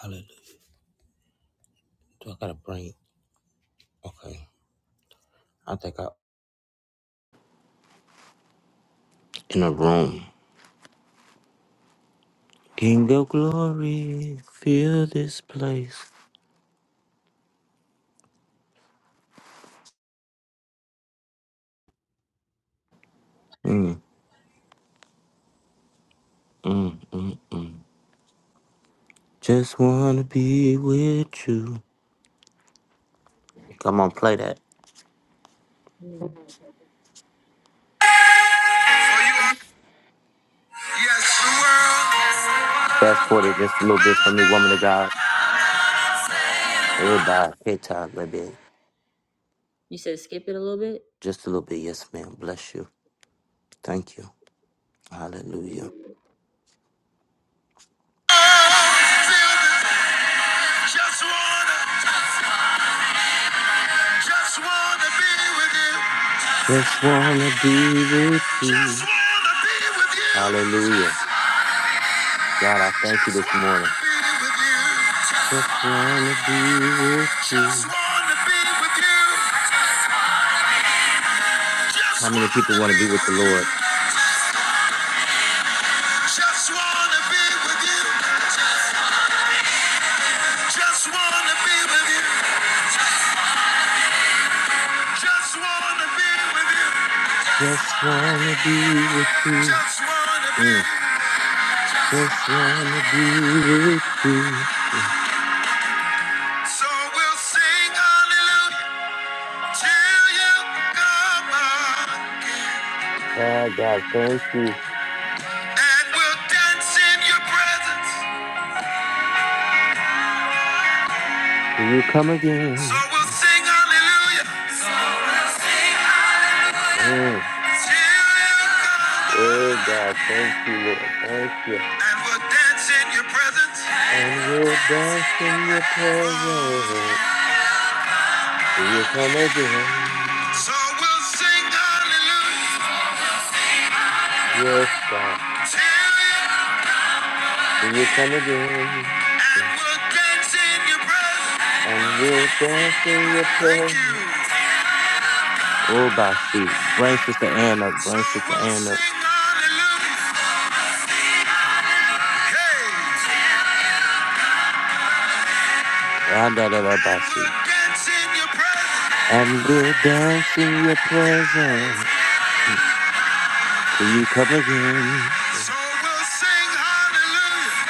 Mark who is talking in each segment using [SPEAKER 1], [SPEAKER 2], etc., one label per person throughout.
[SPEAKER 1] Hallelujah. Do I gotta bring? Okay. I think I. In a room. King of glory, fill this place. Mm, mm, mm, mm. Just wanna be with you. Come on, play that. Fast forward just a little bit for me, woman of God. Everybody, hit time, baby.
[SPEAKER 2] You said skip it a little bit.
[SPEAKER 1] Just a little bit. Yes, ma'am. Bless you. Thank you. Hallelujah.
[SPEAKER 2] Just wanna, just wanna be with you.
[SPEAKER 1] Just wanna be with
[SPEAKER 2] Just
[SPEAKER 1] you.
[SPEAKER 2] wanna be with you.
[SPEAKER 1] Hallelujah. God, I thank you
[SPEAKER 2] Just
[SPEAKER 1] this
[SPEAKER 2] wanna
[SPEAKER 1] morning.
[SPEAKER 2] be with you.
[SPEAKER 1] Just wanna be with
[SPEAKER 2] Just
[SPEAKER 1] you.
[SPEAKER 2] wanna be with you. Just
[SPEAKER 1] How many people
[SPEAKER 2] wanna
[SPEAKER 1] want to
[SPEAKER 2] be
[SPEAKER 1] be with the
[SPEAKER 2] with you.
[SPEAKER 1] Lord?
[SPEAKER 2] Just wanna be with you. Just wanna be with you. Just wanna be with you.
[SPEAKER 1] Just want to be with you.
[SPEAKER 2] Just wanna be.
[SPEAKER 1] Mm. Just want to be with you.
[SPEAKER 2] So we'll sing hallelujah till you come. out.
[SPEAKER 1] Oh, God, thank you.
[SPEAKER 2] And we'll dance in your presence.
[SPEAKER 1] Will you come
[SPEAKER 2] So
[SPEAKER 1] again?
[SPEAKER 2] we'll sing hallelujah
[SPEAKER 1] Mm.
[SPEAKER 2] till you come
[SPEAKER 1] Oh,
[SPEAKER 2] on.
[SPEAKER 1] God, thank you, Lord. Thank you.
[SPEAKER 2] And we'll dance in your presence.
[SPEAKER 1] And we'll dance in your presence.
[SPEAKER 2] Oh,
[SPEAKER 1] Will you come again?
[SPEAKER 2] So we'll sing hallelujah
[SPEAKER 1] Yes, God.
[SPEAKER 2] till you
[SPEAKER 1] Will you come again?
[SPEAKER 2] and we'll dance in your presence.
[SPEAKER 1] And we'll dance in your
[SPEAKER 2] Thank you.
[SPEAKER 1] presence. Oh, Bashi. Bring Sister Anna.
[SPEAKER 2] So
[SPEAKER 1] Bring Sister
[SPEAKER 2] we'll
[SPEAKER 1] Anna.
[SPEAKER 2] sing hallelujah. Hey, and we'll
[SPEAKER 1] Yadadadabasi.
[SPEAKER 2] dance in your presence.
[SPEAKER 1] And we'll dance in your
[SPEAKER 2] Yes.
[SPEAKER 1] presence till you come again.
[SPEAKER 2] So we'll sing hallelujah.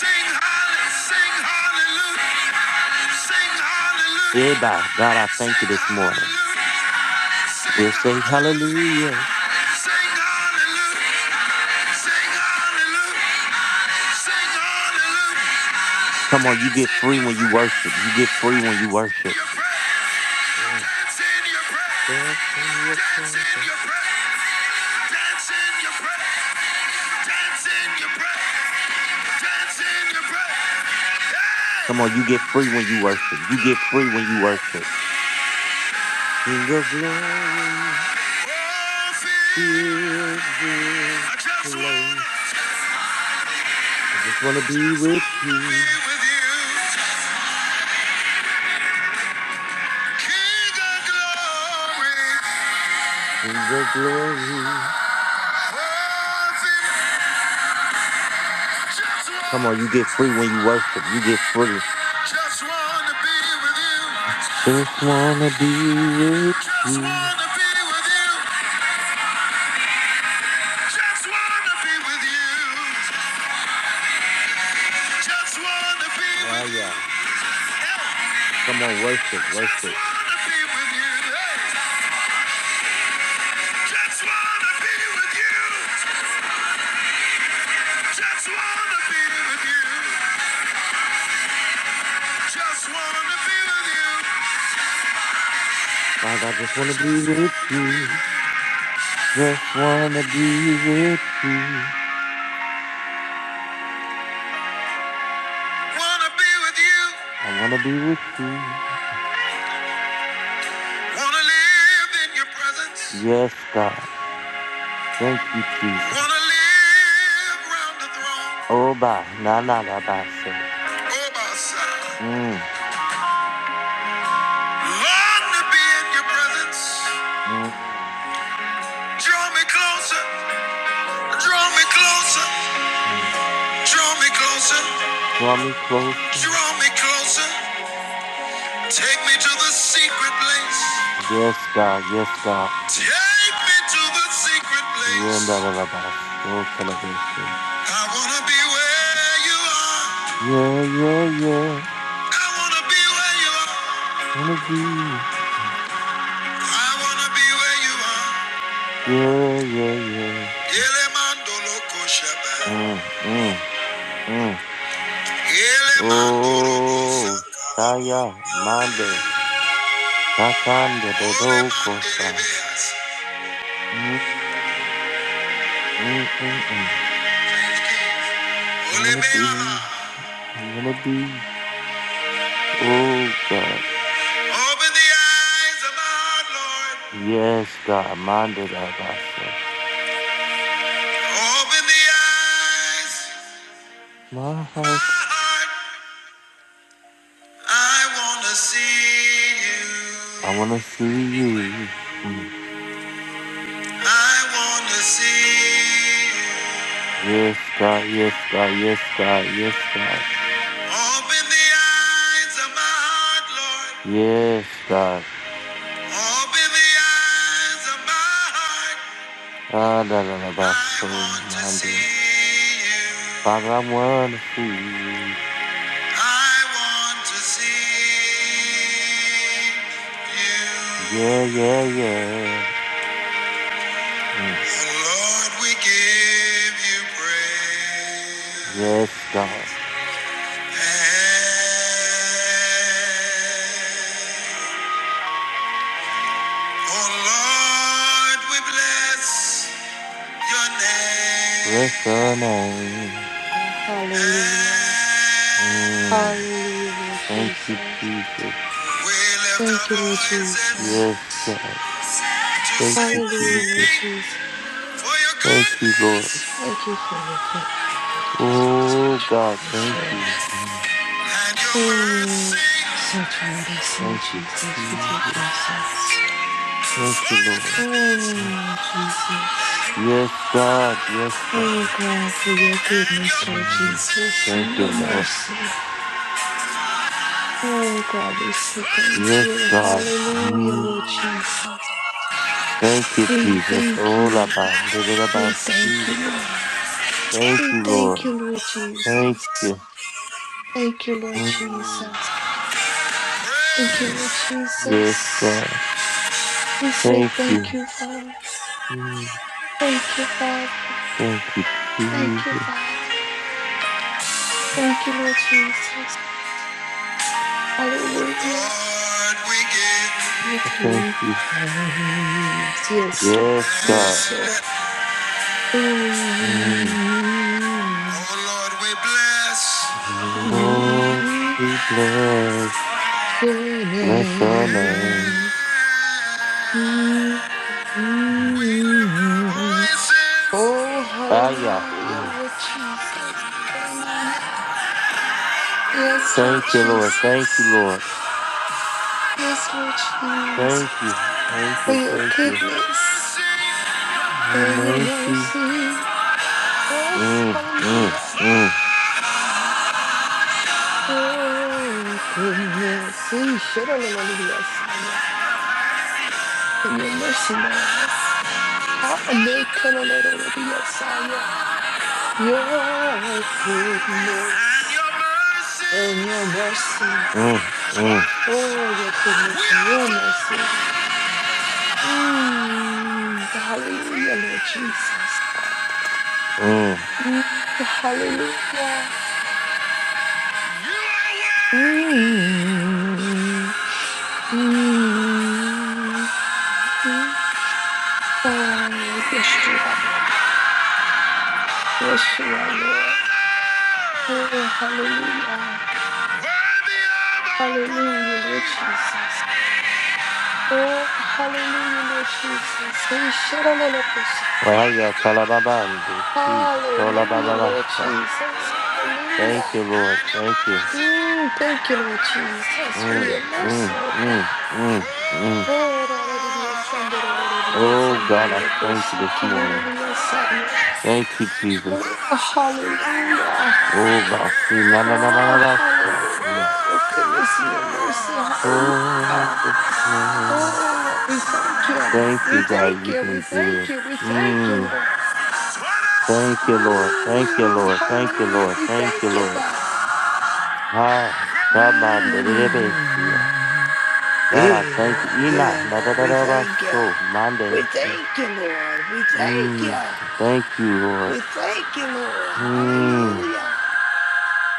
[SPEAKER 2] Sing hallelujah. Sing hallelujah. Sing
[SPEAKER 1] Yeah,
[SPEAKER 2] hallelujah,
[SPEAKER 1] bye. God, I thank you
[SPEAKER 2] sing
[SPEAKER 1] this morning.
[SPEAKER 2] hallelujah, sing
[SPEAKER 1] We'll say
[SPEAKER 2] hallelujah,
[SPEAKER 1] hallelujah.
[SPEAKER 2] sing hallelujah, sing hallelujah, sing hallelujah.
[SPEAKER 1] Come on, you
[SPEAKER 2] Dance
[SPEAKER 1] get
[SPEAKER 2] in
[SPEAKER 1] free
[SPEAKER 2] your
[SPEAKER 1] when you
[SPEAKER 2] prayer,
[SPEAKER 1] worship. You get free when you
[SPEAKER 2] dance
[SPEAKER 1] worship.
[SPEAKER 2] in your prayer,
[SPEAKER 1] Mm,
[SPEAKER 2] dance in your prayer,
[SPEAKER 1] Dance in your
[SPEAKER 2] dance in
[SPEAKER 1] presence.
[SPEAKER 2] your prayer, dance in your prayer, dance in your prayer, dance in your prayer. Hey,
[SPEAKER 1] Come on, you get free when you
[SPEAKER 2] King
[SPEAKER 1] worship.
[SPEAKER 2] of
[SPEAKER 1] You get free when you
[SPEAKER 2] glory,
[SPEAKER 1] worship. King of glory,
[SPEAKER 2] oh, feel
[SPEAKER 1] fill this
[SPEAKER 2] I just
[SPEAKER 1] place.
[SPEAKER 2] wanna,
[SPEAKER 1] I just want to be
[SPEAKER 2] just
[SPEAKER 1] with
[SPEAKER 2] wanna be
[SPEAKER 1] you,
[SPEAKER 2] with you, King of Glory.
[SPEAKER 1] King of glory.
[SPEAKER 2] Worthy. Just
[SPEAKER 1] Come on, you
[SPEAKER 2] want,
[SPEAKER 1] get free when you worship. You get free.
[SPEAKER 2] to just wanna be with you.
[SPEAKER 1] Just wanna be with
[SPEAKER 2] Just
[SPEAKER 1] you.
[SPEAKER 2] wanna be with you. Just wanna be with you. Just wanna be
[SPEAKER 1] Ah,
[SPEAKER 2] with you.
[SPEAKER 1] yeah.
[SPEAKER 2] Hey.
[SPEAKER 1] Come on, worship,
[SPEAKER 2] Just
[SPEAKER 1] worship.
[SPEAKER 2] wanna be with you. Hey. Just wanna be with you. Just wanna be with you. Just wanna be with you.
[SPEAKER 1] God, I just wanna be
[SPEAKER 2] Just
[SPEAKER 1] with
[SPEAKER 2] wanna
[SPEAKER 1] you.
[SPEAKER 2] be
[SPEAKER 1] Just wanna be with you.
[SPEAKER 2] with wanna be with you.
[SPEAKER 1] I wanna be with you.
[SPEAKER 2] Wanna live in your presence.
[SPEAKER 1] Yes, God. Thank you, Jesus.
[SPEAKER 2] Wanna live round the throne.
[SPEAKER 1] Oh, bye. Na na na bye. Say.
[SPEAKER 2] Oh, my side.
[SPEAKER 1] Mm,
[SPEAKER 2] Long to be in your presence.
[SPEAKER 1] mm,
[SPEAKER 2] Draw me closer. Draw me closer.
[SPEAKER 1] mm.
[SPEAKER 2] Draw me closer.
[SPEAKER 1] Draw me closer.
[SPEAKER 2] Draw me closer. Take me to the secret place.
[SPEAKER 1] Yes, God. Yes, God.
[SPEAKER 2] Take me to the secret place.
[SPEAKER 1] Yeah, na na na bye. So tell it again.
[SPEAKER 2] I wanna be where you are.
[SPEAKER 1] Yeah, yeah, yeah. yeah.
[SPEAKER 2] I wanna be where you are.
[SPEAKER 1] Wanna be.
[SPEAKER 2] I wanna be where you are.
[SPEAKER 1] Yeah, yeah, yeah.
[SPEAKER 2] Elemandolo koshaba.
[SPEAKER 1] Mm, mm, mm.
[SPEAKER 2] Elemandoro
[SPEAKER 1] Oh,
[SPEAKER 2] busaka.
[SPEAKER 1] Shaya, Mande, Katande,
[SPEAKER 2] Ole
[SPEAKER 1] Bebo, Kosa.
[SPEAKER 2] manderebeas.
[SPEAKER 1] Mm, mm, mm, mm. I
[SPEAKER 2] Ole
[SPEAKER 1] wanna be.
[SPEAKER 2] beala.
[SPEAKER 1] I wanna be. Oh, God.
[SPEAKER 2] Open the eyes of my heart, Lord.
[SPEAKER 1] Yes, God. Mande, Lavaso.
[SPEAKER 2] Open the eyes
[SPEAKER 1] My
[SPEAKER 2] of
[SPEAKER 1] heart.
[SPEAKER 2] my heart. I wanna see
[SPEAKER 1] I
[SPEAKER 2] you.
[SPEAKER 1] wanna see you. Mm.
[SPEAKER 2] I wanna see you.
[SPEAKER 1] Yes, God. Yes, God. Yes, God. Yes, God.
[SPEAKER 2] Open the eyes of my heart, Lord.
[SPEAKER 1] Yes, God.
[SPEAKER 2] Open the eyes of my heart.
[SPEAKER 1] Ah, da da
[SPEAKER 2] I
[SPEAKER 1] da, my soul,
[SPEAKER 2] want to
[SPEAKER 1] minded.
[SPEAKER 2] see you.
[SPEAKER 1] Father, I want to see you.
[SPEAKER 2] I want to see you.
[SPEAKER 1] Yeah, yeah, yeah. Mm.
[SPEAKER 2] Oh Lord, we give you praise.
[SPEAKER 1] Yes, God.
[SPEAKER 2] Oh Lord, we bless your
[SPEAKER 1] Bless your name.
[SPEAKER 2] name.
[SPEAKER 3] Hallelujah.
[SPEAKER 1] Mm.
[SPEAKER 3] Hallelujah, Lord
[SPEAKER 1] Thank you,
[SPEAKER 3] Jesus.
[SPEAKER 1] Jesus.
[SPEAKER 2] We lift our
[SPEAKER 3] Thank you, Lord
[SPEAKER 2] voices
[SPEAKER 3] Jesus.
[SPEAKER 1] Yes, God.
[SPEAKER 2] to
[SPEAKER 1] Thank
[SPEAKER 2] say
[SPEAKER 1] you,
[SPEAKER 3] Hallelujah, Lord
[SPEAKER 1] Jesus.
[SPEAKER 2] thank
[SPEAKER 3] Jesus.
[SPEAKER 2] for your
[SPEAKER 1] Thank you,
[SPEAKER 2] goodness
[SPEAKER 1] Lord.
[SPEAKER 3] Thank you for your goodness, Lord Jesus.
[SPEAKER 1] Oh, God,
[SPEAKER 3] Saturate us,
[SPEAKER 1] thank
[SPEAKER 3] Lord.
[SPEAKER 1] you. Mm.
[SPEAKER 2] and your
[SPEAKER 3] Oh,
[SPEAKER 2] mercy.
[SPEAKER 3] saturate us, Lord
[SPEAKER 1] Thank you,
[SPEAKER 3] Jesus, with your
[SPEAKER 1] Jesus.
[SPEAKER 3] presence.
[SPEAKER 1] Thank
[SPEAKER 2] For
[SPEAKER 1] you,
[SPEAKER 2] your
[SPEAKER 1] Lord.
[SPEAKER 2] goodness
[SPEAKER 3] Oh,
[SPEAKER 1] Mm.
[SPEAKER 3] Lord Jesus.
[SPEAKER 1] Yes, God. Yes, God.
[SPEAKER 3] Oh, God, for your
[SPEAKER 2] and your
[SPEAKER 3] goodness, Lord
[SPEAKER 1] Mm.
[SPEAKER 2] mercy.
[SPEAKER 3] Jesus,
[SPEAKER 1] Thank
[SPEAKER 3] and
[SPEAKER 1] you,
[SPEAKER 3] your
[SPEAKER 1] Lord.
[SPEAKER 3] mercy. Oh, God, we
[SPEAKER 2] For
[SPEAKER 3] say
[SPEAKER 2] your
[SPEAKER 3] thank
[SPEAKER 1] Yes,
[SPEAKER 3] you.
[SPEAKER 1] God.
[SPEAKER 2] goodness
[SPEAKER 3] Hallelujah,
[SPEAKER 1] Mm.
[SPEAKER 3] Lord Jesus.
[SPEAKER 1] Thank you,
[SPEAKER 3] We
[SPEAKER 1] Jesus.
[SPEAKER 3] thank
[SPEAKER 1] Oh,
[SPEAKER 3] you,
[SPEAKER 1] la
[SPEAKER 3] oh God.
[SPEAKER 1] ba,
[SPEAKER 2] and
[SPEAKER 1] da,
[SPEAKER 2] your
[SPEAKER 1] da, da,
[SPEAKER 3] We
[SPEAKER 1] ba,
[SPEAKER 2] mercy.
[SPEAKER 3] thank
[SPEAKER 1] see.
[SPEAKER 3] you, Lord.
[SPEAKER 1] Thank
[SPEAKER 3] We
[SPEAKER 1] you,
[SPEAKER 3] thank
[SPEAKER 1] Lord.
[SPEAKER 3] you, Lord
[SPEAKER 2] We are
[SPEAKER 1] Thank
[SPEAKER 3] Jesus.
[SPEAKER 1] you.
[SPEAKER 3] Thank you, Lord
[SPEAKER 1] Mm.
[SPEAKER 3] Jesus. Thank you,
[SPEAKER 2] praise.
[SPEAKER 3] Lord
[SPEAKER 1] Yes,
[SPEAKER 3] Jesus.
[SPEAKER 1] God.
[SPEAKER 3] We say
[SPEAKER 1] Thank
[SPEAKER 3] thank
[SPEAKER 1] you.
[SPEAKER 3] you, Father.
[SPEAKER 1] Mm.
[SPEAKER 3] Thank you, Father.
[SPEAKER 1] Thank you,
[SPEAKER 3] Thank you,
[SPEAKER 1] Jesus.
[SPEAKER 3] Father. Thank you, Lord Jesus.
[SPEAKER 2] Oh
[SPEAKER 3] Hallelujah.
[SPEAKER 2] Lord, we give.
[SPEAKER 3] Give
[SPEAKER 1] Thank
[SPEAKER 3] you
[SPEAKER 1] you.
[SPEAKER 3] praise. Yes, Lord.
[SPEAKER 1] Yes,
[SPEAKER 2] And
[SPEAKER 1] God.
[SPEAKER 3] Yes, Lord. Oh,
[SPEAKER 1] Mm.
[SPEAKER 3] mm,
[SPEAKER 2] oh Lord, we bless.
[SPEAKER 1] Oh,
[SPEAKER 3] mm,
[SPEAKER 1] we bless.
[SPEAKER 3] your
[SPEAKER 1] Bless your
[SPEAKER 3] name.
[SPEAKER 1] name.
[SPEAKER 2] Yeah.
[SPEAKER 1] Mm.
[SPEAKER 2] We lift our
[SPEAKER 3] Mm.
[SPEAKER 2] voices
[SPEAKER 3] Oh,
[SPEAKER 1] Ah, yeah.
[SPEAKER 3] hallelujah,
[SPEAKER 1] Mm.
[SPEAKER 3] Lord Jesus. Hallelujah. Yes, Lord
[SPEAKER 1] Thank you, Lord. Thank you,
[SPEAKER 3] Jesus.
[SPEAKER 1] Lord.
[SPEAKER 3] Yes, Lord Jesus.
[SPEAKER 1] Thank you. Thank
[SPEAKER 3] For
[SPEAKER 1] you.
[SPEAKER 3] your
[SPEAKER 1] Thank you.
[SPEAKER 2] and your
[SPEAKER 3] goodness
[SPEAKER 2] mercy,
[SPEAKER 1] Your
[SPEAKER 3] and your
[SPEAKER 1] mercy.
[SPEAKER 3] mercy. Yes,
[SPEAKER 1] Mm, mm,
[SPEAKER 3] hallelujah.
[SPEAKER 1] mm,
[SPEAKER 3] Your goodness. Ishadalololidiyasaya. And your mercy, Lord.
[SPEAKER 2] for your goodness
[SPEAKER 3] Hanekalolololidiyasaya. Your
[SPEAKER 2] and
[SPEAKER 3] goodness.
[SPEAKER 2] your mercy.
[SPEAKER 3] and your mercy.
[SPEAKER 1] mm, mm,
[SPEAKER 2] Twice
[SPEAKER 3] Oh, your
[SPEAKER 2] we
[SPEAKER 3] goodness and your
[SPEAKER 2] offer
[SPEAKER 3] mercy, Lord. Mm, hallelujah, Lord Jesus.
[SPEAKER 1] mm.
[SPEAKER 3] Mm, hallelujah.
[SPEAKER 2] you
[SPEAKER 3] Mm, mm. mm. Oh, yes, you are, Lord. Yes, you are,
[SPEAKER 2] are
[SPEAKER 3] Lord. Oh, hallelujah.
[SPEAKER 2] worthy honor, worthy of all
[SPEAKER 3] Hallelujah, Lord
[SPEAKER 2] praise.
[SPEAKER 3] Jesus. Oh, hallelujah, Lord Jesus. Say,
[SPEAKER 2] For your
[SPEAKER 1] Wahaya
[SPEAKER 2] goodness
[SPEAKER 1] talababa and they see.
[SPEAKER 3] Hallelujah, Lord
[SPEAKER 1] Tolabababasa.
[SPEAKER 3] Jesus.
[SPEAKER 1] Thank you,
[SPEAKER 3] Hallelujah.
[SPEAKER 1] Lord.
[SPEAKER 2] and your
[SPEAKER 1] Thank you.
[SPEAKER 2] mercy,
[SPEAKER 3] Mm, thank you, Lord Jesus, for
[SPEAKER 1] Mm,
[SPEAKER 3] your
[SPEAKER 2] hey, for
[SPEAKER 3] mercy,
[SPEAKER 1] mm,
[SPEAKER 3] oh
[SPEAKER 1] mm,
[SPEAKER 3] God.
[SPEAKER 1] mm, mm.
[SPEAKER 3] Oh, Lord,
[SPEAKER 1] Oh, God, I thank you this morning. Thank you,
[SPEAKER 2] and your
[SPEAKER 1] Jesus.
[SPEAKER 2] promise,
[SPEAKER 3] hallelujah.
[SPEAKER 2] hey,
[SPEAKER 1] Oh, basi. Na, na, na, na, na,
[SPEAKER 3] Oh,
[SPEAKER 1] basa.
[SPEAKER 3] hallelujah.
[SPEAKER 1] Mm.
[SPEAKER 3] Your goodness and your mercy.
[SPEAKER 1] Oh,
[SPEAKER 3] Hallelujah.
[SPEAKER 1] yes.
[SPEAKER 3] Oh, Lord, we thank you.
[SPEAKER 1] Thank
[SPEAKER 3] We
[SPEAKER 1] you, God.
[SPEAKER 3] thank
[SPEAKER 1] You've
[SPEAKER 3] you. We
[SPEAKER 1] been
[SPEAKER 3] thank
[SPEAKER 1] good.
[SPEAKER 3] you. We thank you,
[SPEAKER 1] Mm.
[SPEAKER 3] Lord.
[SPEAKER 2] for twice.
[SPEAKER 1] Thank you, Lord.
[SPEAKER 2] For
[SPEAKER 1] Thank you,
[SPEAKER 3] Mm,
[SPEAKER 1] Lord. Thank you,
[SPEAKER 3] hallelujah.
[SPEAKER 1] Lord.
[SPEAKER 3] We
[SPEAKER 1] Thank you,
[SPEAKER 3] thank you,
[SPEAKER 1] Lord.
[SPEAKER 3] God.
[SPEAKER 1] Ah, Shaban de Rebesia.
[SPEAKER 3] mm
[SPEAKER 1] God, I
[SPEAKER 3] Hey,
[SPEAKER 1] thank you.
[SPEAKER 3] Lord.
[SPEAKER 1] Ina,
[SPEAKER 3] Yeah,
[SPEAKER 1] na da
[SPEAKER 3] Lord.
[SPEAKER 1] da
[SPEAKER 3] We
[SPEAKER 1] da ba
[SPEAKER 3] thank you.
[SPEAKER 1] so, Monday.
[SPEAKER 3] We thank you, Lord. We thank
[SPEAKER 1] Mm,
[SPEAKER 3] you.
[SPEAKER 1] thank you, Lord.
[SPEAKER 3] We thank you, Lord.
[SPEAKER 1] Mm,
[SPEAKER 3] Hallelujah.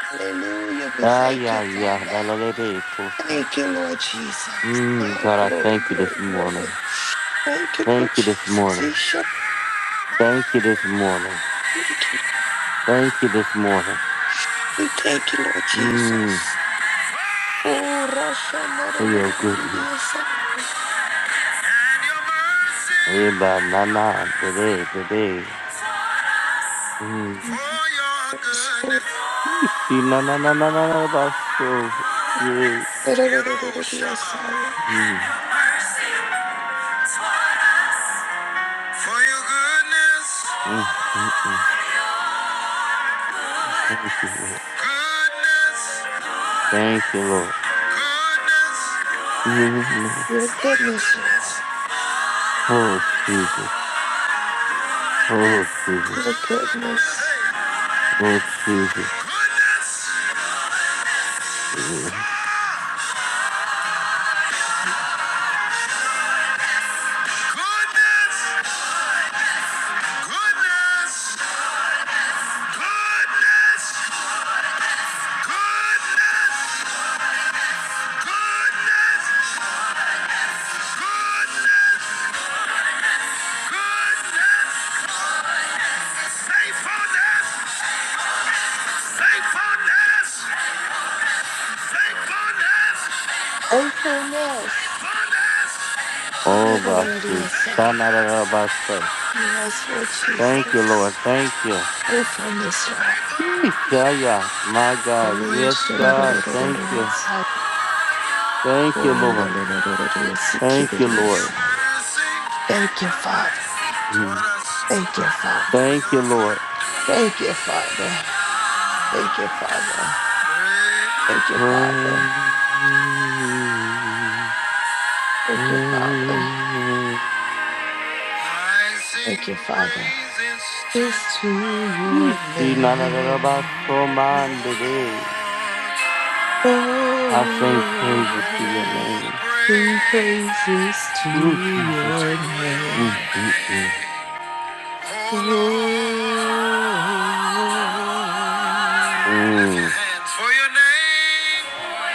[SPEAKER 3] Hallelujah. We
[SPEAKER 1] ah,
[SPEAKER 3] thank you,
[SPEAKER 1] yeah, yeah, da
[SPEAKER 3] Father.
[SPEAKER 1] la le be kosa.
[SPEAKER 3] Thank you, Lord Jesus.
[SPEAKER 1] Mm,
[SPEAKER 3] Oh,
[SPEAKER 1] God, I
[SPEAKER 3] glory,
[SPEAKER 1] thank you this
[SPEAKER 3] glory,
[SPEAKER 1] morning.
[SPEAKER 3] glory. Thank you, Lord
[SPEAKER 1] Thank you this
[SPEAKER 3] Jesus.
[SPEAKER 1] morning.
[SPEAKER 3] He shall
[SPEAKER 1] Thank you this morning.
[SPEAKER 3] thank you, Lord.
[SPEAKER 1] Thank you this morning.
[SPEAKER 3] We thank you, Lord
[SPEAKER 1] Mm,
[SPEAKER 3] Jesus. Oh, Rasha, no, no,
[SPEAKER 1] for
[SPEAKER 3] no,
[SPEAKER 1] your
[SPEAKER 3] no, no, no, no,
[SPEAKER 1] goodness.
[SPEAKER 3] yes, I am.
[SPEAKER 1] Eh, ba na na, de de, be be. Mm,
[SPEAKER 3] Mm. Yes,
[SPEAKER 1] Ishi, na na na na na na ba so.
[SPEAKER 3] Yeah.
[SPEAKER 1] Yeah. mm.
[SPEAKER 2] your goodness,
[SPEAKER 1] Mm, mm, mm. Thank you, Lord.
[SPEAKER 2] goodness,
[SPEAKER 1] Thank you, Lord.
[SPEAKER 2] goodness,
[SPEAKER 1] Goodness.
[SPEAKER 3] Your
[SPEAKER 2] for your
[SPEAKER 3] goodness,
[SPEAKER 2] goodness,
[SPEAKER 3] Lord.
[SPEAKER 1] Oh, Jesus. Oh, Jesus.
[SPEAKER 3] Your
[SPEAKER 2] goodness,
[SPEAKER 3] goodness.
[SPEAKER 2] hey,
[SPEAKER 1] Oh, Jesus.
[SPEAKER 2] goodness,
[SPEAKER 1] Mm.
[SPEAKER 2] goodness, goodness, goodness, goodness, goodness, goodness. Faithfulness, faithfulness, faithfulness,
[SPEAKER 3] Faithfulness.
[SPEAKER 2] faithfulness,
[SPEAKER 1] Oh, Basi.
[SPEAKER 2] faithfulness,
[SPEAKER 1] Shanarabasa.
[SPEAKER 3] Yes, Lord
[SPEAKER 1] Thank you,
[SPEAKER 2] faithfulness,
[SPEAKER 1] Lord.
[SPEAKER 3] Jesus.
[SPEAKER 1] Thank you.
[SPEAKER 3] Faithfulness, Lord.
[SPEAKER 2] faithfulness.
[SPEAKER 1] Shaya. My God.
[SPEAKER 2] For your
[SPEAKER 3] Yes,
[SPEAKER 1] Yes, God.
[SPEAKER 2] goodness
[SPEAKER 1] Thank you. Thank you, Lord. Thank you,
[SPEAKER 2] and your
[SPEAKER 1] Lord.
[SPEAKER 3] Lord.
[SPEAKER 2] mercy
[SPEAKER 3] Thank you, Father.
[SPEAKER 1] Mm.
[SPEAKER 2] toward us,
[SPEAKER 3] Thank you, Father.
[SPEAKER 2] we
[SPEAKER 1] Thank you,
[SPEAKER 2] offer
[SPEAKER 1] Lord.
[SPEAKER 3] Thank you, Father. Thank you, Father.
[SPEAKER 2] praise.
[SPEAKER 3] Thank you, Father.
[SPEAKER 1] Praise.
[SPEAKER 3] Thank you, Father.
[SPEAKER 2] I sing
[SPEAKER 3] Thank you, Father.
[SPEAKER 2] praises to,
[SPEAKER 3] This to your
[SPEAKER 1] She na na na na ba so
[SPEAKER 3] name.
[SPEAKER 1] man
[SPEAKER 2] oh
[SPEAKER 1] today.
[SPEAKER 2] Lord,
[SPEAKER 1] I
[SPEAKER 3] Oh
[SPEAKER 1] sing praises to your
[SPEAKER 3] Lord,
[SPEAKER 2] all
[SPEAKER 1] name.
[SPEAKER 3] sing
[SPEAKER 2] praise
[SPEAKER 3] praises
[SPEAKER 1] Oh
[SPEAKER 3] to
[SPEAKER 2] to
[SPEAKER 3] your
[SPEAKER 1] Jesus.
[SPEAKER 2] your
[SPEAKER 1] Mm,
[SPEAKER 3] name.
[SPEAKER 1] mm, mm.
[SPEAKER 2] name, oh Lord.
[SPEAKER 3] Oh Lord,
[SPEAKER 2] Lift your
[SPEAKER 1] Mm.
[SPEAKER 2] hands for your name,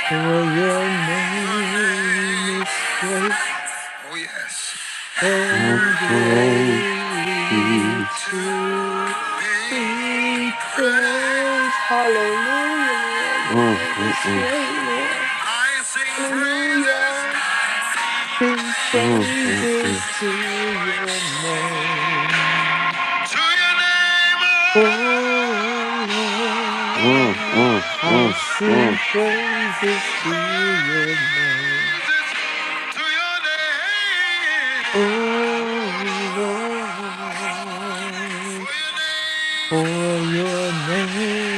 [SPEAKER 3] for your
[SPEAKER 2] your
[SPEAKER 3] name
[SPEAKER 2] name.
[SPEAKER 3] is great
[SPEAKER 2] Oh yes. I
[SPEAKER 3] and
[SPEAKER 1] I'm
[SPEAKER 2] pray
[SPEAKER 1] grateful.
[SPEAKER 3] greatly
[SPEAKER 1] Mm,
[SPEAKER 2] To
[SPEAKER 3] to
[SPEAKER 2] be
[SPEAKER 3] be
[SPEAKER 2] praised.
[SPEAKER 3] praised. Hallelujah, Lord. Your name
[SPEAKER 1] mm,
[SPEAKER 3] is
[SPEAKER 1] mm.
[SPEAKER 3] great, Lord.
[SPEAKER 2] I sing praises
[SPEAKER 3] Hallelujah. Sing
[SPEAKER 1] Mm, mm, mm.
[SPEAKER 3] praises to your name.
[SPEAKER 2] to your name.
[SPEAKER 3] Oh
[SPEAKER 2] oh, oh,
[SPEAKER 1] Mm,
[SPEAKER 3] Lord,
[SPEAKER 1] mm,
[SPEAKER 2] oh.
[SPEAKER 3] I
[SPEAKER 1] mm,
[SPEAKER 3] sing
[SPEAKER 1] mm.
[SPEAKER 3] praises to your name.
[SPEAKER 2] Praises to your name. Oh,
[SPEAKER 3] Oh
[SPEAKER 2] Lord,
[SPEAKER 3] Lord,
[SPEAKER 2] for your name,
[SPEAKER 3] for your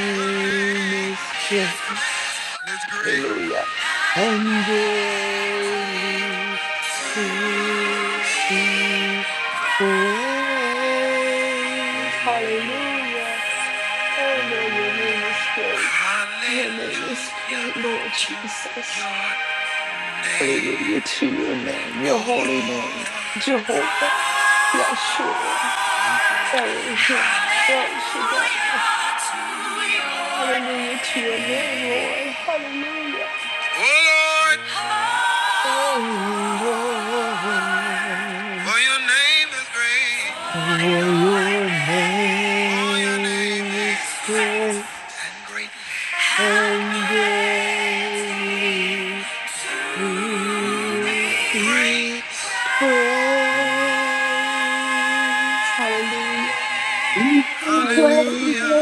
[SPEAKER 2] your
[SPEAKER 3] is great
[SPEAKER 2] name is great.
[SPEAKER 3] Hallelujah. And greatly to be
[SPEAKER 1] Yeah,
[SPEAKER 3] praised.
[SPEAKER 1] yeah, yeah.
[SPEAKER 3] Hallelujah. Oh,
[SPEAKER 1] Yeah,
[SPEAKER 3] Lord, your
[SPEAKER 1] yeah,
[SPEAKER 3] name
[SPEAKER 1] yeah.
[SPEAKER 3] is great. Your name is
[SPEAKER 2] Hallelujah
[SPEAKER 3] great, Lord
[SPEAKER 2] to
[SPEAKER 3] Jesus.
[SPEAKER 2] your name.
[SPEAKER 3] Hallelujah to your name, your
[SPEAKER 2] Oh
[SPEAKER 3] holy
[SPEAKER 2] Lord.
[SPEAKER 3] name, Jehovah, Yahshua, Elohim, El Shaddai. Hallelujah to your name, Lord. Hallelujah. Oh, Lord. For your name is great and greatly
[SPEAKER 1] You be
[SPEAKER 3] to
[SPEAKER 1] praised.
[SPEAKER 3] be
[SPEAKER 1] Yeah, yeah.
[SPEAKER 3] praised. Hallelujah.
[SPEAKER 4] We sing praises.
[SPEAKER 3] Hallelujah.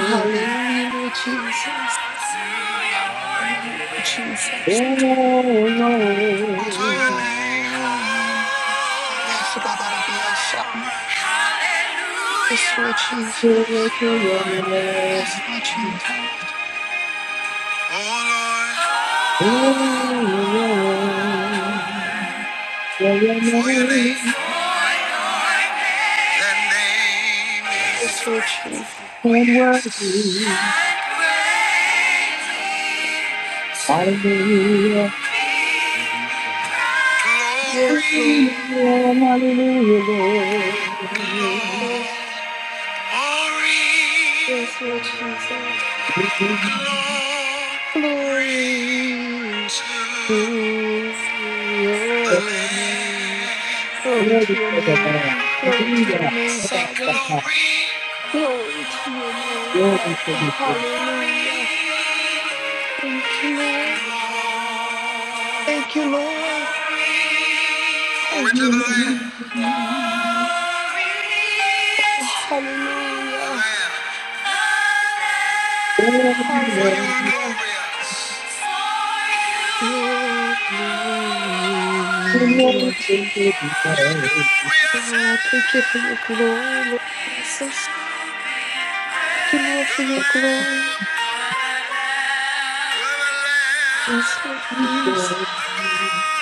[SPEAKER 3] Hallelujah, Lord Jesus.
[SPEAKER 1] Ah, na, na, na,
[SPEAKER 3] Hallelujah,
[SPEAKER 1] na,
[SPEAKER 3] Lord
[SPEAKER 1] na, that's it.
[SPEAKER 3] Jesus.
[SPEAKER 4] Oh,
[SPEAKER 2] To your name,
[SPEAKER 3] Oh, yes, Lord, Lord, yes, yes, yes, Lord Jesus.
[SPEAKER 4] to to your
[SPEAKER 3] Yes, Lord
[SPEAKER 4] name.
[SPEAKER 3] Jesus.
[SPEAKER 2] Oh Lord.
[SPEAKER 1] Oh,
[SPEAKER 4] Oh,
[SPEAKER 1] oh, oh, oh, oh.
[SPEAKER 4] for your
[SPEAKER 2] For your name is great. For your name is great and great. Great. Hallelujah to your name. Oh Lord. For your name.
[SPEAKER 4] name
[SPEAKER 2] That name is
[SPEAKER 1] That's it.
[SPEAKER 3] Yes, Lord Jesus.
[SPEAKER 1] That's it.
[SPEAKER 4] and worthy. Hallelujah.
[SPEAKER 1] You be praised.
[SPEAKER 3] Yes,
[SPEAKER 2] glory.
[SPEAKER 3] Lord.
[SPEAKER 4] Hallelujah, hallelujah, Lord.
[SPEAKER 3] Yes,
[SPEAKER 2] Glory. Glory,
[SPEAKER 3] yes, Lord Jesus.
[SPEAKER 2] glory
[SPEAKER 3] Glory
[SPEAKER 2] to the
[SPEAKER 3] to your name.
[SPEAKER 2] Lamb.
[SPEAKER 3] Glory
[SPEAKER 4] Glory to
[SPEAKER 3] to your
[SPEAKER 4] the
[SPEAKER 3] name.
[SPEAKER 4] Lord.
[SPEAKER 3] Glory to your
[SPEAKER 4] Hallelujah.
[SPEAKER 3] name,
[SPEAKER 2] Say
[SPEAKER 3] Father.
[SPEAKER 2] glory,
[SPEAKER 3] Glory to your name,
[SPEAKER 4] Glory
[SPEAKER 3] Father.
[SPEAKER 4] to
[SPEAKER 3] Hallelujah. Thank you, Lord. Thank you, Lord.
[SPEAKER 2] glory to the
[SPEAKER 3] Thank
[SPEAKER 2] Lamb.
[SPEAKER 3] you, Lord.
[SPEAKER 4] the King.
[SPEAKER 2] The
[SPEAKER 3] Oh, hallelujah.
[SPEAKER 2] Lamb,
[SPEAKER 4] Hallelujah, hallelujah, hallelujah, Lord. Hallelujah,
[SPEAKER 2] for you are
[SPEAKER 3] Hallelujah.
[SPEAKER 2] glorious.
[SPEAKER 3] Your
[SPEAKER 1] The
[SPEAKER 3] glory, Lord Jesus.
[SPEAKER 2] You're glorious, eh?
[SPEAKER 3] Lord, I thank you for your glory, Lord Jesus. Thank you, Lord, for
[SPEAKER 2] You're the
[SPEAKER 3] your glory.
[SPEAKER 2] Lamb, you're the Lamb.
[SPEAKER 3] Yes, Lord Jesus.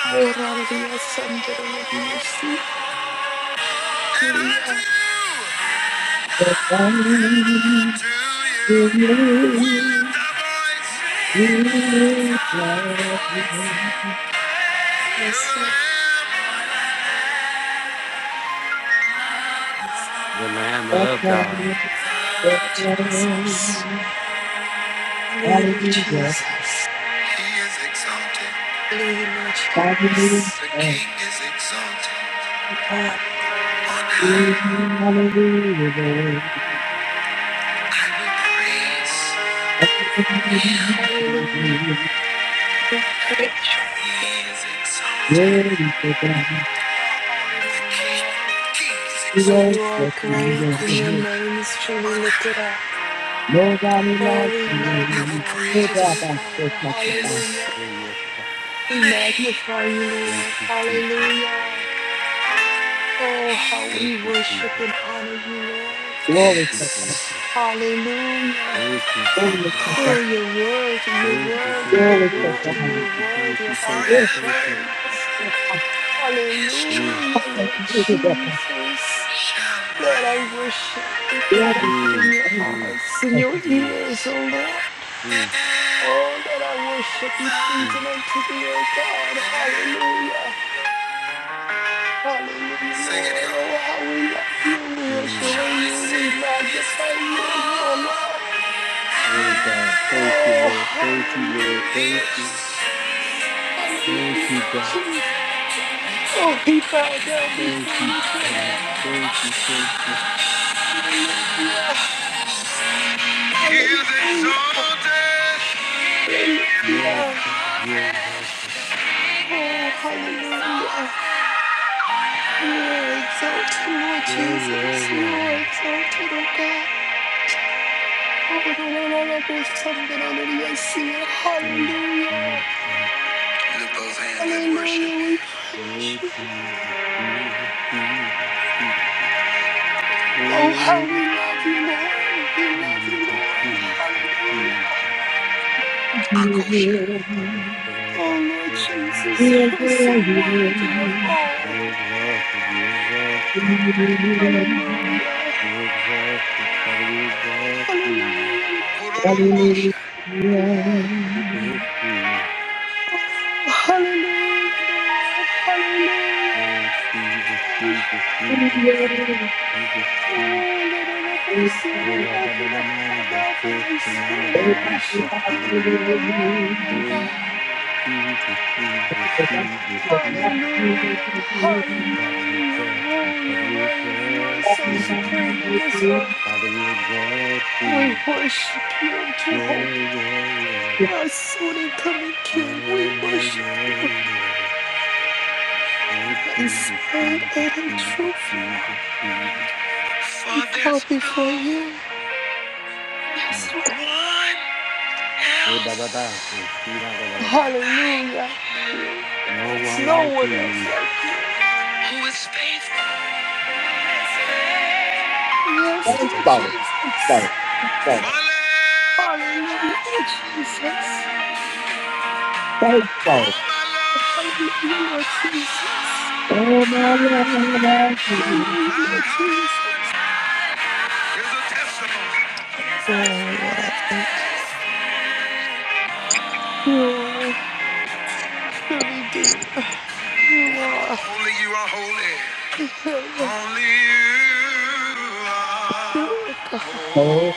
[SPEAKER 3] Oh, Lord, it is under the Lord, it is.
[SPEAKER 2] And unto
[SPEAKER 3] Hallelujah.
[SPEAKER 2] you, to you, we lift our voice. To
[SPEAKER 3] Yes,
[SPEAKER 2] the
[SPEAKER 3] Lord
[SPEAKER 2] Lamb,
[SPEAKER 3] Jesus.
[SPEAKER 1] Lamb of God.
[SPEAKER 3] Lord Jesus. Hallelujah, Lord Jesus.
[SPEAKER 2] He is exalted.
[SPEAKER 3] Hallelujah, Lord Jesus.
[SPEAKER 2] The King is exalted.
[SPEAKER 3] You are.
[SPEAKER 2] On high, I will praise Him.
[SPEAKER 3] Hallelujah. I praise your,
[SPEAKER 2] He is exalted.
[SPEAKER 4] glory to God.
[SPEAKER 3] your holy
[SPEAKER 2] The
[SPEAKER 3] name,
[SPEAKER 2] King,
[SPEAKER 3] Lord.
[SPEAKER 2] King is
[SPEAKER 4] We
[SPEAKER 3] For you
[SPEAKER 2] exalted.
[SPEAKER 3] are
[SPEAKER 4] worship you,
[SPEAKER 3] great and
[SPEAKER 4] Lord.
[SPEAKER 3] your name is truly
[SPEAKER 2] On
[SPEAKER 3] lifted
[SPEAKER 2] high,
[SPEAKER 3] up.
[SPEAKER 4] Nobody
[SPEAKER 3] Oh,
[SPEAKER 4] likes
[SPEAKER 3] we
[SPEAKER 2] I
[SPEAKER 4] you.
[SPEAKER 2] will
[SPEAKER 3] magnify you
[SPEAKER 4] Lord. Nobody
[SPEAKER 3] today,
[SPEAKER 2] praise
[SPEAKER 4] likes
[SPEAKER 3] Father.
[SPEAKER 4] you.
[SPEAKER 2] His
[SPEAKER 4] Lord.
[SPEAKER 3] Hallelujah.
[SPEAKER 1] Thank you, God.
[SPEAKER 3] We
[SPEAKER 2] name.
[SPEAKER 3] magnify you,
[SPEAKER 1] Thank
[SPEAKER 3] Lord.
[SPEAKER 1] you, Jesus.
[SPEAKER 3] Hallelujah. Oh, how
[SPEAKER 2] He
[SPEAKER 3] we
[SPEAKER 1] Thank you,
[SPEAKER 3] worship and
[SPEAKER 1] Jesus.
[SPEAKER 3] honor you, Lord.
[SPEAKER 1] Thank
[SPEAKER 4] Glory
[SPEAKER 1] you,
[SPEAKER 4] to God.
[SPEAKER 2] is
[SPEAKER 1] Jesus.
[SPEAKER 3] Hallelujah.
[SPEAKER 1] Thank you,
[SPEAKER 4] Glory
[SPEAKER 1] Jesus.
[SPEAKER 4] to God.
[SPEAKER 3] Oh,
[SPEAKER 2] Lord
[SPEAKER 3] you're worthy, you're
[SPEAKER 1] Thank you, thank
[SPEAKER 3] worthy, you're
[SPEAKER 1] you,
[SPEAKER 4] Glory
[SPEAKER 1] thank
[SPEAKER 4] to
[SPEAKER 1] you, thank
[SPEAKER 3] worthy,
[SPEAKER 4] God.
[SPEAKER 3] you're
[SPEAKER 1] you, thank
[SPEAKER 3] worthy
[SPEAKER 1] you,
[SPEAKER 3] of
[SPEAKER 1] thank
[SPEAKER 3] all
[SPEAKER 1] you,
[SPEAKER 3] our
[SPEAKER 4] Yes,
[SPEAKER 1] thank
[SPEAKER 2] forever.
[SPEAKER 1] you.
[SPEAKER 3] praise.
[SPEAKER 4] yes, I'm
[SPEAKER 2] His
[SPEAKER 1] Mm,
[SPEAKER 3] Hallelujah,
[SPEAKER 2] throne
[SPEAKER 4] fucking
[SPEAKER 3] Lord
[SPEAKER 4] through to God.
[SPEAKER 3] Jesus.
[SPEAKER 2] shall
[SPEAKER 3] Let I
[SPEAKER 2] reign.
[SPEAKER 3] worship be
[SPEAKER 4] Glory to
[SPEAKER 3] perfected in
[SPEAKER 1] mm,
[SPEAKER 3] your
[SPEAKER 4] God.
[SPEAKER 1] mm,
[SPEAKER 3] eyes, in your
[SPEAKER 1] mm,
[SPEAKER 3] ears, O Lord.
[SPEAKER 1] mm,
[SPEAKER 2] Ever
[SPEAKER 3] Oh, that I worship be
[SPEAKER 2] and
[SPEAKER 1] mm,
[SPEAKER 3] pleasing unto thee, O God.
[SPEAKER 2] ever.
[SPEAKER 3] Hallelujah. Hallelujah,
[SPEAKER 2] Sing it,
[SPEAKER 3] Lord.
[SPEAKER 2] y'all.
[SPEAKER 3] Oh, how we love you. We
[SPEAKER 2] Choice
[SPEAKER 1] mm.
[SPEAKER 2] is
[SPEAKER 3] adore you. We magnify you and you
[SPEAKER 2] obvious.
[SPEAKER 3] alone.
[SPEAKER 1] Oh
[SPEAKER 3] Mm.
[SPEAKER 1] God, thank you,
[SPEAKER 3] Oh,
[SPEAKER 1] Lord. Thank you, Lord.
[SPEAKER 3] hallelujah,
[SPEAKER 1] Thank
[SPEAKER 3] Lord
[SPEAKER 1] you.
[SPEAKER 3] Jesus.
[SPEAKER 1] Thank
[SPEAKER 3] Hallelujah,
[SPEAKER 1] you,
[SPEAKER 3] Lord
[SPEAKER 1] God.
[SPEAKER 3] Jesus. Oh, he bowed down
[SPEAKER 1] Thank
[SPEAKER 3] before
[SPEAKER 1] you,
[SPEAKER 3] you,
[SPEAKER 1] God.
[SPEAKER 3] Jehovah.
[SPEAKER 1] Thank you, thank you.
[SPEAKER 3] Hallelujah.
[SPEAKER 2] He is
[SPEAKER 3] Hallelujah.
[SPEAKER 2] exalted.
[SPEAKER 1] Yes,
[SPEAKER 3] Hallelujah.
[SPEAKER 1] God. Yes, God.
[SPEAKER 3] Oh, hallelujah. You are exalted, Lord
[SPEAKER 1] Yeah, yeah,
[SPEAKER 3] Jesus. You are
[SPEAKER 1] yeah.
[SPEAKER 3] exalted, O God. Hallelujah.
[SPEAKER 1] Mm, mm, mm.
[SPEAKER 2] Lift those hands
[SPEAKER 3] Hallelujah. We
[SPEAKER 1] Oh,
[SPEAKER 3] praise you.
[SPEAKER 1] Jesus, Jesus, Jesus, Jesus.
[SPEAKER 3] Oh, how
[SPEAKER 1] Oh,
[SPEAKER 3] we love you, Lord. We love you,
[SPEAKER 1] Jesus,
[SPEAKER 3] Lord.
[SPEAKER 1] Jesus,
[SPEAKER 3] Hallelujah.
[SPEAKER 1] Jesus.
[SPEAKER 4] You
[SPEAKER 2] Akosha.
[SPEAKER 4] will,
[SPEAKER 1] I got to go
[SPEAKER 3] Oh,
[SPEAKER 1] back
[SPEAKER 3] Lord
[SPEAKER 1] to the number
[SPEAKER 3] Jesus,
[SPEAKER 1] one.
[SPEAKER 3] you are so
[SPEAKER 4] you will,
[SPEAKER 3] worthy of
[SPEAKER 4] you
[SPEAKER 3] all.
[SPEAKER 1] You exhausted, you exhausted,
[SPEAKER 4] will.
[SPEAKER 3] Hallelujah.
[SPEAKER 1] you exhausted, Father, we exhausted you.
[SPEAKER 3] Hallelujah, Lord.
[SPEAKER 4] Hallelujah.
[SPEAKER 3] Hallelujah.
[SPEAKER 1] We lift you.
[SPEAKER 3] Oh, hallelujah, Lord.
[SPEAKER 1] Oh,
[SPEAKER 3] Hallelujah. We
[SPEAKER 1] Jesus,
[SPEAKER 3] praise you.
[SPEAKER 1] Jesus,
[SPEAKER 4] Hallelujah. Everybody
[SPEAKER 1] Jesus,
[SPEAKER 4] likes
[SPEAKER 1] Jesus, Jesus, Jesus,
[SPEAKER 3] Oh, Lord, Lord, Lord, Lord, see, we
[SPEAKER 4] you.
[SPEAKER 1] Ura
[SPEAKER 3] open our our
[SPEAKER 1] Badamando,
[SPEAKER 3] mouth and our
[SPEAKER 1] Simano,
[SPEAKER 3] spirit and worship you
[SPEAKER 1] Victoria,
[SPEAKER 3] and you alone, oh God.
[SPEAKER 1] O Jesus,
[SPEAKER 4] Lord.
[SPEAKER 1] Jesus, Jesus,
[SPEAKER 4] Everybody likes
[SPEAKER 1] Jesus,
[SPEAKER 4] you.
[SPEAKER 3] Hallelujah.
[SPEAKER 4] Lord.
[SPEAKER 1] Father, we
[SPEAKER 3] Hallelujah. You
[SPEAKER 1] exalt thee.
[SPEAKER 3] rule, you
[SPEAKER 1] Father, we
[SPEAKER 3] reign, and you are
[SPEAKER 1] exalt
[SPEAKER 3] so
[SPEAKER 1] thee,
[SPEAKER 4] Faithful,
[SPEAKER 3] supreme in this earth.
[SPEAKER 1] Father, we exalt
[SPEAKER 3] We
[SPEAKER 1] thee,
[SPEAKER 3] worship you,
[SPEAKER 1] Yeah,
[SPEAKER 3] Jehovah,
[SPEAKER 1] yeah, yeah.
[SPEAKER 3] our soon and coming King. We
[SPEAKER 1] Yeah, yeah,
[SPEAKER 3] worship you
[SPEAKER 1] yeah, yeah. Oh,
[SPEAKER 3] in
[SPEAKER 1] Jesus,
[SPEAKER 3] spirit and
[SPEAKER 1] Jesus,
[SPEAKER 3] in
[SPEAKER 1] Jesus,
[SPEAKER 3] truth, Lord.
[SPEAKER 1] Jesus, Jesus.
[SPEAKER 3] We
[SPEAKER 2] For
[SPEAKER 3] bow
[SPEAKER 2] there's no
[SPEAKER 3] before you. Yes,
[SPEAKER 1] Mm.
[SPEAKER 3] Lord.
[SPEAKER 2] one
[SPEAKER 1] Eh, da,
[SPEAKER 2] else
[SPEAKER 1] da, da. Eh, see, da, da, da,
[SPEAKER 3] Oh,
[SPEAKER 1] da, da.
[SPEAKER 2] like
[SPEAKER 3] hallelujah. Thank
[SPEAKER 2] you
[SPEAKER 3] You.
[SPEAKER 1] No
[SPEAKER 3] There's
[SPEAKER 1] one
[SPEAKER 3] no
[SPEAKER 1] like
[SPEAKER 3] one else
[SPEAKER 1] you.
[SPEAKER 3] like you.
[SPEAKER 2] who is faithful.
[SPEAKER 3] Yes, Lord
[SPEAKER 1] you're
[SPEAKER 4] faithful, faithful,
[SPEAKER 3] Jesus.
[SPEAKER 2] Forever.
[SPEAKER 3] Hallelujah, Lord Jesus.
[SPEAKER 4] faithful.
[SPEAKER 2] All my
[SPEAKER 3] Oh,
[SPEAKER 2] love,
[SPEAKER 3] hallelujah, Lord Jesus.
[SPEAKER 4] All my life you
[SPEAKER 3] Hallelujah,
[SPEAKER 2] my
[SPEAKER 3] Lord
[SPEAKER 2] heart
[SPEAKER 3] Jesus.
[SPEAKER 2] is a testimony.
[SPEAKER 3] Oh, Lord, I thank you. You are the Redeemer. You are
[SPEAKER 2] Only you are holy.
[SPEAKER 3] the Healer.
[SPEAKER 2] Only you
[SPEAKER 3] You
[SPEAKER 2] are
[SPEAKER 3] are God.
[SPEAKER 4] help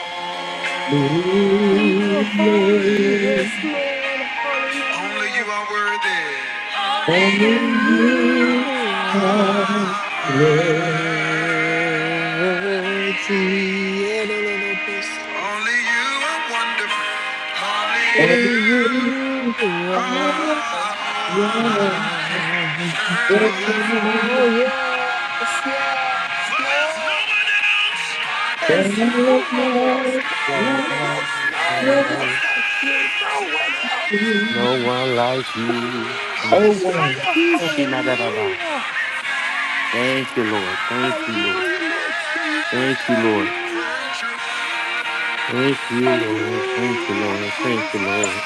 [SPEAKER 4] me,
[SPEAKER 3] And you are holy.
[SPEAKER 4] Lord.
[SPEAKER 3] Yes, Lord.
[SPEAKER 2] Only
[SPEAKER 3] Hallelujah.
[SPEAKER 2] you are worthy.
[SPEAKER 4] Only
[SPEAKER 3] Only
[SPEAKER 4] you
[SPEAKER 3] you are
[SPEAKER 4] are with
[SPEAKER 3] worthy. Elolobosaya.
[SPEAKER 2] Only you are wonderful. Only you
[SPEAKER 3] Only
[SPEAKER 2] are
[SPEAKER 3] you
[SPEAKER 2] wonderful.
[SPEAKER 4] everything I want.
[SPEAKER 3] are
[SPEAKER 4] Yes,
[SPEAKER 3] wonderful.
[SPEAKER 4] Lord.
[SPEAKER 3] Yes, yes,
[SPEAKER 2] For there's no
[SPEAKER 3] yes.
[SPEAKER 2] one else
[SPEAKER 3] There's
[SPEAKER 4] When I
[SPEAKER 3] No
[SPEAKER 4] look
[SPEAKER 3] one else,
[SPEAKER 4] now,
[SPEAKER 3] no
[SPEAKER 1] No
[SPEAKER 3] one
[SPEAKER 4] life,
[SPEAKER 3] else, no one
[SPEAKER 4] life,
[SPEAKER 3] else like you, no
[SPEAKER 2] like
[SPEAKER 3] one
[SPEAKER 2] you
[SPEAKER 3] else.
[SPEAKER 4] you.
[SPEAKER 1] one like you.
[SPEAKER 3] Ooh,
[SPEAKER 2] who
[SPEAKER 4] Oh,
[SPEAKER 2] is
[SPEAKER 3] hallelujah,
[SPEAKER 2] faithful
[SPEAKER 4] wow.
[SPEAKER 2] and true.
[SPEAKER 1] Shinadadaba.
[SPEAKER 3] hallelujah.
[SPEAKER 1] Thank you, Lord. Thank you, Lord.
[SPEAKER 3] Hallelujah, Lord Jesus.
[SPEAKER 1] Thank you, Lord.
[SPEAKER 3] Hallelujah.
[SPEAKER 1] Thank you, Lord. Thank
[SPEAKER 3] Hallelujah,
[SPEAKER 1] you,
[SPEAKER 3] Lord
[SPEAKER 1] Lord. Thank you,
[SPEAKER 3] Jesus.
[SPEAKER 1] Lord.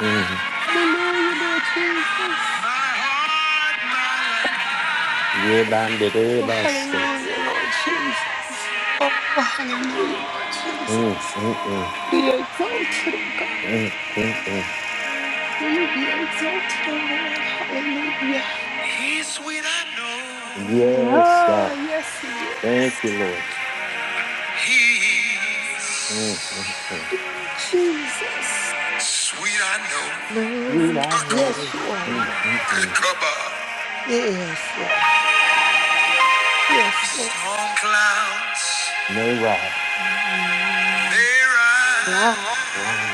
[SPEAKER 1] Mm.
[SPEAKER 3] Hallelujah, Lord
[SPEAKER 2] Oh, my
[SPEAKER 3] Jesus.
[SPEAKER 2] heart, my life.
[SPEAKER 3] Oh,
[SPEAKER 1] Yebandedebaso.
[SPEAKER 3] hallelujah, Lord Jesus. Oh, hallelujah, Lord
[SPEAKER 1] Mm,
[SPEAKER 3] Jesus.
[SPEAKER 1] mm, mm,
[SPEAKER 3] Be exalted, oh God.
[SPEAKER 1] mm, mm, mm.
[SPEAKER 3] You be exalted, oh Lord. Hallelujah.
[SPEAKER 2] He's sweet, I know.
[SPEAKER 1] Yes,
[SPEAKER 3] Ah,
[SPEAKER 1] God.
[SPEAKER 3] yes, He is.
[SPEAKER 1] Thank you, Lord.
[SPEAKER 2] He's
[SPEAKER 1] Mm, mm, mm.
[SPEAKER 3] Oh, Jesus.
[SPEAKER 2] sweet, I know.
[SPEAKER 1] Good
[SPEAKER 3] No.
[SPEAKER 1] I
[SPEAKER 2] Echo,
[SPEAKER 1] know.
[SPEAKER 3] Yes, you are,
[SPEAKER 1] Mm,
[SPEAKER 3] Lord.
[SPEAKER 1] mm, mm.
[SPEAKER 2] Ekaba.
[SPEAKER 3] Yes, Lord. Yes, Lord.
[SPEAKER 2] Storm clouds
[SPEAKER 1] May rise.
[SPEAKER 3] Mm.
[SPEAKER 2] may rise.
[SPEAKER 3] Right.
[SPEAKER 1] Wrong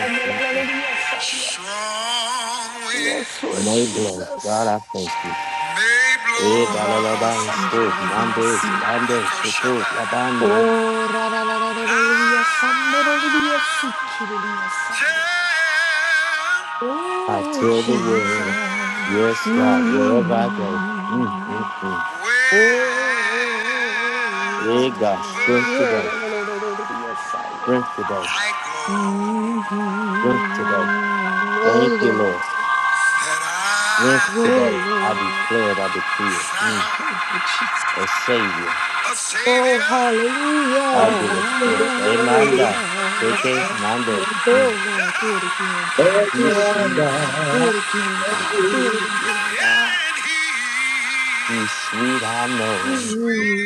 [SPEAKER 3] And la- la- la- Yes, ah, yeah.
[SPEAKER 2] Strong wind
[SPEAKER 3] yes, Lord
[SPEAKER 1] May blood, God,
[SPEAKER 3] Jesus.
[SPEAKER 1] I thank you.
[SPEAKER 2] may blow.
[SPEAKER 1] We
[SPEAKER 3] Oh,
[SPEAKER 1] da la la
[SPEAKER 3] Rabba
[SPEAKER 1] ban stood, Monday,
[SPEAKER 3] Sandorodiasia.
[SPEAKER 1] Monday,
[SPEAKER 2] Echo
[SPEAKER 1] tutu,
[SPEAKER 2] Shabbat.
[SPEAKER 1] la bande.
[SPEAKER 3] Oh,
[SPEAKER 2] Now
[SPEAKER 3] Rarararorolodia Sandorolodia Sikiridia Saya.
[SPEAKER 2] tell
[SPEAKER 1] I
[SPEAKER 2] the
[SPEAKER 3] Oh,
[SPEAKER 1] tell the world,
[SPEAKER 3] Jesus.
[SPEAKER 1] yes, God, wherever I go. Mm, mm,
[SPEAKER 3] Mm.
[SPEAKER 1] mm.
[SPEAKER 3] Oh,
[SPEAKER 2] world well.
[SPEAKER 1] Hey, God,
[SPEAKER 3] Lord.
[SPEAKER 1] strength today,
[SPEAKER 3] Yeah,
[SPEAKER 2] I
[SPEAKER 3] Lord.
[SPEAKER 1] strength today,
[SPEAKER 2] go
[SPEAKER 1] strength today.
[SPEAKER 3] Mm-hmm. Oh,
[SPEAKER 1] Thank you,
[SPEAKER 3] Lord.
[SPEAKER 1] Lord.
[SPEAKER 2] that I
[SPEAKER 1] Strength
[SPEAKER 3] Oh
[SPEAKER 1] today. I
[SPEAKER 3] Lord,
[SPEAKER 1] declare it, I decree it.
[SPEAKER 3] we
[SPEAKER 2] found
[SPEAKER 1] Mm.
[SPEAKER 3] can Lord Jesus.
[SPEAKER 1] A Savior,
[SPEAKER 2] a
[SPEAKER 3] Oh
[SPEAKER 2] savior
[SPEAKER 3] hallelujah.
[SPEAKER 4] I
[SPEAKER 1] I
[SPEAKER 4] know
[SPEAKER 1] give us strength. Amanda, KK, Mando.
[SPEAKER 3] Oh
[SPEAKER 1] Mm.
[SPEAKER 3] Lord, do it again, God. Do it
[SPEAKER 1] He's sweet,
[SPEAKER 3] again, God. Do it again, God. Do it again, God.
[SPEAKER 2] and he
[SPEAKER 1] he's sweet, I know.
[SPEAKER 2] sweet.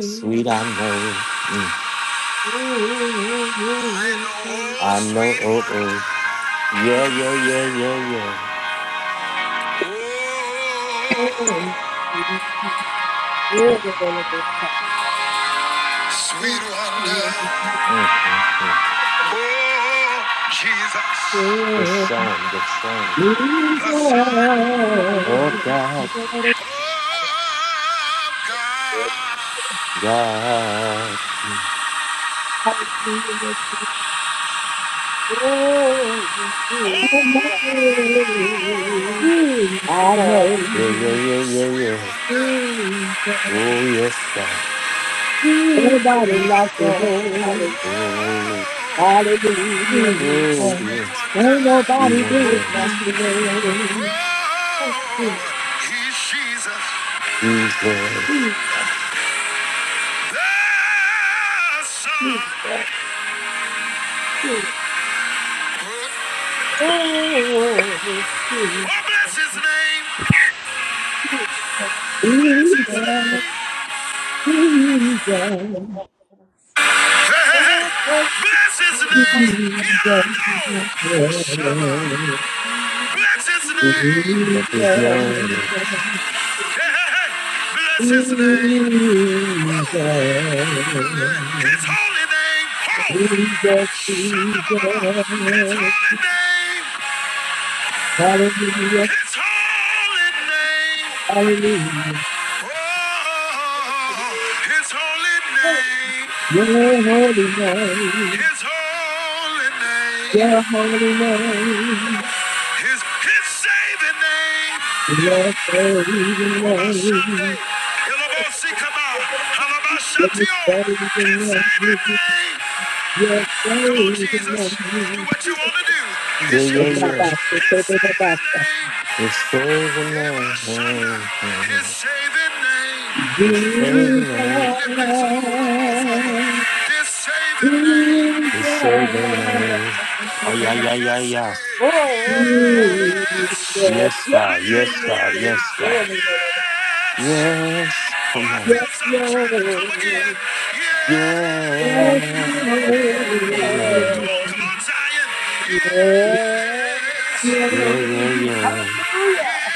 [SPEAKER 1] Sweet, I know. Mm.
[SPEAKER 2] I know, oh,
[SPEAKER 1] I know.
[SPEAKER 2] sweet
[SPEAKER 1] Oh, oh.
[SPEAKER 2] wonder.
[SPEAKER 1] Yeah, yeah, yeah, yeah, yeah.
[SPEAKER 2] Oh, sweet wonder.
[SPEAKER 1] Mm, mm, mm.
[SPEAKER 2] Oh, Jesus,
[SPEAKER 1] The song, the song.
[SPEAKER 2] the Son
[SPEAKER 1] Oh, God,
[SPEAKER 2] of God.
[SPEAKER 1] God. Mm.
[SPEAKER 2] Oh,
[SPEAKER 1] Yeah, yeah, yeah, yeah,
[SPEAKER 2] sweet
[SPEAKER 1] yeah.
[SPEAKER 2] wonder.
[SPEAKER 1] Oh, yes, God.
[SPEAKER 4] nobody like the
[SPEAKER 3] Hallelujah,
[SPEAKER 4] Lord.
[SPEAKER 3] hallelujah.
[SPEAKER 1] Oh,
[SPEAKER 4] Hallelujah.
[SPEAKER 1] oh,
[SPEAKER 3] Oh,
[SPEAKER 2] Sweet
[SPEAKER 1] yes.
[SPEAKER 2] wonder,
[SPEAKER 4] Ain't
[SPEAKER 1] We
[SPEAKER 4] nobody do it
[SPEAKER 1] wonder.
[SPEAKER 4] like the Lord.
[SPEAKER 2] oh, he's Jesus,
[SPEAKER 1] We God.
[SPEAKER 2] the Son. Oh, bless his name, bless
[SPEAKER 4] Jesus,
[SPEAKER 2] his name,
[SPEAKER 4] Jesus,
[SPEAKER 2] hey, hey, hey. bless his name,
[SPEAKER 4] Jesus,
[SPEAKER 2] Kiando, Oshama, bless his name,
[SPEAKER 4] Jesus.
[SPEAKER 1] That is morning.
[SPEAKER 4] Jesus.
[SPEAKER 2] hey, hey, hey. bless his name,
[SPEAKER 4] Jesus,
[SPEAKER 2] Woo. Bless his holy name, oh,
[SPEAKER 4] Jesus.
[SPEAKER 2] Shut Shandabababa. his
[SPEAKER 4] Jesus,
[SPEAKER 2] holy name.
[SPEAKER 4] Hallelujah,
[SPEAKER 2] His holy name.
[SPEAKER 4] hallelujah.
[SPEAKER 2] Oh, his holy name.
[SPEAKER 4] Your holy name,
[SPEAKER 2] His holy name.
[SPEAKER 4] your holy name.
[SPEAKER 2] His his saving name.
[SPEAKER 4] Your saving
[SPEAKER 2] Oh, by Shande.
[SPEAKER 4] name,
[SPEAKER 2] Ilabosi kama.
[SPEAKER 4] your
[SPEAKER 2] Halabashatio.
[SPEAKER 4] saving
[SPEAKER 2] His saving
[SPEAKER 4] name,
[SPEAKER 2] name.
[SPEAKER 4] your
[SPEAKER 2] Come on,
[SPEAKER 4] saving
[SPEAKER 2] Jesus. Do
[SPEAKER 4] name.
[SPEAKER 2] what you want to do.
[SPEAKER 1] Yeah,
[SPEAKER 2] It's
[SPEAKER 4] And
[SPEAKER 1] yeah,
[SPEAKER 2] your
[SPEAKER 4] now
[SPEAKER 1] yeah.
[SPEAKER 2] church.
[SPEAKER 4] back to
[SPEAKER 2] His
[SPEAKER 4] the
[SPEAKER 2] saving
[SPEAKER 4] back.
[SPEAKER 2] name.
[SPEAKER 1] It's saving
[SPEAKER 2] Yeah, by His
[SPEAKER 1] us.
[SPEAKER 2] saving name.
[SPEAKER 1] It's saving us.
[SPEAKER 2] Hey, lift this load up off of her.
[SPEAKER 4] Jesus.
[SPEAKER 2] This
[SPEAKER 4] My
[SPEAKER 2] saving name.
[SPEAKER 1] It's
[SPEAKER 4] God
[SPEAKER 1] saving us. Ay, ay, ay, ay,
[SPEAKER 2] Yes, it
[SPEAKER 1] ay.
[SPEAKER 2] is.
[SPEAKER 3] oh, oh, oh.
[SPEAKER 2] Yes.
[SPEAKER 1] Yes, God.
[SPEAKER 2] Ay, ay,
[SPEAKER 1] Yes,
[SPEAKER 2] ay,
[SPEAKER 1] God.
[SPEAKER 2] ay, ay.
[SPEAKER 1] Yes, God.
[SPEAKER 2] Yes.
[SPEAKER 1] Yes.
[SPEAKER 2] Oh,
[SPEAKER 1] Come
[SPEAKER 2] I
[SPEAKER 1] on.
[SPEAKER 2] feel something trying to come again. Yes.
[SPEAKER 1] Yeah. Yeah, yeah,
[SPEAKER 2] Come on, come
[SPEAKER 3] Yeah,
[SPEAKER 2] on, Zion. Yes.
[SPEAKER 1] yeah. Yeah, yeah,
[SPEAKER 2] Yes.
[SPEAKER 3] hallelujah.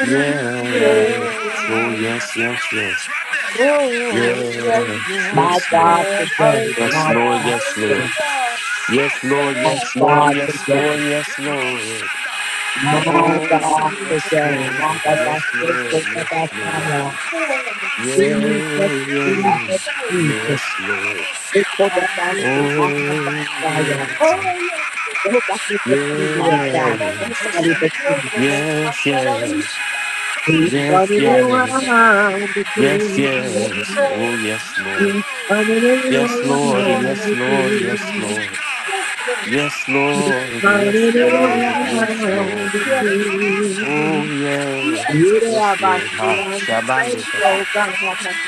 [SPEAKER 1] yeah. Yes. Oh, yes,
[SPEAKER 3] Yeah.
[SPEAKER 2] Clap
[SPEAKER 1] yes,
[SPEAKER 2] your hands
[SPEAKER 1] yes.
[SPEAKER 2] right there. Yeah, yeah, yeah,
[SPEAKER 3] Oh, yes,
[SPEAKER 1] Yes.
[SPEAKER 2] yeah,
[SPEAKER 3] Lord.
[SPEAKER 2] yeah,
[SPEAKER 1] Yes, Lord.
[SPEAKER 4] today,
[SPEAKER 1] Yes,
[SPEAKER 2] yeah,
[SPEAKER 4] my
[SPEAKER 2] yeah.
[SPEAKER 1] Lord.
[SPEAKER 3] Hallelujah,
[SPEAKER 4] God
[SPEAKER 1] Yes,
[SPEAKER 4] today,
[SPEAKER 1] Lord.
[SPEAKER 3] hallelujah.
[SPEAKER 2] Ho!
[SPEAKER 1] Yes, Lord.
[SPEAKER 3] Yeah.
[SPEAKER 1] Yes, Lord.
[SPEAKER 2] Shakata!
[SPEAKER 1] Yes, Lord. Yes,
[SPEAKER 2] Yakobo
[SPEAKER 1] Lord.
[SPEAKER 2] Sanda!
[SPEAKER 4] my
[SPEAKER 1] Oh,
[SPEAKER 3] Hallelujah.
[SPEAKER 2] Kababasa!
[SPEAKER 4] God
[SPEAKER 1] yes,
[SPEAKER 2] Hey,
[SPEAKER 4] today, my God today,
[SPEAKER 1] Lord.
[SPEAKER 2] hey!
[SPEAKER 4] my
[SPEAKER 3] Yes,
[SPEAKER 4] God
[SPEAKER 1] Yes,
[SPEAKER 4] today,
[SPEAKER 1] Lord.
[SPEAKER 4] my
[SPEAKER 2] Elanabanseko!
[SPEAKER 1] Yes,
[SPEAKER 4] God
[SPEAKER 1] Lord.
[SPEAKER 4] today,
[SPEAKER 3] Lord.
[SPEAKER 2] Ukabababansia!
[SPEAKER 1] Yeah,
[SPEAKER 4] Jesus,
[SPEAKER 3] Yes,
[SPEAKER 1] yeah.
[SPEAKER 4] Jesus,
[SPEAKER 2] Elanabansa!
[SPEAKER 3] Lord.
[SPEAKER 4] Jesus.
[SPEAKER 1] Yes, Lord.
[SPEAKER 4] We
[SPEAKER 2] Anababosia!
[SPEAKER 4] put our thoughts in
[SPEAKER 3] Hallelujah.
[SPEAKER 4] God and
[SPEAKER 1] Oh,
[SPEAKER 4] God's
[SPEAKER 2] Yanababahaya!
[SPEAKER 4] fire.
[SPEAKER 3] Oh, yes.
[SPEAKER 4] No God is
[SPEAKER 2] Ebabababababasha!
[SPEAKER 1] yeah,
[SPEAKER 4] the king, dear
[SPEAKER 2] Yeah,
[SPEAKER 3] Oh,
[SPEAKER 2] yeah!
[SPEAKER 1] yeah,
[SPEAKER 4] God.
[SPEAKER 3] yes,
[SPEAKER 4] No God is
[SPEAKER 2] Yeah,
[SPEAKER 3] Lord.
[SPEAKER 4] the
[SPEAKER 2] yeah!
[SPEAKER 3] Yes,
[SPEAKER 4] king.
[SPEAKER 3] Lord.
[SPEAKER 2] Come
[SPEAKER 1] yes,
[SPEAKER 2] on,
[SPEAKER 1] yeah,
[SPEAKER 3] Hallelujah.
[SPEAKER 2] Jesus! Come on,
[SPEAKER 4] We
[SPEAKER 2] Jesus!
[SPEAKER 4] turn
[SPEAKER 1] yes,
[SPEAKER 4] it
[SPEAKER 2] Give him
[SPEAKER 1] yeah,
[SPEAKER 3] Yes,
[SPEAKER 2] peace!
[SPEAKER 3] yes,
[SPEAKER 4] around
[SPEAKER 2] Give it to us. Give
[SPEAKER 1] yes,
[SPEAKER 4] again.
[SPEAKER 3] Yes,
[SPEAKER 1] yes. Oh,
[SPEAKER 3] Lord.
[SPEAKER 2] it
[SPEAKER 1] yes, Lord.
[SPEAKER 4] We turn it
[SPEAKER 1] Yes,
[SPEAKER 4] around
[SPEAKER 3] Yes,
[SPEAKER 1] Lord.
[SPEAKER 4] again.
[SPEAKER 3] Lord.
[SPEAKER 1] Yes,
[SPEAKER 4] We
[SPEAKER 1] Lord. Yes, Lord.
[SPEAKER 3] Yes, yes,
[SPEAKER 1] Yes, Lord.
[SPEAKER 4] turn
[SPEAKER 1] Yes,
[SPEAKER 4] it
[SPEAKER 1] Lord. Yes,
[SPEAKER 4] around
[SPEAKER 1] Lord. Mm.
[SPEAKER 3] Yes.
[SPEAKER 1] Oh,
[SPEAKER 4] again.
[SPEAKER 3] Yes, yes,
[SPEAKER 1] yeah.
[SPEAKER 4] Yeah,
[SPEAKER 1] Yes,
[SPEAKER 4] but
[SPEAKER 1] Lord. Ah,
[SPEAKER 4] I'm
[SPEAKER 1] Shabande
[SPEAKER 3] yes, yes,
[SPEAKER 4] faithful,
[SPEAKER 1] Kasa.
[SPEAKER 4] God.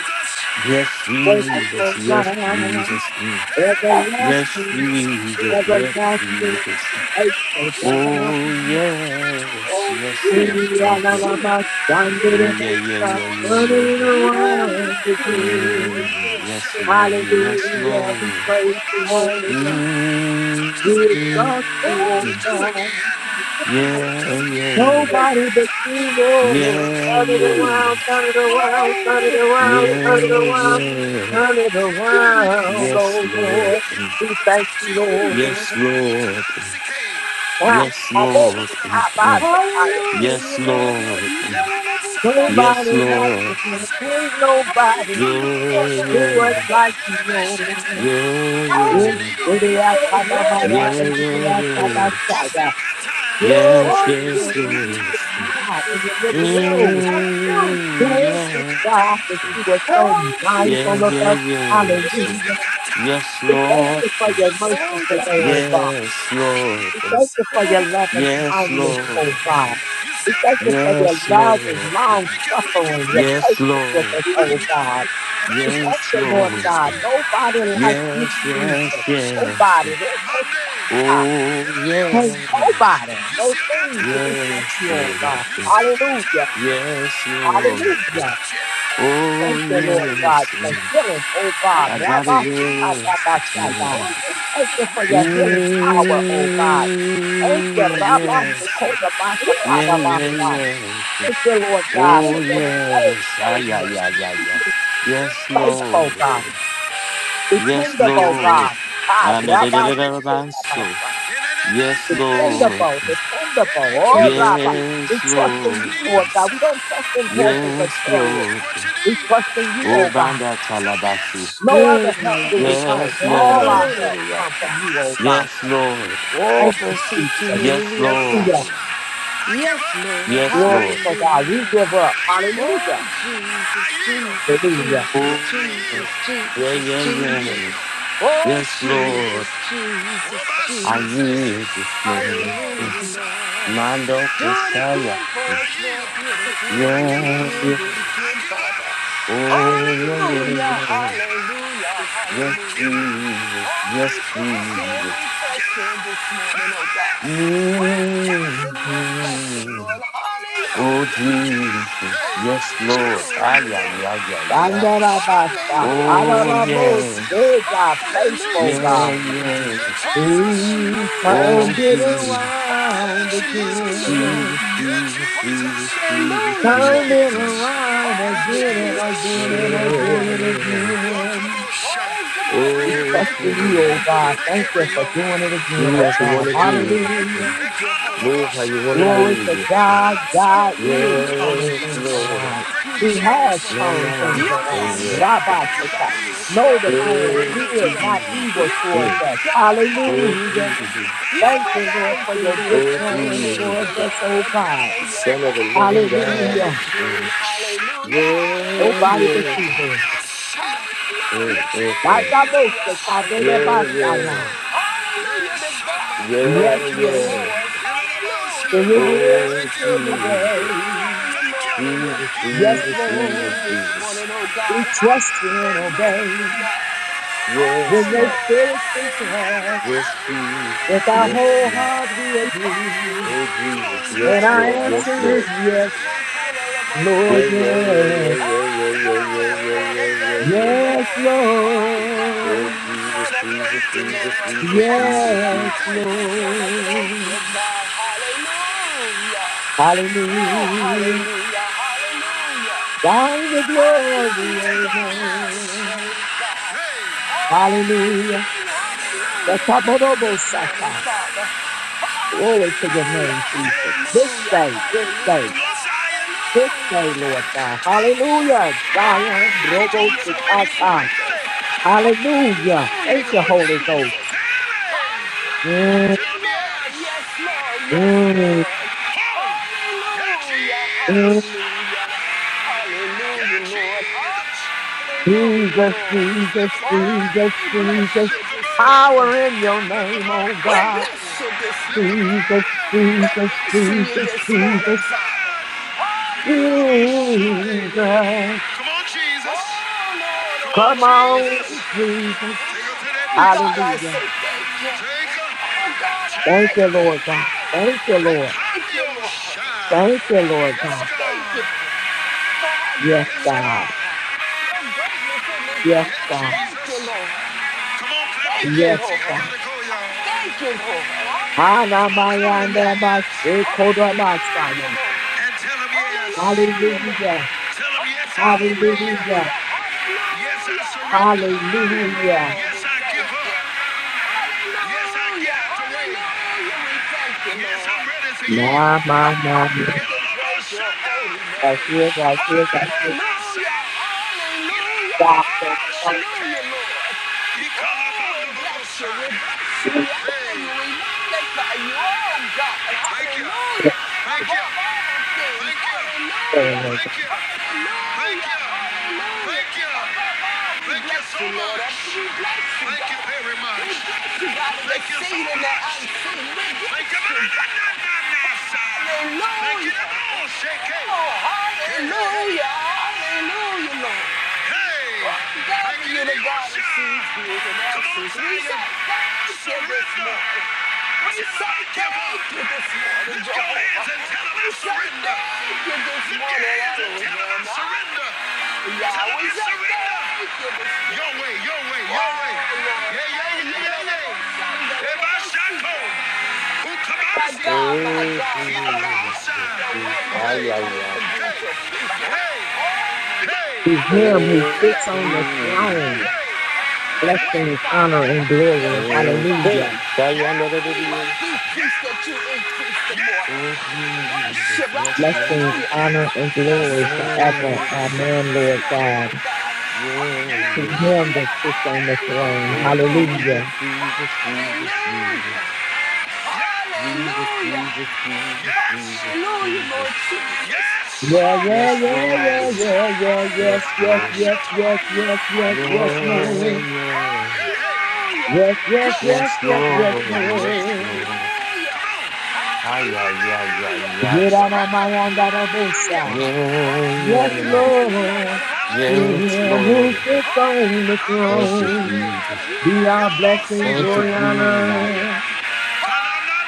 [SPEAKER 1] Yes, Jesus.
[SPEAKER 4] Faithful,
[SPEAKER 1] Yes,
[SPEAKER 4] God.
[SPEAKER 1] Jesus. Mm.
[SPEAKER 3] yes. yes,
[SPEAKER 1] Yes,
[SPEAKER 4] Everlasting,
[SPEAKER 1] Jesus.
[SPEAKER 3] mm.
[SPEAKER 1] Yes,
[SPEAKER 4] everlasting,
[SPEAKER 1] Jesus.
[SPEAKER 4] faithful,
[SPEAKER 1] Oh
[SPEAKER 4] God.
[SPEAKER 2] to
[SPEAKER 1] yes,
[SPEAKER 3] Oh,
[SPEAKER 1] yes,
[SPEAKER 3] Jesus.
[SPEAKER 1] God, thank
[SPEAKER 2] us.
[SPEAKER 1] you.
[SPEAKER 4] Hallelujah,
[SPEAKER 3] Jesus.
[SPEAKER 1] Yeah, yeah,
[SPEAKER 2] Give
[SPEAKER 1] yeah,
[SPEAKER 2] it to
[SPEAKER 1] yeah,
[SPEAKER 2] us.
[SPEAKER 1] yeah, yeah, yeah.
[SPEAKER 2] Hey,
[SPEAKER 3] Oh,
[SPEAKER 2] hey, hey. Touch
[SPEAKER 1] Mm,
[SPEAKER 2] us
[SPEAKER 1] yes,
[SPEAKER 3] Jesus.
[SPEAKER 1] Lord, yes,
[SPEAKER 4] we
[SPEAKER 1] Lord.
[SPEAKER 4] praise the
[SPEAKER 2] again!
[SPEAKER 3] Hallelujah.
[SPEAKER 4] Lord.
[SPEAKER 1] Mm,
[SPEAKER 2] Touch us
[SPEAKER 4] We
[SPEAKER 2] again!
[SPEAKER 4] exalt you,
[SPEAKER 3] Oh,
[SPEAKER 4] O
[SPEAKER 2] Touch
[SPEAKER 4] God.
[SPEAKER 1] yeah,
[SPEAKER 2] us
[SPEAKER 1] yeah,
[SPEAKER 2] again!
[SPEAKER 1] yeah,
[SPEAKER 3] Jesus.
[SPEAKER 4] Nobody but
[SPEAKER 2] Touch!
[SPEAKER 4] you, Lord.
[SPEAKER 2] Hucko!
[SPEAKER 1] yeah,
[SPEAKER 4] Turn it around, turn it around,
[SPEAKER 2] Hucko!
[SPEAKER 4] turn it
[SPEAKER 3] Hallelujah.
[SPEAKER 1] yeah,
[SPEAKER 4] around,
[SPEAKER 3] Jesus.
[SPEAKER 4] turn it
[SPEAKER 2] Come on,
[SPEAKER 4] around,
[SPEAKER 2] shoot!
[SPEAKER 1] yeah.
[SPEAKER 4] turn it
[SPEAKER 3] Jesus, Hallelujah. Jesus.
[SPEAKER 4] around,
[SPEAKER 2] Answer!
[SPEAKER 1] Yes,
[SPEAKER 4] oh
[SPEAKER 1] Lord.
[SPEAKER 4] Lord.
[SPEAKER 3] Jesus.
[SPEAKER 4] We thank you,
[SPEAKER 2] Yalabatatio!
[SPEAKER 3] Jesus,
[SPEAKER 4] Lord.
[SPEAKER 1] Yes, Lord.
[SPEAKER 2] Utanansike!
[SPEAKER 4] Ah,
[SPEAKER 1] Yes,
[SPEAKER 4] I boast
[SPEAKER 1] Lord.
[SPEAKER 4] in
[SPEAKER 2] Yalaboshanda!
[SPEAKER 4] our body.
[SPEAKER 2] Yebanso!
[SPEAKER 1] Yes,
[SPEAKER 3] Hallelujah, Lord.
[SPEAKER 1] Lord.
[SPEAKER 3] Yes, Honorable
[SPEAKER 2] Yebabasa!
[SPEAKER 3] Mandela.
[SPEAKER 1] Yes,
[SPEAKER 4] Nobody like you,
[SPEAKER 1] Lord.
[SPEAKER 4] Lord. Ain't
[SPEAKER 3] Oh,
[SPEAKER 4] nobody
[SPEAKER 1] Yeah,
[SPEAKER 2] Yebababose!
[SPEAKER 4] Do was
[SPEAKER 1] yeah.
[SPEAKER 4] like
[SPEAKER 2] Get what you
[SPEAKER 4] you,
[SPEAKER 2] need.
[SPEAKER 4] Lord.
[SPEAKER 1] Yeah,
[SPEAKER 2] Get
[SPEAKER 1] yeah,
[SPEAKER 4] Oh, baby, are thought I might
[SPEAKER 1] yeah,
[SPEAKER 2] what
[SPEAKER 4] have
[SPEAKER 2] you
[SPEAKER 4] been in
[SPEAKER 2] need.
[SPEAKER 4] the
[SPEAKER 1] yeah,
[SPEAKER 4] ass of my
[SPEAKER 1] yeah.
[SPEAKER 2] You
[SPEAKER 4] side.
[SPEAKER 2] still got time.
[SPEAKER 1] Yes,
[SPEAKER 2] You
[SPEAKER 1] yes,
[SPEAKER 2] still got
[SPEAKER 4] you sit
[SPEAKER 1] yes.
[SPEAKER 2] time.
[SPEAKER 4] high and you look
[SPEAKER 2] You still
[SPEAKER 4] low.
[SPEAKER 2] got time. You
[SPEAKER 4] Who is this
[SPEAKER 2] still
[SPEAKER 1] Mm,
[SPEAKER 2] got
[SPEAKER 4] God that
[SPEAKER 2] time.
[SPEAKER 4] you were
[SPEAKER 2] Hey,
[SPEAKER 4] so
[SPEAKER 1] yeah,
[SPEAKER 4] mindful
[SPEAKER 1] yeah,
[SPEAKER 4] of us?
[SPEAKER 1] yeah,
[SPEAKER 2] You
[SPEAKER 1] yes.
[SPEAKER 4] Hallelujah.
[SPEAKER 2] still got time.
[SPEAKER 1] Yes,
[SPEAKER 4] We thank
[SPEAKER 1] Lord.
[SPEAKER 4] you for your
[SPEAKER 2] You still
[SPEAKER 4] mercy
[SPEAKER 2] got
[SPEAKER 4] today, oh
[SPEAKER 2] time.
[SPEAKER 4] God.
[SPEAKER 1] Yes, Lord.
[SPEAKER 4] We thank
[SPEAKER 2] Alabasa.
[SPEAKER 4] you for your love and
[SPEAKER 1] Yes,
[SPEAKER 4] kindness,
[SPEAKER 2] Elalosha.
[SPEAKER 4] oh
[SPEAKER 1] Lord.
[SPEAKER 4] God.
[SPEAKER 2] You
[SPEAKER 4] We
[SPEAKER 2] still
[SPEAKER 4] thank
[SPEAKER 2] got
[SPEAKER 4] you
[SPEAKER 1] Yes,
[SPEAKER 4] for
[SPEAKER 2] time.
[SPEAKER 4] your love and
[SPEAKER 1] Lord.
[SPEAKER 4] long
[SPEAKER 2] Thank you. Thank you.
[SPEAKER 4] suffering, your
[SPEAKER 2] Thank you.
[SPEAKER 1] Yes,
[SPEAKER 4] patience with us,
[SPEAKER 1] Lord.
[SPEAKER 2] Thank
[SPEAKER 4] oh
[SPEAKER 2] you.
[SPEAKER 4] God. It's
[SPEAKER 2] Thank you.
[SPEAKER 4] thank
[SPEAKER 1] Yes,
[SPEAKER 4] you, Lord
[SPEAKER 1] Lord.
[SPEAKER 2] It's
[SPEAKER 4] God.
[SPEAKER 2] well.
[SPEAKER 4] Nobody
[SPEAKER 2] Yeah.
[SPEAKER 4] like you,
[SPEAKER 1] Yes,
[SPEAKER 2] yeah.
[SPEAKER 1] yes,
[SPEAKER 4] Jesus.
[SPEAKER 2] Elalosha.
[SPEAKER 1] yes.
[SPEAKER 4] Nobody. There's no
[SPEAKER 2] Monday.
[SPEAKER 4] God.
[SPEAKER 1] Oh,
[SPEAKER 4] There's
[SPEAKER 2] Elaliosia.
[SPEAKER 1] yes.
[SPEAKER 4] nobody.
[SPEAKER 2] You
[SPEAKER 4] No
[SPEAKER 2] still got
[SPEAKER 4] things that
[SPEAKER 2] time.
[SPEAKER 4] is like
[SPEAKER 1] Yes,
[SPEAKER 4] you, oh
[SPEAKER 1] Lord.
[SPEAKER 4] God.
[SPEAKER 2] You still got
[SPEAKER 4] Hallelujah.
[SPEAKER 2] time.
[SPEAKER 1] Yes,
[SPEAKER 2] Reach
[SPEAKER 1] Lord.
[SPEAKER 2] out and
[SPEAKER 4] Hallelujah.
[SPEAKER 2] touch it.
[SPEAKER 1] Oh,
[SPEAKER 4] Thank you,
[SPEAKER 2] Reach
[SPEAKER 4] Lord
[SPEAKER 2] out and
[SPEAKER 4] God,
[SPEAKER 1] yes.
[SPEAKER 4] for
[SPEAKER 2] touch it.
[SPEAKER 1] Lord.
[SPEAKER 4] healing, oh God.
[SPEAKER 1] I
[SPEAKER 2] As
[SPEAKER 1] got a
[SPEAKER 2] he goes
[SPEAKER 1] yes.
[SPEAKER 2] by,
[SPEAKER 4] Rabashikatabashaya.
[SPEAKER 1] Lord.
[SPEAKER 4] Thank you for your
[SPEAKER 2] reach out and
[SPEAKER 4] healing
[SPEAKER 1] Mm,
[SPEAKER 2] touch it
[SPEAKER 4] power, oh God. Thank you,
[SPEAKER 2] while he's
[SPEAKER 1] Yes.
[SPEAKER 2] passing by.
[SPEAKER 1] Yeah,
[SPEAKER 2] Get
[SPEAKER 1] yeah,
[SPEAKER 2] what you
[SPEAKER 4] Rabashikotabashakarabashi.
[SPEAKER 2] need.
[SPEAKER 1] yeah.
[SPEAKER 4] Thank you, Lord
[SPEAKER 2] Get
[SPEAKER 4] God,
[SPEAKER 2] what you
[SPEAKER 1] Oh,
[SPEAKER 4] for your
[SPEAKER 2] need.
[SPEAKER 1] yes. Ah,
[SPEAKER 2] Get
[SPEAKER 1] yeah,
[SPEAKER 4] faithfulness.
[SPEAKER 2] what
[SPEAKER 1] yeah,
[SPEAKER 2] you
[SPEAKER 1] yeah,
[SPEAKER 2] need.
[SPEAKER 1] yeah.
[SPEAKER 2] Get a
[SPEAKER 1] Yes,
[SPEAKER 2] motion.
[SPEAKER 4] Faithful
[SPEAKER 1] Lord.
[SPEAKER 4] God.
[SPEAKER 2] Thank you,
[SPEAKER 1] Yes,
[SPEAKER 2] thank you,
[SPEAKER 4] dependable
[SPEAKER 2] thank
[SPEAKER 1] Lord.
[SPEAKER 2] you.
[SPEAKER 4] God. Ah,
[SPEAKER 1] Ah, da, da,
[SPEAKER 2] Thank
[SPEAKER 1] da,
[SPEAKER 2] you,
[SPEAKER 4] Rabba,
[SPEAKER 1] da,
[SPEAKER 2] thank
[SPEAKER 1] da,
[SPEAKER 2] you.
[SPEAKER 1] da, so.
[SPEAKER 2] In the name of
[SPEAKER 1] Yes,
[SPEAKER 2] the nation.
[SPEAKER 1] Lord.
[SPEAKER 4] dependable,
[SPEAKER 2] In the
[SPEAKER 4] dependable. Oh,
[SPEAKER 2] kingdom.
[SPEAKER 4] Rabba, we
[SPEAKER 1] Yes,
[SPEAKER 4] trust in
[SPEAKER 1] Lord.
[SPEAKER 4] you,
[SPEAKER 2] Mukanini
[SPEAKER 4] Lord God. We
[SPEAKER 2] also.
[SPEAKER 4] don't trust in horses or
[SPEAKER 1] Yes,
[SPEAKER 2] Hey,
[SPEAKER 4] chariots.
[SPEAKER 2] get
[SPEAKER 1] Lord.
[SPEAKER 2] what you
[SPEAKER 4] We
[SPEAKER 2] need.
[SPEAKER 4] trust in you,
[SPEAKER 2] Get
[SPEAKER 4] oh
[SPEAKER 2] it.
[SPEAKER 4] God.
[SPEAKER 1] Ubanda
[SPEAKER 2] Tell them
[SPEAKER 1] Talabasi.
[SPEAKER 2] yes.
[SPEAKER 4] No other help
[SPEAKER 2] Hello,
[SPEAKER 4] do we know.
[SPEAKER 1] Yes,
[SPEAKER 4] All
[SPEAKER 2] I'm
[SPEAKER 4] our
[SPEAKER 1] Lord.
[SPEAKER 2] ready.
[SPEAKER 4] help comes from you,
[SPEAKER 2] I
[SPEAKER 4] oh God.
[SPEAKER 1] Yes,
[SPEAKER 2] surrender.
[SPEAKER 1] Lord.
[SPEAKER 2] I
[SPEAKER 4] Thank
[SPEAKER 2] give
[SPEAKER 4] you,
[SPEAKER 2] up.
[SPEAKER 4] Jesus.
[SPEAKER 1] Yes,
[SPEAKER 2] Hello,
[SPEAKER 1] Lord.
[SPEAKER 4] Hallelujah.
[SPEAKER 2] I give
[SPEAKER 3] Yes,
[SPEAKER 2] up.
[SPEAKER 3] Lord.
[SPEAKER 1] Yes,
[SPEAKER 4] Glory
[SPEAKER 2] I
[SPEAKER 1] Lord.
[SPEAKER 4] to God.
[SPEAKER 2] yield.
[SPEAKER 4] We give
[SPEAKER 3] Hallelujah.
[SPEAKER 4] up.
[SPEAKER 2] I yield.
[SPEAKER 3] Oh,
[SPEAKER 4] Hallelujah.
[SPEAKER 2] I
[SPEAKER 3] Jesus,
[SPEAKER 2] yield.
[SPEAKER 3] Jesus,
[SPEAKER 4] Hallelujah.
[SPEAKER 3] Jesus,
[SPEAKER 1] Oh,
[SPEAKER 2] I yield.
[SPEAKER 1] yes.
[SPEAKER 3] Jesus,
[SPEAKER 1] Yeah,
[SPEAKER 3] Jesus,
[SPEAKER 1] yeah,
[SPEAKER 2] I
[SPEAKER 3] Jesus.
[SPEAKER 1] yeah.
[SPEAKER 2] yield.
[SPEAKER 3] Oh,
[SPEAKER 1] Yes,
[SPEAKER 2] I yield.
[SPEAKER 1] Lord.
[SPEAKER 3] Jesus, Jesus,
[SPEAKER 1] I
[SPEAKER 2] Obashande,
[SPEAKER 3] Jesus.
[SPEAKER 1] need this morning.
[SPEAKER 2] Yelo
[SPEAKER 3] Hallelujah,
[SPEAKER 2] Obasa.
[SPEAKER 3] Lord.
[SPEAKER 1] Mando
[SPEAKER 3] Do
[SPEAKER 2] Yeah,
[SPEAKER 3] it
[SPEAKER 1] Posaya.
[SPEAKER 3] again
[SPEAKER 2] yeah.
[SPEAKER 3] for
[SPEAKER 2] I
[SPEAKER 3] us, Lord.
[SPEAKER 2] yield.
[SPEAKER 3] Do it again,
[SPEAKER 2] I
[SPEAKER 3] do it
[SPEAKER 2] give up.
[SPEAKER 1] Yeah,
[SPEAKER 3] again,
[SPEAKER 1] yeah.
[SPEAKER 3] do it
[SPEAKER 2] I
[SPEAKER 3] again,
[SPEAKER 2] give up.
[SPEAKER 3] Father.
[SPEAKER 2] I give
[SPEAKER 1] Oh,
[SPEAKER 2] up.
[SPEAKER 1] yeah, yeah,
[SPEAKER 3] Hallelujah,
[SPEAKER 2] I
[SPEAKER 1] yeah.
[SPEAKER 2] give up.
[SPEAKER 3] hallelujah,
[SPEAKER 2] I
[SPEAKER 1] Yes,
[SPEAKER 2] give
[SPEAKER 3] hallelujah.
[SPEAKER 2] up.
[SPEAKER 1] Jesus.
[SPEAKER 3] Oh,
[SPEAKER 2] I
[SPEAKER 3] we
[SPEAKER 1] Yes,
[SPEAKER 2] ho, ho,
[SPEAKER 3] press
[SPEAKER 2] ho.
[SPEAKER 3] in, we
[SPEAKER 1] Jesus.
[SPEAKER 2] give
[SPEAKER 3] press
[SPEAKER 2] up.
[SPEAKER 3] in this
[SPEAKER 2] Ha,
[SPEAKER 3] morning, oh
[SPEAKER 2] ha,
[SPEAKER 3] God. We're
[SPEAKER 2] Give up!
[SPEAKER 3] pressing, we're pressing,
[SPEAKER 1] mm
[SPEAKER 3] Lord.
[SPEAKER 2] Shandabababahaya!
[SPEAKER 1] Oh,
[SPEAKER 3] Hallelujah,
[SPEAKER 2] Give up!
[SPEAKER 1] Jesus.
[SPEAKER 2] Hey!
[SPEAKER 1] Yes,
[SPEAKER 2] I
[SPEAKER 1] Lord. Ah,
[SPEAKER 3] hallelujah,
[SPEAKER 1] yeah,
[SPEAKER 2] surrender!
[SPEAKER 1] yeah,
[SPEAKER 3] Lord.
[SPEAKER 1] yeah, yeah.
[SPEAKER 2] Ebeo Shanda!
[SPEAKER 4] Dandarabasa,
[SPEAKER 3] Hallelujah,
[SPEAKER 1] Oh,
[SPEAKER 3] Lord.
[SPEAKER 4] Ararabos,
[SPEAKER 1] yeah.
[SPEAKER 2] Alababosia! Yeah,
[SPEAKER 4] faithful
[SPEAKER 3] Hallelujah,
[SPEAKER 2] Jesus!
[SPEAKER 1] Yeah,
[SPEAKER 4] God.
[SPEAKER 3] Lord.
[SPEAKER 1] yeah.
[SPEAKER 2] Yeah, Jesus!
[SPEAKER 4] He
[SPEAKER 3] Hallelujah,
[SPEAKER 2] Yeah,
[SPEAKER 1] Oh,
[SPEAKER 4] turned
[SPEAKER 3] Lord.
[SPEAKER 4] it
[SPEAKER 2] Jesus!
[SPEAKER 1] Jesus.
[SPEAKER 2] Yeah,
[SPEAKER 4] around
[SPEAKER 2] Jesus!
[SPEAKER 3] Hallelujah, Lord.
[SPEAKER 1] Jesus,
[SPEAKER 4] again.
[SPEAKER 2] Yeah,
[SPEAKER 1] Jesus,
[SPEAKER 2] Jesus!
[SPEAKER 1] Jesus, Jesus,
[SPEAKER 2] Yeah,
[SPEAKER 3] Hallelujah,
[SPEAKER 4] Turned
[SPEAKER 1] Jesus,
[SPEAKER 4] it
[SPEAKER 3] Lord.
[SPEAKER 2] Jesus!
[SPEAKER 1] Jesus.
[SPEAKER 4] around
[SPEAKER 2] Yeah,
[SPEAKER 4] again and
[SPEAKER 2] Jesus!
[SPEAKER 4] again
[SPEAKER 3] Hallelujah,
[SPEAKER 4] and
[SPEAKER 1] Yeah.
[SPEAKER 4] again
[SPEAKER 3] Lord.
[SPEAKER 4] and
[SPEAKER 2] Hey!
[SPEAKER 3] We thank you.
[SPEAKER 2] Oh, come on,
[SPEAKER 4] again.
[SPEAKER 2] shout!
[SPEAKER 3] Oh God,
[SPEAKER 2] Break
[SPEAKER 4] We
[SPEAKER 3] we
[SPEAKER 2] every
[SPEAKER 1] Oh,
[SPEAKER 4] trust
[SPEAKER 3] thank
[SPEAKER 4] in
[SPEAKER 3] you,
[SPEAKER 2] yoke!
[SPEAKER 3] we
[SPEAKER 4] you, oh
[SPEAKER 3] thank you,
[SPEAKER 1] Jesus.
[SPEAKER 3] we
[SPEAKER 4] God.
[SPEAKER 2] Break
[SPEAKER 4] Thank
[SPEAKER 3] thank you,
[SPEAKER 4] you
[SPEAKER 2] every
[SPEAKER 4] for
[SPEAKER 2] yoke!
[SPEAKER 3] Lord.
[SPEAKER 4] doing it again,
[SPEAKER 1] Do
[SPEAKER 4] oh
[SPEAKER 1] what
[SPEAKER 2] Break
[SPEAKER 1] you
[SPEAKER 3] There
[SPEAKER 4] God.
[SPEAKER 1] want
[SPEAKER 3] is
[SPEAKER 2] every
[SPEAKER 3] none
[SPEAKER 2] yoke!
[SPEAKER 1] to
[SPEAKER 3] like
[SPEAKER 4] Hallelujah.
[SPEAKER 1] do.
[SPEAKER 3] you,
[SPEAKER 1] Move
[SPEAKER 3] Jehovah.
[SPEAKER 1] how you want
[SPEAKER 2] Ekandalabosha!
[SPEAKER 1] to
[SPEAKER 3] There
[SPEAKER 4] Glory
[SPEAKER 3] is
[SPEAKER 4] to
[SPEAKER 2] Yeah, but
[SPEAKER 1] move.
[SPEAKER 3] none
[SPEAKER 4] God.
[SPEAKER 2] not so.
[SPEAKER 3] like
[SPEAKER 4] God
[SPEAKER 3] you, none
[SPEAKER 4] is
[SPEAKER 2] Come on,
[SPEAKER 3] like
[SPEAKER 4] turning
[SPEAKER 1] Yes,
[SPEAKER 3] you,
[SPEAKER 4] things
[SPEAKER 2] Jesus.
[SPEAKER 3] none
[SPEAKER 1] Lord.
[SPEAKER 4] around.
[SPEAKER 3] like
[SPEAKER 2] Break
[SPEAKER 3] you,
[SPEAKER 4] He
[SPEAKER 2] these
[SPEAKER 4] has
[SPEAKER 2] yokes.
[SPEAKER 3] Jehovah.
[SPEAKER 1] Na,
[SPEAKER 4] turned
[SPEAKER 1] na,
[SPEAKER 2] Give
[SPEAKER 4] things
[SPEAKER 3] You
[SPEAKER 2] a
[SPEAKER 3] are
[SPEAKER 2] peace.
[SPEAKER 4] around.
[SPEAKER 1] yeah.
[SPEAKER 3] God
[SPEAKER 4] Rabbi
[SPEAKER 3] all
[SPEAKER 2] Give a
[SPEAKER 4] Shaka.
[SPEAKER 3] by
[SPEAKER 2] peace.
[SPEAKER 4] Know
[SPEAKER 3] yourself,
[SPEAKER 4] the plan,
[SPEAKER 2] Break
[SPEAKER 1] Oh,
[SPEAKER 2] the
[SPEAKER 4] good,
[SPEAKER 2] tug
[SPEAKER 3] hallelujah.
[SPEAKER 2] of
[SPEAKER 4] not
[SPEAKER 2] war.
[SPEAKER 4] evil
[SPEAKER 3] You
[SPEAKER 1] Jesus.
[SPEAKER 4] towards
[SPEAKER 1] Mm.
[SPEAKER 2] And
[SPEAKER 3] are
[SPEAKER 4] us.
[SPEAKER 2] bind the
[SPEAKER 3] God,
[SPEAKER 2] battle.
[SPEAKER 1] Oh,
[SPEAKER 4] Hallelujah.
[SPEAKER 3] hallelujah.
[SPEAKER 2] And
[SPEAKER 1] Jesus.
[SPEAKER 3] You
[SPEAKER 2] bind the
[SPEAKER 4] Thank
[SPEAKER 3] are the
[SPEAKER 4] you, Lord,
[SPEAKER 2] battle.
[SPEAKER 4] for your
[SPEAKER 3] Alpha
[SPEAKER 4] good
[SPEAKER 3] and
[SPEAKER 1] Oh,
[SPEAKER 2] And
[SPEAKER 3] the
[SPEAKER 2] it all
[SPEAKER 4] plan
[SPEAKER 2] shut
[SPEAKER 3] Omega,
[SPEAKER 4] towards
[SPEAKER 2] down.
[SPEAKER 1] Jesus,
[SPEAKER 4] us, oh
[SPEAKER 3] Lord,
[SPEAKER 2] It
[SPEAKER 4] God.
[SPEAKER 3] and
[SPEAKER 2] all
[SPEAKER 3] you're
[SPEAKER 2] say,
[SPEAKER 1] Son of the
[SPEAKER 2] ho,
[SPEAKER 1] Living
[SPEAKER 3] everything
[SPEAKER 2] hey.
[SPEAKER 3] in
[SPEAKER 1] God.
[SPEAKER 4] Hallelujah.
[SPEAKER 3] between.
[SPEAKER 1] Mm.
[SPEAKER 2] Shut
[SPEAKER 3] Hallelujah,
[SPEAKER 2] over.
[SPEAKER 4] Oh,
[SPEAKER 1] Yeah,
[SPEAKER 4] body
[SPEAKER 3] hallelujah,
[SPEAKER 1] yeah.
[SPEAKER 2] Hold
[SPEAKER 4] perceiving.
[SPEAKER 2] your shield. Yeah,
[SPEAKER 3] hallelujah,
[SPEAKER 1] Mm, mm,
[SPEAKER 4] My
[SPEAKER 1] mm.
[SPEAKER 3] hallelujah,
[SPEAKER 2] Jesus.
[SPEAKER 4] Dabosa,
[SPEAKER 1] Yeah,
[SPEAKER 4] by
[SPEAKER 2] Hey,
[SPEAKER 3] hallelujah.
[SPEAKER 2] hey,
[SPEAKER 1] yeah.
[SPEAKER 4] fire.
[SPEAKER 2] hey.
[SPEAKER 3] Hallelujah,
[SPEAKER 2] Yeah,
[SPEAKER 3] You're the
[SPEAKER 2] shut
[SPEAKER 3] God
[SPEAKER 2] up.
[SPEAKER 3] that
[SPEAKER 1] Yeah,
[SPEAKER 4] Yes,
[SPEAKER 3] goes
[SPEAKER 2] Give us,
[SPEAKER 4] Lord.
[SPEAKER 1] yeah.
[SPEAKER 3] before us.
[SPEAKER 2] give it a little emotion.
[SPEAKER 4] To
[SPEAKER 3] Hallelujah,
[SPEAKER 4] your
[SPEAKER 3] Lord.
[SPEAKER 4] will and
[SPEAKER 1] Oh,
[SPEAKER 2] Thank you.
[SPEAKER 4] to your
[SPEAKER 1] Jesus.
[SPEAKER 4] way.
[SPEAKER 3] Hallelujah,
[SPEAKER 2] Thank you.
[SPEAKER 3] Lord. And we're
[SPEAKER 1] Jesus,
[SPEAKER 4] Yes,
[SPEAKER 3] following
[SPEAKER 1] Jesus,
[SPEAKER 3] after
[SPEAKER 1] Jesus,
[SPEAKER 3] you
[SPEAKER 4] Lord.
[SPEAKER 3] this
[SPEAKER 1] Jesus.
[SPEAKER 2] Yes.
[SPEAKER 3] morning, oh
[SPEAKER 4] We
[SPEAKER 3] God.
[SPEAKER 2] Come
[SPEAKER 4] trust you and
[SPEAKER 2] on.
[SPEAKER 3] Hallelujah,
[SPEAKER 4] obey.
[SPEAKER 3] God.
[SPEAKER 4] When
[SPEAKER 3] Oh
[SPEAKER 1] Yes,
[SPEAKER 4] your
[SPEAKER 1] God.
[SPEAKER 3] Lord,
[SPEAKER 4] spirit speaks to
[SPEAKER 3] hallelujah,
[SPEAKER 4] us,
[SPEAKER 2] Everywhere.
[SPEAKER 1] Yes, Jesus.
[SPEAKER 4] with our
[SPEAKER 1] Yes,
[SPEAKER 4] whole
[SPEAKER 1] Jesus.
[SPEAKER 4] heart
[SPEAKER 3] hallelujah.
[SPEAKER 4] we agree.
[SPEAKER 1] Oh,
[SPEAKER 2] Come
[SPEAKER 1] Jesus.
[SPEAKER 2] on,
[SPEAKER 3] Hallelujah,
[SPEAKER 4] And
[SPEAKER 1] Yes,
[SPEAKER 2] Zion.
[SPEAKER 1] Lord.
[SPEAKER 4] our
[SPEAKER 3] Lord. Hallelujah.
[SPEAKER 1] Yes,
[SPEAKER 4] answer is
[SPEAKER 1] Lord.
[SPEAKER 4] yes,
[SPEAKER 2] Yeah.
[SPEAKER 4] Lord,
[SPEAKER 1] Yeah, yeah, yeah, yeah,
[SPEAKER 4] yes.
[SPEAKER 1] yeah, yeah,
[SPEAKER 3] Oh
[SPEAKER 1] yeah,
[SPEAKER 3] God,
[SPEAKER 1] yeah,
[SPEAKER 2] Everywhere.
[SPEAKER 3] we
[SPEAKER 1] yeah,
[SPEAKER 3] want to
[SPEAKER 1] yeah,
[SPEAKER 3] thank you,
[SPEAKER 2] Yeah.
[SPEAKER 1] yeah, yeah.
[SPEAKER 4] Yes,
[SPEAKER 3] Lord. Oh God,
[SPEAKER 1] Oh,
[SPEAKER 3] we
[SPEAKER 4] Lord.
[SPEAKER 3] just
[SPEAKER 1] Jesus,
[SPEAKER 3] want
[SPEAKER 2] Clap
[SPEAKER 3] to
[SPEAKER 2] them
[SPEAKER 1] Jesus,
[SPEAKER 3] thank
[SPEAKER 2] hands
[SPEAKER 3] you,
[SPEAKER 2] again
[SPEAKER 1] Jesus,
[SPEAKER 2] and
[SPEAKER 3] Lord.
[SPEAKER 2] tell them
[SPEAKER 1] Jesus,
[SPEAKER 2] yes.
[SPEAKER 3] Oh
[SPEAKER 1] Jesus,
[SPEAKER 4] Yes,
[SPEAKER 1] Jesus.
[SPEAKER 3] God,
[SPEAKER 2] Hey.
[SPEAKER 3] we just want to thank
[SPEAKER 4] Lord.
[SPEAKER 3] you, God. Hallelujah. Oh,
[SPEAKER 4] Hallelujah.
[SPEAKER 3] hallelujah, hallelujah.
[SPEAKER 4] Thine the glory,
[SPEAKER 3] Hallelujah is
[SPEAKER 2] Tell
[SPEAKER 3] our
[SPEAKER 2] them
[SPEAKER 3] highest
[SPEAKER 2] yes.
[SPEAKER 4] amen.
[SPEAKER 3] praise, God.
[SPEAKER 2] Hey.
[SPEAKER 3] Always sing
[SPEAKER 4] Hallelujah. The
[SPEAKER 3] hallelujah
[SPEAKER 4] top
[SPEAKER 3] to you
[SPEAKER 4] of the
[SPEAKER 3] this morning,
[SPEAKER 4] Satan.
[SPEAKER 3] Father.
[SPEAKER 4] Glory to your
[SPEAKER 3] Hallelujah,
[SPEAKER 4] name, Jesus.
[SPEAKER 2] Yes.
[SPEAKER 4] This
[SPEAKER 3] hallelujah,
[SPEAKER 4] day, this day,
[SPEAKER 3] hallelujah,
[SPEAKER 2] Come on, Zion.
[SPEAKER 4] this day,
[SPEAKER 3] hallelujah,
[SPEAKER 4] Lord
[SPEAKER 3] Lord
[SPEAKER 4] God.
[SPEAKER 2] Come on.
[SPEAKER 3] Jesus.
[SPEAKER 4] Hallelujah. Zion, Robo,
[SPEAKER 2] doing
[SPEAKER 3] Hallelujah,
[SPEAKER 2] something in
[SPEAKER 3] Lord
[SPEAKER 2] your
[SPEAKER 4] Satan.
[SPEAKER 2] belly.
[SPEAKER 3] Jesus.
[SPEAKER 4] Hallelujah.
[SPEAKER 3] Hallelujah,
[SPEAKER 2] He
[SPEAKER 4] Thank you,
[SPEAKER 3] Lord
[SPEAKER 2] going
[SPEAKER 4] Holy
[SPEAKER 2] down in
[SPEAKER 4] Ghost.
[SPEAKER 2] your
[SPEAKER 3] Jesus.
[SPEAKER 2] belly.
[SPEAKER 4] Mm,
[SPEAKER 2] Tell
[SPEAKER 3] Hallelujah,
[SPEAKER 2] him yes.
[SPEAKER 3] Lord. Yes, Lord. Yes,
[SPEAKER 4] mm,
[SPEAKER 3] Lord.
[SPEAKER 2] Oh. Yeah,
[SPEAKER 3] Hallelujah,
[SPEAKER 4] mm.
[SPEAKER 2] Jesus.
[SPEAKER 3] hallelujah.
[SPEAKER 2] Yeah,
[SPEAKER 3] Hallelujah, Lord.
[SPEAKER 2] Jesus.
[SPEAKER 4] Jesus,
[SPEAKER 3] Hallelujah, Lord.
[SPEAKER 4] Jesus,
[SPEAKER 2] Lift the
[SPEAKER 3] Oh,
[SPEAKER 2] burden.
[SPEAKER 4] Jesus,
[SPEAKER 3] we
[SPEAKER 4] Jesus,
[SPEAKER 3] bless you
[SPEAKER 2] Lift the
[SPEAKER 3] this
[SPEAKER 2] burden.
[SPEAKER 3] morning.
[SPEAKER 4] power in your
[SPEAKER 2] Lift the
[SPEAKER 4] name,
[SPEAKER 2] burden.
[SPEAKER 4] oh
[SPEAKER 3] We
[SPEAKER 2] Oh,
[SPEAKER 4] God.
[SPEAKER 3] bless you this
[SPEAKER 2] Lift the
[SPEAKER 3] morning.
[SPEAKER 4] Jesus,
[SPEAKER 2] burden.
[SPEAKER 3] We're
[SPEAKER 4] Jesus,
[SPEAKER 3] blessing you
[SPEAKER 4] Jesus,
[SPEAKER 2] Lift the
[SPEAKER 3] this
[SPEAKER 2] burden.
[SPEAKER 4] Jesus,
[SPEAKER 3] morning, Father.
[SPEAKER 2] For my
[SPEAKER 3] Hallelujah,
[SPEAKER 2] Sunday.
[SPEAKER 3] hallelujah.
[SPEAKER 4] Jesus.
[SPEAKER 2] Come on, Jesus.
[SPEAKER 3] Oh, Lord,
[SPEAKER 2] Come on,
[SPEAKER 3] oh,
[SPEAKER 4] Come
[SPEAKER 3] Lord, we
[SPEAKER 4] on,
[SPEAKER 2] Jesus.
[SPEAKER 3] say thank you.
[SPEAKER 4] Jesus.
[SPEAKER 2] Take her to that
[SPEAKER 3] Oh,
[SPEAKER 2] next
[SPEAKER 3] God, I
[SPEAKER 2] level.
[SPEAKER 4] Hallelujah.
[SPEAKER 3] say thank you.
[SPEAKER 2] Take her.
[SPEAKER 3] Oh, God, I
[SPEAKER 4] Thank
[SPEAKER 2] Take
[SPEAKER 3] say
[SPEAKER 4] you,
[SPEAKER 2] her.
[SPEAKER 4] Lord
[SPEAKER 3] thank you.
[SPEAKER 4] God.
[SPEAKER 2] Oh!
[SPEAKER 4] Thank you,
[SPEAKER 2] That
[SPEAKER 4] Lord.
[SPEAKER 3] I thank you,
[SPEAKER 2] cardio
[SPEAKER 3] Lord.
[SPEAKER 2] shine.
[SPEAKER 4] Thank you,
[SPEAKER 3] Oh,
[SPEAKER 4] Lord
[SPEAKER 3] God,
[SPEAKER 2] Yes,
[SPEAKER 4] God.
[SPEAKER 3] I thank you
[SPEAKER 2] God.
[SPEAKER 3] for how
[SPEAKER 4] Yes,
[SPEAKER 3] great
[SPEAKER 2] Yes,
[SPEAKER 3] you
[SPEAKER 4] God.
[SPEAKER 2] God.
[SPEAKER 3] are. Your greatness in this day,
[SPEAKER 4] Yes,
[SPEAKER 2] Yeah,
[SPEAKER 3] I
[SPEAKER 4] God.
[SPEAKER 3] thank
[SPEAKER 2] Jesus.
[SPEAKER 3] you, Lord.
[SPEAKER 2] Come on, clap
[SPEAKER 3] I
[SPEAKER 2] your
[SPEAKER 3] thank you,
[SPEAKER 4] Yes,
[SPEAKER 2] hands. See, I
[SPEAKER 4] God.
[SPEAKER 3] Lord.
[SPEAKER 2] gotta go,
[SPEAKER 3] I
[SPEAKER 2] y'all.
[SPEAKER 3] thank you, Lord. Hallelujah.
[SPEAKER 2] Come on, clap
[SPEAKER 4] Hallelujah.
[SPEAKER 2] them
[SPEAKER 3] Hallelujah.
[SPEAKER 2] hands.
[SPEAKER 3] Hallelujah, Lord.
[SPEAKER 2] and tell him yes.
[SPEAKER 3] Hallelujah,
[SPEAKER 4] Hallelujah.
[SPEAKER 3] Lord.
[SPEAKER 2] Tell him yes,
[SPEAKER 3] Oh,
[SPEAKER 2] I'll obey you.
[SPEAKER 4] Hallelujah.
[SPEAKER 3] hallelujah,
[SPEAKER 2] Yes, I
[SPEAKER 3] hallelujah,
[SPEAKER 2] surrender.
[SPEAKER 3] hallelujah,
[SPEAKER 4] Hallelujah.
[SPEAKER 3] Lord.
[SPEAKER 2] Yes,
[SPEAKER 3] We
[SPEAKER 2] I give
[SPEAKER 3] thank you.
[SPEAKER 2] up. Yes, I get
[SPEAKER 3] Hallelujah,
[SPEAKER 2] out the way.
[SPEAKER 3] hallelujah, we thank you,
[SPEAKER 2] Yes, I'm
[SPEAKER 3] Lord.
[SPEAKER 2] ready to yield.
[SPEAKER 4] My,
[SPEAKER 3] Oh,
[SPEAKER 4] my,
[SPEAKER 3] God,
[SPEAKER 4] my.
[SPEAKER 3] I thank and praise your
[SPEAKER 2] Iloloboshanda.
[SPEAKER 3] holy
[SPEAKER 4] I
[SPEAKER 3] name.
[SPEAKER 4] feel, I feel, I feel.
[SPEAKER 2] Kamanananasa.
[SPEAKER 3] Hallelujah,
[SPEAKER 4] God,
[SPEAKER 3] hallelujah,
[SPEAKER 4] God, God.
[SPEAKER 2] Iloloboshake.
[SPEAKER 3] Hallelujah, Lord. Oh, we bless you. We
[SPEAKER 2] Ikalabandolobosai.
[SPEAKER 3] bless you. We honor
[SPEAKER 2] Hey.
[SPEAKER 3] you. We magnify you. Oh, God.
[SPEAKER 2] Thank you.
[SPEAKER 4] God,
[SPEAKER 3] Hallelujah.
[SPEAKER 2] Thank you.
[SPEAKER 3] Above all things.
[SPEAKER 2] Thank you.
[SPEAKER 4] God,
[SPEAKER 3] Hallelujah.
[SPEAKER 4] God.
[SPEAKER 2] Thank you. Thank
[SPEAKER 3] Hallelujah.
[SPEAKER 2] you.
[SPEAKER 3] Hallelujah.
[SPEAKER 2] Thank you.
[SPEAKER 3] Above all, we
[SPEAKER 2] Thank you
[SPEAKER 3] bless
[SPEAKER 2] so
[SPEAKER 3] you, Lord.
[SPEAKER 2] much.
[SPEAKER 3] We bless you,
[SPEAKER 2] Thank you
[SPEAKER 3] God.
[SPEAKER 2] very much.
[SPEAKER 3] We bless you, God, in the
[SPEAKER 2] Thank you so
[SPEAKER 3] seen and the
[SPEAKER 2] much.
[SPEAKER 3] unseen. We
[SPEAKER 2] Thank you. Thank
[SPEAKER 3] bless you,
[SPEAKER 2] you.
[SPEAKER 3] God.
[SPEAKER 2] Thank you. Thank
[SPEAKER 3] Hallelujah.
[SPEAKER 2] you. Shake it.
[SPEAKER 3] Oh,
[SPEAKER 2] Hey, hey, hey.
[SPEAKER 3] hallelujah. Hallelujah, Lord.
[SPEAKER 2] Hey,
[SPEAKER 3] Oh, God,
[SPEAKER 2] make
[SPEAKER 3] for
[SPEAKER 2] it in
[SPEAKER 3] you, the
[SPEAKER 2] the
[SPEAKER 3] God who
[SPEAKER 2] ocean.
[SPEAKER 3] sees, hears, and
[SPEAKER 2] Come on,
[SPEAKER 3] answers. We say
[SPEAKER 2] Zion.
[SPEAKER 3] thank you this
[SPEAKER 2] Surrender.
[SPEAKER 3] morning. We
[SPEAKER 2] Tell
[SPEAKER 3] say
[SPEAKER 2] him I give up.
[SPEAKER 3] thank you this morning,
[SPEAKER 2] Lift your
[SPEAKER 3] Jehovah.
[SPEAKER 2] hands and tell him I
[SPEAKER 3] We say
[SPEAKER 2] surrender.
[SPEAKER 3] thank you this
[SPEAKER 2] Lift your
[SPEAKER 3] morning,
[SPEAKER 2] hands and tell him I
[SPEAKER 3] Elohim.
[SPEAKER 2] surrender.
[SPEAKER 3] Ah.
[SPEAKER 2] Tell
[SPEAKER 3] Y'all,
[SPEAKER 2] him
[SPEAKER 3] we
[SPEAKER 2] I
[SPEAKER 3] say
[SPEAKER 2] surrender.
[SPEAKER 3] thank you this
[SPEAKER 2] Your
[SPEAKER 3] morning.
[SPEAKER 2] way, your way, your way.
[SPEAKER 3] Oh Lord,
[SPEAKER 2] Yeah, yeah,
[SPEAKER 3] hey, yeah,
[SPEAKER 2] yeah,
[SPEAKER 3] no,
[SPEAKER 2] yeah,
[SPEAKER 3] no more Sunday, no,
[SPEAKER 2] yeah.
[SPEAKER 3] no more
[SPEAKER 2] Ebashato,
[SPEAKER 3] see ya. Oh my
[SPEAKER 2] ukabansia,
[SPEAKER 3] God, my
[SPEAKER 1] Oh,
[SPEAKER 3] God, my God,
[SPEAKER 2] inanamosa.
[SPEAKER 3] have your
[SPEAKER 1] Jesus.
[SPEAKER 3] way, Lord,
[SPEAKER 2] Hey,
[SPEAKER 1] Ay,
[SPEAKER 3] in the
[SPEAKER 1] ay,
[SPEAKER 3] midst
[SPEAKER 1] ay.
[SPEAKER 3] of
[SPEAKER 2] hey,
[SPEAKER 3] these your people.
[SPEAKER 2] hey,
[SPEAKER 3] Oh Lord.
[SPEAKER 2] hey, hey,
[SPEAKER 4] To him who
[SPEAKER 1] Oh,
[SPEAKER 3] Hallelujah.
[SPEAKER 4] sits on the
[SPEAKER 2] hey, hey,
[SPEAKER 4] throne,
[SPEAKER 3] Hallelujah.
[SPEAKER 1] Jesus.
[SPEAKER 2] hey.
[SPEAKER 3] Have your
[SPEAKER 2] Yeah,
[SPEAKER 3] way,
[SPEAKER 4] blessings,
[SPEAKER 3] Father.
[SPEAKER 4] honor,
[SPEAKER 2] yeah,
[SPEAKER 4] and
[SPEAKER 3] Have your
[SPEAKER 4] glory.
[SPEAKER 2] yeah, yeah, yeah, yeah, yeah,
[SPEAKER 3] way,
[SPEAKER 1] Mm. Hey,
[SPEAKER 3] Father.
[SPEAKER 4] Hallelujah.
[SPEAKER 1] ay, ay, ay, ay,
[SPEAKER 3] Oh, we
[SPEAKER 1] ay, ay.
[SPEAKER 3] must
[SPEAKER 2] yeah,
[SPEAKER 3] decrease that you
[SPEAKER 2] yeah,
[SPEAKER 3] increase the
[SPEAKER 2] yeah, yeah,
[SPEAKER 3] more.
[SPEAKER 1] Oh,
[SPEAKER 3] And I
[SPEAKER 2] yeah, yeah,
[SPEAKER 1] Jesus.
[SPEAKER 3] worship.
[SPEAKER 1] Yes, Lord.
[SPEAKER 4] Blessings,
[SPEAKER 3] Hallelujah.
[SPEAKER 1] Yeah,
[SPEAKER 2] yeah.
[SPEAKER 4] honor, and
[SPEAKER 3] Find
[SPEAKER 4] glory
[SPEAKER 3] yourself and I
[SPEAKER 4] forever.
[SPEAKER 1] yeah,
[SPEAKER 3] worship
[SPEAKER 4] Amen,
[SPEAKER 3] this
[SPEAKER 4] Lord
[SPEAKER 3] morning,
[SPEAKER 4] God.
[SPEAKER 3] oh God.
[SPEAKER 4] To
[SPEAKER 1] yeah.
[SPEAKER 4] him
[SPEAKER 3] Hallelujah.
[SPEAKER 4] that sits on the throne.
[SPEAKER 3] Hallelujah,
[SPEAKER 1] Oh,
[SPEAKER 3] Lord.
[SPEAKER 1] Jesus,
[SPEAKER 4] Hallelujah.
[SPEAKER 1] Jesus, Jesus, Jesus.
[SPEAKER 3] Hallelujah.
[SPEAKER 1] Jesus,
[SPEAKER 3] Hallelujah.
[SPEAKER 1] Jesus, Jesus, Jesus,
[SPEAKER 3] Hallelujah,
[SPEAKER 1] Jesus.
[SPEAKER 3] Lord Jesus.
[SPEAKER 2] Yes, yes.
[SPEAKER 4] Yeah,
[SPEAKER 3] Oh
[SPEAKER 4] yeah,
[SPEAKER 1] Yes,
[SPEAKER 3] God, I
[SPEAKER 4] yeah,
[SPEAKER 2] Yes!
[SPEAKER 4] yeah,
[SPEAKER 3] praise
[SPEAKER 1] Lord.
[SPEAKER 3] you.
[SPEAKER 4] yeah,
[SPEAKER 3] I
[SPEAKER 4] yeah,
[SPEAKER 3] honor you.
[SPEAKER 4] yes,
[SPEAKER 1] Yes,
[SPEAKER 3] I
[SPEAKER 4] yes,
[SPEAKER 2] Kalaman
[SPEAKER 3] honor
[SPEAKER 1] Lord.
[SPEAKER 3] you.
[SPEAKER 4] yes,
[SPEAKER 3] I
[SPEAKER 2] Chateau!
[SPEAKER 4] yes,
[SPEAKER 3] honor you.
[SPEAKER 4] yes,
[SPEAKER 3] I
[SPEAKER 4] yes,
[SPEAKER 3] honor you,
[SPEAKER 4] yes,
[SPEAKER 3] oh God.
[SPEAKER 2] Otomasi!
[SPEAKER 1] Yeah,
[SPEAKER 4] no.
[SPEAKER 1] yeah.
[SPEAKER 2] Hey, hey! Ho!
[SPEAKER 3] Hallelujah.
[SPEAKER 4] Yes, yes, yes,
[SPEAKER 1] Yes,
[SPEAKER 2] Shama!
[SPEAKER 4] yes,
[SPEAKER 3] Jehovah
[SPEAKER 4] yes,
[SPEAKER 1] Lord.
[SPEAKER 3] Rapha.
[SPEAKER 2] Yachi!
[SPEAKER 1] Yes,
[SPEAKER 4] no.
[SPEAKER 1] Lord.
[SPEAKER 3] Hallelujah.
[SPEAKER 2] Come on! Come on,
[SPEAKER 1] Ay,
[SPEAKER 2] my
[SPEAKER 1] ay,
[SPEAKER 2] nana!
[SPEAKER 1] ay,
[SPEAKER 3] Hallelujah.
[SPEAKER 1] ay, ay, ay.
[SPEAKER 2] Surrender! I
[SPEAKER 3] Hallelujah.
[SPEAKER 2] give
[SPEAKER 4] Yeranamayandarabosa.
[SPEAKER 2] up!
[SPEAKER 1] Yeah,
[SPEAKER 4] Yes,
[SPEAKER 1] yeah.
[SPEAKER 2] Hey!
[SPEAKER 3] Hallelujah, Lord.
[SPEAKER 4] Lord,
[SPEAKER 2] I let
[SPEAKER 4] to
[SPEAKER 2] go!
[SPEAKER 1] Yes,
[SPEAKER 4] him
[SPEAKER 3] Hallelujah.
[SPEAKER 4] who
[SPEAKER 1] Lord.
[SPEAKER 4] sits on the
[SPEAKER 2] Abo
[SPEAKER 1] Thank you,
[SPEAKER 3] Hallelujah,
[SPEAKER 2] Shande!
[SPEAKER 4] throne,
[SPEAKER 1] Jesus.
[SPEAKER 3] God. He
[SPEAKER 4] be
[SPEAKER 3] don't
[SPEAKER 4] our
[SPEAKER 3] know both
[SPEAKER 4] blessing,
[SPEAKER 2] Elosia!
[SPEAKER 1] Thank
[SPEAKER 3] Sunday
[SPEAKER 1] you,
[SPEAKER 4] glory,
[SPEAKER 3] and both Sunday.
[SPEAKER 1] Jesus.
[SPEAKER 4] honor.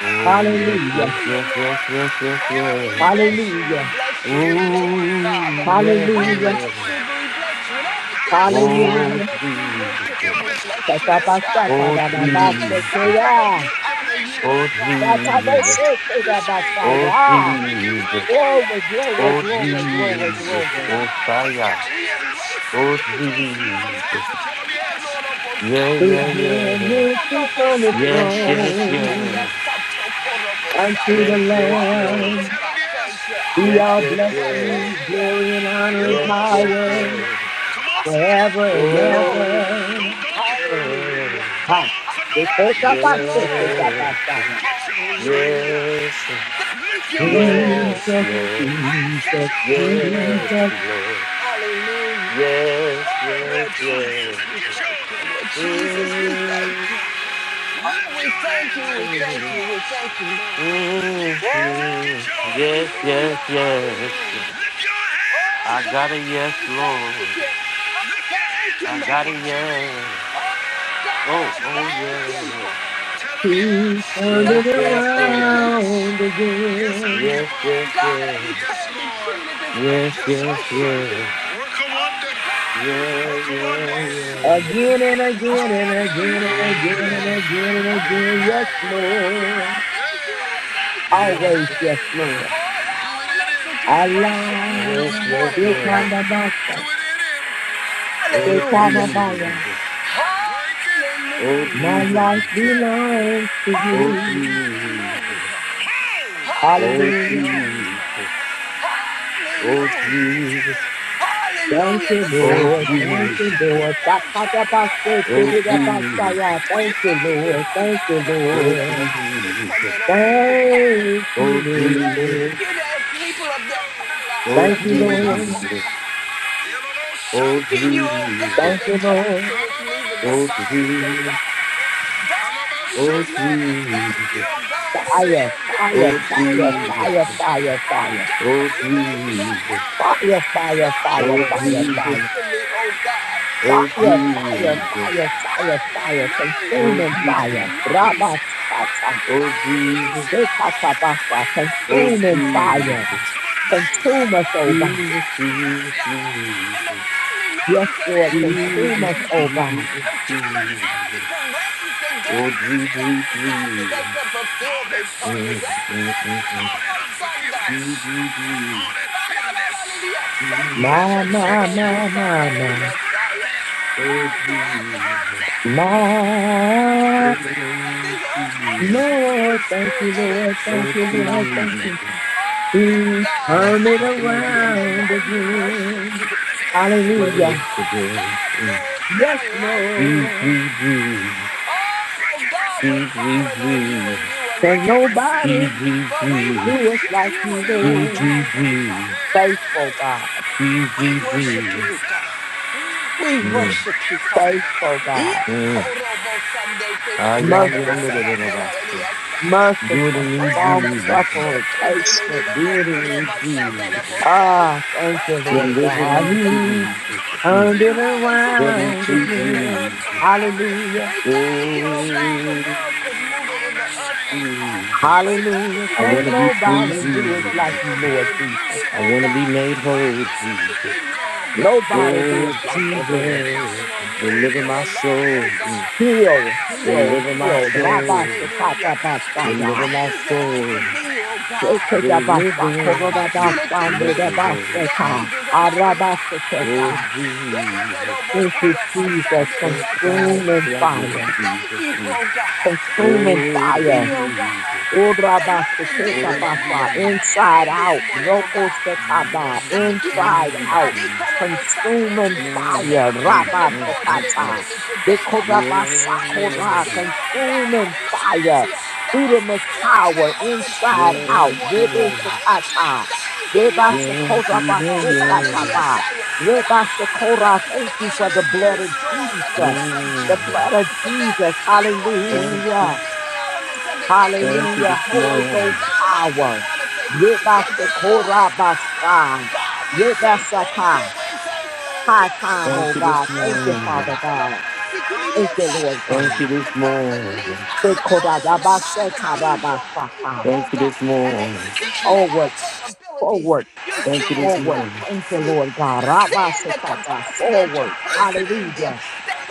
[SPEAKER 1] Oh, yes,
[SPEAKER 4] Hallelujah,
[SPEAKER 1] yes, yes,
[SPEAKER 3] Lord.
[SPEAKER 1] yes, yes, yes,
[SPEAKER 2] Give him
[SPEAKER 3] Oh,
[SPEAKER 2] what
[SPEAKER 3] we
[SPEAKER 2] he
[SPEAKER 1] yes.
[SPEAKER 3] bless you,
[SPEAKER 2] needs!
[SPEAKER 3] we
[SPEAKER 4] hallelujah,
[SPEAKER 3] bless you,
[SPEAKER 2] Give
[SPEAKER 3] we
[SPEAKER 2] it to
[SPEAKER 3] bless you,
[SPEAKER 2] him!
[SPEAKER 1] Ooh,
[SPEAKER 2] Ho!
[SPEAKER 3] Father.
[SPEAKER 1] yeah.
[SPEAKER 3] We
[SPEAKER 2] Give
[SPEAKER 4] hallelujah,
[SPEAKER 2] it to
[SPEAKER 3] bless you,
[SPEAKER 2] him!
[SPEAKER 3] we bless you. With
[SPEAKER 2] I
[SPEAKER 3] everything
[SPEAKER 2] restore
[SPEAKER 3] inside
[SPEAKER 1] Oh,
[SPEAKER 3] of
[SPEAKER 4] hallelujah.
[SPEAKER 2] him!
[SPEAKER 3] us, we
[SPEAKER 2] I
[SPEAKER 3] worship
[SPEAKER 2] give
[SPEAKER 3] and
[SPEAKER 2] him
[SPEAKER 3] we
[SPEAKER 1] Jesus.
[SPEAKER 2] his
[SPEAKER 3] bless you, oh
[SPEAKER 2] confidence
[SPEAKER 3] God.
[SPEAKER 2] back!
[SPEAKER 1] Oh,
[SPEAKER 3] Everything
[SPEAKER 2] I
[SPEAKER 1] Jesus.
[SPEAKER 3] inside
[SPEAKER 4] Tatabasatadadabasekeya.
[SPEAKER 2] break
[SPEAKER 3] of
[SPEAKER 2] the
[SPEAKER 3] us, we honor you,
[SPEAKER 2] condemnation,
[SPEAKER 1] Oh, Jesus. Oh,
[SPEAKER 3] oh God.
[SPEAKER 2] the
[SPEAKER 1] Jesus.
[SPEAKER 2] guilt, and the shame.
[SPEAKER 3] Hallelujah,
[SPEAKER 1] Oh,
[SPEAKER 4] Tatabasekedabasaya.
[SPEAKER 2] Thank you, thank you.
[SPEAKER 4] Glory,
[SPEAKER 3] hallelujah.
[SPEAKER 4] glory,
[SPEAKER 2] Thank you,
[SPEAKER 4] glory,
[SPEAKER 3] Hallelujah.
[SPEAKER 4] glory,
[SPEAKER 2] Jesus.
[SPEAKER 1] Jesus.
[SPEAKER 3] Forgetting
[SPEAKER 4] glory.
[SPEAKER 1] Oh,
[SPEAKER 3] about us,
[SPEAKER 2] Thank you,
[SPEAKER 1] fire.
[SPEAKER 3] God. We
[SPEAKER 2] Jesus.
[SPEAKER 3] embracing
[SPEAKER 1] Oh,
[SPEAKER 3] you
[SPEAKER 2] Come on,
[SPEAKER 3] this
[SPEAKER 2] clap those
[SPEAKER 3] morning.
[SPEAKER 2] hands
[SPEAKER 1] Jesus.
[SPEAKER 2] and
[SPEAKER 3] Ah,
[SPEAKER 2] tell them
[SPEAKER 3] yeah,
[SPEAKER 2] yes.
[SPEAKER 3] Lord
[SPEAKER 1] Yeah,
[SPEAKER 4] To
[SPEAKER 1] yeah,
[SPEAKER 3] Obosaya.
[SPEAKER 4] him
[SPEAKER 1] yeah.
[SPEAKER 4] who
[SPEAKER 3] Oh,
[SPEAKER 4] sits
[SPEAKER 3] Robo
[SPEAKER 4] on the
[SPEAKER 1] Yes,
[SPEAKER 3] Sandelia,
[SPEAKER 1] yes,
[SPEAKER 3] Shakelia,
[SPEAKER 1] yes.
[SPEAKER 4] throne,
[SPEAKER 3] Satoko Robosaya.
[SPEAKER 4] unto the
[SPEAKER 1] Yes, yes,
[SPEAKER 3] Oh,
[SPEAKER 1] yes.
[SPEAKER 2] Come on,
[SPEAKER 4] Lamb.
[SPEAKER 2] tell
[SPEAKER 3] Lord, I
[SPEAKER 2] them yes.
[SPEAKER 3] thank you.
[SPEAKER 4] Be
[SPEAKER 3] I
[SPEAKER 1] Yes,
[SPEAKER 4] all
[SPEAKER 3] thank
[SPEAKER 1] yes,
[SPEAKER 3] you.
[SPEAKER 2] Hey,
[SPEAKER 3] I
[SPEAKER 2] hey, hey,
[SPEAKER 4] blessings,
[SPEAKER 1] yes.
[SPEAKER 3] thank
[SPEAKER 2] hey.
[SPEAKER 3] you.
[SPEAKER 4] glory and honor
[SPEAKER 2] Hear the
[SPEAKER 4] and
[SPEAKER 3] Oh,
[SPEAKER 1] Yes,
[SPEAKER 2] Lord
[SPEAKER 3] God, I
[SPEAKER 1] yes,
[SPEAKER 2] shout.
[SPEAKER 3] thank
[SPEAKER 4] power
[SPEAKER 3] you.
[SPEAKER 1] yes.
[SPEAKER 2] Come on,
[SPEAKER 3] I
[SPEAKER 2] Zion.
[SPEAKER 4] forever
[SPEAKER 3] thank
[SPEAKER 4] and
[SPEAKER 3] you,
[SPEAKER 1] Oh,
[SPEAKER 3] Lord.
[SPEAKER 4] ever.
[SPEAKER 2] Don't, don't,
[SPEAKER 3] Hallelujah.
[SPEAKER 1] yes.
[SPEAKER 4] Ha.
[SPEAKER 2] don't look for
[SPEAKER 3] I
[SPEAKER 2] nobody
[SPEAKER 3] thank you,
[SPEAKER 2] else's.
[SPEAKER 3] Lord.
[SPEAKER 4] Ekotabastekotapasaya.
[SPEAKER 2] Get yours right
[SPEAKER 3] Hallelujah.
[SPEAKER 2] now.
[SPEAKER 1] Yes,
[SPEAKER 2] Lift
[SPEAKER 3] Thank
[SPEAKER 2] your
[SPEAKER 3] you,
[SPEAKER 1] yes,
[SPEAKER 4] Jesus,
[SPEAKER 2] hands
[SPEAKER 3] Lord.
[SPEAKER 1] Lord.
[SPEAKER 2] and
[SPEAKER 3] I
[SPEAKER 2] get
[SPEAKER 4] Jesus,
[SPEAKER 3] thank you,
[SPEAKER 2] yours.
[SPEAKER 1] Yes,
[SPEAKER 4] Jesus,
[SPEAKER 3] Lord.
[SPEAKER 1] Lord.
[SPEAKER 3] Hallelujah.
[SPEAKER 1] Yes,
[SPEAKER 3] Oh,
[SPEAKER 1] yes,
[SPEAKER 3] Lord
[SPEAKER 2] Lift your hands
[SPEAKER 3] Jesus,
[SPEAKER 2] and
[SPEAKER 3] we
[SPEAKER 1] yes.
[SPEAKER 2] get
[SPEAKER 3] thank
[SPEAKER 2] yours.
[SPEAKER 3] you. Lord Jesus, we
[SPEAKER 1] Mm.
[SPEAKER 3] thank you. Oh,
[SPEAKER 2] Lift
[SPEAKER 3] we
[SPEAKER 2] your
[SPEAKER 3] thank
[SPEAKER 2] hands
[SPEAKER 3] you.
[SPEAKER 2] and
[SPEAKER 3] We
[SPEAKER 2] get
[SPEAKER 3] thank you. We
[SPEAKER 2] yours.
[SPEAKER 3] thank you, Lord.
[SPEAKER 2] Lift your hands and
[SPEAKER 3] Oh,
[SPEAKER 2] get
[SPEAKER 1] Mm.
[SPEAKER 2] yours.
[SPEAKER 1] Yes,
[SPEAKER 3] hallelujah.
[SPEAKER 1] yes, yes.
[SPEAKER 3] Hallelujah.
[SPEAKER 2] Lift your hands
[SPEAKER 3] Oh,
[SPEAKER 1] I
[SPEAKER 2] and
[SPEAKER 1] got
[SPEAKER 2] get.
[SPEAKER 1] a
[SPEAKER 3] God,
[SPEAKER 1] yes,
[SPEAKER 3] we thank
[SPEAKER 1] Lord.
[SPEAKER 3] you
[SPEAKER 2] Lift your
[SPEAKER 3] thank
[SPEAKER 2] hands and
[SPEAKER 3] you,
[SPEAKER 1] I
[SPEAKER 2] get
[SPEAKER 1] got a
[SPEAKER 2] what you
[SPEAKER 3] Lord.
[SPEAKER 2] need.
[SPEAKER 1] yes.
[SPEAKER 3] Oh God,
[SPEAKER 1] Oh,
[SPEAKER 3] I
[SPEAKER 2] Tell
[SPEAKER 1] oh,
[SPEAKER 2] them
[SPEAKER 3] thank
[SPEAKER 2] yes.
[SPEAKER 3] you,
[SPEAKER 1] yes.
[SPEAKER 2] Tell
[SPEAKER 3] Lord.
[SPEAKER 2] them yes.
[SPEAKER 4] He
[SPEAKER 3] Oh
[SPEAKER 4] turned it
[SPEAKER 1] Yes,
[SPEAKER 3] God, I
[SPEAKER 1] yes,
[SPEAKER 2] Tell them
[SPEAKER 1] yes.
[SPEAKER 3] thank you,
[SPEAKER 2] yes.
[SPEAKER 3] Lord.
[SPEAKER 4] around
[SPEAKER 2] Yes, I
[SPEAKER 4] again.
[SPEAKER 2] give
[SPEAKER 1] Yes,
[SPEAKER 3] Oh
[SPEAKER 1] yes,
[SPEAKER 2] up.
[SPEAKER 3] God, I
[SPEAKER 1] yes.
[SPEAKER 3] declare
[SPEAKER 2] Yes,
[SPEAKER 3] and
[SPEAKER 2] Lord.
[SPEAKER 3] decree that this earth
[SPEAKER 1] Yes,
[SPEAKER 2] Yes,
[SPEAKER 3] will
[SPEAKER 1] yes,
[SPEAKER 2] Lord.
[SPEAKER 3] worship you.
[SPEAKER 1] yes.
[SPEAKER 2] Work a wonder.
[SPEAKER 3] Oh God, this
[SPEAKER 1] Yeah,
[SPEAKER 2] Work
[SPEAKER 3] earth
[SPEAKER 2] a
[SPEAKER 3] will
[SPEAKER 1] yeah,
[SPEAKER 2] wonder in
[SPEAKER 3] worship
[SPEAKER 2] him.
[SPEAKER 1] yeah.
[SPEAKER 3] you.
[SPEAKER 4] Again and
[SPEAKER 2] Work
[SPEAKER 4] again
[SPEAKER 2] a
[SPEAKER 4] and
[SPEAKER 2] wonder.
[SPEAKER 4] again and again
[SPEAKER 3] Hallelujah.
[SPEAKER 4] and
[SPEAKER 2] Hey,
[SPEAKER 4] again and
[SPEAKER 3] Oh
[SPEAKER 4] again.
[SPEAKER 3] God,
[SPEAKER 2] hey,
[SPEAKER 4] Yes,
[SPEAKER 3] I thank you,
[SPEAKER 4] Lord.
[SPEAKER 3] I thank you, I
[SPEAKER 2] hey,
[SPEAKER 3] thank you,
[SPEAKER 2] hey.
[SPEAKER 3] Lord,
[SPEAKER 4] Always, yes, Lord.
[SPEAKER 3] for
[SPEAKER 2] Do it
[SPEAKER 3] allowing
[SPEAKER 2] in
[SPEAKER 3] us
[SPEAKER 2] him.
[SPEAKER 3] to just worship you
[SPEAKER 2] Do
[SPEAKER 1] Yes,
[SPEAKER 3] this
[SPEAKER 2] it
[SPEAKER 4] Allah,
[SPEAKER 2] in him.
[SPEAKER 1] yes,
[SPEAKER 3] morning, oh God.
[SPEAKER 2] Do
[SPEAKER 4] Dekandabasa,
[SPEAKER 2] it in him. Break this
[SPEAKER 3] Hallelujah.
[SPEAKER 2] yoke.
[SPEAKER 4] Dekanabaya.
[SPEAKER 1] yes.
[SPEAKER 2] Break it.
[SPEAKER 1] Oh,
[SPEAKER 4] My
[SPEAKER 2] Break
[SPEAKER 3] Hallelujah.
[SPEAKER 4] life
[SPEAKER 1] Jesus.
[SPEAKER 2] it!
[SPEAKER 4] belongs to
[SPEAKER 2] Break
[SPEAKER 1] Oh,
[SPEAKER 4] you.
[SPEAKER 2] it!
[SPEAKER 1] Jesus.
[SPEAKER 3] Hallelujah.
[SPEAKER 2] How?
[SPEAKER 1] Oh,
[SPEAKER 4] Hallelujah.
[SPEAKER 2] Break it!
[SPEAKER 3] Hallelujah.
[SPEAKER 1] Jesus. Oh, Jesus. Oh,
[SPEAKER 2] Break
[SPEAKER 3] Hallelujah.
[SPEAKER 1] Jesus.
[SPEAKER 2] it!
[SPEAKER 4] Thank
[SPEAKER 3] Hallelujah.
[SPEAKER 4] you,
[SPEAKER 3] The
[SPEAKER 1] Oh,
[SPEAKER 2] Oh,
[SPEAKER 3] sound
[SPEAKER 4] Lord.
[SPEAKER 3] of
[SPEAKER 2] you
[SPEAKER 4] Thank
[SPEAKER 1] Jesus.
[SPEAKER 2] are
[SPEAKER 4] you,
[SPEAKER 3] worship
[SPEAKER 2] that
[SPEAKER 3] is
[SPEAKER 4] Lord.
[SPEAKER 2] way up!
[SPEAKER 3] penetrating the earth,
[SPEAKER 1] Oh
[SPEAKER 3] oh God.
[SPEAKER 2] I
[SPEAKER 1] Jesus,
[SPEAKER 2] break
[SPEAKER 4] Sakatapaskekedidapasaya.
[SPEAKER 3] We
[SPEAKER 4] Thank you,
[SPEAKER 3] thank you,
[SPEAKER 4] Lord.
[SPEAKER 3] oh
[SPEAKER 4] Thank you,
[SPEAKER 3] God, that
[SPEAKER 1] oh
[SPEAKER 3] blinded
[SPEAKER 4] Lord.
[SPEAKER 3] eyes are coming
[SPEAKER 1] Jesus,
[SPEAKER 4] Thank
[SPEAKER 3] open, oh
[SPEAKER 2] it!
[SPEAKER 3] God.
[SPEAKER 4] you,
[SPEAKER 1] oh Jesus, oh
[SPEAKER 3] We
[SPEAKER 2] Hey!
[SPEAKER 4] Lord.
[SPEAKER 3] thank
[SPEAKER 1] Jesus,
[SPEAKER 3] you that people of
[SPEAKER 2] Shando!
[SPEAKER 3] their paralyzed
[SPEAKER 1] oh Jesus, oh
[SPEAKER 4] Thank
[SPEAKER 3] are
[SPEAKER 4] you,
[SPEAKER 2] Obi
[SPEAKER 3] getting up,
[SPEAKER 4] Lord.
[SPEAKER 3] oh
[SPEAKER 2] Asi!
[SPEAKER 1] Jesus,
[SPEAKER 3] God.
[SPEAKER 2] Yellow
[SPEAKER 1] oh
[SPEAKER 3] We're thanking you, oh God,
[SPEAKER 2] Hey!
[SPEAKER 4] Thank you,
[SPEAKER 3] that
[SPEAKER 1] Jesus,
[SPEAKER 4] Lord.
[SPEAKER 3] cancer is leaving the
[SPEAKER 1] oh
[SPEAKER 2] Abababasa!
[SPEAKER 3] bodies, oh
[SPEAKER 1] Jesus,
[SPEAKER 3] God. God, we
[SPEAKER 1] oh
[SPEAKER 3] just
[SPEAKER 1] Jesus, oh
[SPEAKER 2] Alabashande!
[SPEAKER 3] want to thank you,
[SPEAKER 2] Yellow
[SPEAKER 1] Jesus,
[SPEAKER 3] oh God, that
[SPEAKER 2] Si!
[SPEAKER 4] Fire,
[SPEAKER 3] limbs are
[SPEAKER 4] fire,
[SPEAKER 3] being
[SPEAKER 1] oh
[SPEAKER 3] healed,
[SPEAKER 4] fire,
[SPEAKER 3] oh
[SPEAKER 1] Jesus,
[SPEAKER 4] fire,
[SPEAKER 3] God.
[SPEAKER 2] Ikandobosa!
[SPEAKER 4] fire,
[SPEAKER 3] Oh
[SPEAKER 4] fire.
[SPEAKER 3] God,
[SPEAKER 1] oh
[SPEAKER 3] we thank
[SPEAKER 2] Yellow
[SPEAKER 3] you that
[SPEAKER 1] Jesus,
[SPEAKER 3] hearts
[SPEAKER 2] Shikaya!
[SPEAKER 3] and
[SPEAKER 4] Fire,
[SPEAKER 3] organs
[SPEAKER 4] fire,
[SPEAKER 3] are
[SPEAKER 4] fire,
[SPEAKER 1] oh Jesus, oh Jesus,
[SPEAKER 4] fire,
[SPEAKER 3] operating
[SPEAKER 4] fire.
[SPEAKER 1] Jesus,
[SPEAKER 3] properly,
[SPEAKER 2] Alabashande!
[SPEAKER 3] oh God.
[SPEAKER 2] Come Come out out
[SPEAKER 4] Fire,
[SPEAKER 2] of of
[SPEAKER 4] fire,
[SPEAKER 3] Hallelujah,
[SPEAKER 2] there!
[SPEAKER 1] Jesus,
[SPEAKER 4] fire, fire, fire.
[SPEAKER 3] hallelujah,
[SPEAKER 4] Consuming fire.
[SPEAKER 3] hallelujah,
[SPEAKER 4] Rabba
[SPEAKER 3] hallelujah, oh God. We
[SPEAKER 4] Ekatabasa,
[SPEAKER 3] even thank you,
[SPEAKER 4] consuming
[SPEAKER 3] oh
[SPEAKER 4] fire.
[SPEAKER 3] God. Those that
[SPEAKER 4] Consume
[SPEAKER 3] are
[SPEAKER 4] us,
[SPEAKER 3] gone
[SPEAKER 4] oh
[SPEAKER 3] going into
[SPEAKER 4] God.
[SPEAKER 3] sudden death, God, and the
[SPEAKER 1] Jesus,
[SPEAKER 3] family
[SPEAKER 4] Yes,
[SPEAKER 3] members are
[SPEAKER 4] Lord,
[SPEAKER 3] lifted,
[SPEAKER 4] consume us,
[SPEAKER 3] looking,
[SPEAKER 1] Jesus,
[SPEAKER 4] oh
[SPEAKER 3] God.
[SPEAKER 4] God.
[SPEAKER 1] Jesus.
[SPEAKER 3] But you're the God
[SPEAKER 1] Jesus.
[SPEAKER 3] that can raise the
[SPEAKER 1] Oh,
[SPEAKER 3] dead
[SPEAKER 1] gee,
[SPEAKER 3] back up,
[SPEAKER 1] gee,
[SPEAKER 3] oh God, that
[SPEAKER 1] gee.
[SPEAKER 3] they can fulfill their
[SPEAKER 1] Mm,
[SPEAKER 3] purpose.
[SPEAKER 1] mm,
[SPEAKER 3] Hey, la, la,
[SPEAKER 1] mm,
[SPEAKER 3] la, la,
[SPEAKER 1] mm.
[SPEAKER 3] bo- Sunday.
[SPEAKER 1] Gee, gee,
[SPEAKER 3] Oh,
[SPEAKER 1] gee.
[SPEAKER 3] la, la, la, la, la, la, shake
[SPEAKER 1] Mm,
[SPEAKER 3] it,
[SPEAKER 4] My, my,
[SPEAKER 3] shakoro, bo-
[SPEAKER 4] my,
[SPEAKER 3] Sunday,
[SPEAKER 4] my,
[SPEAKER 3] la, la,
[SPEAKER 4] my,
[SPEAKER 3] la, say.
[SPEAKER 1] Oh,
[SPEAKER 3] Move throughout the earth,
[SPEAKER 1] Jesus.
[SPEAKER 3] God.
[SPEAKER 4] my.
[SPEAKER 3] Oh, let
[SPEAKER 1] Mm,
[SPEAKER 3] this earth
[SPEAKER 1] gee.
[SPEAKER 3] worship you in
[SPEAKER 4] Lord, thank
[SPEAKER 3] spirit
[SPEAKER 4] you,
[SPEAKER 3] and in
[SPEAKER 4] Lord, thank
[SPEAKER 3] truth,
[SPEAKER 1] Oh,
[SPEAKER 4] you,
[SPEAKER 3] oh
[SPEAKER 4] Lord,
[SPEAKER 3] God.
[SPEAKER 4] thank you.
[SPEAKER 1] Jesus.
[SPEAKER 3] Oh,
[SPEAKER 4] He
[SPEAKER 3] oh God,
[SPEAKER 1] I
[SPEAKER 3] let
[SPEAKER 4] turned it
[SPEAKER 1] saw
[SPEAKER 3] all of them that
[SPEAKER 1] you
[SPEAKER 4] around
[SPEAKER 3] know you worship
[SPEAKER 2] Come
[SPEAKER 4] again.
[SPEAKER 3] you.
[SPEAKER 2] out of there!
[SPEAKER 3] For
[SPEAKER 4] Hallelujah.
[SPEAKER 3] you
[SPEAKER 1] yesterday.
[SPEAKER 3] are God and
[SPEAKER 1] Mm.
[SPEAKER 3] there is
[SPEAKER 4] Yes,
[SPEAKER 3] none like you,
[SPEAKER 1] Gee,
[SPEAKER 3] Lord.
[SPEAKER 4] Lord.
[SPEAKER 1] gee, gee.
[SPEAKER 2] Break
[SPEAKER 3] Oh God,
[SPEAKER 2] everything
[SPEAKER 3] we're
[SPEAKER 2] up!
[SPEAKER 1] Gee, gee,
[SPEAKER 3] calling on you
[SPEAKER 1] gee.
[SPEAKER 3] and you
[SPEAKER 4] There's
[SPEAKER 2] Break every
[SPEAKER 3] alone.
[SPEAKER 2] fetter.
[SPEAKER 1] Gee,
[SPEAKER 4] nobody
[SPEAKER 1] gee,
[SPEAKER 3] But we
[SPEAKER 1] gee.
[SPEAKER 4] do us
[SPEAKER 2] Break
[SPEAKER 3] worship
[SPEAKER 4] like
[SPEAKER 2] every
[SPEAKER 3] you
[SPEAKER 4] you,
[SPEAKER 3] and you
[SPEAKER 2] fetter.
[SPEAKER 1] Gee,
[SPEAKER 4] Lord.
[SPEAKER 1] gee,
[SPEAKER 3] alone, oh
[SPEAKER 1] gee.
[SPEAKER 3] God.
[SPEAKER 2] Hey, hey, hey,
[SPEAKER 4] Faithful
[SPEAKER 2] hey.
[SPEAKER 4] God,
[SPEAKER 1] Gee, gee,
[SPEAKER 3] We
[SPEAKER 2] Break
[SPEAKER 3] worship
[SPEAKER 1] gee.
[SPEAKER 2] every
[SPEAKER 3] you,
[SPEAKER 2] fetter.
[SPEAKER 3] God. We
[SPEAKER 1] Mm,
[SPEAKER 2] Break
[SPEAKER 3] worship you,
[SPEAKER 2] every
[SPEAKER 3] Father.
[SPEAKER 2] fetter.
[SPEAKER 4] faithful
[SPEAKER 3] Yeah,
[SPEAKER 4] God,
[SPEAKER 1] mm.
[SPEAKER 3] korobo Sunday, te
[SPEAKER 1] Ah, yeah,
[SPEAKER 2] Break
[SPEAKER 1] yeah, I
[SPEAKER 2] every
[SPEAKER 3] korobo
[SPEAKER 1] know
[SPEAKER 4] merciful.
[SPEAKER 1] that
[SPEAKER 2] fetter.
[SPEAKER 1] about you.
[SPEAKER 3] Sandalalia saya.
[SPEAKER 1] Do it to
[SPEAKER 4] merciful,
[SPEAKER 1] me,
[SPEAKER 2] Break
[SPEAKER 3] Oh,
[SPEAKER 4] long
[SPEAKER 2] every
[SPEAKER 3] that he has
[SPEAKER 2] fetter.
[SPEAKER 4] suffering,
[SPEAKER 3] shaken, ne ne ne
[SPEAKER 4] patient.
[SPEAKER 3] la bo
[SPEAKER 1] Build
[SPEAKER 2] And the young
[SPEAKER 3] koroba
[SPEAKER 2] shall be
[SPEAKER 3] sanda
[SPEAKER 1] me,
[SPEAKER 3] la bo
[SPEAKER 1] Jesus.
[SPEAKER 2] destroyed.
[SPEAKER 3] saya.
[SPEAKER 4] Ah,
[SPEAKER 3] We're
[SPEAKER 4] thank you,
[SPEAKER 2] Come on
[SPEAKER 4] Lord
[SPEAKER 2] out of
[SPEAKER 3] thanking
[SPEAKER 1] Deliver
[SPEAKER 3] you,
[SPEAKER 2] there.
[SPEAKER 4] God.
[SPEAKER 1] me,
[SPEAKER 3] oh
[SPEAKER 4] He
[SPEAKER 3] God,
[SPEAKER 1] Jesus.
[SPEAKER 2] come on out of
[SPEAKER 3] for
[SPEAKER 1] Mm.
[SPEAKER 4] turned
[SPEAKER 3] you
[SPEAKER 4] it
[SPEAKER 2] there.
[SPEAKER 3] moving
[SPEAKER 1] Set me
[SPEAKER 4] around
[SPEAKER 1] free,
[SPEAKER 3] supernaturally in the
[SPEAKER 4] again.
[SPEAKER 3] earth,
[SPEAKER 2] come
[SPEAKER 3] oh
[SPEAKER 2] on
[SPEAKER 1] Jesus.
[SPEAKER 2] out of
[SPEAKER 3] God.
[SPEAKER 2] there.
[SPEAKER 4] Hallelujah.
[SPEAKER 3] We thank
[SPEAKER 2] All
[SPEAKER 3] you,
[SPEAKER 2] the
[SPEAKER 3] oh God,
[SPEAKER 2] shame.
[SPEAKER 3] for
[SPEAKER 1] Oh,
[SPEAKER 3] miracles moving
[SPEAKER 2] All
[SPEAKER 3] in the
[SPEAKER 2] that
[SPEAKER 3] earth, oh
[SPEAKER 2] shame.
[SPEAKER 3] God.
[SPEAKER 1] Jesus.
[SPEAKER 3] We
[SPEAKER 2] Loose it.
[SPEAKER 3] thank
[SPEAKER 4] Hallelujah.
[SPEAKER 3] you,
[SPEAKER 1] I
[SPEAKER 3] oh
[SPEAKER 4] Can't
[SPEAKER 1] want to be
[SPEAKER 3] God,
[SPEAKER 1] free,
[SPEAKER 2] Loose
[SPEAKER 4] nobody
[SPEAKER 2] it.
[SPEAKER 3] hallelujah,
[SPEAKER 4] do us
[SPEAKER 3] for
[SPEAKER 4] like
[SPEAKER 1] Jesus.
[SPEAKER 4] you,
[SPEAKER 3] bills
[SPEAKER 4] Lord
[SPEAKER 3] being
[SPEAKER 4] Jesus.
[SPEAKER 3] paid,
[SPEAKER 1] I
[SPEAKER 3] oh
[SPEAKER 1] want to be
[SPEAKER 3] God.
[SPEAKER 1] made whole,
[SPEAKER 3] We're
[SPEAKER 2] and let
[SPEAKER 3] thanking
[SPEAKER 2] him
[SPEAKER 1] Jesus.
[SPEAKER 3] you,
[SPEAKER 2] go.
[SPEAKER 3] oh God,
[SPEAKER 4] Nobody
[SPEAKER 3] oh God,
[SPEAKER 4] do
[SPEAKER 1] Oh,
[SPEAKER 4] us
[SPEAKER 2] Loose.
[SPEAKER 4] like
[SPEAKER 3] oh
[SPEAKER 2] Oh,
[SPEAKER 4] you,
[SPEAKER 3] God. We're
[SPEAKER 4] Lord.
[SPEAKER 2] Thaddeus.
[SPEAKER 3] calling
[SPEAKER 1] Jesus.
[SPEAKER 3] on you and
[SPEAKER 1] Deliver
[SPEAKER 3] you
[SPEAKER 2] Thaddeus.
[SPEAKER 1] my
[SPEAKER 3] alone,
[SPEAKER 1] soul.
[SPEAKER 3] oh
[SPEAKER 2] Thaddeus.
[SPEAKER 1] Mm.
[SPEAKER 3] God.
[SPEAKER 4] Heal,
[SPEAKER 2] Thaddeus.
[SPEAKER 3] Oh, let
[SPEAKER 4] heal,
[SPEAKER 1] Deliver
[SPEAKER 3] our
[SPEAKER 1] my
[SPEAKER 2] Oh,
[SPEAKER 4] heal.
[SPEAKER 3] worship,
[SPEAKER 1] soul.
[SPEAKER 4] Rabasa,
[SPEAKER 3] hallelujah,
[SPEAKER 4] rabasa,
[SPEAKER 3] be
[SPEAKER 4] ya.
[SPEAKER 1] Deliver my
[SPEAKER 3] pleasing unto
[SPEAKER 1] soul.
[SPEAKER 3] thee, oh God. Oh,
[SPEAKER 4] Ekejabasa,
[SPEAKER 1] Deliver.
[SPEAKER 3] Rabbi
[SPEAKER 1] Mm.
[SPEAKER 3] Shilip,
[SPEAKER 4] korodabasa,
[SPEAKER 1] Make me
[SPEAKER 3] disperse
[SPEAKER 1] whole.
[SPEAKER 4] ndedabasa,
[SPEAKER 3] the
[SPEAKER 1] Mm.
[SPEAKER 4] ka.
[SPEAKER 3] angels on our
[SPEAKER 4] Arabasa,
[SPEAKER 3] behalf oh
[SPEAKER 4] teka.
[SPEAKER 1] Oh,
[SPEAKER 3] God.
[SPEAKER 1] Jesus.
[SPEAKER 4] Thank you,
[SPEAKER 1] I
[SPEAKER 4] Jesus.
[SPEAKER 1] thank God
[SPEAKER 3] Yenerobokorobasandeliyasaya.
[SPEAKER 4] Consuming
[SPEAKER 1] for
[SPEAKER 3] We
[SPEAKER 1] you,
[SPEAKER 4] fire.
[SPEAKER 3] thank
[SPEAKER 1] Jesus.
[SPEAKER 3] you, oh God. We're
[SPEAKER 4] consuming
[SPEAKER 1] Oh,
[SPEAKER 3] thanking
[SPEAKER 4] fire.
[SPEAKER 3] you, oh God,
[SPEAKER 1] Jesus.
[SPEAKER 3] that lurking demons
[SPEAKER 1] Oh,
[SPEAKER 3] are
[SPEAKER 4] Urabasetekabasa,
[SPEAKER 3] moving up
[SPEAKER 1] Jesus.
[SPEAKER 3] out of our
[SPEAKER 4] Inside
[SPEAKER 3] way this
[SPEAKER 4] out.
[SPEAKER 3] morning, oh God.
[SPEAKER 4] Rokosekaba,
[SPEAKER 3] We're
[SPEAKER 1] Mm,
[SPEAKER 3] thanking you,
[SPEAKER 4] Inside
[SPEAKER 3] oh
[SPEAKER 4] out.
[SPEAKER 3] God,
[SPEAKER 4] Consuming
[SPEAKER 3] Ikorobosataliya, that
[SPEAKER 1] mm,
[SPEAKER 3] you're
[SPEAKER 4] fire.
[SPEAKER 1] mm,
[SPEAKER 3] closing the
[SPEAKER 1] mm,
[SPEAKER 3] door to the
[SPEAKER 4] Rabasekata.
[SPEAKER 1] mm.
[SPEAKER 3] enemy today, oh
[SPEAKER 1] Yes,
[SPEAKER 3] God.
[SPEAKER 1] yes, yes,
[SPEAKER 3] We're
[SPEAKER 4] Dekorabasakora,
[SPEAKER 3] thanking you, oh God.
[SPEAKER 4] Consuming
[SPEAKER 3] Hallelujah.
[SPEAKER 4] fire.
[SPEAKER 3] Hallelujah. That we're
[SPEAKER 4] Dudamus
[SPEAKER 3] standing up under
[SPEAKER 4] power.
[SPEAKER 3] an open
[SPEAKER 4] Inside
[SPEAKER 3] heaven this
[SPEAKER 4] out.
[SPEAKER 3] morning, oh God.
[SPEAKER 4] Rebesekata.
[SPEAKER 3] We're thanking you,
[SPEAKER 1] Lord.
[SPEAKER 3] oh God.
[SPEAKER 1] yes,
[SPEAKER 3] That little old Sunday, the
[SPEAKER 1] Lord.
[SPEAKER 4] Rebasekorabasekataba.
[SPEAKER 1] yes.
[SPEAKER 3] Yeshaya, That all the
[SPEAKER 4] Rebasekora.
[SPEAKER 3] plans of
[SPEAKER 4] Thank
[SPEAKER 3] the
[SPEAKER 4] you for
[SPEAKER 3] enemy
[SPEAKER 4] the
[SPEAKER 3] has been
[SPEAKER 4] blood of
[SPEAKER 3] destroyed by the
[SPEAKER 4] Jesus.
[SPEAKER 3] blood of
[SPEAKER 4] The
[SPEAKER 3] Jesus
[SPEAKER 1] Mm.
[SPEAKER 4] blood of
[SPEAKER 3] Christ of
[SPEAKER 4] Jesus.
[SPEAKER 3] Nazareth. You are
[SPEAKER 1] Thank
[SPEAKER 4] Hallelujah.
[SPEAKER 3] destroying
[SPEAKER 1] you,
[SPEAKER 3] the elements of the enemy
[SPEAKER 1] thank
[SPEAKER 3] over
[SPEAKER 1] you
[SPEAKER 4] Hallelujah.
[SPEAKER 1] this
[SPEAKER 3] our
[SPEAKER 4] Holy
[SPEAKER 3] lives, oh
[SPEAKER 4] Ghost
[SPEAKER 1] morning.
[SPEAKER 3] God. And
[SPEAKER 2] Jesus.
[SPEAKER 3] I
[SPEAKER 4] power.
[SPEAKER 3] just want to say thank you this morning. Oh
[SPEAKER 4] Yebasekorabasai.
[SPEAKER 3] God, we say thank
[SPEAKER 4] Yebasaka.
[SPEAKER 3] you. We say thank
[SPEAKER 4] High
[SPEAKER 3] you.
[SPEAKER 4] time, oh
[SPEAKER 1] Thank you
[SPEAKER 3] Oh
[SPEAKER 4] God.
[SPEAKER 1] this
[SPEAKER 3] God, you're
[SPEAKER 4] Thank you,
[SPEAKER 3] killing
[SPEAKER 4] Father
[SPEAKER 3] Doubt
[SPEAKER 1] morning.
[SPEAKER 4] God. Thank you, Lord
[SPEAKER 1] Thank
[SPEAKER 4] God.
[SPEAKER 1] you this
[SPEAKER 3] and unbelief
[SPEAKER 1] morning.
[SPEAKER 3] out of the hearts and the minds of these your
[SPEAKER 4] Sekorabasekarabasaka.
[SPEAKER 3] people,
[SPEAKER 1] Thank
[SPEAKER 3] oh
[SPEAKER 1] you
[SPEAKER 3] God.
[SPEAKER 1] this
[SPEAKER 3] And they
[SPEAKER 1] morning.
[SPEAKER 2] Thank
[SPEAKER 3] sin
[SPEAKER 2] you,
[SPEAKER 3] the
[SPEAKER 2] Jesus.
[SPEAKER 3] uh,
[SPEAKER 4] Forward,
[SPEAKER 3] capabilities.
[SPEAKER 4] forward,
[SPEAKER 3] You're
[SPEAKER 2] Thank you,
[SPEAKER 1] Thank you
[SPEAKER 2] Lord.
[SPEAKER 3] seeing
[SPEAKER 1] this
[SPEAKER 3] the
[SPEAKER 4] forward.
[SPEAKER 1] morning.
[SPEAKER 4] Thank you,
[SPEAKER 3] capacity.
[SPEAKER 4] Lord God.
[SPEAKER 3] They're
[SPEAKER 2] Thank you, Lord.
[SPEAKER 3] seeing the
[SPEAKER 4] Rabasekata.
[SPEAKER 3] capacity that
[SPEAKER 4] Forward.
[SPEAKER 3] you've
[SPEAKER 2] Thank
[SPEAKER 3] placed
[SPEAKER 2] you.
[SPEAKER 3] in them.
[SPEAKER 4] Hallelujah.
[SPEAKER 3] That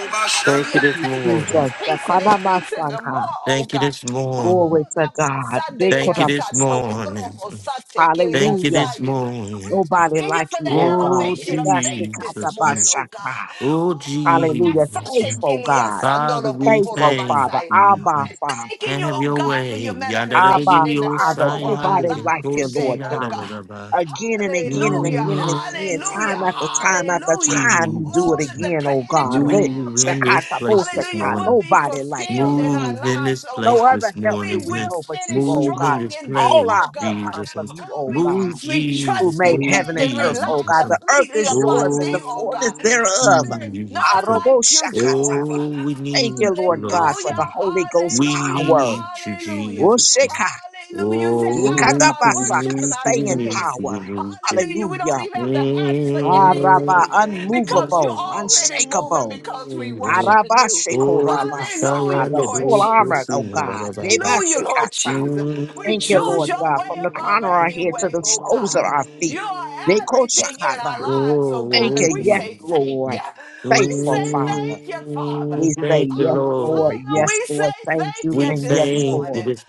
[SPEAKER 1] Thank
[SPEAKER 3] capacity
[SPEAKER 1] you
[SPEAKER 4] Thank
[SPEAKER 3] of
[SPEAKER 2] Obashande.
[SPEAKER 1] this
[SPEAKER 4] you,
[SPEAKER 3] faith is
[SPEAKER 1] morning.
[SPEAKER 4] Jesus.
[SPEAKER 3] increasing, increasing the
[SPEAKER 4] Sekorabasanka.
[SPEAKER 3] more, oh
[SPEAKER 1] Thank you
[SPEAKER 3] God.
[SPEAKER 1] this
[SPEAKER 3] Oh,
[SPEAKER 4] Glory
[SPEAKER 1] morning.
[SPEAKER 4] to God.
[SPEAKER 3] Rabba
[SPEAKER 1] Thank
[SPEAKER 3] Sandelia
[SPEAKER 1] you this
[SPEAKER 4] Dekorabasai.
[SPEAKER 3] Sato
[SPEAKER 1] morning.
[SPEAKER 3] Korobo Sate Kilia
[SPEAKER 1] Thank you
[SPEAKER 4] Hallelujah.
[SPEAKER 1] this
[SPEAKER 3] Saya.
[SPEAKER 1] morning.
[SPEAKER 3] We're
[SPEAKER 4] Nobody
[SPEAKER 3] thanking you
[SPEAKER 4] like
[SPEAKER 3] for
[SPEAKER 4] you, oh
[SPEAKER 3] the
[SPEAKER 4] God.
[SPEAKER 1] Oh,
[SPEAKER 3] elevation of faith this
[SPEAKER 1] Jesus.
[SPEAKER 3] morning, oh God.
[SPEAKER 4] Rebasikatapashaka.
[SPEAKER 1] Oh,
[SPEAKER 3] Oh,
[SPEAKER 4] Hallelujah.
[SPEAKER 1] Jesus.
[SPEAKER 4] Faithful God.
[SPEAKER 1] Father, we
[SPEAKER 4] Faithful
[SPEAKER 1] thank
[SPEAKER 4] Father.
[SPEAKER 1] you.
[SPEAKER 4] Abba
[SPEAKER 3] we're
[SPEAKER 4] Father.
[SPEAKER 3] thanking you,
[SPEAKER 1] have
[SPEAKER 3] oh
[SPEAKER 1] your
[SPEAKER 3] God, for
[SPEAKER 1] way.
[SPEAKER 3] your
[SPEAKER 1] Yada da da di
[SPEAKER 3] manifestation
[SPEAKER 4] Abba
[SPEAKER 3] in the earth
[SPEAKER 4] Father.
[SPEAKER 3] over our
[SPEAKER 4] Nobody like
[SPEAKER 3] lives
[SPEAKER 4] you,
[SPEAKER 1] si
[SPEAKER 3] today,
[SPEAKER 4] Lord
[SPEAKER 3] oh
[SPEAKER 4] God.
[SPEAKER 3] God.
[SPEAKER 4] Again and again and
[SPEAKER 3] Hallelujah,
[SPEAKER 4] again and
[SPEAKER 1] Mm,
[SPEAKER 4] again,
[SPEAKER 3] hallelujah,
[SPEAKER 4] time after time after
[SPEAKER 3] hallelujah.
[SPEAKER 4] time, you do it
[SPEAKER 3] All
[SPEAKER 1] Jesus.
[SPEAKER 3] of the
[SPEAKER 4] again, oh
[SPEAKER 3] plan that
[SPEAKER 4] God.
[SPEAKER 3] you
[SPEAKER 4] re
[SPEAKER 3] have,
[SPEAKER 1] Move in this place this
[SPEAKER 3] hallelujah,
[SPEAKER 1] morning.
[SPEAKER 3] will be
[SPEAKER 4] Nobody like you,
[SPEAKER 3] fulfilled
[SPEAKER 4] Lord.
[SPEAKER 3] in our
[SPEAKER 1] Move in
[SPEAKER 3] lives,
[SPEAKER 1] this
[SPEAKER 3] oh
[SPEAKER 1] place
[SPEAKER 4] No
[SPEAKER 3] God.
[SPEAKER 4] other
[SPEAKER 1] this
[SPEAKER 4] help do
[SPEAKER 1] morning.
[SPEAKER 3] We
[SPEAKER 4] we
[SPEAKER 1] man.
[SPEAKER 3] will
[SPEAKER 4] know but you,
[SPEAKER 3] finish
[SPEAKER 4] oh
[SPEAKER 1] Move in
[SPEAKER 4] God.
[SPEAKER 3] strong
[SPEAKER 1] this
[SPEAKER 3] in thee,
[SPEAKER 4] All
[SPEAKER 3] oh
[SPEAKER 4] our
[SPEAKER 1] place,
[SPEAKER 4] help
[SPEAKER 3] God.
[SPEAKER 4] comes
[SPEAKER 1] Jesus.
[SPEAKER 4] from you,
[SPEAKER 3] All
[SPEAKER 4] oh God.
[SPEAKER 1] Move,
[SPEAKER 3] because we we
[SPEAKER 4] who
[SPEAKER 3] trust,
[SPEAKER 1] Jesus.
[SPEAKER 4] made
[SPEAKER 1] Move,
[SPEAKER 4] heaven
[SPEAKER 3] depend,
[SPEAKER 4] and
[SPEAKER 3] and
[SPEAKER 4] earth,
[SPEAKER 3] rely
[SPEAKER 4] oh God.
[SPEAKER 1] Jesus.
[SPEAKER 4] The earth
[SPEAKER 3] completely
[SPEAKER 4] is yours
[SPEAKER 3] upon
[SPEAKER 4] and
[SPEAKER 3] thee,
[SPEAKER 4] the
[SPEAKER 3] O
[SPEAKER 4] fullness
[SPEAKER 3] God.
[SPEAKER 1] Oh,
[SPEAKER 3] For
[SPEAKER 4] thereof.
[SPEAKER 3] there is
[SPEAKER 1] Jesus.
[SPEAKER 3] none like you,
[SPEAKER 4] Aroboshakata.
[SPEAKER 3] Jehovah.
[SPEAKER 1] Oh, we
[SPEAKER 4] Thank you,
[SPEAKER 1] need you,
[SPEAKER 4] Lord
[SPEAKER 1] Lord.
[SPEAKER 4] God,
[SPEAKER 3] Hallelujah,
[SPEAKER 4] for the Holy Ghost
[SPEAKER 1] We
[SPEAKER 3] hallelujah,
[SPEAKER 4] power.
[SPEAKER 1] need you,
[SPEAKER 3] hallelujah.
[SPEAKER 1] Jesus.
[SPEAKER 4] Osheka.
[SPEAKER 3] Hallelujah. Say
[SPEAKER 1] Oh, we
[SPEAKER 3] out of
[SPEAKER 1] need you,
[SPEAKER 3] our
[SPEAKER 1] we
[SPEAKER 4] Ikatabasaka.
[SPEAKER 3] worship and
[SPEAKER 1] need you,
[SPEAKER 3] our
[SPEAKER 1] we
[SPEAKER 4] Staying
[SPEAKER 1] need
[SPEAKER 3] praise.
[SPEAKER 1] you,
[SPEAKER 4] power.
[SPEAKER 1] we need you.
[SPEAKER 3] Hallelujah. We don't
[SPEAKER 4] Hallelujah.
[SPEAKER 3] even have to ask for
[SPEAKER 4] Araba,
[SPEAKER 3] anything because you're
[SPEAKER 4] unmovable,
[SPEAKER 3] already moving
[SPEAKER 4] unshakable.
[SPEAKER 3] because we
[SPEAKER 1] Mm.
[SPEAKER 3] worshiping
[SPEAKER 4] Araba
[SPEAKER 3] you.
[SPEAKER 1] Oh,
[SPEAKER 4] shekorabasaka,
[SPEAKER 3] Hallelujah,
[SPEAKER 1] Shia,
[SPEAKER 4] the
[SPEAKER 3] Lord
[SPEAKER 4] full
[SPEAKER 3] Jesus.
[SPEAKER 4] armor, oh God.
[SPEAKER 3] Hallelujah, Lord
[SPEAKER 4] Rebasekata.
[SPEAKER 3] Jesus. We
[SPEAKER 4] Thank you,
[SPEAKER 3] choose
[SPEAKER 4] Lord
[SPEAKER 3] your
[SPEAKER 1] Mm.
[SPEAKER 4] God,
[SPEAKER 3] way
[SPEAKER 4] from the
[SPEAKER 3] above
[SPEAKER 4] crown of our
[SPEAKER 3] any
[SPEAKER 4] head to
[SPEAKER 3] way,
[SPEAKER 4] the
[SPEAKER 3] oh
[SPEAKER 4] soles of
[SPEAKER 3] God.
[SPEAKER 4] our
[SPEAKER 3] You
[SPEAKER 4] feet.
[SPEAKER 3] are everything in our
[SPEAKER 4] Nekoshakara.
[SPEAKER 3] lives, oh God.
[SPEAKER 4] Thank
[SPEAKER 3] And
[SPEAKER 1] Oh,
[SPEAKER 4] you.
[SPEAKER 3] we
[SPEAKER 4] Yes,
[SPEAKER 3] say
[SPEAKER 1] Jesus.
[SPEAKER 3] thank you.
[SPEAKER 4] Lord.
[SPEAKER 3] We
[SPEAKER 4] Faithful
[SPEAKER 3] say
[SPEAKER 4] Father.
[SPEAKER 3] thank you, Father.
[SPEAKER 1] Mm.
[SPEAKER 4] We say
[SPEAKER 1] Thank you,
[SPEAKER 4] yes,
[SPEAKER 3] Abba,
[SPEAKER 4] Lord.
[SPEAKER 3] Father,
[SPEAKER 1] Lord.
[SPEAKER 4] Yes,
[SPEAKER 3] we say
[SPEAKER 4] Lord. Thank
[SPEAKER 3] thank
[SPEAKER 4] you.
[SPEAKER 1] We
[SPEAKER 3] you
[SPEAKER 4] And
[SPEAKER 3] this
[SPEAKER 4] yes,
[SPEAKER 1] thank you
[SPEAKER 4] Lord.
[SPEAKER 3] morning.
[SPEAKER 1] this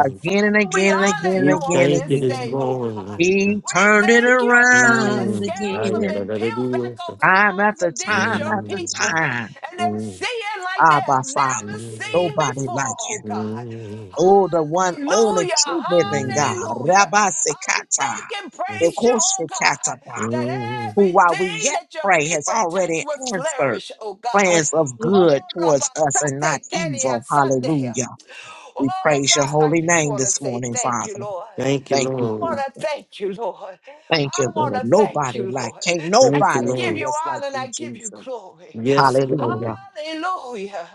[SPEAKER 3] Abba,
[SPEAKER 4] and
[SPEAKER 3] Father, we
[SPEAKER 4] again and again
[SPEAKER 3] honor you
[SPEAKER 1] We
[SPEAKER 4] and again
[SPEAKER 3] on
[SPEAKER 4] and
[SPEAKER 1] thank you
[SPEAKER 3] this
[SPEAKER 1] this
[SPEAKER 3] day,
[SPEAKER 4] again.
[SPEAKER 3] oh God.
[SPEAKER 1] morning.
[SPEAKER 4] He
[SPEAKER 3] We
[SPEAKER 4] turned it
[SPEAKER 3] thank you, oh God, the
[SPEAKER 4] around
[SPEAKER 1] Mm.
[SPEAKER 3] scales
[SPEAKER 1] Ay,
[SPEAKER 3] have
[SPEAKER 1] ya, la,
[SPEAKER 3] been
[SPEAKER 4] again.
[SPEAKER 1] la, la,
[SPEAKER 3] peeled back
[SPEAKER 1] Dios.
[SPEAKER 3] off the
[SPEAKER 4] Time
[SPEAKER 3] eyes
[SPEAKER 4] after
[SPEAKER 3] of these
[SPEAKER 4] time
[SPEAKER 3] your
[SPEAKER 4] after
[SPEAKER 1] Mm.
[SPEAKER 3] people.
[SPEAKER 4] time.
[SPEAKER 3] And they're
[SPEAKER 1] Mm.
[SPEAKER 3] seeing like they
[SPEAKER 4] Abba
[SPEAKER 3] have never
[SPEAKER 4] Father.
[SPEAKER 1] Mm.
[SPEAKER 3] seen
[SPEAKER 4] Nobody
[SPEAKER 3] before,
[SPEAKER 4] like you.
[SPEAKER 3] oh God.
[SPEAKER 1] Mm.
[SPEAKER 4] Oh, the one only
[SPEAKER 3] Hallelujah,
[SPEAKER 4] true living God.
[SPEAKER 3] hallelujah.
[SPEAKER 4] Rabbi
[SPEAKER 3] I
[SPEAKER 4] Sekata.
[SPEAKER 3] thank and praise you, oh God, that
[SPEAKER 1] Mm.
[SPEAKER 4] who while we
[SPEAKER 3] everything
[SPEAKER 4] yet
[SPEAKER 3] that your
[SPEAKER 4] pray has
[SPEAKER 3] people touch
[SPEAKER 4] already
[SPEAKER 3] will
[SPEAKER 4] answered
[SPEAKER 3] flourish, oh God.
[SPEAKER 4] plans of
[SPEAKER 5] Hallelujah.
[SPEAKER 4] good
[SPEAKER 3] Oh,
[SPEAKER 4] towards us and not
[SPEAKER 3] Rabatate Kelia
[SPEAKER 4] evil.
[SPEAKER 3] Sunday.
[SPEAKER 4] Hallelujah. We
[SPEAKER 3] Oh
[SPEAKER 4] praise your
[SPEAKER 3] God, I
[SPEAKER 4] holy
[SPEAKER 3] just
[SPEAKER 4] name
[SPEAKER 3] want to
[SPEAKER 4] this
[SPEAKER 3] say
[SPEAKER 4] morning,
[SPEAKER 3] thank you,
[SPEAKER 4] Father.
[SPEAKER 3] Lord.
[SPEAKER 1] Thank you,
[SPEAKER 4] Thank you,
[SPEAKER 3] I
[SPEAKER 1] Lord.
[SPEAKER 3] want to
[SPEAKER 4] Jesus.
[SPEAKER 3] thank you, Lord.
[SPEAKER 4] Thank you,
[SPEAKER 3] I want
[SPEAKER 4] Lord.
[SPEAKER 3] to thank
[SPEAKER 4] Nobody
[SPEAKER 3] you,
[SPEAKER 4] like,
[SPEAKER 3] Lord.
[SPEAKER 4] can't
[SPEAKER 3] And
[SPEAKER 1] Thank you,
[SPEAKER 3] I
[SPEAKER 4] nobody
[SPEAKER 3] give
[SPEAKER 4] do
[SPEAKER 1] Lord.
[SPEAKER 3] you
[SPEAKER 4] us like
[SPEAKER 3] honor and I
[SPEAKER 4] you,
[SPEAKER 3] give you
[SPEAKER 4] Jesus.
[SPEAKER 3] glory.
[SPEAKER 1] Yes, Lord.
[SPEAKER 4] Hallelujah.
[SPEAKER 3] Hallelujah.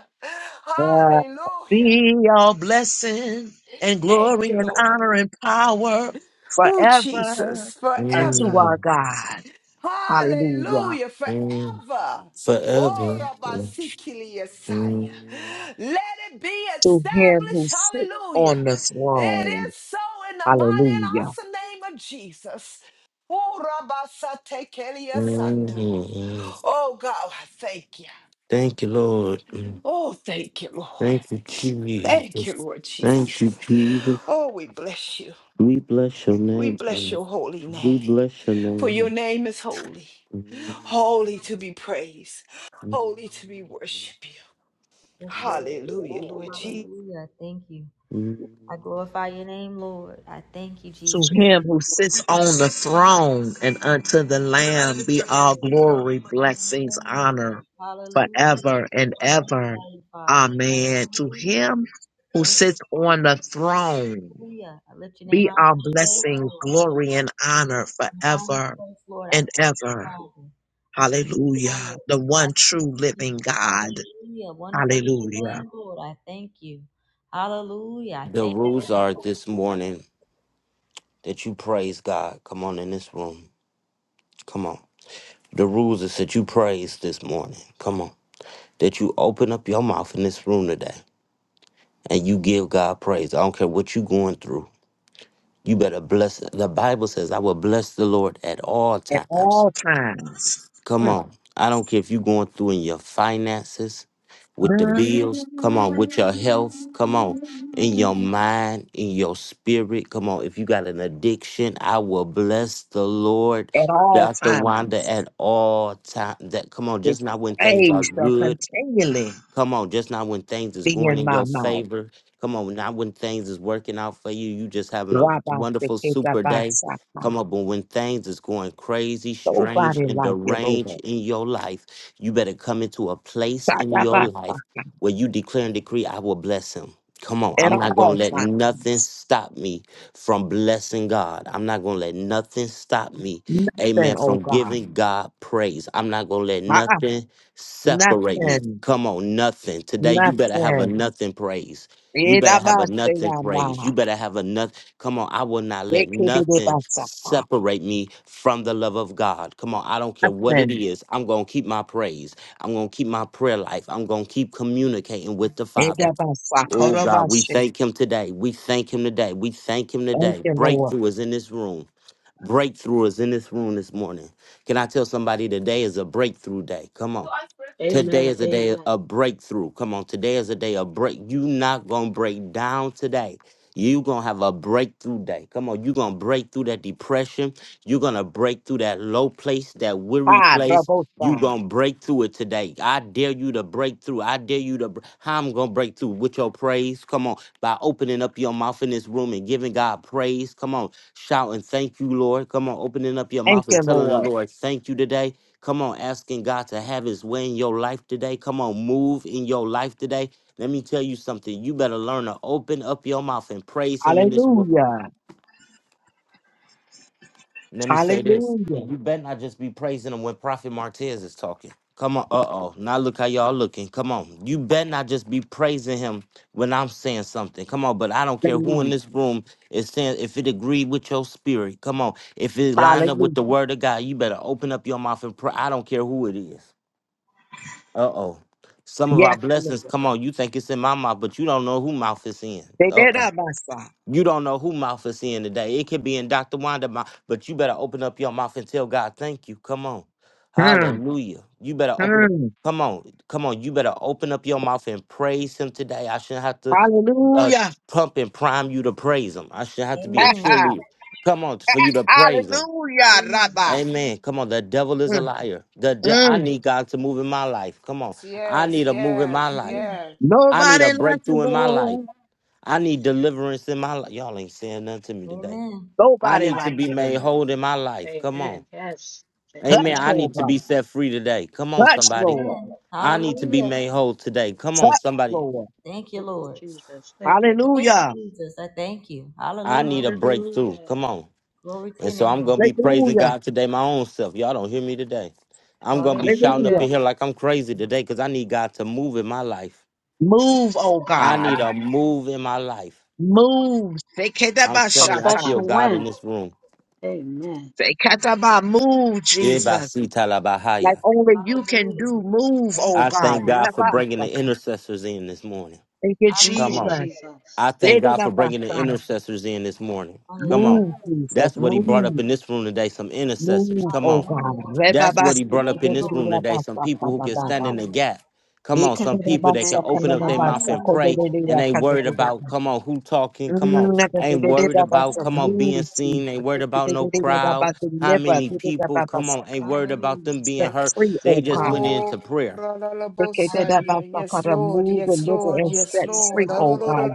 [SPEAKER 4] God
[SPEAKER 3] Hallelujah.
[SPEAKER 4] Be your blessing and
[SPEAKER 3] Thank
[SPEAKER 4] glory
[SPEAKER 3] you,
[SPEAKER 4] and
[SPEAKER 3] Lord.
[SPEAKER 4] honor and power
[SPEAKER 3] Oh,
[SPEAKER 4] forever
[SPEAKER 3] Jesus,
[SPEAKER 4] unto
[SPEAKER 3] forever.
[SPEAKER 1] Mm.
[SPEAKER 4] our God. Hallelujah.
[SPEAKER 3] Hallelujah.
[SPEAKER 1] Mm,
[SPEAKER 3] Forever. Oh,
[SPEAKER 1] forever. Mm,
[SPEAKER 3] Rabasikili Yesaya.
[SPEAKER 1] mm,
[SPEAKER 3] Let it be
[SPEAKER 4] To him who
[SPEAKER 3] established.
[SPEAKER 4] sits on
[SPEAKER 3] Hallelujah.
[SPEAKER 4] the
[SPEAKER 3] It
[SPEAKER 4] throne
[SPEAKER 3] is so in the mighty and
[SPEAKER 4] Hallelujah.
[SPEAKER 3] awesome name of Jesus. Oh, Rabasatekeli Yesanda.
[SPEAKER 1] mm.
[SPEAKER 3] Oh, God, I thank you.
[SPEAKER 1] Thank you, Lord. Mm,
[SPEAKER 3] Oh, thank you,
[SPEAKER 1] Thank you,
[SPEAKER 3] Lord. Thank you,
[SPEAKER 1] Jesus.
[SPEAKER 3] Lord
[SPEAKER 1] Thank you,
[SPEAKER 3] Jesus.
[SPEAKER 1] Jesus.
[SPEAKER 3] Oh, we bless you.
[SPEAKER 1] We bless your
[SPEAKER 3] We
[SPEAKER 1] name,
[SPEAKER 3] bless
[SPEAKER 1] God.
[SPEAKER 3] your holy
[SPEAKER 1] We
[SPEAKER 3] name.
[SPEAKER 1] bless your
[SPEAKER 3] for your
[SPEAKER 1] name.
[SPEAKER 3] name is holy,
[SPEAKER 1] Mm,
[SPEAKER 3] holy to be praised,
[SPEAKER 1] mm,
[SPEAKER 3] holy to be worshiped.
[SPEAKER 2] Yes, Lord.
[SPEAKER 3] Hallelujah, Lord Jesus.
[SPEAKER 2] Hallelujah. Thank you.
[SPEAKER 1] mm.
[SPEAKER 2] I glorify your name, Lord. I thank you, Jesus.
[SPEAKER 4] To
[SPEAKER 2] Thank
[SPEAKER 4] him
[SPEAKER 2] you,
[SPEAKER 4] who sits on the throne and unto the Lamb be
[SPEAKER 2] Lord.
[SPEAKER 4] all glory,
[SPEAKER 2] Hallelujah.
[SPEAKER 4] blessings, honor forever and
[SPEAKER 2] Hallelujah.
[SPEAKER 4] ever.
[SPEAKER 2] Thank you, Father.
[SPEAKER 4] Amen. To
[SPEAKER 2] Hallelujah.
[SPEAKER 4] him who
[SPEAKER 2] Thank
[SPEAKER 4] sits
[SPEAKER 2] you.
[SPEAKER 4] on the throne
[SPEAKER 2] Hallelujah. I lift your name
[SPEAKER 4] be
[SPEAKER 2] high in
[SPEAKER 4] all
[SPEAKER 2] this place,
[SPEAKER 4] blessing,
[SPEAKER 2] Lord.
[SPEAKER 4] glory, and
[SPEAKER 2] I lift
[SPEAKER 4] honor
[SPEAKER 2] your name high in this
[SPEAKER 4] forever
[SPEAKER 2] place, Lord. I
[SPEAKER 4] and
[SPEAKER 2] thank you,
[SPEAKER 4] ever.
[SPEAKER 2] Father. I thank you, Lord.
[SPEAKER 4] Hallelujah. The
[SPEAKER 2] I
[SPEAKER 4] one
[SPEAKER 2] thank you.
[SPEAKER 4] true living
[SPEAKER 2] Jesus.
[SPEAKER 4] God.
[SPEAKER 2] Hallelujah. Wonderful is your
[SPEAKER 4] Hallelujah.
[SPEAKER 2] name, Lord. I thank you. Hallelujah. I
[SPEAKER 1] The
[SPEAKER 2] thank
[SPEAKER 1] rules are
[SPEAKER 2] you.
[SPEAKER 1] this morning that you praise God. Come on in this room. Come on. The rules is that you praise this morning. Come on. That you open up your mouth in this room today. and you give God praise. I don't care what you're going through. You better bless. The Bible says, I will bless the Lord at all
[SPEAKER 4] At
[SPEAKER 1] times.
[SPEAKER 4] all times. Mm.
[SPEAKER 1] Come on. I don't care if you're going through in your finances, with the
[SPEAKER 4] At
[SPEAKER 1] bills, come on, with your health, come on, in your mind, in your spirit, come on. If you got an addiction, I will bless the Lord.
[SPEAKER 4] all
[SPEAKER 1] Dr. Wanda
[SPEAKER 4] times,
[SPEAKER 1] at all times. That come on,
[SPEAKER 4] his
[SPEAKER 1] just not when things are
[SPEAKER 4] praise shall
[SPEAKER 1] good.
[SPEAKER 4] continually
[SPEAKER 1] Come on, just not when things is
[SPEAKER 4] be
[SPEAKER 1] going
[SPEAKER 4] in
[SPEAKER 1] in
[SPEAKER 4] my
[SPEAKER 1] your
[SPEAKER 4] mouth.
[SPEAKER 1] favor. Come on, not when things is working out for you. You just having a
[SPEAKER 4] Rabba
[SPEAKER 1] wonderful super day.
[SPEAKER 4] sekedabatsaka.
[SPEAKER 1] Come on, but when things is going crazy, strange,
[SPEAKER 4] Nobody
[SPEAKER 1] and
[SPEAKER 4] like you,
[SPEAKER 1] deranged
[SPEAKER 4] Lord.
[SPEAKER 1] in your life, you better come into a place in your life
[SPEAKER 4] Sakabatsaka.
[SPEAKER 1] where you declare and decree, I will bless him. Come on,
[SPEAKER 4] At
[SPEAKER 1] I'm not gonna
[SPEAKER 4] all
[SPEAKER 1] let nothing
[SPEAKER 4] times,
[SPEAKER 1] stop me from blessing God. I'm not gonna let nothing stop me,
[SPEAKER 4] nothing,
[SPEAKER 1] amen,
[SPEAKER 4] oh
[SPEAKER 1] from
[SPEAKER 4] God.
[SPEAKER 1] giving God praise. I'm not gonna let
[SPEAKER 4] Ah,
[SPEAKER 1] nothing separate me.
[SPEAKER 4] Nothing,
[SPEAKER 1] Come on, nothing. Today, you better have a
[SPEAKER 4] nothing.
[SPEAKER 1] nothing praise. You better have a nothing
[SPEAKER 4] Edabatsayama.
[SPEAKER 1] praise. You better have a nothing. Come on, I will not let nothing
[SPEAKER 4] Sekedabatsaka.
[SPEAKER 1] separate me from the love of God. Come on, I don't care what it
[SPEAKER 4] Nothing.
[SPEAKER 1] is. I'm going to keep my praise. I'm going to keep my prayer life. I'm going to keep communicating with the Father. Oh, God, we
[SPEAKER 4] Edabatsakorabashe.
[SPEAKER 1] thank Him today. We thank Him today. We thank Him
[SPEAKER 4] Thank
[SPEAKER 1] today.
[SPEAKER 4] you, Lord.
[SPEAKER 1] Breakthrough is in this room. Breakthrough is in this room this morning. Can I tell somebody today is a breakthrough day? Come on.
[SPEAKER 5] Amen.
[SPEAKER 1] Today is a day of breakthrough. Come on, today is a day of break. You not gonna break down today. You gonna have a breakthrough day. Come on, you gonna break through that depression. you gonna break through that low place, that weary
[SPEAKER 4] Ah,
[SPEAKER 1] place. You
[SPEAKER 4] Rabosa.
[SPEAKER 1] gonna break through it today. I dare you to break through. I dare you to. br- How I'm gonna break through with your praise? Come on, by opening up your mouth in this room and giving God praise. Come on, shouting, "Thank you, Lord." Come on, opening up your
[SPEAKER 4] Thank
[SPEAKER 1] mouth and
[SPEAKER 4] you,
[SPEAKER 1] telling the
[SPEAKER 4] Lord.
[SPEAKER 1] Lord, "Thank you today." Come on, asking God to have his way in your life today. Come on, move in your life today. Let me tell you something. You better learn to open up your mouth and praise him in this world.
[SPEAKER 4] Hallelujah.
[SPEAKER 1] Let me say this.
[SPEAKER 4] Hallelujah.
[SPEAKER 1] And you better not just be praising him when Prophet Martez is talking. Come on, uh oh. Now look how y'all looking. Come on. You better not just be praising him when I'm saying something. Come on, but I don't care who in
[SPEAKER 4] Hallelujah.
[SPEAKER 1] this room is saying if it agreed with your spirit. Come on. If it lined up with the
[SPEAKER 4] Hallelujah.
[SPEAKER 1] word of God, you better open up your mouth and pray. I don't care who it is. Uh oh. Some of our
[SPEAKER 4] Yes, Lord.
[SPEAKER 1] blessings, come on, you think it's in my mouth, but you don't know who mouth it's in.
[SPEAKER 4] They
[SPEAKER 1] Uh
[SPEAKER 4] did
[SPEAKER 1] oh.
[SPEAKER 4] that, my son.
[SPEAKER 1] You don't know who mouth it's in today. It could be in Dr. Wanda's mouth, but you better open up your mouth and tell God, thank you. Come on.
[SPEAKER 4] Hmm.
[SPEAKER 1] Hallelujah. You better open up.
[SPEAKER 4] Hmm.
[SPEAKER 1] Come on, come on. You better open up your mouth and praise him today. I shouldn't have to uh,
[SPEAKER 4] Hallelujah.
[SPEAKER 1] pump and prime you to praise him. I shouldn't have to be a
[SPEAKER 4] Ha,
[SPEAKER 2] Amen.
[SPEAKER 4] ha.
[SPEAKER 1] cheerleader. Come on, for you to praise him.
[SPEAKER 4] Hallelujah,
[SPEAKER 2] Amen.
[SPEAKER 4] Rabba.
[SPEAKER 1] Amen. Come on, the devil is a
[SPEAKER 4] Mm,
[SPEAKER 1] liar. The de- I
[SPEAKER 4] mm.
[SPEAKER 1] need God to move in my life. Come on, I
[SPEAKER 3] Yes,
[SPEAKER 1] need a move in my
[SPEAKER 3] yes,
[SPEAKER 1] life.
[SPEAKER 2] Amen.
[SPEAKER 3] yes.
[SPEAKER 1] I need
[SPEAKER 4] Nobody
[SPEAKER 1] a
[SPEAKER 4] like you,
[SPEAKER 1] breakthrough in my life.
[SPEAKER 4] Lord.
[SPEAKER 1] I need deliverance in my life. Y'all ain't saying nothing to me today.
[SPEAKER 2] Amen.
[SPEAKER 1] I
[SPEAKER 4] Nobody
[SPEAKER 1] need to
[SPEAKER 4] like
[SPEAKER 1] be
[SPEAKER 4] you,
[SPEAKER 1] made
[SPEAKER 4] Lord.
[SPEAKER 1] whole in my life. Come
[SPEAKER 5] Amen.
[SPEAKER 1] on,
[SPEAKER 5] Yes.
[SPEAKER 1] Amen.
[SPEAKER 4] Touch,
[SPEAKER 1] I
[SPEAKER 5] Amen.
[SPEAKER 4] oh
[SPEAKER 1] need to be
[SPEAKER 4] God.
[SPEAKER 1] set free today. Come on,
[SPEAKER 4] Touch,
[SPEAKER 1] somebody.
[SPEAKER 4] Lord.
[SPEAKER 2] Amen.
[SPEAKER 1] I need to be
[SPEAKER 2] Hallelujah.
[SPEAKER 1] made whole today. Come on,
[SPEAKER 4] Touch,
[SPEAKER 1] somebody.
[SPEAKER 4] Lord.
[SPEAKER 2] Thank you,
[SPEAKER 5] Thank you,
[SPEAKER 2] Lord.
[SPEAKER 5] Jesus. Thank you, Lord.
[SPEAKER 2] Thank you,
[SPEAKER 4] Hallelujah.
[SPEAKER 2] Jesus. I thank you.
[SPEAKER 1] I
[SPEAKER 2] Hallelujah.
[SPEAKER 1] need a breakthrough.
[SPEAKER 5] Hallelujah.
[SPEAKER 1] Come on.
[SPEAKER 2] Glory to
[SPEAKER 1] And
[SPEAKER 2] your
[SPEAKER 1] so
[SPEAKER 2] name,
[SPEAKER 1] I'm gonna be praising
[SPEAKER 4] Hallelujah.
[SPEAKER 1] God today, my own self. Y'all don't hear me today. I'm gonna be shouting up
[SPEAKER 5] Hallelujah.
[SPEAKER 4] Hallelujah.
[SPEAKER 1] in here like I'm crazy today because I need God to move in my life.
[SPEAKER 4] Move, oh
[SPEAKER 1] I
[SPEAKER 4] God.
[SPEAKER 1] need a move in my life.
[SPEAKER 4] Move.
[SPEAKER 1] I'm
[SPEAKER 5] A
[SPEAKER 1] telling you, I
[SPEAKER 5] fresh
[SPEAKER 4] Sekedabashata.
[SPEAKER 1] feel God in
[SPEAKER 5] wind.
[SPEAKER 1] this room.
[SPEAKER 5] Amen.
[SPEAKER 4] Sekataba. Move, Jesus.
[SPEAKER 1] Ibasi
[SPEAKER 4] Like
[SPEAKER 1] talabahaya.
[SPEAKER 4] only you
[SPEAKER 2] Lord.
[SPEAKER 4] can
[SPEAKER 2] Hallelujah.
[SPEAKER 4] do. Move,
[SPEAKER 2] Thank
[SPEAKER 4] oh
[SPEAKER 1] I
[SPEAKER 2] you,
[SPEAKER 4] God.
[SPEAKER 1] thank God
[SPEAKER 2] Jesus.
[SPEAKER 1] for bringing the
[SPEAKER 4] Rabasaka.
[SPEAKER 1] intercessors in this morning.
[SPEAKER 4] Thank you,
[SPEAKER 5] Thank
[SPEAKER 1] Come
[SPEAKER 5] you,
[SPEAKER 1] on.
[SPEAKER 2] Hallelujah.
[SPEAKER 4] Jesus.
[SPEAKER 1] I
[SPEAKER 5] Jesus.
[SPEAKER 1] thank God for bringing the
[SPEAKER 4] Dedabasa.
[SPEAKER 1] intercessors in this morning. Come
[SPEAKER 2] Hallelujah.
[SPEAKER 1] on.
[SPEAKER 4] Move, Jesus.
[SPEAKER 1] That's what he brought up
[SPEAKER 4] Move.
[SPEAKER 1] in this room today, some intercessors.
[SPEAKER 4] Move,
[SPEAKER 1] Come
[SPEAKER 4] oh
[SPEAKER 1] on.
[SPEAKER 2] Hallelujah.
[SPEAKER 4] God.
[SPEAKER 1] That's what he
[SPEAKER 4] Rebabasaka.
[SPEAKER 1] brought
[SPEAKER 2] Thank
[SPEAKER 1] up in
[SPEAKER 2] you,
[SPEAKER 1] this
[SPEAKER 2] Lord.
[SPEAKER 1] room today. Some people who can stand in the
[SPEAKER 2] Hallelujah.
[SPEAKER 1] gap. Come on, some people that can
[SPEAKER 5] Amen.
[SPEAKER 1] open up their
[SPEAKER 5] Amen.
[SPEAKER 1] mouth
[SPEAKER 4] Nekadabasakadabasa.
[SPEAKER 1] and
[SPEAKER 2] Hallelujah.
[SPEAKER 1] pray and ain't worried about,
[SPEAKER 4] Kodedeyakadedeyaka.
[SPEAKER 1] come on, who talking, come on,
[SPEAKER 4] Mm,
[SPEAKER 1] ain't worried about,
[SPEAKER 4] nakadedeyabasa.
[SPEAKER 1] come on,
[SPEAKER 4] Move,
[SPEAKER 1] being seen, ain't
[SPEAKER 4] Jesus.
[SPEAKER 1] worried
[SPEAKER 4] Thank you.
[SPEAKER 1] about no crowd, how many people,
[SPEAKER 4] Deliver.
[SPEAKER 1] come on, ain't worried about
[SPEAKER 2] Hallelujah.
[SPEAKER 1] them being
[SPEAKER 4] set
[SPEAKER 1] hurt.
[SPEAKER 4] free,
[SPEAKER 1] They
[SPEAKER 4] oh
[SPEAKER 1] just
[SPEAKER 4] God.
[SPEAKER 1] went into
[SPEAKER 3] Oh,
[SPEAKER 1] prayer.
[SPEAKER 3] la la la bosaya.
[SPEAKER 2] Hallelujah.
[SPEAKER 3] Yes,
[SPEAKER 4] Reketabasakara,
[SPEAKER 3] Lord.
[SPEAKER 4] Move,
[SPEAKER 3] Yes,
[SPEAKER 4] deliver,
[SPEAKER 3] Lord.
[SPEAKER 4] and
[SPEAKER 2] Thank you,
[SPEAKER 3] Yes,
[SPEAKER 4] set
[SPEAKER 2] Jesus.
[SPEAKER 3] Lord.
[SPEAKER 4] free, oh
[SPEAKER 2] Hallelujah.
[SPEAKER 3] Aloloro
[SPEAKER 4] God.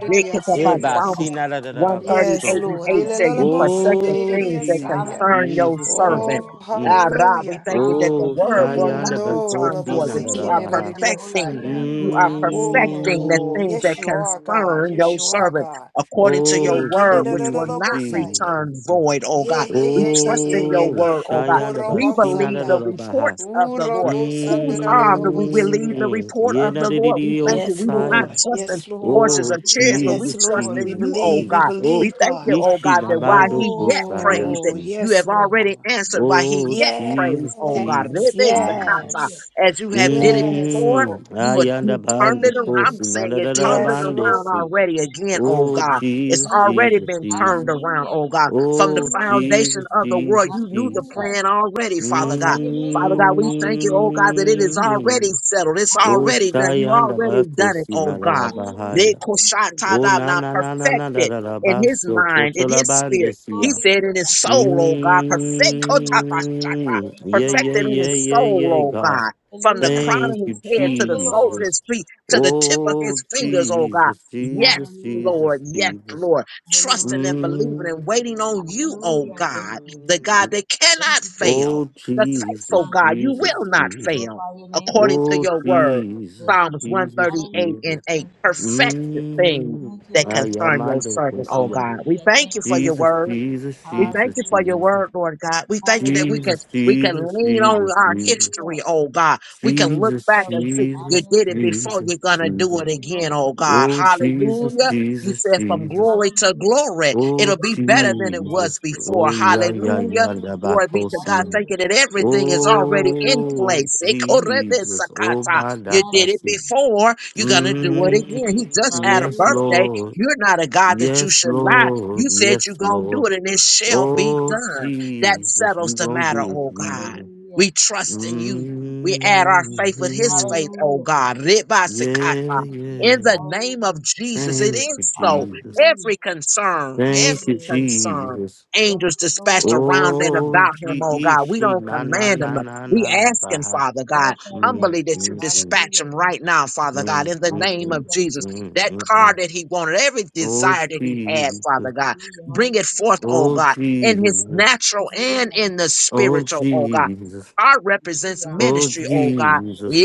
[SPEAKER 1] Eh,
[SPEAKER 4] Reketabas-
[SPEAKER 1] ba,
[SPEAKER 3] didiasaya.
[SPEAKER 2] Hallelujah.
[SPEAKER 1] si,
[SPEAKER 4] Psalms
[SPEAKER 1] na, da, da, da, da,
[SPEAKER 2] Glory
[SPEAKER 1] ba,
[SPEAKER 2] to
[SPEAKER 3] Yes,
[SPEAKER 2] you,
[SPEAKER 1] So,
[SPEAKER 4] 138 and
[SPEAKER 2] Lord.
[SPEAKER 3] Lord.
[SPEAKER 4] 8 said,
[SPEAKER 3] Ilelala
[SPEAKER 2] Hallelujah.
[SPEAKER 4] You
[SPEAKER 3] mosan
[SPEAKER 4] perfect the
[SPEAKER 1] oh,
[SPEAKER 4] things that
[SPEAKER 1] Jesus,
[SPEAKER 3] didiasaya.
[SPEAKER 4] concern
[SPEAKER 2] Hallelujah.
[SPEAKER 4] your
[SPEAKER 1] Jesus,
[SPEAKER 4] servant.
[SPEAKER 1] Jesus.
[SPEAKER 2] Hallelujah.
[SPEAKER 3] Oh,
[SPEAKER 1] Mm.
[SPEAKER 4] Ah, Ra, we
[SPEAKER 3] hallelujah.
[SPEAKER 4] thank you that the
[SPEAKER 1] Oh,
[SPEAKER 2] Hallelujah.
[SPEAKER 4] word will
[SPEAKER 3] Mm,
[SPEAKER 4] not
[SPEAKER 1] Shayanda
[SPEAKER 3] no, la la
[SPEAKER 4] return
[SPEAKER 1] Bakosi
[SPEAKER 4] void, that you
[SPEAKER 3] bosiki
[SPEAKER 4] are
[SPEAKER 2] Hallelujah. Glory
[SPEAKER 4] perfecting.
[SPEAKER 2] to
[SPEAKER 3] nilalidiasaya.
[SPEAKER 2] you,
[SPEAKER 4] You
[SPEAKER 2] Lord.
[SPEAKER 4] are
[SPEAKER 2] Hallelujah.
[SPEAKER 4] perfecting the
[SPEAKER 1] Mm.
[SPEAKER 3] Oh,
[SPEAKER 4] things that
[SPEAKER 3] yes, you are, God.
[SPEAKER 4] concern
[SPEAKER 3] Yes,
[SPEAKER 4] your
[SPEAKER 3] you are,
[SPEAKER 4] servant
[SPEAKER 3] God.
[SPEAKER 4] according to your
[SPEAKER 3] Yeah,
[SPEAKER 1] Oh,
[SPEAKER 4] word, which will
[SPEAKER 1] Jesus,
[SPEAKER 4] not
[SPEAKER 3] kinenadadadabosaya.
[SPEAKER 1] Jesus.
[SPEAKER 4] return void, oh
[SPEAKER 3] yeah, yeah,
[SPEAKER 4] God.
[SPEAKER 3] yeah,
[SPEAKER 4] We
[SPEAKER 3] yeah,
[SPEAKER 4] trust
[SPEAKER 3] yeah,
[SPEAKER 4] in
[SPEAKER 3] yeah,
[SPEAKER 4] your
[SPEAKER 1] Oh,
[SPEAKER 3] yeah.
[SPEAKER 4] word, oh God.
[SPEAKER 1] Shayanda
[SPEAKER 4] We
[SPEAKER 2] Thank you,
[SPEAKER 1] Basina da
[SPEAKER 4] believe
[SPEAKER 1] da
[SPEAKER 4] the
[SPEAKER 3] Kokorobansanda.
[SPEAKER 1] da
[SPEAKER 2] Jesus.
[SPEAKER 1] Baha.
[SPEAKER 4] reports of the Lord whose arm do we believe
[SPEAKER 3] Urobosandadadadabosia.
[SPEAKER 4] the
[SPEAKER 1] Mm.
[SPEAKER 4] report
[SPEAKER 2] Jesus,
[SPEAKER 4] of
[SPEAKER 1] Yena
[SPEAKER 4] the
[SPEAKER 1] de de
[SPEAKER 4] Lord? We
[SPEAKER 2] Jesus,
[SPEAKER 1] de oh,
[SPEAKER 4] thank you.
[SPEAKER 3] Yes,
[SPEAKER 4] We do
[SPEAKER 2] Lord,
[SPEAKER 4] not
[SPEAKER 1] Saya.
[SPEAKER 3] Lord.
[SPEAKER 4] trust
[SPEAKER 2] Lord
[SPEAKER 4] in
[SPEAKER 3] Yes,
[SPEAKER 2] Jesus,
[SPEAKER 3] Lord.
[SPEAKER 4] horses
[SPEAKER 1] Oh,
[SPEAKER 4] or
[SPEAKER 2] hallelujah,
[SPEAKER 4] chariots, but we
[SPEAKER 2] thank
[SPEAKER 3] Yes,
[SPEAKER 1] Jesus,
[SPEAKER 2] you.
[SPEAKER 4] trust
[SPEAKER 3] Lord. We
[SPEAKER 4] in
[SPEAKER 1] Jesus,
[SPEAKER 4] you, oh
[SPEAKER 3] believe. We
[SPEAKER 4] God.
[SPEAKER 1] Jesus. Oh,
[SPEAKER 4] We
[SPEAKER 3] believe,
[SPEAKER 4] thank you,
[SPEAKER 3] God.
[SPEAKER 4] oh God, that while
[SPEAKER 2] hallelujah,
[SPEAKER 1] Ishinabando
[SPEAKER 4] he
[SPEAKER 2] thank
[SPEAKER 4] yet
[SPEAKER 2] you, Lord.
[SPEAKER 4] prays,
[SPEAKER 1] Kosaya.
[SPEAKER 3] Oh,
[SPEAKER 4] that
[SPEAKER 1] Mm.
[SPEAKER 4] you
[SPEAKER 3] yes,
[SPEAKER 4] have already
[SPEAKER 3] Lord.
[SPEAKER 4] answered while he
[SPEAKER 1] Oh,
[SPEAKER 4] yet
[SPEAKER 3] Yes,
[SPEAKER 4] prays,
[SPEAKER 1] Jesus,
[SPEAKER 4] oh God.
[SPEAKER 1] Jesus, Jesus.
[SPEAKER 4] Rebesakata.
[SPEAKER 2] Hallelujah,
[SPEAKER 3] yes,
[SPEAKER 4] As you have did it
[SPEAKER 3] yes,
[SPEAKER 4] before,
[SPEAKER 3] Lord.
[SPEAKER 1] Mm,
[SPEAKER 4] you have
[SPEAKER 1] ayanda
[SPEAKER 4] you turned
[SPEAKER 1] bando
[SPEAKER 4] it around.
[SPEAKER 3] Mm.
[SPEAKER 4] I'm
[SPEAKER 1] kosi
[SPEAKER 2] hallelujah.
[SPEAKER 4] saying
[SPEAKER 1] nanda
[SPEAKER 4] you
[SPEAKER 1] da da la
[SPEAKER 4] turned it
[SPEAKER 3] Yes, Lord.
[SPEAKER 4] around
[SPEAKER 1] bandesi.
[SPEAKER 2] Hallelujah,
[SPEAKER 4] already
[SPEAKER 2] God,
[SPEAKER 4] again,
[SPEAKER 2] thank
[SPEAKER 4] oh
[SPEAKER 2] you.
[SPEAKER 1] Oh
[SPEAKER 4] God. It's
[SPEAKER 1] Jesus,
[SPEAKER 2] Thank you,
[SPEAKER 4] already
[SPEAKER 1] Jesus,
[SPEAKER 2] Jesus,
[SPEAKER 4] been turned
[SPEAKER 1] Jesus.
[SPEAKER 4] around,
[SPEAKER 2] hallelujah.
[SPEAKER 4] oh God. From the
[SPEAKER 1] Oh
[SPEAKER 2] Hallelujah, thank
[SPEAKER 4] foundation
[SPEAKER 1] Jesus,
[SPEAKER 2] you,
[SPEAKER 4] of the
[SPEAKER 2] Jesus,
[SPEAKER 4] world,
[SPEAKER 1] Jesus,
[SPEAKER 4] you knew the
[SPEAKER 2] hallelujah.
[SPEAKER 1] Jesus.
[SPEAKER 4] plan already,
[SPEAKER 2] And
[SPEAKER 4] Father
[SPEAKER 2] glorify
[SPEAKER 4] God.
[SPEAKER 2] your name,
[SPEAKER 4] Father
[SPEAKER 2] Lord,
[SPEAKER 4] God, we thank you, oh
[SPEAKER 2] hallelujah,
[SPEAKER 4] God, that it is
[SPEAKER 2] thank you.
[SPEAKER 4] already
[SPEAKER 1] Mm.
[SPEAKER 4] settled. It's
[SPEAKER 1] Oh
[SPEAKER 4] already
[SPEAKER 2] Hallelujah,
[SPEAKER 4] done. You
[SPEAKER 2] thank
[SPEAKER 1] shayanda
[SPEAKER 2] you.
[SPEAKER 4] already done it,
[SPEAKER 1] bakosi
[SPEAKER 4] oh
[SPEAKER 1] nanda la
[SPEAKER 4] God.
[SPEAKER 2] Hallelujah,
[SPEAKER 4] They
[SPEAKER 1] bahaya.
[SPEAKER 2] thank you.
[SPEAKER 1] Oh
[SPEAKER 4] koshatada
[SPEAKER 1] na
[SPEAKER 4] now
[SPEAKER 1] na na na na da
[SPEAKER 4] perfected
[SPEAKER 1] da da
[SPEAKER 4] in
[SPEAKER 2] Thank
[SPEAKER 4] his
[SPEAKER 1] baso
[SPEAKER 2] you.
[SPEAKER 4] mind, in
[SPEAKER 1] koto
[SPEAKER 4] his
[SPEAKER 1] la
[SPEAKER 4] spirit.
[SPEAKER 1] bandesi
[SPEAKER 4] He
[SPEAKER 2] Glorify your
[SPEAKER 4] said in
[SPEAKER 2] God,
[SPEAKER 4] his
[SPEAKER 2] I thank
[SPEAKER 4] soul,
[SPEAKER 2] you.
[SPEAKER 4] oh God, perfect
[SPEAKER 2] Thank you, Lord.
[SPEAKER 4] kotapashata,
[SPEAKER 1] Mm,
[SPEAKER 2] Thank you,
[SPEAKER 1] yeah,
[SPEAKER 2] Lord.
[SPEAKER 1] yeah,
[SPEAKER 4] perfected in his
[SPEAKER 1] yeah, yeah,
[SPEAKER 4] soul,
[SPEAKER 1] yeah,
[SPEAKER 4] oh
[SPEAKER 1] God.
[SPEAKER 4] God. From the
[SPEAKER 2] Hallelujah.
[SPEAKER 1] Thank
[SPEAKER 4] crown of
[SPEAKER 1] you,
[SPEAKER 4] his head
[SPEAKER 2] Thank
[SPEAKER 4] to
[SPEAKER 2] you,
[SPEAKER 4] the soles
[SPEAKER 2] Lord.
[SPEAKER 4] of
[SPEAKER 1] Jesus.
[SPEAKER 4] his feet, to the tip of
[SPEAKER 1] Oh,
[SPEAKER 4] his
[SPEAKER 2] Oh,
[SPEAKER 4] fingers, oh God.
[SPEAKER 1] Jesus,
[SPEAKER 4] Yes,
[SPEAKER 1] Jesus,
[SPEAKER 2] Hallelujah.
[SPEAKER 4] Lord,
[SPEAKER 1] Jesus,
[SPEAKER 4] yes,
[SPEAKER 1] Jesus.
[SPEAKER 4] Lord.
[SPEAKER 2] Hallelujah.
[SPEAKER 4] Trusting and believing and waiting on you, oh
[SPEAKER 2] Hallelujah. Thank
[SPEAKER 4] God,
[SPEAKER 2] you.
[SPEAKER 4] the God
[SPEAKER 1] Mm.
[SPEAKER 4] that
[SPEAKER 2] Thank
[SPEAKER 4] cannot
[SPEAKER 2] you, Jesus.
[SPEAKER 4] fail
[SPEAKER 1] Oh,
[SPEAKER 4] you're faithful,
[SPEAKER 1] Jesus,
[SPEAKER 4] God. You
[SPEAKER 1] Jesus,
[SPEAKER 2] Hallelujah.
[SPEAKER 4] will not
[SPEAKER 1] Jesus.
[SPEAKER 4] fail
[SPEAKER 2] Glorify your name,
[SPEAKER 4] according
[SPEAKER 2] Lord.
[SPEAKER 4] to
[SPEAKER 1] Oh,
[SPEAKER 4] your word.
[SPEAKER 2] Thank
[SPEAKER 1] Jesus,
[SPEAKER 2] you,
[SPEAKER 4] Psalms
[SPEAKER 2] Jesus.
[SPEAKER 1] Jesus,
[SPEAKER 4] 138
[SPEAKER 2] Hallelujah.
[SPEAKER 4] and
[SPEAKER 1] Jesus.
[SPEAKER 4] 8.
[SPEAKER 2] Thank you.
[SPEAKER 4] Perfect the things
[SPEAKER 1] Mm.
[SPEAKER 2] Thank you,
[SPEAKER 4] that
[SPEAKER 2] Lord.
[SPEAKER 4] concern your
[SPEAKER 1] Ayamando
[SPEAKER 4] servant, oh
[SPEAKER 1] Kosia.
[SPEAKER 4] God. We
[SPEAKER 2] Hallelujah.
[SPEAKER 4] thank
[SPEAKER 2] Thank
[SPEAKER 4] you
[SPEAKER 2] you,
[SPEAKER 4] for
[SPEAKER 2] Lord.
[SPEAKER 4] your
[SPEAKER 1] Jesus,
[SPEAKER 4] word.
[SPEAKER 1] Jesus,
[SPEAKER 4] We thank
[SPEAKER 1] Jesus,
[SPEAKER 4] you for your
[SPEAKER 2] Hallelujah.
[SPEAKER 1] Jesus.
[SPEAKER 4] word, Lord God. We thank you that we
[SPEAKER 2] Hallelujah. Hallelujah.
[SPEAKER 4] can
[SPEAKER 1] Jesus,
[SPEAKER 4] we can
[SPEAKER 1] Jesus,
[SPEAKER 4] lean
[SPEAKER 2] Thank
[SPEAKER 4] on
[SPEAKER 1] Jesus,
[SPEAKER 4] our
[SPEAKER 2] you,
[SPEAKER 1] Jesus,
[SPEAKER 2] for
[SPEAKER 4] history, oh God. We can look
[SPEAKER 1] Jesus,
[SPEAKER 4] back and
[SPEAKER 2] covering.
[SPEAKER 4] see you
[SPEAKER 1] Jesus,
[SPEAKER 4] did it
[SPEAKER 2] Hallelujah.
[SPEAKER 4] before
[SPEAKER 1] Jesus,
[SPEAKER 4] you're gonna do
[SPEAKER 1] Jesus.
[SPEAKER 4] it
[SPEAKER 2] Thank you, Lord,
[SPEAKER 4] again,
[SPEAKER 2] for
[SPEAKER 4] oh God.
[SPEAKER 1] Oh
[SPEAKER 2] protection. Hallelujah.
[SPEAKER 1] Jesus,
[SPEAKER 4] Hallelujah.
[SPEAKER 2] Thank you.
[SPEAKER 4] You
[SPEAKER 1] Jesus,
[SPEAKER 4] said from
[SPEAKER 1] Jesus.
[SPEAKER 4] glory to
[SPEAKER 2] Hallelujah.
[SPEAKER 4] glory,
[SPEAKER 1] Oh
[SPEAKER 4] it'll be
[SPEAKER 2] Lord,
[SPEAKER 4] better
[SPEAKER 2] I
[SPEAKER 4] than
[SPEAKER 2] hit
[SPEAKER 4] it
[SPEAKER 2] your ass,
[SPEAKER 4] was
[SPEAKER 1] Jesus.
[SPEAKER 2] Lord. Get it
[SPEAKER 4] before.
[SPEAKER 1] Oh
[SPEAKER 2] right,
[SPEAKER 1] yeah, yeah,
[SPEAKER 2] Lord. In the
[SPEAKER 4] Hallelujah.
[SPEAKER 1] yeah,
[SPEAKER 2] name of
[SPEAKER 1] Da
[SPEAKER 4] Glory
[SPEAKER 2] Jesus.
[SPEAKER 4] be to God.
[SPEAKER 1] Labacosia.
[SPEAKER 4] Thank
[SPEAKER 2] Hallelujah.
[SPEAKER 4] you that
[SPEAKER 2] Thank
[SPEAKER 4] everything
[SPEAKER 2] you,
[SPEAKER 4] is
[SPEAKER 2] Lord.
[SPEAKER 4] already in
[SPEAKER 1] Oh
[SPEAKER 4] place.
[SPEAKER 1] Jesus. Oh
[SPEAKER 4] Ekorebesakata. You did it
[SPEAKER 2] Hallelujah.
[SPEAKER 1] Badakasi.
[SPEAKER 4] before. You're going to do it
[SPEAKER 2] Thank you,
[SPEAKER 4] again. He
[SPEAKER 2] Jesus.
[SPEAKER 1] Mm,
[SPEAKER 4] just had a
[SPEAKER 1] yes,
[SPEAKER 2] Hallelujah.
[SPEAKER 4] birthday.
[SPEAKER 1] Lord.
[SPEAKER 4] You're not a God that you
[SPEAKER 1] Yes,
[SPEAKER 4] should lie. You
[SPEAKER 1] Lord.
[SPEAKER 4] said
[SPEAKER 1] Yes,
[SPEAKER 4] you're going to do
[SPEAKER 1] Lord.
[SPEAKER 4] it and it shall be
[SPEAKER 1] Oh
[SPEAKER 4] done. That
[SPEAKER 1] Jesus,
[SPEAKER 4] settles
[SPEAKER 1] you
[SPEAKER 4] the
[SPEAKER 1] gonna
[SPEAKER 2] Thank
[SPEAKER 4] matter,
[SPEAKER 1] do it,
[SPEAKER 4] oh
[SPEAKER 2] you, hallelujah.
[SPEAKER 4] God.
[SPEAKER 1] Jesus.
[SPEAKER 2] Hallelujah.
[SPEAKER 4] We trust in you. We
[SPEAKER 2] Thank
[SPEAKER 4] add
[SPEAKER 2] you,
[SPEAKER 4] our faith
[SPEAKER 2] Jesus.
[SPEAKER 4] with his
[SPEAKER 1] Mhm.
[SPEAKER 4] faith, oh
[SPEAKER 2] Hallelujah.
[SPEAKER 4] God.
[SPEAKER 1] Yeah,
[SPEAKER 4] Ribasikata.
[SPEAKER 2] Thank you, Jesus.
[SPEAKER 4] In
[SPEAKER 1] yeah.
[SPEAKER 4] the name of
[SPEAKER 2] Hallelujah.
[SPEAKER 4] Jesus,
[SPEAKER 1] Thank
[SPEAKER 4] it
[SPEAKER 1] you,
[SPEAKER 4] is so.
[SPEAKER 1] Jesus.
[SPEAKER 2] Hallelujah.
[SPEAKER 4] Every concern,
[SPEAKER 2] Thank you,
[SPEAKER 1] Thank you,
[SPEAKER 4] every
[SPEAKER 2] Lord.
[SPEAKER 4] concern.
[SPEAKER 1] Jesus.
[SPEAKER 2] Thank
[SPEAKER 4] Angels
[SPEAKER 2] you,
[SPEAKER 4] dispatched
[SPEAKER 2] Lord.
[SPEAKER 4] around and
[SPEAKER 1] Oh,
[SPEAKER 4] about him,
[SPEAKER 1] gee,
[SPEAKER 4] oh God. We
[SPEAKER 1] she,
[SPEAKER 4] don't
[SPEAKER 1] na, na,
[SPEAKER 4] command him.
[SPEAKER 1] na, na,
[SPEAKER 4] We
[SPEAKER 1] na,
[SPEAKER 2] Hallelujah.
[SPEAKER 1] na,
[SPEAKER 4] ask him,
[SPEAKER 1] baha.
[SPEAKER 4] Father God,
[SPEAKER 2] Glorify your
[SPEAKER 1] Mm,
[SPEAKER 4] humbly
[SPEAKER 2] name,
[SPEAKER 4] that
[SPEAKER 2] Lord.
[SPEAKER 4] you
[SPEAKER 1] mm, mm,
[SPEAKER 4] dispatch
[SPEAKER 2] Hallelujah.
[SPEAKER 4] him
[SPEAKER 2] Thank
[SPEAKER 4] right now,
[SPEAKER 2] you.
[SPEAKER 4] Father God,
[SPEAKER 1] mm,
[SPEAKER 4] in
[SPEAKER 1] mm,
[SPEAKER 4] the
[SPEAKER 1] mm,
[SPEAKER 4] name of
[SPEAKER 2] Hallelujah.
[SPEAKER 4] Jesus
[SPEAKER 2] Thank you,
[SPEAKER 1] mm,
[SPEAKER 4] that
[SPEAKER 2] Jesus.
[SPEAKER 1] mm,
[SPEAKER 4] car
[SPEAKER 1] mm.
[SPEAKER 4] that he wanted, every
[SPEAKER 1] Oh,
[SPEAKER 4] desire that he had, Father
[SPEAKER 1] Jesus.
[SPEAKER 4] God.
[SPEAKER 2] Hallelujah.
[SPEAKER 4] Bring it
[SPEAKER 2] Hallelujah.
[SPEAKER 4] forth, oh
[SPEAKER 1] Oh,
[SPEAKER 4] God, in his
[SPEAKER 1] Jesus.
[SPEAKER 2] Hallelujah.
[SPEAKER 4] natural and in the
[SPEAKER 2] Hallelujah.
[SPEAKER 1] Oh,
[SPEAKER 4] spiritual,
[SPEAKER 2] Hallelujah.
[SPEAKER 4] oh God.
[SPEAKER 1] Jesus.
[SPEAKER 4] Art
[SPEAKER 2] Hallelujah,
[SPEAKER 4] represents
[SPEAKER 2] hallelujah,
[SPEAKER 1] Oh,
[SPEAKER 4] ministry, oh God.
[SPEAKER 1] Jesus.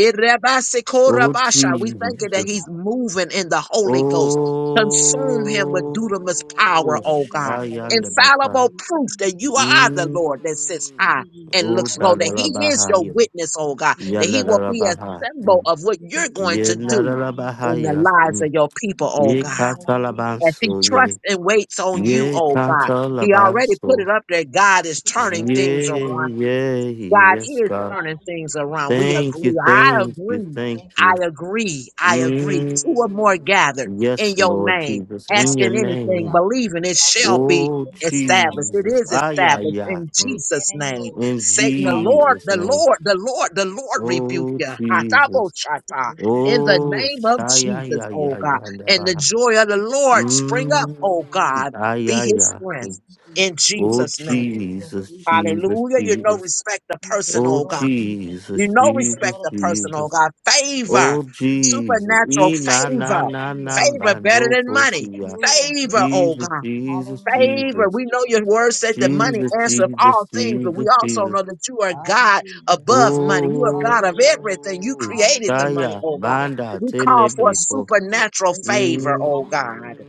[SPEAKER 1] Oh,
[SPEAKER 4] We thank you that
[SPEAKER 1] Jesus.
[SPEAKER 2] hallelujah,
[SPEAKER 4] he's moving
[SPEAKER 2] hallelujah,
[SPEAKER 4] in the
[SPEAKER 1] Oh,
[SPEAKER 4] Holy Ghost. Consume him with dunamis power, oh God.
[SPEAKER 1] Shayan the
[SPEAKER 2] hallelujah,
[SPEAKER 1] Baka.
[SPEAKER 4] Infallible proof
[SPEAKER 2] hallelujah.
[SPEAKER 4] that you are the
[SPEAKER 1] Mm.
[SPEAKER 4] Lord that sits
[SPEAKER 2] Thank
[SPEAKER 4] high
[SPEAKER 2] you, Jesus.
[SPEAKER 4] and
[SPEAKER 1] Oh,
[SPEAKER 4] looks low, that
[SPEAKER 2] Hallelujah.
[SPEAKER 1] Dadala
[SPEAKER 4] he is your
[SPEAKER 1] Bahaya.
[SPEAKER 4] witness, oh God,
[SPEAKER 2] Lord,
[SPEAKER 4] that he will
[SPEAKER 1] Yandala
[SPEAKER 4] be a
[SPEAKER 2] hallelujah.
[SPEAKER 1] Baha.
[SPEAKER 4] symbol of what you're
[SPEAKER 2] Thank you,
[SPEAKER 4] going to
[SPEAKER 2] Lord,
[SPEAKER 4] do
[SPEAKER 1] Yandala
[SPEAKER 2] hallelujah.
[SPEAKER 4] in the
[SPEAKER 1] Bahaya.
[SPEAKER 4] lives of your people,
[SPEAKER 2] Thank
[SPEAKER 4] oh
[SPEAKER 1] Ye
[SPEAKER 2] you,
[SPEAKER 4] God.
[SPEAKER 2] hallelujah.
[SPEAKER 4] As he
[SPEAKER 1] Catalabanso,
[SPEAKER 4] trusts
[SPEAKER 1] ye.
[SPEAKER 4] and waits on
[SPEAKER 2] Lord,
[SPEAKER 4] you,
[SPEAKER 1] Ye
[SPEAKER 2] hallelujah.
[SPEAKER 4] oh
[SPEAKER 2] Thank
[SPEAKER 4] God. He already put
[SPEAKER 1] Catalabanso.
[SPEAKER 4] it up there. God is
[SPEAKER 2] you, Lord,
[SPEAKER 4] turning things
[SPEAKER 1] Ye,
[SPEAKER 4] around.
[SPEAKER 2] hallelujah.
[SPEAKER 1] ye,
[SPEAKER 4] God
[SPEAKER 1] yes,
[SPEAKER 4] is
[SPEAKER 2] Lord,
[SPEAKER 1] God.
[SPEAKER 4] turning
[SPEAKER 2] hallelujah.
[SPEAKER 4] things around. We
[SPEAKER 1] Thank you,
[SPEAKER 4] agree. I
[SPEAKER 1] thank you,
[SPEAKER 4] agree.
[SPEAKER 1] thank
[SPEAKER 2] Thank you,
[SPEAKER 1] you.
[SPEAKER 4] I
[SPEAKER 2] Jesus.
[SPEAKER 4] agree. I agree.
[SPEAKER 2] Thank
[SPEAKER 4] Two
[SPEAKER 1] Mm.
[SPEAKER 4] or
[SPEAKER 2] you, Jesus.
[SPEAKER 4] more gathered in
[SPEAKER 1] Yes,
[SPEAKER 4] your
[SPEAKER 1] Lord
[SPEAKER 4] name,
[SPEAKER 1] Jesus, in your
[SPEAKER 4] asking
[SPEAKER 2] Hallelujah,
[SPEAKER 4] anything,
[SPEAKER 1] name.
[SPEAKER 4] believing it
[SPEAKER 2] hallelujah,
[SPEAKER 4] shall be
[SPEAKER 2] hallelujah.
[SPEAKER 1] Oh,
[SPEAKER 2] Thank you, Lord,
[SPEAKER 4] established. It
[SPEAKER 1] Jesus.
[SPEAKER 4] is
[SPEAKER 2] hallelujah.
[SPEAKER 1] Ay,
[SPEAKER 4] established
[SPEAKER 1] ay, ay.
[SPEAKER 4] in
[SPEAKER 2] Glory
[SPEAKER 1] Mm.
[SPEAKER 2] to your
[SPEAKER 4] Jesus'
[SPEAKER 2] name,
[SPEAKER 4] name.
[SPEAKER 2] Lord.
[SPEAKER 1] In
[SPEAKER 4] Satan, the Lord,
[SPEAKER 1] Jesus'
[SPEAKER 4] the
[SPEAKER 2] Hallelujah.
[SPEAKER 1] name.
[SPEAKER 4] Lord, the Lord, the Lord rebuke
[SPEAKER 1] Oh,
[SPEAKER 4] you.
[SPEAKER 1] Jesus.
[SPEAKER 2] It is
[SPEAKER 4] Hataboshata.
[SPEAKER 2] a Jesus
[SPEAKER 4] In the
[SPEAKER 2] name.
[SPEAKER 1] Oh,
[SPEAKER 2] Thank
[SPEAKER 4] name of
[SPEAKER 1] shy, ay,
[SPEAKER 4] Jesus,
[SPEAKER 1] ay,
[SPEAKER 4] oh God.
[SPEAKER 1] ay, ay,
[SPEAKER 4] And the
[SPEAKER 1] ay.
[SPEAKER 4] joy of the Lord spring up,
[SPEAKER 2] you,
[SPEAKER 1] Mm.
[SPEAKER 4] oh
[SPEAKER 2] Jesus.
[SPEAKER 4] God.
[SPEAKER 1] Ay,
[SPEAKER 4] Be
[SPEAKER 1] ay,
[SPEAKER 4] his
[SPEAKER 1] ay.
[SPEAKER 2] Thank
[SPEAKER 1] Mm.
[SPEAKER 4] strength
[SPEAKER 2] you,
[SPEAKER 4] in
[SPEAKER 2] Jesus.
[SPEAKER 1] Oh,
[SPEAKER 4] Jesus' name.
[SPEAKER 2] Jesus,
[SPEAKER 1] Jesus,
[SPEAKER 2] Jesus,
[SPEAKER 1] Jesus,
[SPEAKER 4] Hallelujah. You know,
[SPEAKER 1] Jesus.
[SPEAKER 4] respect the
[SPEAKER 2] Jesus,
[SPEAKER 4] person,
[SPEAKER 2] the
[SPEAKER 1] Oh,
[SPEAKER 4] oh
[SPEAKER 2] Lord of
[SPEAKER 4] God.
[SPEAKER 2] Jesus.
[SPEAKER 4] You
[SPEAKER 1] Jesus,
[SPEAKER 2] Jesus,
[SPEAKER 4] know,
[SPEAKER 2] the
[SPEAKER 4] respect
[SPEAKER 1] Jesus,
[SPEAKER 2] Lord
[SPEAKER 4] the
[SPEAKER 2] of Jesus.
[SPEAKER 4] person, oh
[SPEAKER 1] Jesus.
[SPEAKER 4] God. Favor,
[SPEAKER 1] Oh, Jesus.
[SPEAKER 4] supernatural
[SPEAKER 2] Thank
[SPEAKER 1] E na
[SPEAKER 2] you.
[SPEAKER 1] na
[SPEAKER 4] favor,
[SPEAKER 1] na
[SPEAKER 2] Hallelujah.
[SPEAKER 1] na
[SPEAKER 2] Thank
[SPEAKER 4] favor
[SPEAKER 2] you.
[SPEAKER 4] better
[SPEAKER 1] bando
[SPEAKER 4] than money.
[SPEAKER 1] kosia.
[SPEAKER 4] Favor, oh
[SPEAKER 1] Jesus,
[SPEAKER 4] God.
[SPEAKER 1] Jesus,
[SPEAKER 2] Hallelujah.
[SPEAKER 4] Favor.
[SPEAKER 1] Jesus.
[SPEAKER 2] Thank you. Hallelujah. Hallelujah.
[SPEAKER 4] We know your
[SPEAKER 2] The
[SPEAKER 4] word
[SPEAKER 2] blood of
[SPEAKER 4] said that
[SPEAKER 2] Jesus.
[SPEAKER 4] money
[SPEAKER 1] Jesus,
[SPEAKER 4] answers
[SPEAKER 1] Jesus,
[SPEAKER 4] all things, but we
[SPEAKER 1] Jesus,
[SPEAKER 4] also
[SPEAKER 1] Jesus.
[SPEAKER 4] know that you are God
[SPEAKER 2] Hallelujah.
[SPEAKER 4] above money. You are
[SPEAKER 1] Oh,
[SPEAKER 4] God of
[SPEAKER 2] Hallelujah.
[SPEAKER 4] everything. You created the
[SPEAKER 2] Hallelujah.
[SPEAKER 4] money,
[SPEAKER 1] Shaya
[SPEAKER 4] oh
[SPEAKER 2] Thank you,
[SPEAKER 4] God.
[SPEAKER 2] Lord.
[SPEAKER 1] Banda
[SPEAKER 4] We call for
[SPEAKER 1] Telebeko.
[SPEAKER 2] Hallelujah.
[SPEAKER 4] supernatural
[SPEAKER 2] Thank you, Jesus.
[SPEAKER 4] favor,
[SPEAKER 1] Mm,
[SPEAKER 4] oh God.
[SPEAKER 2] Hallelujah.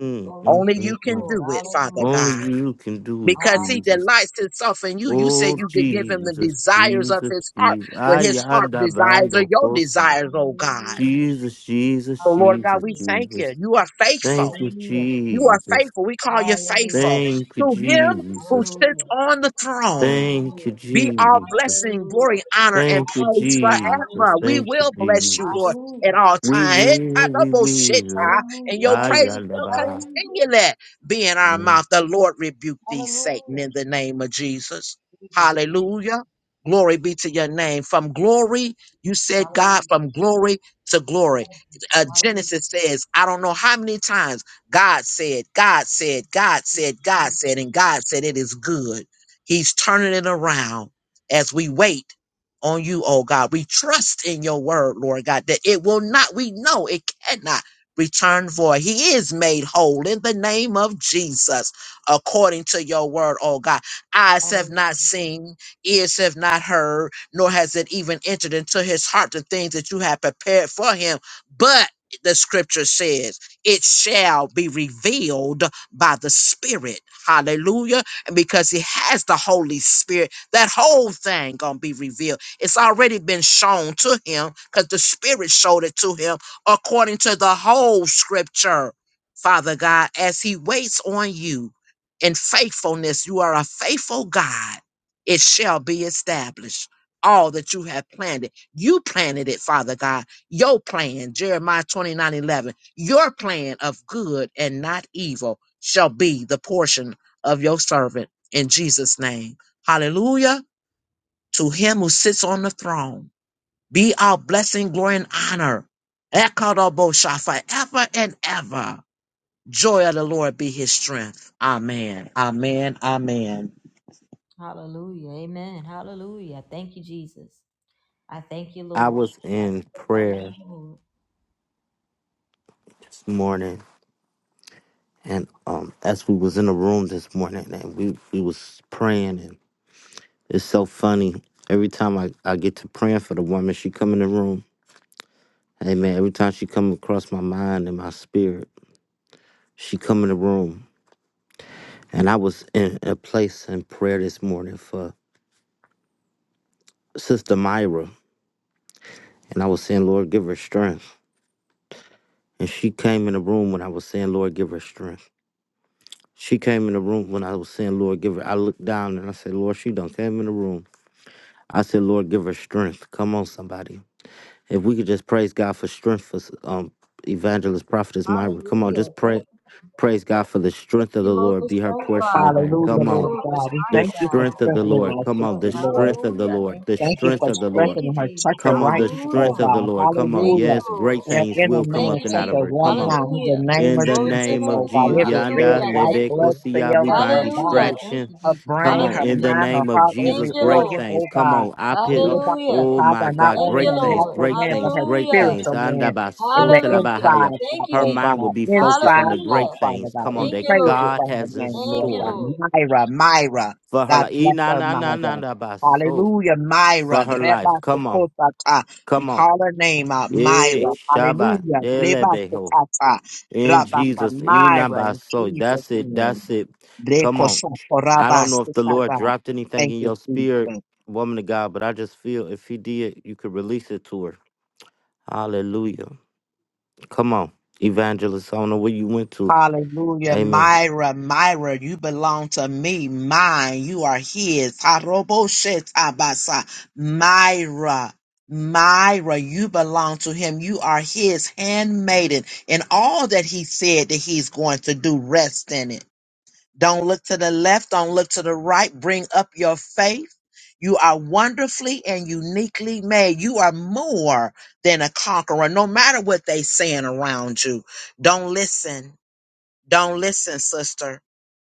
[SPEAKER 1] mm,
[SPEAKER 2] Glory to
[SPEAKER 1] mm,
[SPEAKER 4] Only
[SPEAKER 2] your name,
[SPEAKER 4] you
[SPEAKER 1] mm.
[SPEAKER 4] can
[SPEAKER 1] mm.
[SPEAKER 2] Lord.
[SPEAKER 4] do it, Father
[SPEAKER 2] Hallelujah.
[SPEAKER 1] Only
[SPEAKER 4] God
[SPEAKER 1] you can do it,
[SPEAKER 4] because he
[SPEAKER 1] Jesus.
[SPEAKER 4] delights himself in you. You said
[SPEAKER 1] Oh,
[SPEAKER 4] you could give
[SPEAKER 2] Hallelujah.
[SPEAKER 4] him the
[SPEAKER 1] Jesus,
[SPEAKER 4] desires of
[SPEAKER 1] Jesus,
[SPEAKER 4] his heart
[SPEAKER 1] Jesus.
[SPEAKER 4] when
[SPEAKER 2] Hallelujah.
[SPEAKER 4] his heart
[SPEAKER 1] Ayanda
[SPEAKER 4] desires are
[SPEAKER 1] Bando
[SPEAKER 4] your
[SPEAKER 1] Kosa.
[SPEAKER 4] desires, oh God.
[SPEAKER 2] Hallelujah.
[SPEAKER 1] Jesus, Jesus,
[SPEAKER 4] So Lord God,
[SPEAKER 1] Jesus,
[SPEAKER 4] we
[SPEAKER 2] Hallelujah.
[SPEAKER 4] thank you.
[SPEAKER 1] Jesus.
[SPEAKER 4] You are faithful.
[SPEAKER 1] Thank you,
[SPEAKER 2] Hallelujah.
[SPEAKER 4] You are
[SPEAKER 1] Jesus.
[SPEAKER 4] faithful. We call you
[SPEAKER 2] Hallelujah.
[SPEAKER 4] faithful
[SPEAKER 1] Thank you,
[SPEAKER 4] to him who
[SPEAKER 1] Jesus.
[SPEAKER 4] sits
[SPEAKER 2] Hallelujah.
[SPEAKER 4] on the throne.
[SPEAKER 1] Thank you,
[SPEAKER 2] Hallelujah.
[SPEAKER 4] Be all
[SPEAKER 1] Jesus.
[SPEAKER 4] blessing,
[SPEAKER 2] Hallelujah.
[SPEAKER 4] glory, honor, and
[SPEAKER 1] Thank you,
[SPEAKER 4] praise
[SPEAKER 2] Hallelujah. Hallelujah.
[SPEAKER 1] Jesus.
[SPEAKER 4] forever.
[SPEAKER 2] Hallelujah.
[SPEAKER 4] We
[SPEAKER 1] Thank you,
[SPEAKER 4] will bless you,
[SPEAKER 1] Jesus.
[SPEAKER 4] Lord, at all
[SPEAKER 1] We
[SPEAKER 4] times.
[SPEAKER 1] will, we will.
[SPEAKER 4] And
[SPEAKER 2] Hallelujah.
[SPEAKER 4] your praises shall
[SPEAKER 1] Ayalabaha.
[SPEAKER 2] Hallelujah.
[SPEAKER 4] continue that be in our
[SPEAKER 1] Mm.
[SPEAKER 4] mouth. The Lord rebuke
[SPEAKER 2] Hallelujah.
[SPEAKER 4] thee, Satan,
[SPEAKER 2] Hallelujah.
[SPEAKER 4] in the name of Jesus.
[SPEAKER 2] Jesus. Jesus.
[SPEAKER 4] Hallelujah. Glory be
[SPEAKER 2] Jesus.
[SPEAKER 4] to your name. From glory, you said, God,
[SPEAKER 2] Hallelujah.
[SPEAKER 4] from glory to glory. Uh,
[SPEAKER 2] Hallelujah.
[SPEAKER 4] Genesis says, I don't know how many times God said, God said, God said,
[SPEAKER 2] Jesus.
[SPEAKER 4] God
[SPEAKER 2] Jesus.
[SPEAKER 4] said, and God said, it is good. He's turning it around as we wait on you, oh God. We trust in your word, Lord God, that it will not, we know it cannot return void. He is made whole in the name of Jesus, according to your word, oh God. Eyes have not
[SPEAKER 2] Hallelujah.
[SPEAKER 4] seen, ears have not heard, nor has it even entered into his heart the things that you have prepared for him. But the scripture says, it shall be revealed by the Spirit. Hallelujah because he has the Holy Spirit. That whole thing gonna be revealed. It's already been shown to him because the Spirit showed it to him according to the whole Scripture. Father God, as he waits on you in faithfulness, you are a faithful God. It shall be established. All that you have planted, you planted it, Father God. Your plan, Jeremiah 29 11. your plan of good and not evil shall be the portion of your servant in Jesus' name. Hallelujah. To him who sits on the throne, be our blessing, glory, and honor. Ekadobosha forever and ever. Joy of the Lord be his strength. Amen. Amen. Amen.
[SPEAKER 2] Hallelujah. Amen. Hallelujah. Thank you, Jesus. I thank you,
[SPEAKER 1] I
[SPEAKER 2] Lord.
[SPEAKER 1] was
[SPEAKER 2] I
[SPEAKER 1] in
[SPEAKER 2] glorify your
[SPEAKER 1] prayer
[SPEAKER 2] name.
[SPEAKER 1] this morning and um as we was in the room this morning and we, we was praying and it's so funny. Every time I, I get to praying for the woman, she come in the room. Hey man, every time she come across my mind and my spirit, she come in the room. And I was in a place in prayer this morning for Sister Myra. And I was saying, Lord, give her strength. And she came in the room when I was saying, Lord, give her strength. She came in the room when I was saying, Lord, give her. I looked down and I said, Lord, she done came in the room. I said, Lord, give her strength. Come on, somebody. If we could just praise God for strength for um, evangelist, prophetess Myra. Come on,
[SPEAKER 2] Hallelujah.
[SPEAKER 1] just
[SPEAKER 2] Thank
[SPEAKER 1] pray.
[SPEAKER 2] you, Thank
[SPEAKER 1] Praise God for the strength of
[SPEAKER 2] you,
[SPEAKER 1] the
[SPEAKER 2] Lord,
[SPEAKER 1] Lord.
[SPEAKER 2] for
[SPEAKER 1] Be her
[SPEAKER 2] strength,
[SPEAKER 1] portion
[SPEAKER 2] God.
[SPEAKER 1] today.
[SPEAKER 2] Thank
[SPEAKER 4] Hallelujah,
[SPEAKER 1] Come
[SPEAKER 2] you,
[SPEAKER 1] on.
[SPEAKER 4] Lord
[SPEAKER 2] Lord, for
[SPEAKER 4] God. We
[SPEAKER 1] The
[SPEAKER 2] strength,
[SPEAKER 4] thank you
[SPEAKER 2] God.
[SPEAKER 4] for
[SPEAKER 2] I
[SPEAKER 1] strength of
[SPEAKER 2] Thank
[SPEAKER 1] the
[SPEAKER 2] you,
[SPEAKER 4] strengthening
[SPEAKER 2] Lord,
[SPEAKER 1] Lord.
[SPEAKER 4] our
[SPEAKER 2] for
[SPEAKER 1] Come on.
[SPEAKER 2] strength.
[SPEAKER 1] The
[SPEAKER 4] sister, Lord.
[SPEAKER 1] strength of the
[SPEAKER 2] Hallelujah.
[SPEAKER 1] Lord.
[SPEAKER 2] Thank
[SPEAKER 1] The
[SPEAKER 2] you.
[SPEAKER 4] Thank you
[SPEAKER 1] strength
[SPEAKER 4] for
[SPEAKER 1] of the
[SPEAKER 2] Thank
[SPEAKER 1] Lord.
[SPEAKER 2] you,
[SPEAKER 4] strengthening her.
[SPEAKER 2] Jesus.
[SPEAKER 4] Touch her
[SPEAKER 1] Come on.
[SPEAKER 4] right
[SPEAKER 1] The
[SPEAKER 4] now, oh
[SPEAKER 1] strength
[SPEAKER 2] Hallelujah.
[SPEAKER 1] of the
[SPEAKER 4] God.
[SPEAKER 1] Lord. Come on.
[SPEAKER 2] Thank you,
[SPEAKER 4] Hallelujah.
[SPEAKER 1] Yes,
[SPEAKER 2] Lord.
[SPEAKER 1] great
[SPEAKER 4] Your
[SPEAKER 1] things
[SPEAKER 4] inner
[SPEAKER 1] will come
[SPEAKER 2] Thank
[SPEAKER 4] man,
[SPEAKER 1] up
[SPEAKER 2] you,
[SPEAKER 1] and
[SPEAKER 4] touch
[SPEAKER 1] out of
[SPEAKER 4] her
[SPEAKER 2] Jesus.
[SPEAKER 1] her.
[SPEAKER 4] right
[SPEAKER 1] Come on.
[SPEAKER 4] now in the
[SPEAKER 2] Hallelujah.
[SPEAKER 4] name
[SPEAKER 1] In
[SPEAKER 4] of
[SPEAKER 1] the
[SPEAKER 2] Glory to your
[SPEAKER 4] Jesus,
[SPEAKER 1] name of
[SPEAKER 4] oh
[SPEAKER 2] name,
[SPEAKER 4] God.
[SPEAKER 2] Lord.
[SPEAKER 1] Jesus,
[SPEAKER 4] Every red,
[SPEAKER 1] Yanda
[SPEAKER 2] Hallelujah.
[SPEAKER 4] white
[SPEAKER 2] Thank
[SPEAKER 4] blood
[SPEAKER 2] you.
[SPEAKER 1] Lebekosiya, we
[SPEAKER 4] cell in
[SPEAKER 1] bind
[SPEAKER 4] her
[SPEAKER 2] Hallelujah.
[SPEAKER 4] body,
[SPEAKER 2] Thank
[SPEAKER 1] distraction.
[SPEAKER 2] you,
[SPEAKER 4] her
[SPEAKER 2] Jesus.
[SPEAKER 1] Come
[SPEAKER 4] brain,
[SPEAKER 1] on,
[SPEAKER 4] her
[SPEAKER 1] in
[SPEAKER 2] Hallelujah.
[SPEAKER 1] the
[SPEAKER 4] mind, her
[SPEAKER 1] name of
[SPEAKER 4] heart,
[SPEAKER 2] Thank
[SPEAKER 1] Jesus,
[SPEAKER 4] every
[SPEAKER 2] you,
[SPEAKER 1] great
[SPEAKER 4] organ,
[SPEAKER 2] Lord.
[SPEAKER 1] things.
[SPEAKER 4] oh
[SPEAKER 1] Come
[SPEAKER 4] God.
[SPEAKER 1] on, I
[SPEAKER 4] Give
[SPEAKER 1] put. on-
[SPEAKER 4] us the
[SPEAKER 2] Hallelujah.
[SPEAKER 1] Oh my
[SPEAKER 4] power, not
[SPEAKER 1] God,
[SPEAKER 2] Thank
[SPEAKER 4] only
[SPEAKER 2] you,
[SPEAKER 1] great
[SPEAKER 4] her
[SPEAKER 1] things,
[SPEAKER 2] Lord.
[SPEAKER 4] natural
[SPEAKER 1] great
[SPEAKER 4] man, but
[SPEAKER 1] things,
[SPEAKER 4] her
[SPEAKER 1] great
[SPEAKER 2] Hallelujah.
[SPEAKER 1] things.
[SPEAKER 4] spiritual
[SPEAKER 1] Anda
[SPEAKER 4] man in the
[SPEAKER 2] Hallelujah.
[SPEAKER 1] basotelabahaya.
[SPEAKER 4] inside,
[SPEAKER 2] Thank
[SPEAKER 4] out,
[SPEAKER 2] you,
[SPEAKER 1] Her
[SPEAKER 4] oh
[SPEAKER 1] mind
[SPEAKER 2] Jesus.
[SPEAKER 1] will
[SPEAKER 4] God.
[SPEAKER 1] be focused on
[SPEAKER 4] Inside
[SPEAKER 1] the
[SPEAKER 2] Hallelujah.
[SPEAKER 4] out,
[SPEAKER 1] great
[SPEAKER 4] Father
[SPEAKER 1] things.
[SPEAKER 4] God.
[SPEAKER 1] Come
[SPEAKER 4] We
[SPEAKER 1] on,
[SPEAKER 2] Thank you,
[SPEAKER 1] that
[SPEAKER 4] praise you
[SPEAKER 2] Lord.
[SPEAKER 1] God
[SPEAKER 4] for her
[SPEAKER 1] has in
[SPEAKER 4] name,
[SPEAKER 2] Thank
[SPEAKER 4] Lord
[SPEAKER 2] you,
[SPEAKER 4] God.
[SPEAKER 1] store
[SPEAKER 2] Lord.
[SPEAKER 4] Myra, Myra.
[SPEAKER 1] for her
[SPEAKER 4] God
[SPEAKER 1] life.
[SPEAKER 4] bless
[SPEAKER 1] Ina
[SPEAKER 4] her,
[SPEAKER 1] na na
[SPEAKER 4] Myra.
[SPEAKER 1] na na baso
[SPEAKER 4] Hallelujah,
[SPEAKER 1] for
[SPEAKER 4] Myra.
[SPEAKER 1] her
[SPEAKER 4] Reba
[SPEAKER 1] life. Come on,
[SPEAKER 4] Sokotata. We
[SPEAKER 1] come on.
[SPEAKER 4] call her name out,
[SPEAKER 1] Eh,
[SPEAKER 4] Myra.
[SPEAKER 1] Shabbat,
[SPEAKER 4] Hallelujah. Reba
[SPEAKER 1] delebeho.
[SPEAKER 4] Sokata.
[SPEAKER 1] In
[SPEAKER 4] Rabasa
[SPEAKER 1] Jesus, E not
[SPEAKER 4] Myra
[SPEAKER 1] by
[SPEAKER 4] in
[SPEAKER 1] soul.
[SPEAKER 4] Jesus'
[SPEAKER 1] That's it.
[SPEAKER 4] name.
[SPEAKER 1] That's it. Come
[SPEAKER 4] Reko
[SPEAKER 1] on. I
[SPEAKER 4] Sokoraba
[SPEAKER 1] don't know if the Lord
[SPEAKER 4] Sokata.
[SPEAKER 1] dropped anything
[SPEAKER 4] Thank
[SPEAKER 1] in
[SPEAKER 4] you,
[SPEAKER 1] your spirit,
[SPEAKER 4] Jesus.
[SPEAKER 1] woman of God, but I just feel if He did, you could release it to her. Hallelujah. Come on, evangelist. I don't know where you went to.
[SPEAKER 4] Hallelujah.
[SPEAKER 1] Amen.
[SPEAKER 4] Myra, Myra, you belong to me. Mine, you are his. Haroboshetabasa. Myra, Myra, you belong to him. You are his handmaiden. And all that he said that he's going to do, rest in it. Don't look to the left. Don't look to the right. Bring up your faith. You are wonderfully and uniquely made. You are more than a conqueror, no matter what they saying around you. Don't listen don't listen, sister.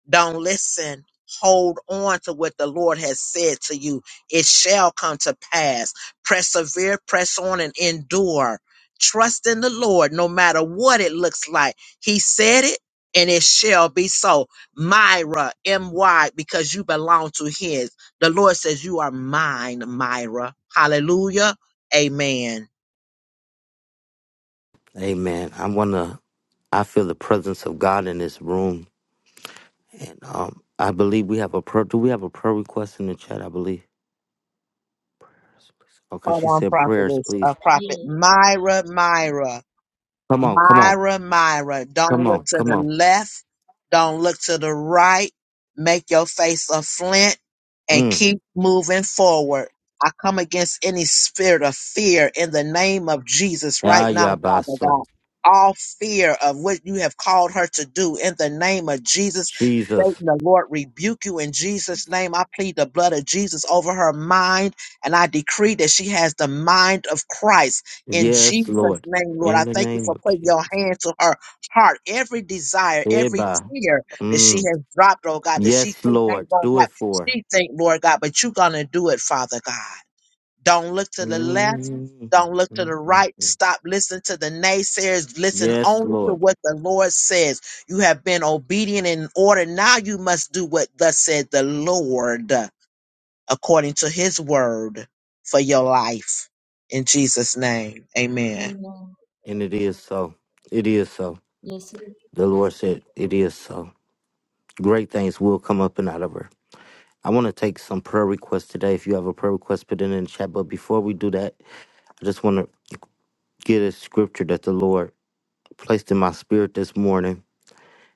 [SPEAKER 4] Don't listen. Hold on to what the Lord has said to you. It shall come to pass. Persevere, press on, and endure. Trust in the Lord no matter what it looks like. He said it, and it shall be so. Myra, M Y, because you belong to His. The Lord says, You are mine, Myra. Hallelujah. Amen.
[SPEAKER 1] Amen. I wanna. I feel the presence of God in this room, and um, I believe we have a prayer. Do we have a prayer request in the chat? I believe. Okay,
[SPEAKER 4] Hold
[SPEAKER 1] she
[SPEAKER 4] on,
[SPEAKER 1] said prayers,
[SPEAKER 4] prophetess,
[SPEAKER 1] please.
[SPEAKER 4] uh, prophet
[SPEAKER 2] Yeah.
[SPEAKER 4] Myra, Myra.
[SPEAKER 1] Come on, come on,
[SPEAKER 4] Myra, Myra, don't
[SPEAKER 1] come
[SPEAKER 4] look
[SPEAKER 1] on,
[SPEAKER 4] to
[SPEAKER 1] come
[SPEAKER 4] the
[SPEAKER 1] on.
[SPEAKER 4] left. Don't look to the right. Make your face a flint and
[SPEAKER 1] Mm.
[SPEAKER 4] keep moving forward. I come against any spirit of fear in the name of Jesus
[SPEAKER 1] Ah,
[SPEAKER 4] right now, Father
[SPEAKER 1] yeah,
[SPEAKER 4] God. All fear of what you have called her to do in the name of Jesus.
[SPEAKER 1] Jesus.
[SPEAKER 4] Satan, the Lord rebuke you in Jesus' name. I plead the blood of Jesus over her mind, and I decree that she has the mind of Christ. In
[SPEAKER 1] Yes,
[SPEAKER 4] Jesus'
[SPEAKER 1] Lord.
[SPEAKER 4] name, Lord, I
[SPEAKER 1] In the
[SPEAKER 4] thank you
[SPEAKER 1] name
[SPEAKER 4] for
[SPEAKER 1] of
[SPEAKER 4] putting
[SPEAKER 1] Jesus.
[SPEAKER 4] your hand to her heart, every desire, every
[SPEAKER 1] Eba.
[SPEAKER 4] tear that she
[SPEAKER 1] Mm.
[SPEAKER 4] has dropped, oh God, that she
[SPEAKER 1] Yes,
[SPEAKER 4] think
[SPEAKER 1] Lord.
[SPEAKER 4] ain't gonna
[SPEAKER 1] Do it
[SPEAKER 4] happen.
[SPEAKER 1] for. her.
[SPEAKER 4] She think, Lord God, but you gonna do it, Father God. Don't look to the left.
[SPEAKER 1] Mm.
[SPEAKER 4] Don't look to
[SPEAKER 1] Mm,
[SPEAKER 4] the
[SPEAKER 1] mm,
[SPEAKER 4] right.
[SPEAKER 1] mm.
[SPEAKER 4] Stop listening to the naysayers. Listen
[SPEAKER 1] Yes,
[SPEAKER 4] only to
[SPEAKER 1] Lord.
[SPEAKER 4] what the Lord says. You have been obedient in order. Now you must do what thus said the Lord according to his word for your life. In Jesus' name, amen.
[SPEAKER 2] Amen.
[SPEAKER 1] And it is so. It is so.
[SPEAKER 2] Yes, it is.
[SPEAKER 1] The Lord said, It is so. Great things will come up and out of her. I want to take some prayer requests today. If you have a prayer request, put it in the chat. But before we do that, I just want to get a scripture that the Lord placed in my spirit this morning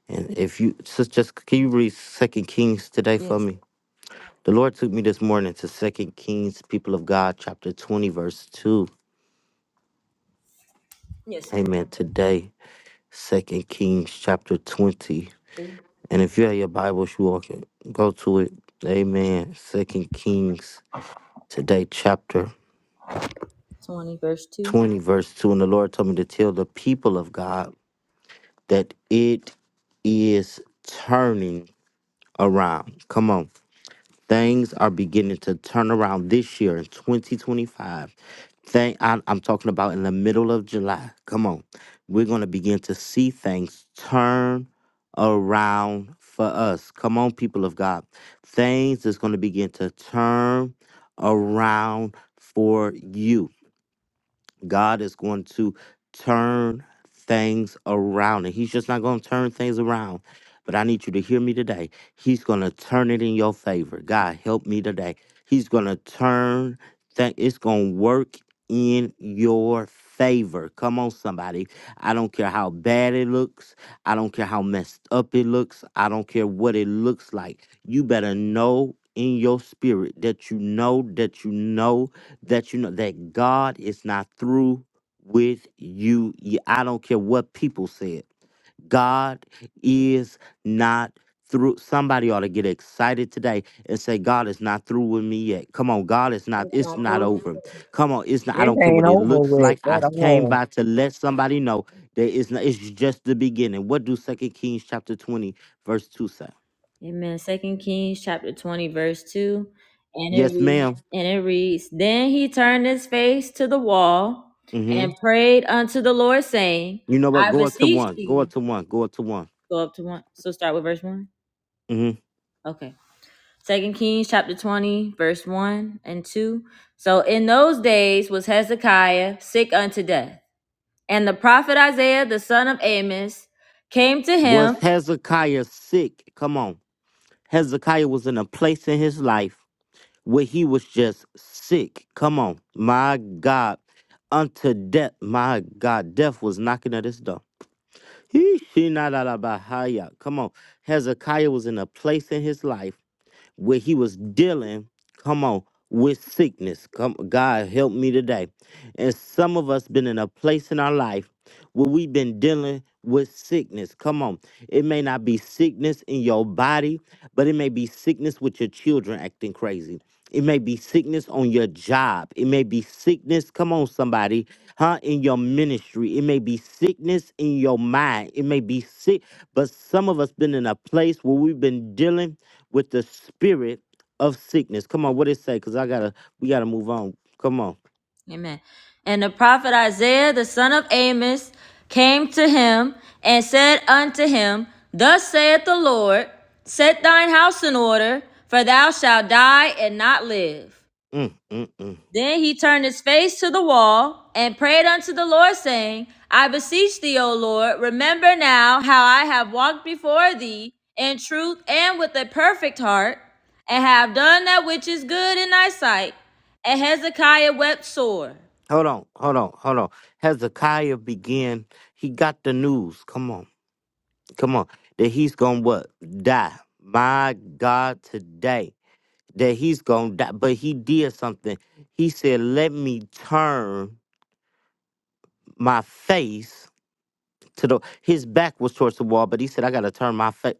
[SPEAKER 1] And if you sis, just can you read Second Kings today for
[SPEAKER 2] Yes.
[SPEAKER 1] me? The Lord took me this morning to Second Kings, people of God, chapter twenty, verse two.
[SPEAKER 2] Yes. Kings
[SPEAKER 1] Amen. Today, Second Kings, chapter twenty. And if you have your Bibles, you all can go to it. Amen. Second Kings today, chapter
[SPEAKER 2] 20, verse 2.
[SPEAKER 1] twenty, verse two. And the Lord told me to tell the people of God that it is turning around. Come on. Things are beginning to turn around this year in 2025. Thank, I, I'm talking about in the middle of July. Come on. We're going to begin to see things turn around for us. Come on, people of God. Things is going to begin to turn around for you. God is going to turn things around. And He's just not going to turn things around. But I need you to hear me today. He's going to turn it in your favor. God, help me today. He's going to turn things, it's going to work in your favor. Come on, somebody. I don't care how bad it looks. I don't care how messed up it looks. I don't care what it looks like. You better know in your spirit that you know that you know that you know that God is not through with you. Y- I don't care what people said. God is not through. Somebody ought to get excited today and say, God is not through with me yet. Come on, God is
[SPEAKER 2] That
[SPEAKER 1] not,
[SPEAKER 2] is my
[SPEAKER 1] it's not
[SPEAKER 2] glory.
[SPEAKER 1] over. Come on, it's not, I
[SPEAKER 4] It
[SPEAKER 1] don't care
[SPEAKER 4] ain't
[SPEAKER 1] what it
[SPEAKER 4] over
[SPEAKER 1] looks
[SPEAKER 4] with
[SPEAKER 1] like. I
[SPEAKER 4] at
[SPEAKER 1] came
[SPEAKER 4] all.
[SPEAKER 1] by to let somebody know that it's not, it's just the beginning. What do Second Kings chapter 20, verse 2 say?
[SPEAKER 2] Amen. Second Kings chapter 20, verse 2. And it
[SPEAKER 1] Yes,
[SPEAKER 2] reads,
[SPEAKER 1] madam
[SPEAKER 2] and it reads, Then he turned his face to the wall
[SPEAKER 1] Mm-hmm.
[SPEAKER 2] and prayed unto the Lord, saying,
[SPEAKER 1] You know what?
[SPEAKER 2] I
[SPEAKER 1] Go up to
[SPEAKER 2] beseech
[SPEAKER 1] one. Go
[SPEAKER 2] thee.
[SPEAKER 1] up to one. Go up to one.
[SPEAKER 2] Go up to one. So start with verse 1.
[SPEAKER 1] Mm-hmm.
[SPEAKER 2] Okay. Second Kings chapter 20, verse 1 and 2. So in those days was Hezekiah sick unto death. And the prophet Isaiah the son of Amos came to
[SPEAKER 1] Was
[SPEAKER 2] him.
[SPEAKER 1] Hezekiah sick? Come on. Hezekiah was in a place in his life where he was just sick. Come on. My God. Unto death. My God. Death was knocking at his door. He she not out of Bahia. Come on. Hezekiah was in a place in his life where he was dealing, come on, with sickness. Come, God help me today. And some of us been in a place in our life where we've been dealing with sickness. Come on. It may not be sickness in your body, but it may be sickness with your children acting crazy. It may be sickness on your job. It may be sickness, come on, somebody, huh, in your ministry. It may be sickness in your mind. It may be sick, but some of us been in a place where we've been dealing with the spirit of sickness. Come on, what it say? Because I gotta, we gotta move on. Come on.
[SPEAKER 2] Amen. And the prophet Isaiah the son of Amos came to him and said unto him, Thus saith the Lord, Set thine house in order, for thou shalt die and not live.
[SPEAKER 1] Mm, mm, mm.
[SPEAKER 2] Then he turned his face to the wall and prayed unto the Lord, saying, I beseech thee, O Lord, remember now how I have walked before thee in truth and with a perfect heart, and have done that which is good in thy sight. And Hezekiah wept sore.
[SPEAKER 1] Hold on, hold on, hold on. Hezekiah began. He got the news. Come on, come on. That he's gonna what die. My God, today that he's gonna die. But he did something. He said, "Let me turn my face to the." His back was towards the wall, but he said, "I gotta turn my face."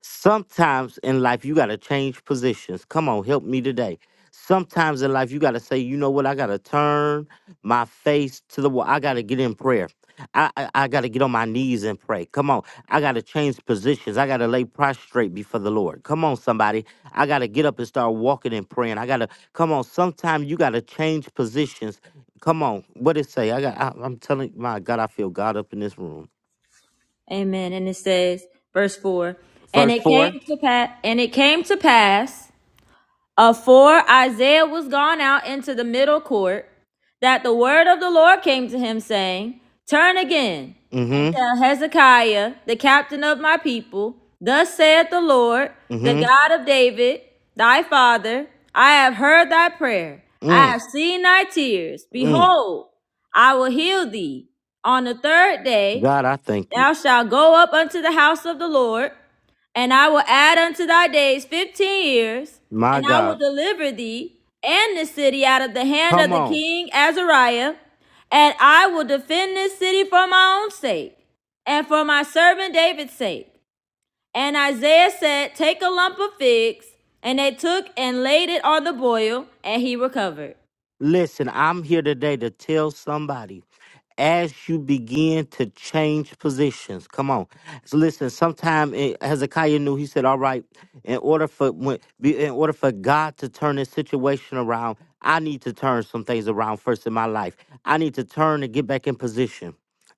[SPEAKER 1] Sometimes in life, you got to change positions. Come on, help me today. Sometimes in life, you got to say, you know what? I got to turn my face to the wall. I got to get in prayer. I, I, I got to get on my knees and pray. Come on. I got to change positions. I got to lay prostrate before the Lord. Come on, somebody. I got to get up and start walking and praying. I got to, come on. Sometimes you got to change positions. Come on. What it say? I got, I, I'm telling, my God, I feel God up in this room.
[SPEAKER 2] Amen. And it says, verse 4 And
[SPEAKER 1] Verse
[SPEAKER 2] it came
[SPEAKER 1] 4.
[SPEAKER 2] to pass, and it came to pass Afore Isaiah was gone out into the middle court, that the word of the Lord came to him, saying, Turn again
[SPEAKER 1] Mm
[SPEAKER 2] and
[SPEAKER 1] hmm.
[SPEAKER 2] tell Hezekiah, the captain of my people, Thus saith the Lord, the
[SPEAKER 1] Mm
[SPEAKER 2] God of David, thy father, I have heard thy prayer,
[SPEAKER 1] hmm.
[SPEAKER 2] I
[SPEAKER 1] Mm,
[SPEAKER 2] have seen thy tears.
[SPEAKER 1] mm.
[SPEAKER 2] Behold, I will heal thee. On the third day,
[SPEAKER 1] God, I thank you.
[SPEAKER 2] thou shalt go up unto the house of the Lord and I will add unto thy days fifteen years,
[SPEAKER 1] My
[SPEAKER 2] and I will
[SPEAKER 1] God.
[SPEAKER 2] deliver thee and this city out of the hand of
[SPEAKER 1] Come
[SPEAKER 2] the
[SPEAKER 1] on.
[SPEAKER 2] king Azariah, and I will defend this city for my own sake, and for my servant David's sake. And Isaiah said, Take a lump of figs. And they took and laid it on the boil, and he recovered.
[SPEAKER 1] Listen, I'm here today to tell somebody as you begin to change positions. Come on. So listen, sometime eh, Hezekiah knew he said, All right, in order for when be- in order for God to turn this situation around, I need to turn some things around first in my life. I need to turn and get back in position.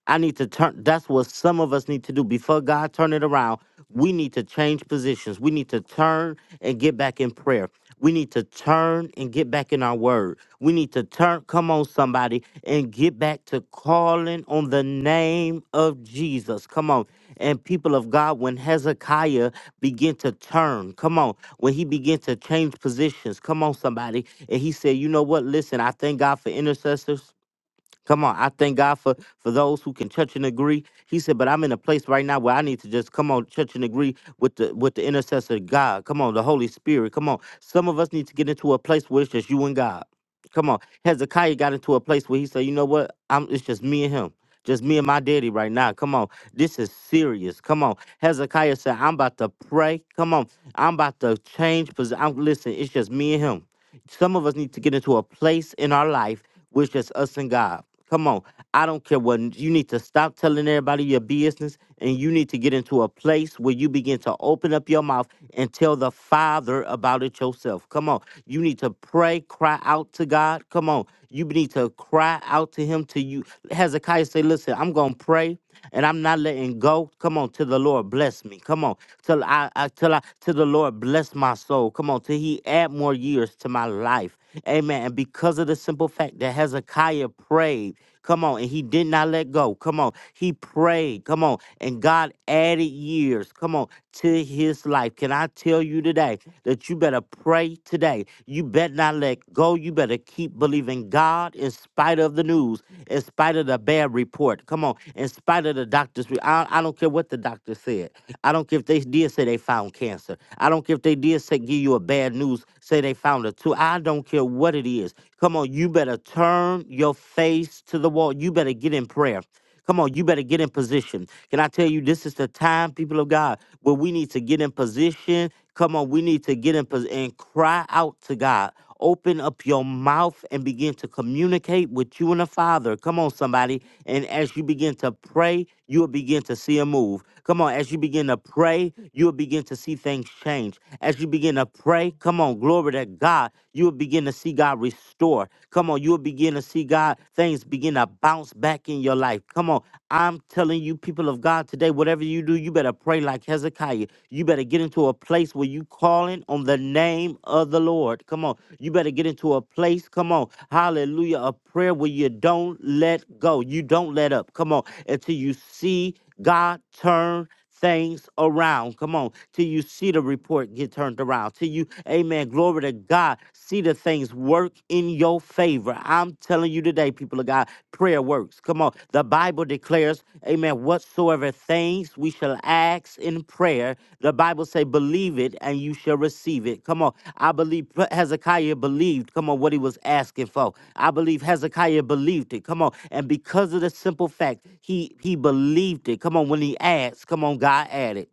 [SPEAKER 1] I need to turn that's what some of us need to do. Before God turn it around, we need to change positions. We need to turn and get back in prayer. We need to turn and get back in our word. We need to turn, come on, somebody, and get back to calling on the name of Jesus. Come on. And people of God, when Hezekiah began to turn, come on, when he began to change positions, come on, somebody, and he said, You know what? Listen, I thank God for intercessors. Come on, I thank God for for those who can touch and agree. He said, but I'm in a place right now where I need to just come on, touch and agree with the with the intercessor God. Come on, the Holy Spirit. Come on, some of us need to get into a place where it's just you and God. Come on, Hezekiah got into a place where he said, you know what? I'm it's just me and him. Just me and my daddy right now. Come on. This is serious. Come on. Hezekiah said, I'm about to pray. Come on. I'm about to change position. I'm listen, it's just me and him. Some of us need to get into a place in our life where it's just us and God. Come on. I don't care what you need to stop telling everybody your business and you need to get into a place where you begin to open up your mouth and tell the Father about it yourself. Come on. You need to pray, cry out to God. Come on. You need to cry out to him till you Hezekiah say, Listen, I'm gonna pray and I'm not letting go. Come on, till the Lord bless me. Come on. Till I, I till I till the Lord bless my soul. Come on, till he add more years to my life. Amen. And because of the simple fact that Hezekiah prayed, Come on. And he did not let go. Come on. He prayed. Come on. And God added years. Come on. To his life. Can I tell you today that you better pray today? You better not let go. You better keep believing God in spite of the news, in spite of the bad report. Come on. In spite of the doctor's, re- I, I don't care what the doctor said. I don't care if they did say they found cancer. I don't care if they did say give you a bad news, say they found a tumor. I don't care what it is. Come on, on, you better turn your face to the wall. You better get in prayer. Come on, you better get in position. Can I tell you, this is the time, people of God, where we need to get in position. Come on, we need to get in position and cry out to God. Open up your mouth and begin to communicate with you and the Father. Come on, somebody. And as you begin to pray, you will begin to see a move. Come on, as you begin to pray, you will begin to see things change. As you begin to pray, come on, glory to God with God. You'll begin to see God restore. Come on, you'll begin to see God, things begin to bounce back in your life. Come on, I'm telling you, people of God, today, whatever you do, you better pray like Hezekiah. You better get into a place where you calling on the name of the Lord. Come on, you better get into a place, come on, hallelujah, a prayer where you don't let go. You don't let up. Come on, until you see God turn things around. Come on. Till you see the report get turned around. Till you, amen, glory to God, see the things work in your favor. I'm telling you today, people of God, prayer works. Come on. The Bible declares, amen, whatsoever things we shall ask ask in prayer, the Bible say, believe it and you shall receive it. Come on. I believe Pre- Hezekiah believed, come on, what he was asking for. I believe Hezekiah believed it. Come on. And because of the simple fact, he he believed it. Come on, when he asked, come on, God added.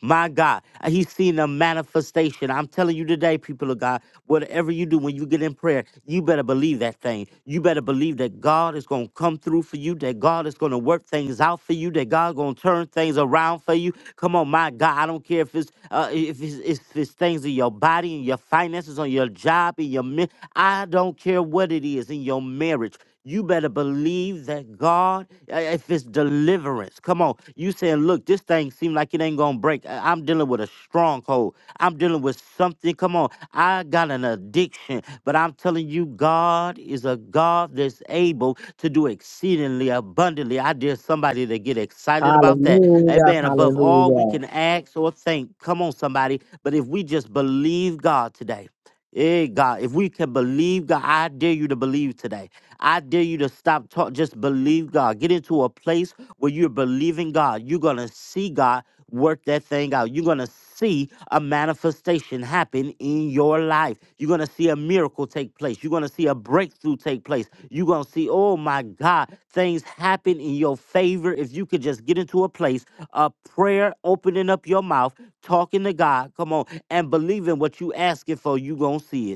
[SPEAKER 1] My God, uh, he's seen a manifestation. I'm telling you today, people of God, whatever you do when you get in prayer, you better believe that thing. You better believe that God is going to come through for you, that God is going to work things out for you, that God going to turn things around for you. Come on, my God, I don't care if it's uh, if it's, if it's things in your body, in your finances, on your job, in your mi- I don't care what it is in your marriage you better believe that God, uh, if it's deliverance, come on. You saying, look, this thing seem like it ain't gonna break. I- I'm dealing with a stronghold. I'm dealing with something. Come on, I got an addiction, but I'm telling you, God is a God that's able to do exceedingly abundantly. I dare somebody to get excited about that.
[SPEAKER 4] Hallelujah,
[SPEAKER 1] Amen. Above all we
[SPEAKER 4] hallelujah.
[SPEAKER 1] can ask or think. Come on, somebody. But if we just believe God today. Hey God, if we can believe God, I dare you to believe today. I dare you to stop talking. Just believe God. Get into a place where you're believing God. You're gonna see God work that thing out. You're gonna see a manifestation happen in your life. You're going to see a miracle take place. You're going to see a breakthrough take place. You're going to see, oh my God, things happen in your favor. If you could just get into a place, of prayer, opening up your mouth, talking to God, come on, and believing what you asking for, you're going to see it.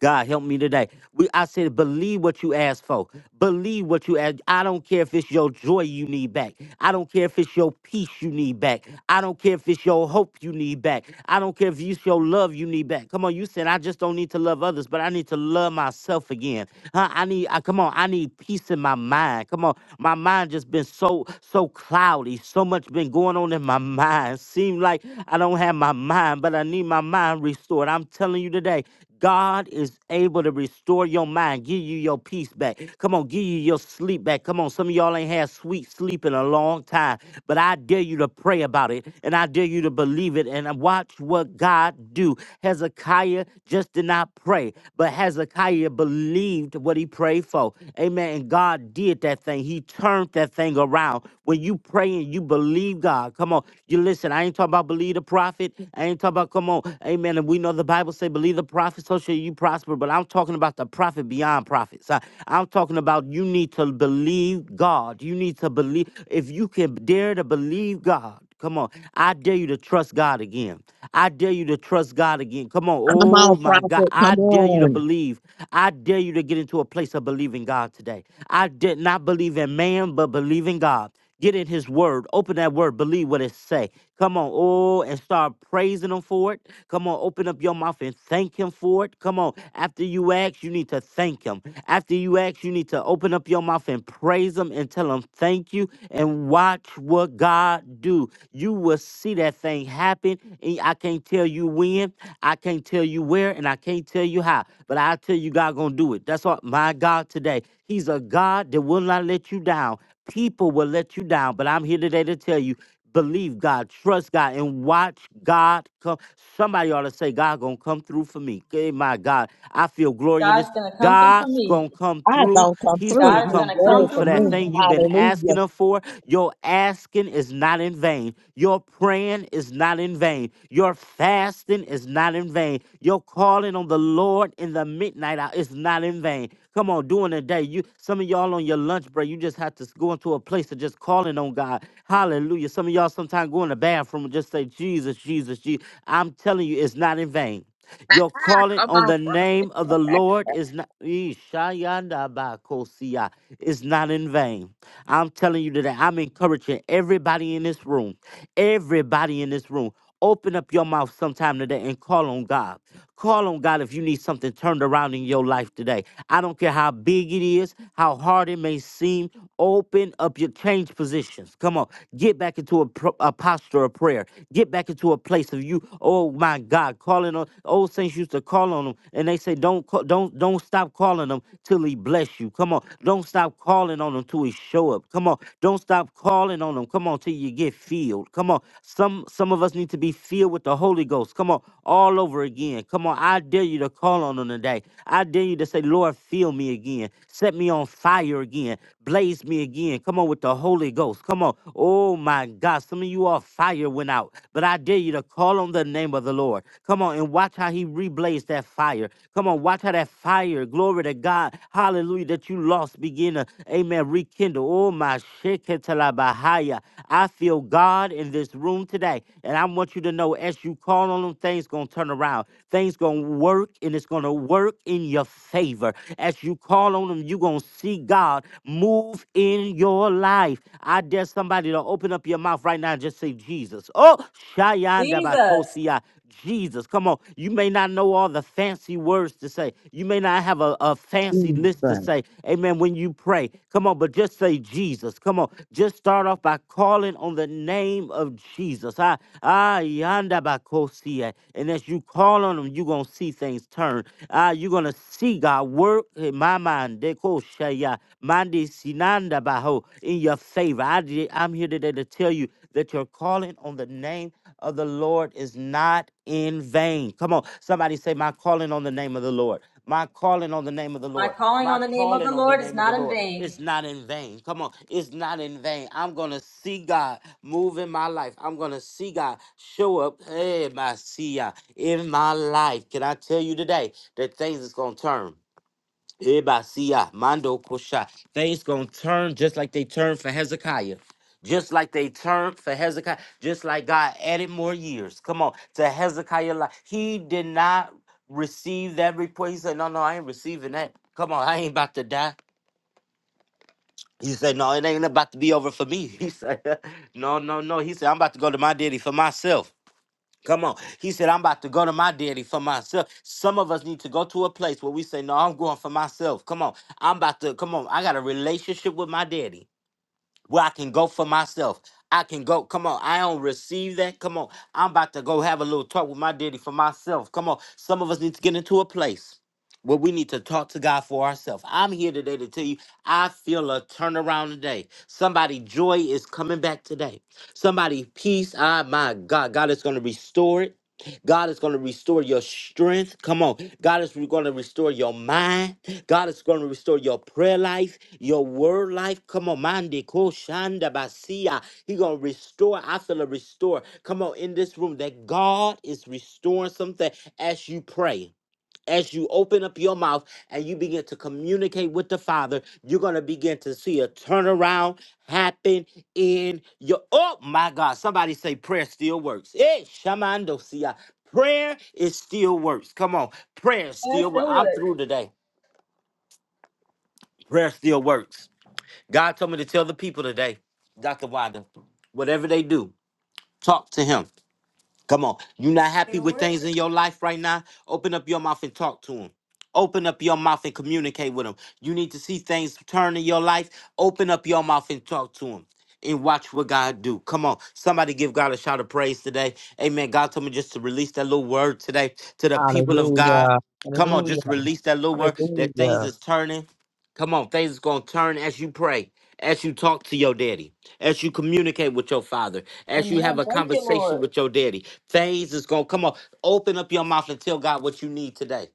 [SPEAKER 1] God help me today. We I said believe what you ask for. Believe what you ask. I don't care if it's your joy you need back. I don't care if it's your peace you need back. I don't care if it's your hope you need back. I don't care if it's your love you need back. Come on, you said I just don't need to love others, but I need to love myself again. Huh? I need I, come on, I need peace in my mind. Come on. My mind just been so so cloudy. So much been going on in my mind. Seem like I don't have my mind, but I need my mind restored. I'm telling you today, God is able to restore your mind, give you your peace back. Come on, give you your sleep back. Come on, some of y'all ain't had sweet sleep in a long time, but I dare you to pray about it and I dare you to believe it and watch what God do. Hezekiah just did not pray, but Hezekiah believed what he prayed for. Amen. And God did that thing. He turned that thing around. When you pray and you believe God, come on. You listen, I ain't talking about believe the prophet. I ain't talking about come on. Amen. And we we know the Bible say, believe the prophet, so shall you prosper. But I'm talking about the prophet beyond prophets. I, I'm talking about you need to believe God. You need to believe. If you can dare to believe God, come on. I dare you to trust God again. I dare you to trust God again. Come on.
[SPEAKER 4] Come
[SPEAKER 1] Oh
[SPEAKER 4] on,
[SPEAKER 1] my God.
[SPEAKER 4] prophet,
[SPEAKER 1] I
[SPEAKER 4] come
[SPEAKER 1] dare you to
[SPEAKER 4] on.
[SPEAKER 1] believe. I dare you to get into a place of believing God today. I did not believe in man, but believe in God. Get in his word. Open that word. Believe what it say. Come on. Oh, and start praising him for it. Come on. Open up your mouth and thank him for it. Come on. After you ask, you need to thank him. After you ask, you need to open up your mouth and praise him and tell him thank you and watch what God do. You will see that thing happen. And I can't tell you when. I can't tell you where and I can't tell you how, but I tell you God gonna do it. That's what my God today. He's a God that will not let you down. People will let you down, but I'm here today to tell you believe God, trust God, and watch God come. Somebody ought to say, God gonna come through for me. Okay, my God, I feel glory in
[SPEAKER 2] God is
[SPEAKER 1] this.
[SPEAKER 2] going to come through for
[SPEAKER 1] God's
[SPEAKER 2] me.
[SPEAKER 1] gonna come
[SPEAKER 4] I
[SPEAKER 1] through.
[SPEAKER 4] don't come
[SPEAKER 1] He's
[SPEAKER 4] through.
[SPEAKER 1] gonna
[SPEAKER 2] God is
[SPEAKER 4] This
[SPEAKER 2] going
[SPEAKER 1] come
[SPEAKER 2] to
[SPEAKER 4] word
[SPEAKER 2] come
[SPEAKER 1] through
[SPEAKER 4] for
[SPEAKER 1] for
[SPEAKER 2] through
[SPEAKER 1] that
[SPEAKER 2] for
[SPEAKER 4] me.
[SPEAKER 2] me.
[SPEAKER 1] thing you've been asking
[SPEAKER 4] Hallelujah.
[SPEAKER 1] him for. Your asking is not in vain. Your praying is not in vain. Your fasting is not in vain. Your calling on the Lord in the midnight hour is not in vain. Come on, during the day, you some of y'all on your lunch break, you just have to go into a place of just calling on God. Hallelujah. Some of y'all sometimes go in the bathroom and just say, Jesus, Jesus, Jesus. I'm telling you, it's not in vain. Your
[SPEAKER 4] Ah,
[SPEAKER 1] calling
[SPEAKER 4] Come
[SPEAKER 1] on
[SPEAKER 4] on,
[SPEAKER 1] the
[SPEAKER 4] prophet.
[SPEAKER 1] name of the Lord is not Ishayandabakosia, is not in vain. I'm telling you today, I'm encouraging everybody in this room, everybody in this room. Open up your mouth sometime today and call on God. Call on God if you need something turned around in your life today. I don't care how big it is, how hard it may seem. Open up your change positions. Come on. Get back into a, pro- a posture of prayer. Get back into a place of you. Oh my God, calling on old saints used to call on them, and they say, "Don't call, don't don't stop calling them till He bless you." Come on, don't stop calling on Him till He show up up. Come on. Don't stop calling on them. Come on till you get filled. Come on. Some some of us need to be filled with the Holy Ghost. Come on. All over again. Come on. I dare you to call on them today. I dare you to say, Lord, fill me again. Set me on fire again. Blaze me again. Come on with the Holy Ghost. Come on. Oh my God. Some of you all fire went out. But I dare you to call on the name of the Lord. Come on and watch how he reblazed that fire. Come on. Watch how that fire fire, glory to God, hallelujah, that you lost begin to, amen, rekindle. Oh, my sheketalabahaya. I feel God in this room today. And I want you to know as you call on him, things going to turn around. Things going to work and it's going to work in your favor. As you call on him, you're going to see God move in your life. I dare somebody to open up your mouth right now and just say, Jesus. Oh,
[SPEAKER 2] Jesus,
[SPEAKER 1] Rabakosia. Jesus, come on. You may not know all the fancy words to say. You may not have a, a fancy list to
[SPEAKER 4] Jesus.
[SPEAKER 1] say. Amen. When you pray, come on, but just say Jesus. Come on. Just start off by calling on the name of Jesus. Ah, ah, yanda bakosia. And as you call on him, you're going to see things turn. Ah, you're going to see God work in my mind. Deko shaya, mandi sinanda baho, In your favor. I, did- I'm here today to tell you that you're calling on the name of the Lord is not in vain. Come on, somebody say, My calling on the name of the Lord. My calling on the name of the
[SPEAKER 2] my
[SPEAKER 1] Lord.
[SPEAKER 2] calling on
[SPEAKER 1] My
[SPEAKER 2] the name of the
[SPEAKER 1] calling on the
[SPEAKER 2] Lord is
[SPEAKER 1] name of
[SPEAKER 2] not
[SPEAKER 1] the
[SPEAKER 2] in
[SPEAKER 1] Lord.
[SPEAKER 2] vain.
[SPEAKER 1] is not in vain. Come on. It's not in vain. I'm going to see God move in my life. I'm going to see God show up hey, my see ya, in my life. Can I tell you today that things is going to turn? Eba siya, Mando Kosha. Things gonna turn just like they turned for Hezekiah. Just like they turned for Hezekiah. Just like God added more years. Come on. To Hezekiah life. He did not receive that report. He said, No, no, I ain't receiving that. Come on, I ain't about to die. He said, No, it ain't about to be over for me. He said, No, no, no. He said, I'm about to go to my daddy for myself. Come on. He said, I'm about to go to my daddy for myself. Some of us need to go to a place where we say, No, I'm going for myself. Come on. I'm about to, come on. I got a relationship with my daddy where I can go for myself. I can go. Come on. I don't receive that. Come on. I'm about to go have a little talk with my daddy for myself. Come on. Some of us need to get into a place where we need to talk to God for ourselves. I'm here today to tell you, I feel a turnaround today. Somebody joy is coming back today. Somebody peace. Ah, my God. God is going to restore it. God is going to restore your strength. Come on. God is going to restore your mind. God is going to restore your prayer life, your word life. Come on, Mandi Koshanda Basia. He going to restore. I feel a restore. Come on, in this room, that God is restoring something as you pray. As you open up your mouth and you begin to communicate with the Father, you're going to begin to see a turnaround happen in your. Oh my God, somebody say prayer still works. Hey, Shamando Sia. Prayer is still works. Come on, prayer
[SPEAKER 2] let
[SPEAKER 1] still works.
[SPEAKER 2] the word.
[SPEAKER 1] I'm through today. Prayer still works. God told me to tell the people today, Dr. Wilder, whatever they do, talk to him. Come on. You not happy
[SPEAKER 6] It'll
[SPEAKER 1] with
[SPEAKER 6] work.
[SPEAKER 1] things in your life right now? Open up your mouth and talk to him. Open up your mouth and communicate with him. You need to see things turn in your life. Open up your mouth and talk to him. And watch what God do. Come on. Somebody give God a shout of praise today. Amen. God told me just to release that little word today to the people of God.
[SPEAKER 4] Hallelujah.
[SPEAKER 1] Come on,
[SPEAKER 4] Hallelujah.
[SPEAKER 1] just release that little word that things
[SPEAKER 4] Hallelujah.
[SPEAKER 1] is turning. Come on, things is gonna turn as you pray, as you talk to your daddy as you communicate with your father, as you
[SPEAKER 2] Amen.
[SPEAKER 1] have a
[SPEAKER 2] Thank you,
[SPEAKER 1] conversation
[SPEAKER 2] Lord.
[SPEAKER 1] with your daddy. Things is gonna come on. Open up your mouth and tell God what you need today.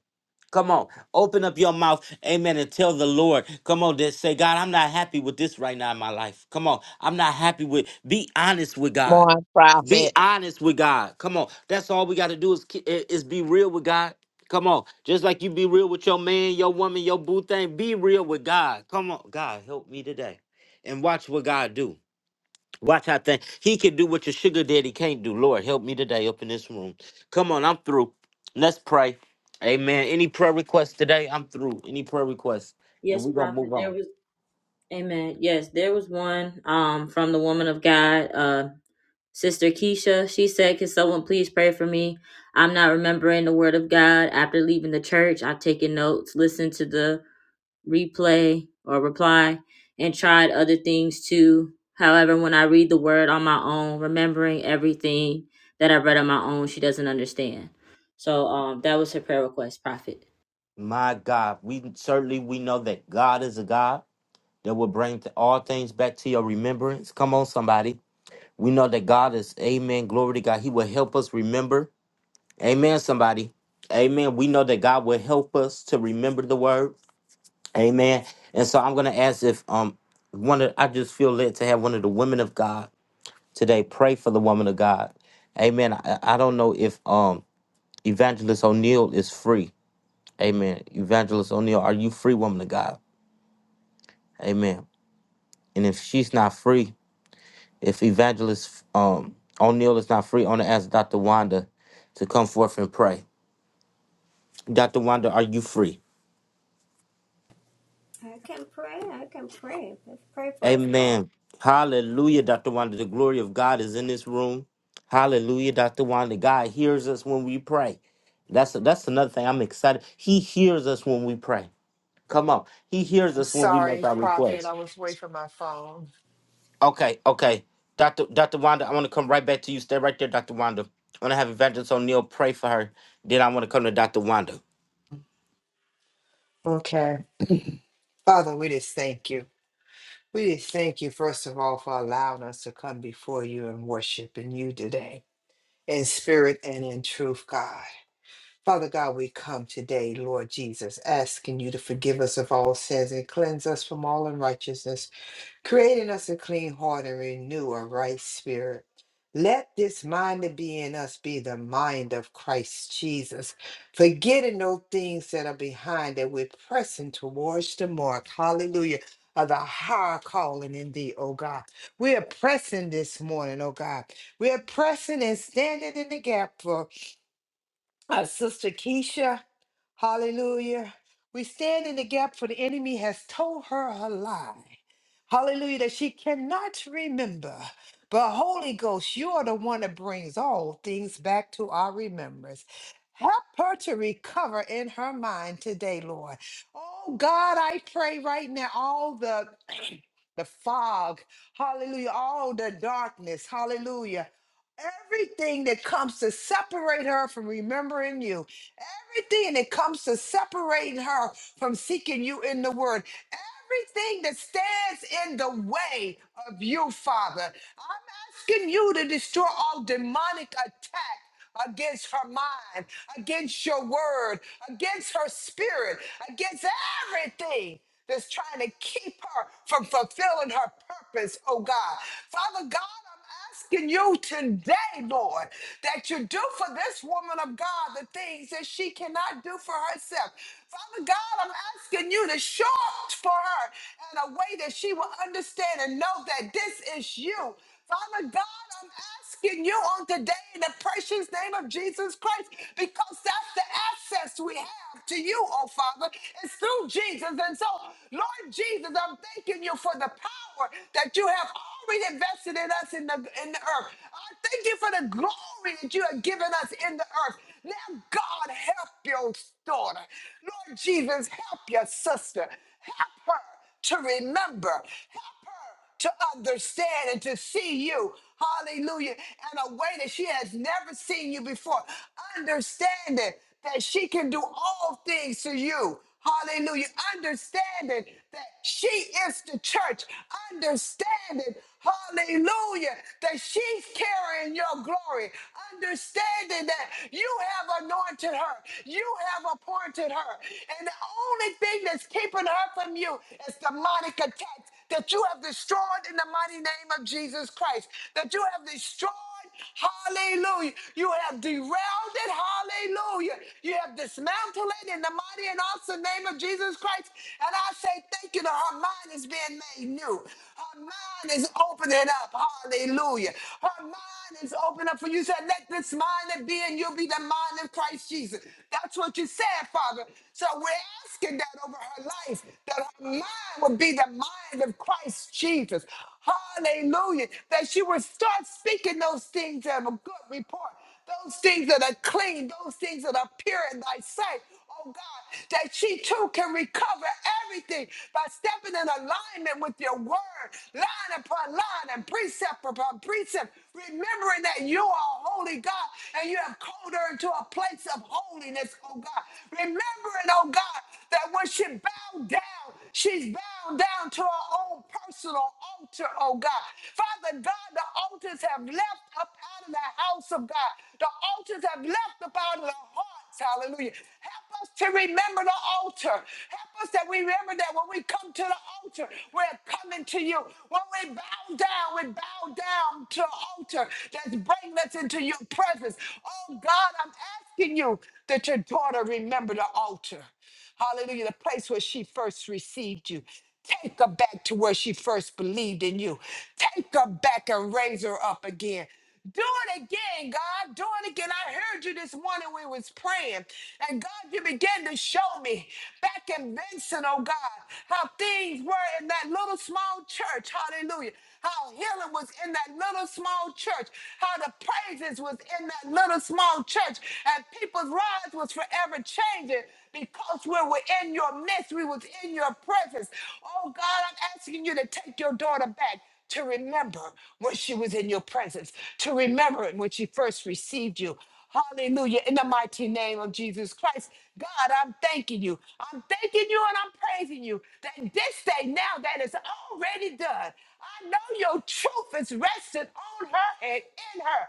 [SPEAKER 1] Come on, open up your mouth, amen, and tell the Lord. Come on, just say, God, I'm not happy with this right now in my life. Come on, I'm not happy with. Be honest with
[SPEAKER 4] Come
[SPEAKER 1] God.
[SPEAKER 4] on,
[SPEAKER 1] Be
[SPEAKER 4] prophet.
[SPEAKER 1] honest with God. Come on, that's all we got to do is ki- i- is be real with God. Come on, just like you be real with your man, your woman, your boo thing. Be real with God. Come on, God, help me today, and watch what God do. Watch how thing. He can do what your sugar daddy can't do. Lord, help me today up in this room. Come on, I'm through. Let's pray. Amen. Any prayer requests today? I'm through. Any prayer requests? And
[SPEAKER 2] Yes,
[SPEAKER 1] we're gonna
[SPEAKER 2] Prophet.
[SPEAKER 1] move
[SPEAKER 2] There
[SPEAKER 1] on.
[SPEAKER 2] was Amen. Yes, there was one um from the woman of God, uh, Sister Keisha. She said, Can someone please pray for me? I'm not remembering the word of God. After leaving the church, I've taken notes, listened to the replay or reply, and tried other things too. However, when I read the word on my own, remembering everything that I read on my own, she doesn't understand. So um that was her prayer request, Prophet.
[SPEAKER 1] My God, we certainly we know that God is a God that will bring to all things back to your remembrance. Come on, somebody. We know that God is Amen. Glory to God. He will help us remember. Amen, somebody. Amen. We know that God will help us to remember the word. Amen. And so I'm going to ask if um one of I just feel led to have one of the women of God today pray for the woman of God. Amen. I, I don't know if um Evangelist O'Neill is free. Amen. Evangelist O'Neill, are you free, woman of God? Amen. And if she's not free, if Evangelist um O'Neill is not free, I'm going to ask Dr. Wanda to come forth and pray. Dr. Wanda, are you free?
[SPEAKER 6] I can pray. I can pray. Let's pray for us all.
[SPEAKER 1] Amen. Hallelujah, Dr. Wanda. The glory of God is in this room. Hallelujah, Dr. Wanda. God hears us when we pray.
[SPEAKER 6] here.
[SPEAKER 1] That's that's another thing. I'm excited. He hears us when we pray. Come on. He hears
[SPEAKER 3] I'm
[SPEAKER 1] us when we make
[SPEAKER 3] sorry,
[SPEAKER 1] our
[SPEAKER 3] Prophet.
[SPEAKER 1] requests.
[SPEAKER 3] I was away from my phone.
[SPEAKER 1] Okay, okay. Dr. Dr. Wanda, I want to come right back to you. Stay right there, Dr. Wanda. I want to have Evangelist O'Neill pray for her. Then I want to come to Dr. Wanda.
[SPEAKER 3] Okay. Father, we just thank you. We just thank you, first of all, for allowing us to come before you and worship in you today, in spirit and in truth, God. Father God, we come today, Lord Jesus, asking you to forgive us of all sins and cleanse us from all unrighteousness. creating us a clean heart and renew a right spirit. Let this mind that be in us be the mind of Christ Jesus, forgetting those things that are behind that we're pressing towards the mark. Hallelujah. Of the higher calling in thee, oh God. We are pressing this morning, oh God. We are pressing and standing in the gap for uh, Sister Keisha. Hallelujah. We stand in the gap for the enemy has told her her lie. Hallelujah, that she cannot remember. But Holy Ghost, you are the one that brings all things back to our remembrance. Help her to recover in her mind today, Lord. Oh God, I pray right now, all the the fog, hallelujah, all the darkness, hallelujah. Everything that comes to separate her from remembering you, everything that comes to separating her from seeking you in the word, everything that stands in the way of you, Father, I'm asking you to destroy all demonic attack against her mind against your word, against her spirit, against everything that's trying to keep her from fulfilling her purpose, oh God. Father God, I'm asking you today, Lord, that you do for this woman of God the things that she cannot do for herself. Father God, I'm asking you to show up for her in a way that she will understand and know that this is you Father God, I'm asking you on today in the precious name of Jesus Christ, because that's the access we have to you, oh Father. It's through Jesus. And so, Lord Jesus, I'm thanking you for the power that you have already invested in us in the in the earth. I thank you for the glory that you have given us in the earth. Now, God, help your daughter. Lord Jesus, help your sister. Help her to remember. Help her to understand and to see you. Hallelujah. In a way that she has never seen you before. Understanding that she can do all things to you. Hallelujah. Understanding that she is the church. Understanding Hallelujah. That she's carrying your glory. Understanding that you have anointed her. You have appointed her. And the only thing that's keeping her from you is demonic attacks that you have destroyed in the mighty name of Jesus Christ. That you have destroyed Hallelujah. You have derailed it. Hallelujah. You have dismantled it in the mighty and awesome name of Jesus Christ. And I say thank you that her mind is being made new. Her mind is opening up. Hallelujah. Her mind is opening up for you. You Said, let this mind that be in you be the mind of Christ Jesus. That's what you said, Father. So we're asking that over her life, that her mind would be the mind of Christ Jesus. Hallelujah. That you would start speaking those things that have a good report, those things that are clean, those things that are pure in thy sight. Oh God, that she too can recover everything by stepping in alignment with your word, line upon line and precept upon precept, remembering that you are a holy God and you have called her into a place of holiness, oh God. Remembering, oh God, that when she bowed down, She's bowed down to her own personal altar, oh God. Father God, the altars have left up out of the house of God. The altars have left up out of the hearts. Hallelujah. Help us to remember the altar. Help us that we remember that when we come to the altar, we're coming to you. When we bow down, we bow down to the altar that's bringing us into your presence. Oh God, I'm asking you that your daughter remember the altar. Hallelujah. The place where she first received you. Take her back to where she first believed in you. Take her back and raise her up again. Do it again, God. Do it again. I heard you this morning when we was praying. And God, you began to show me back in Vincent, oh God, how things were in that little small church. Hallelujah. How healing was in that little small church. How the praises was in that little small among church, and people's lives was forever changing because we were in your midst, we was in your presence. Oh God, I'm asking you to take your daughter back to remember when she was in your presence, to remember it when she first received you. Hallelujah. In the mighty name of Jesus Christ, God, I'm thanking you. I'm thanking you and I'm praising you that this day now that is already done. I know your truth is resting on her and in her.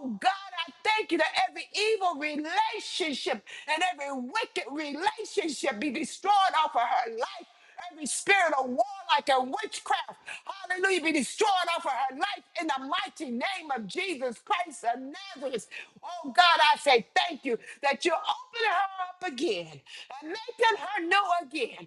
[SPEAKER 3] Oh God, I thank you that every evil relationship and every wicked relationship be destroyed off of her life. Every spirit of warlike and witchcraft, hallelujah, be destroyed off of her life in the mighty name of Jesus Christ of Nazareth. Oh God, I say thank you that you're opening her up again and making her new again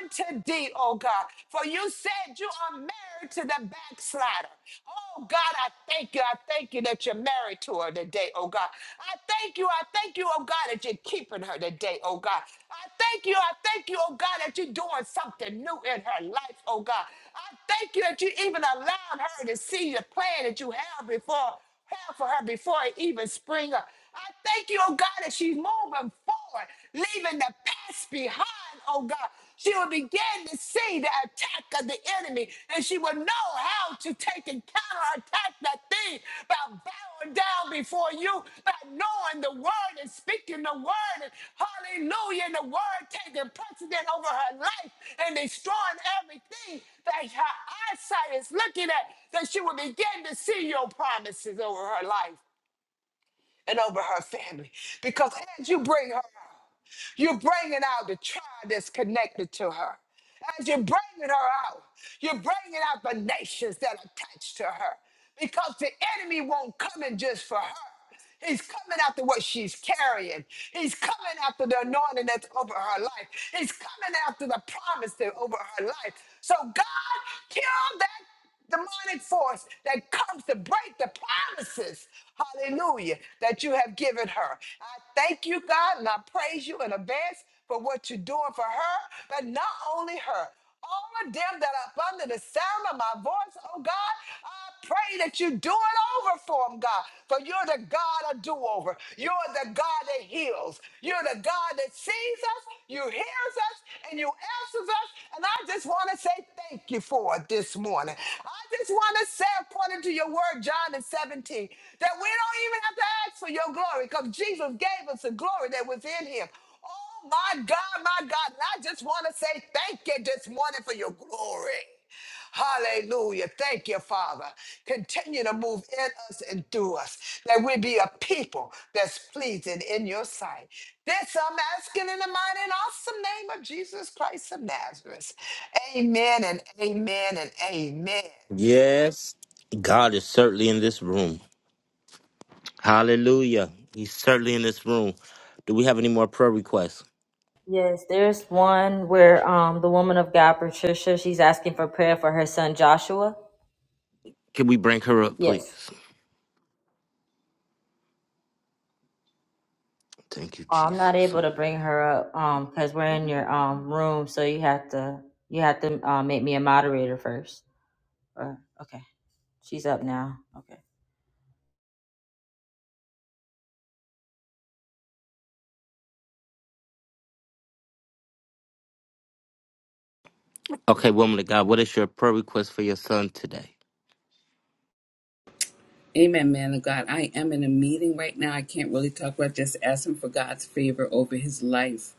[SPEAKER 3] unto thee, oh God. For you said you are married to the backslider. Oh God, I thank you. I thank you that you're married to her today, oh God. I thank you. I thank you, oh God, that you're keeping her today, oh God. I thank you. I thank you, oh God, that you're doing something new in her life, oh God. I thank you that you even allowed her to see the plan that you have before have for her before it even spring up. I thank you, oh God, that she's moving forward, leaving the past behind, oh God, she will begin to see the attack of the enemy and she will know how to take and counterattack that thing by bowing down before you, by knowing the word and speaking the word. And hallelujah. And the word taking precedent over her life and destroying everything that her eyesight is looking at, that she will begin to see your promises over her life and over her family. Because as you bring her you're bringing out the tribe that's connected to her. As you're bringing her out, you're bringing out the nations that are attached to her because the enemy won't come in just for her. He's coming after what she's carrying. He's coming after the anointing that's over her life. He's coming after the promise that's over her life. So God, kill that demonic force that comes to break the promises, hallelujah, that you have given her. I thank you, God, and I praise you in advance for what you're doing for her, but not only her. All of them that are under the sound of my voice, oh God, I pray that you do it over for them, God, for you're the God of doing do over. You're the God that heals. You're the God that sees us, you hears us, and you answers us. And I just want to say thank you for it this morning. I just want to say, according to your word, John and 17, that we don't even have to ask for your glory because Jesus gave us the glory that was in him. Oh, my God, my God. And I just want to say thank you this morning for your glory. Hallelujah. Thank you, Father. Continue to move in us and through us, that we be a people that's pleasing in your sight. This I'm asking in the mighty and awesome name of Jesus Christ of Nazareth. Amen and amen and amen.
[SPEAKER 1] Yes, God is certainly in this room. Hallelujah. He's certainly in this room. Do we have any more prayer requests?
[SPEAKER 2] Yes, there's one where um the woman of God, Patricia, she's asking for prayer for her son Joshua.
[SPEAKER 1] Can we bring her up,
[SPEAKER 2] Yes.
[SPEAKER 1] please? Thank you,
[SPEAKER 2] Oh, I'm not
[SPEAKER 1] Jesus.
[SPEAKER 2] able to bring her up um because we're in your um room, so you have to you have to uh, make me a moderator first. Or okay, she's up now. Okay.
[SPEAKER 1] Okay, woman of God, what is your prayer request for your son today?
[SPEAKER 7] Amen, man of God. I am in a meeting right now. I can't really talk about just asking for God's favor over his life.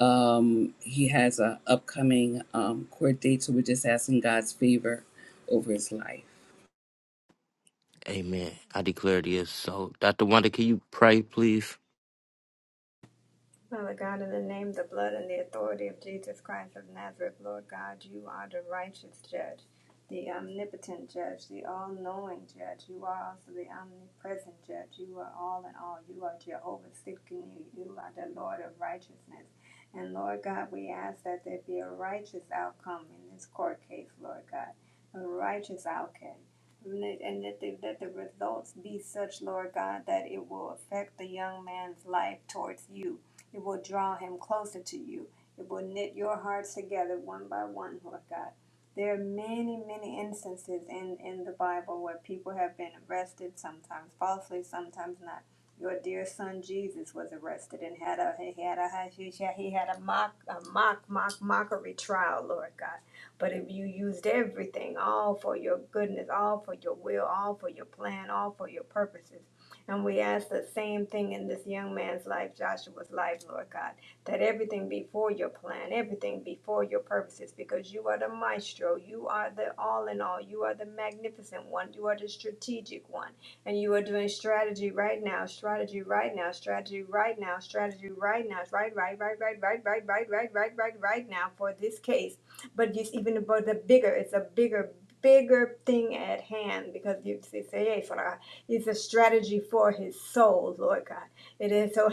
[SPEAKER 7] Um, he has a upcoming um, court date, so we're just asking God's favor over his life.
[SPEAKER 1] Amen. I declare it is so. Dr. Wanda, can you pray, please?
[SPEAKER 6] Father God, in the name, the blood, and the authority of Jesus Christ of Nazareth, Lord God, you are the righteous judge, the omnipotent judge, the all knowing judge. You are also the omnipresent judge. You are all in all. You are Jehovah Sikkenu. You are the Lord of righteousness. And Lord God, we ask that there be a righteous outcome in this court case, Lord God, a righteous outcome. and that the, that the results be such, Lord God, that it will affect the young man's life towards you it will draw him closer to you. It will knit your hearts together one by one, Lord God. There are many, many instances in, in the Bible where people have been arrested, sometimes falsely, sometimes not. Your dear son Jesus was arrested and had a he had a he had a mock a mock mock mockery trial, Lord God. But if you used everything, all for your goodness, all for your will, all for your plan, all for your purposes. And we ask the same thing in this young man's life, Joshua's life, Lord God, that everything be for your plan, everything be for your purposes, because you are the maestro, you are the all in all, you are the magnificent one, you are the strategic one, and you are doing strategy right now, strategy right now, strategy right now, strategy right now, right, right, right, right, right, right, right, right, right, right, right now for this case. But it's even about the bigger, it's a bigger, bigger thing at hand because you say, it's a strategy for his soul, Lord God. It is so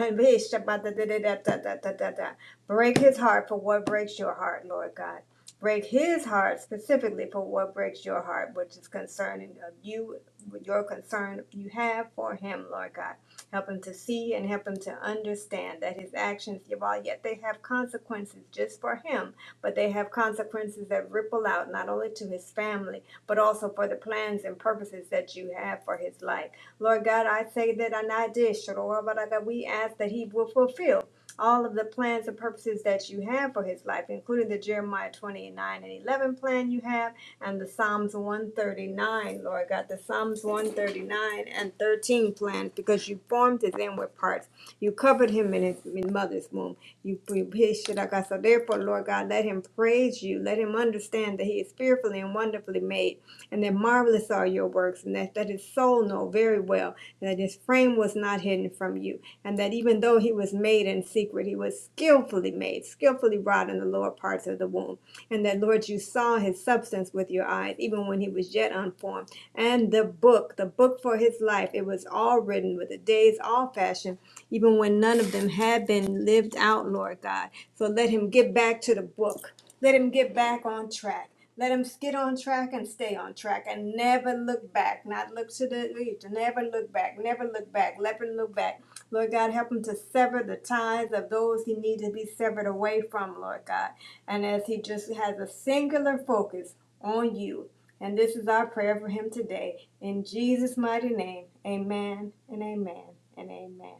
[SPEAKER 6] break his heart for what breaks your heart, Lord God. Break his heart specifically for what breaks your heart, which is concerning of you, your concern you have for him, Lord God. Help him to see and help him to understand that his actions, while yet they have consequences just for him, but they have consequences that ripple out not only to his family but also for the plans and purposes that you have for his life. Lord God, I say that and I did, Shadorabaraga, we ask that he will fulfill all of the plans and purposes that you have for his life, including the Jeremiah 29 and 11 plan you have and the Psalms 139, Lord God, the Psalms 139 and 13 plan, because you formed his inward parts. You covered him in his in mother's womb. You his So therefore, Lord God, let him praise you. Let him understand that he is fearfully and wonderfully made and that marvelous are your works, and that, that his soul know very well, and that his frame was not hidden from you, and that even though he was made in secret, he was skillfully made, skillfully wrought in the lower parts of the womb, and that, Lord, you saw his substance with your eyes, even when he was yet unformed, and the book, the book for his life, it was all written with the days all fashioned, even when none of them had been lived out, Lord God. So let him get back to the book. Let him get back on track track. Let him get on track and stay on track and never look back. Not look to the east. Never look back. Never look back. Never look back. Lord God, help him to sever the ties of those he needs to be severed away from, Lord God. And as he just has a singular focus on you. And this is our prayer for him today. In Jesus' mighty name, amen and amen and amen.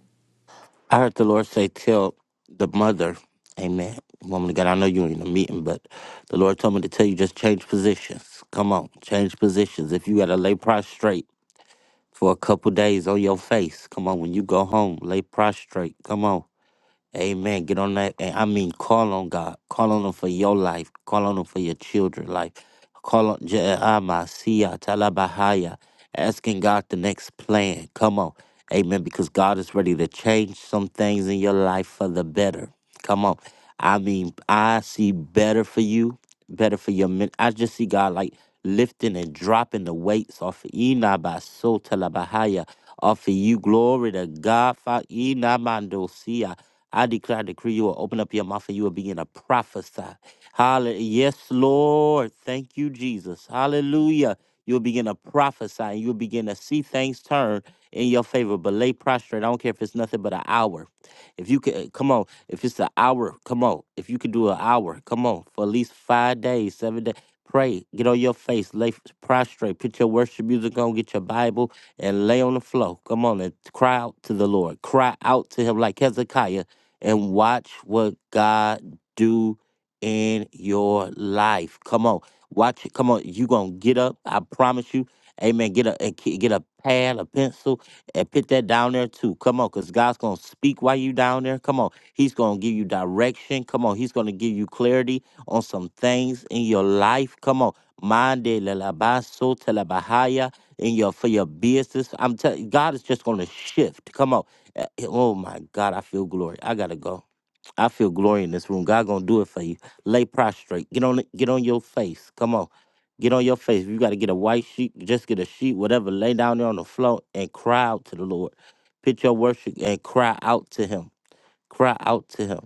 [SPEAKER 1] I heard the Lord say, Tell the mother, Amen. Woman of God, I know you're in a meeting, but the Lord told me to tell you just change positions. Come on, change positions. If you got to lay prostrate for a couple days on your face, come on, when you go home, lay prostrate. Come on. Amen. Get on that. And I mean, call on God. Call on Him for your life. Call on Him for your children's life. Call on Je'amasiya, Talabahaya. Asking God the next plan. Come on. Amen. Because God is ready to change some things in your life for the better. Come on. I mean, I see better for you, better for your men. I just see God like lifting and dropping the weights off of Inabaso Talabahaya. Off of you. Glory to God. Fa- Inamandosiya. I declare, and decree, you will open up your mouth and you will begin to prophesy. Hallelujah. Yes, Lord. Thank you, Jesus. Hallelujah. You'll begin to prophesy and you'll begin to see things turn in your favor. But lay prostrate. I don't care if it's nothing but an hour. If you could, come on. If it's an hour, come on. If you could do an hour, come on. For at least five days, seven days. Pray, get on your face, lay prostrate, put your worship music on, get your Bible, and lay on the floor. Come on and cry out to the Lord. Cry out to him like Hezekiah and watch what God do in your life. Come on, watch it. Come on, you gonna get up. I promise you. Amen. Get a and ke- get a pad, a pencil, and put that down there too. Come on, cause God's gonna speak while you down there. Come on, He's gonna give you direction. Come on, He's gonna give you clarity on some things in your life. Come on, mande lalabaso telebahaya in your for your business. I'm telling God is just gonna shift. Come on. Uh, Oh my God, I feel glory. I gotta go. I feel glory in this room. God gonna do it for you. Lay prostrate. Get on it. Get on your face. Come on. Get on your face. If you gotta get a white sheet, just get a sheet, whatever. Lay down there on the floor and cry out to the Lord. Pitch your worship and cry out to him. Cry out to him.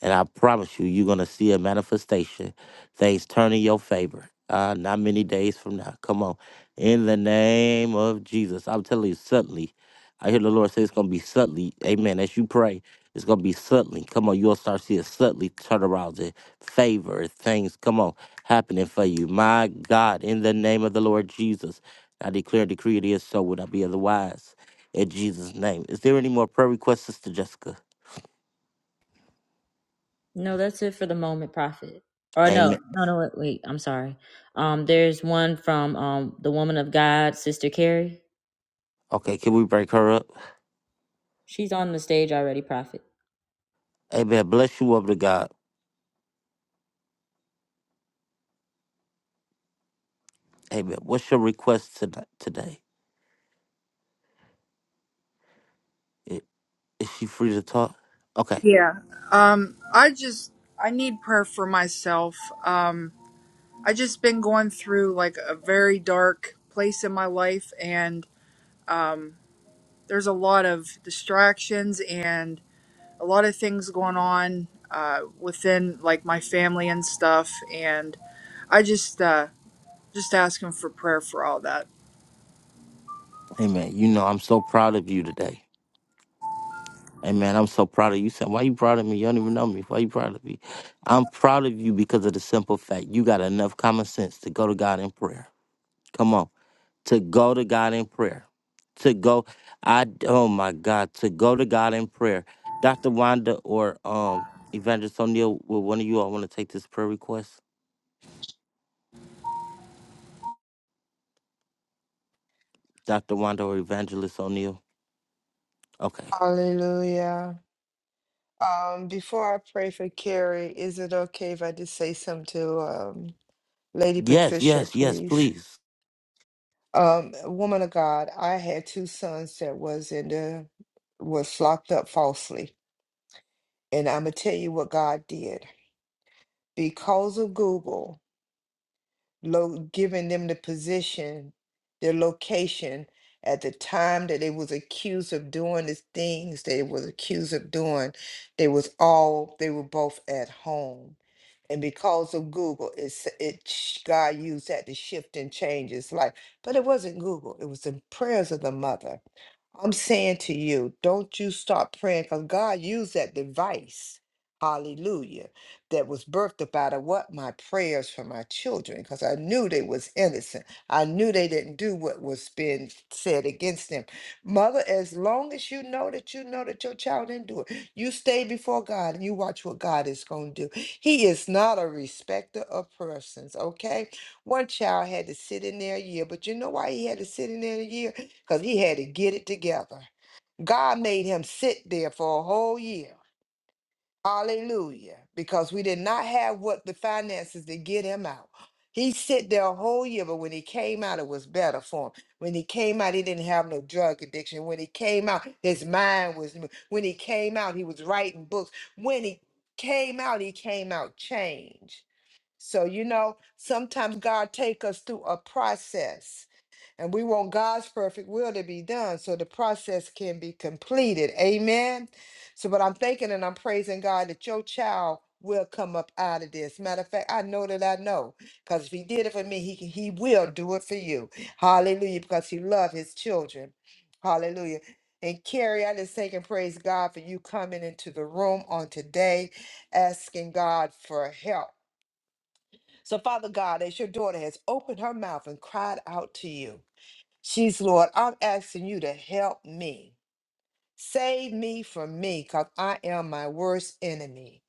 [SPEAKER 1] And I promise you, you're going to see a manifestation, things turn in your favor. Uh, not many days from now. Come on. In the name of Jesus. I'm telling you, subtly. I hear the Lord say it's going to be subtly. Amen. As you pray, it's going to be subtly. Come on. You'll start seeing suddenly turnarounds and favor and things. Come on. Happening for you. My God. In the name of the Lord Jesus. I declare and decree it is so. Would I be otherwise? In Jesus' name. Is there any more prayer requests, Sister Jessica?
[SPEAKER 2] No, that's it for the moment, Prophet. Or no,
[SPEAKER 1] Amen.
[SPEAKER 2] no, no, wait, wait. I'm sorry. Um, there's one from um the woman of God, Sister Carrie.
[SPEAKER 1] Okay, can we break her up?
[SPEAKER 2] She's on the stage already, Prophet.
[SPEAKER 1] Amen. Bless you, woman of God. Amen. What's your request tonight, today? I- Is she free to talk? Okay.
[SPEAKER 8] Yeah. Um I just I need prayer for myself. Um I just been going through like a very dark place in my life and there's a lot of distractions and a lot of things going on uh within like my family and stuff and I just uh just asking for prayer for all that.
[SPEAKER 1] Amen. You know, I'm so proud of you today. Amen. I'm so proud of you. You Said, why you proud of me? You don't even know me. Why you proud of me? I'm proud of you because of the simple fact you got enough common sense to go to God in prayer. Come on. To go to God in prayer. To go, I, oh my God, to go to God in prayer. Dr. Wanda or um, Evangelist O'Neill, will one of you all want to take this prayer request? Dr. Wanda or Evangelist O'Neill? Okay.
[SPEAKER 3] Hallelujah. Um, before I pray for Carrie, is it okay if I just say something to um, Lady
[SPEAKER 1] Yes,
[SPEAKER 3] Patricia,
[SPEAKER 1] yes, yes,
[SPEAKER 3] please?
[SPEAKER 1] please.
[SPEAKER 3] Um, woman of God, I had two sons that was in the was locked up falsely, and I'm gonna tell you what God did because of Google lo- giving them the position, their location at the time that they was accused of doing the things they was accused of doing. They was all they were both at home, and because of Google, it's it sh- God used that to shift and change his life. But it wasn't Google; it was the prayers of the mother I'm saying to you, don't you stop praying because God used that device, hallelujah, that was birthed up out of what? My prayers for my children because I knew they was innocent. I knew they didn't do what was being said against them. Mother, as long as you know that you know that your child didn't do it, you stay before God and you watch what God is going to do. He is not a respecter of persons, okay? One child had to sit in there a year, but you know why he had to sit in there a year? because he had to get it together. God made him sit there for a whole year. Hallelujah. Because we did not have what the finances to get him out. He sit there a whole year, but when he came out, it was better for him. When he came out, he didn't have no drug addiction. When he came out, his mind was new. when he came out, he was writing books. When he came out, he came out changed. So you know, sometimes God take us through a process and we want God's perfect will to be done so the process can be completed. Amen. So, but I'm thinking and I'm praising God that your child will come up out of this. Matter of fact, I know that I know because if he did it for me, he, can- he will do it for you. Hallelujah. Because he loves his children. Hallelujah. And Carrie, I just thank and praise God for you coming into the room on today, asking God for help. So, Father God, as your daughter has opened her mouth and cried out to you. She's, Lord, I'm asking you to help me. Save me from me, because I am my worst enemy.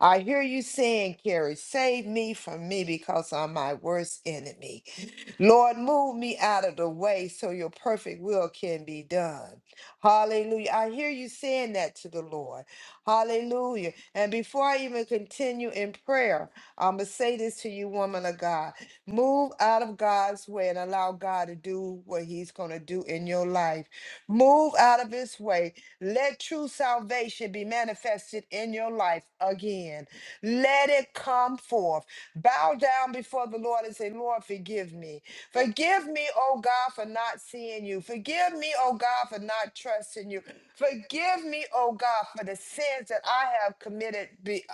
[SPEAKER 3] I hear you saying, Carrie, save me from me because I'm my worst enemy. Lord, move me out of the way so your perfect will can be done. Hallelujah. I hear you saying that to the Lord. Hallelujah. And before I even continue in prayer, I'm going to say this to you, woman of God. Move out of God's way and allow God to do what he's going to do in your life Move out of his way. Let true salvation be manifested in your life again. Let it come forth. Bow down before the Lord and say, Lord, forgive me. Forgive me, oh God, for not seeing you. Forgive me, oh God, for not trusting you. Forgive me, oh God, for the sins that I have committed be-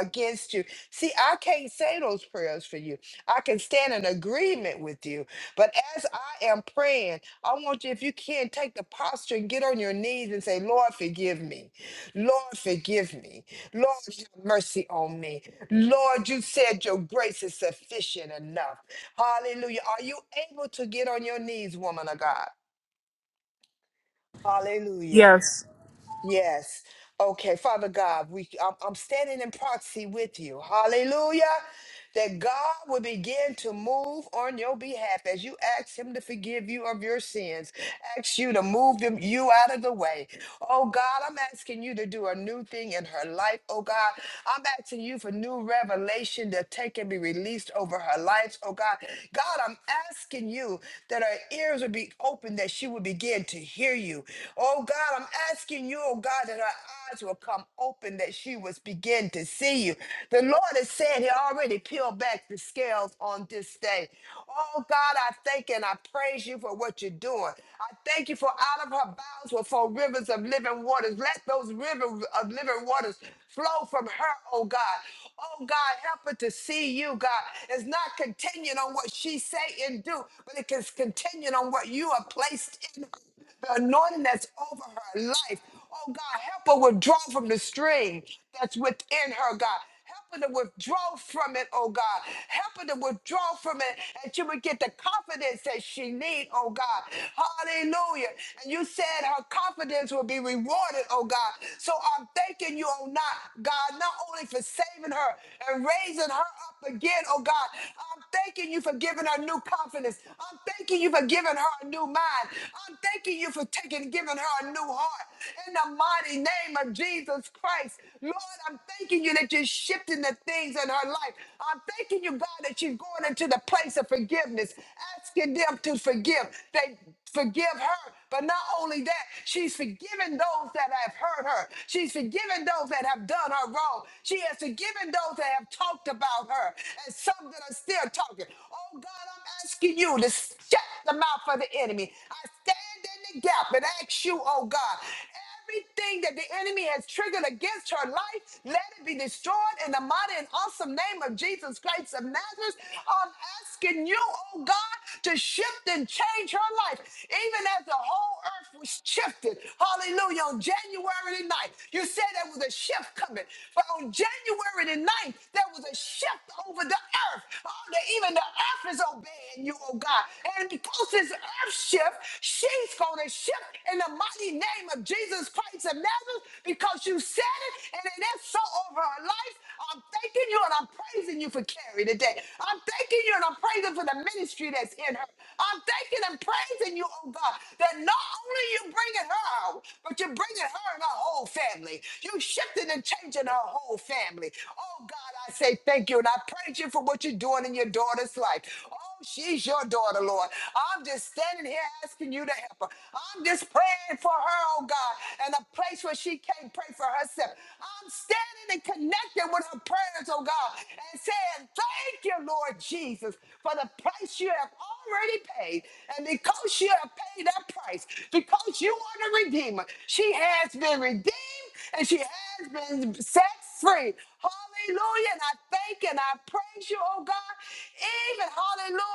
[SPEAKER 3] against you. See, I can't say those prayers for you. I can stand in agreement with you. But as I am praying, I want you, if you can, take the posture and get on your knees and say, Lord, forgive me. Lord, forgive me. Lord, have mercy on me. Lord, you said your grace is sufficient enough. Hallelujah. Are you able to get on your knees, woman of God? Hallelujah.
[SPEAKER 8] Yes.
[SPEAKER 3] Yes. Okay, Father God, we I'm, I'm standing in proxy with you. Hallelujah. That God will begin to move on your behalf as you ask Him to forgive you of your sins, ask you to move them, you out of the way. Oh God, I'm asking you to do a new thing in her life. Oh God, I'm asking you for new revelation to take and be released over her life. Oh God, God, I'm asking you that her ears would be open, that she would begin to hear you. Oh God, I'm asking thanking you, oh God, that her eyes will come open, that she was begin to see you. The Lord has said he already peeled back the scales on this day. Oh God, I thank and I praise you for what you're doing. I thank you for out of her bowels will flow rivers of living waters. Let those rivers of living waters flow from her, oh God. Oh God, help her to see you, God. It's not continued on what she say and do, but it is continued on what you have placed in her the anointing that's over her life. Oh God, help her withdraw from the stream that's within her, God. Help her to withdraw from it, oh God. Help her to withdraw from it, and she would get the confidence that she need, oh God. Hallelujah. And you said her confidence will be rewarded, oh God. So I'm thanking you, oh not God, not only for saving her and raising her up again, oh God. I'm thanking you for giving her new confidence. I'm thanking you for giving her a new mind. I'm thanking thanking you for taking, giving her a new heart. In the mighty name of Jesus Christ, Lord, I'm thanking you that you're shifting the things in her life. I'm thanking you, God, that she's going into the place of forgiveness, asking them to forgive. They forgive her. But not only that, she's forgiven those that have hurt her. She's forgiven those that have done her wrong. She has forgiven those that have talked about her and some that are still talking. Oh God, I'm asking you to shut the mouth of the enemy. I stand in the gap and ask you, oh God, everything that the enemy has triggered against her life, let it be destroyed in the mighty and awesome name of Jesus Christ of Nazareth. I'm asking you, oh God, to shift and change her life, even as the whole earth was shifted. Hallelujah. On January the 9th, you said there was a shift coming, but on January the 9th, there was a shift over the earth. Oh, that even the earth is obeying you, oh God. And because this earth shift, she it's going to shift in the mighty name of Jesus Christ of Nazareth because you said it and it is so over our life. I'm thanking you and I'm praising you for Carrie today. I'm thanking you and I'm praising for the ministry that's in her. I'm thanking and praising you, oh God, that not only you bringing her out, but you're bringing her and her whole family. You shifting and changing her whole family. Oh God, I say thank you and I praise you for what you're doing in your daughter's life. Oh Oh, She's your daughter, Lord. I'm just standing here asking you to help her. I'm just praying for her, oh God, in a place where she can't pray for herself. I'm standing and connecting with her prayers, oh God, and saying, Thank you, Lord Jesus, for the price you have already paid. And because you have paid that price, because you are the Redeemer, she has been redeemed and she has been set free. Hallelujah. And I thank you and I praise you, oh God. Even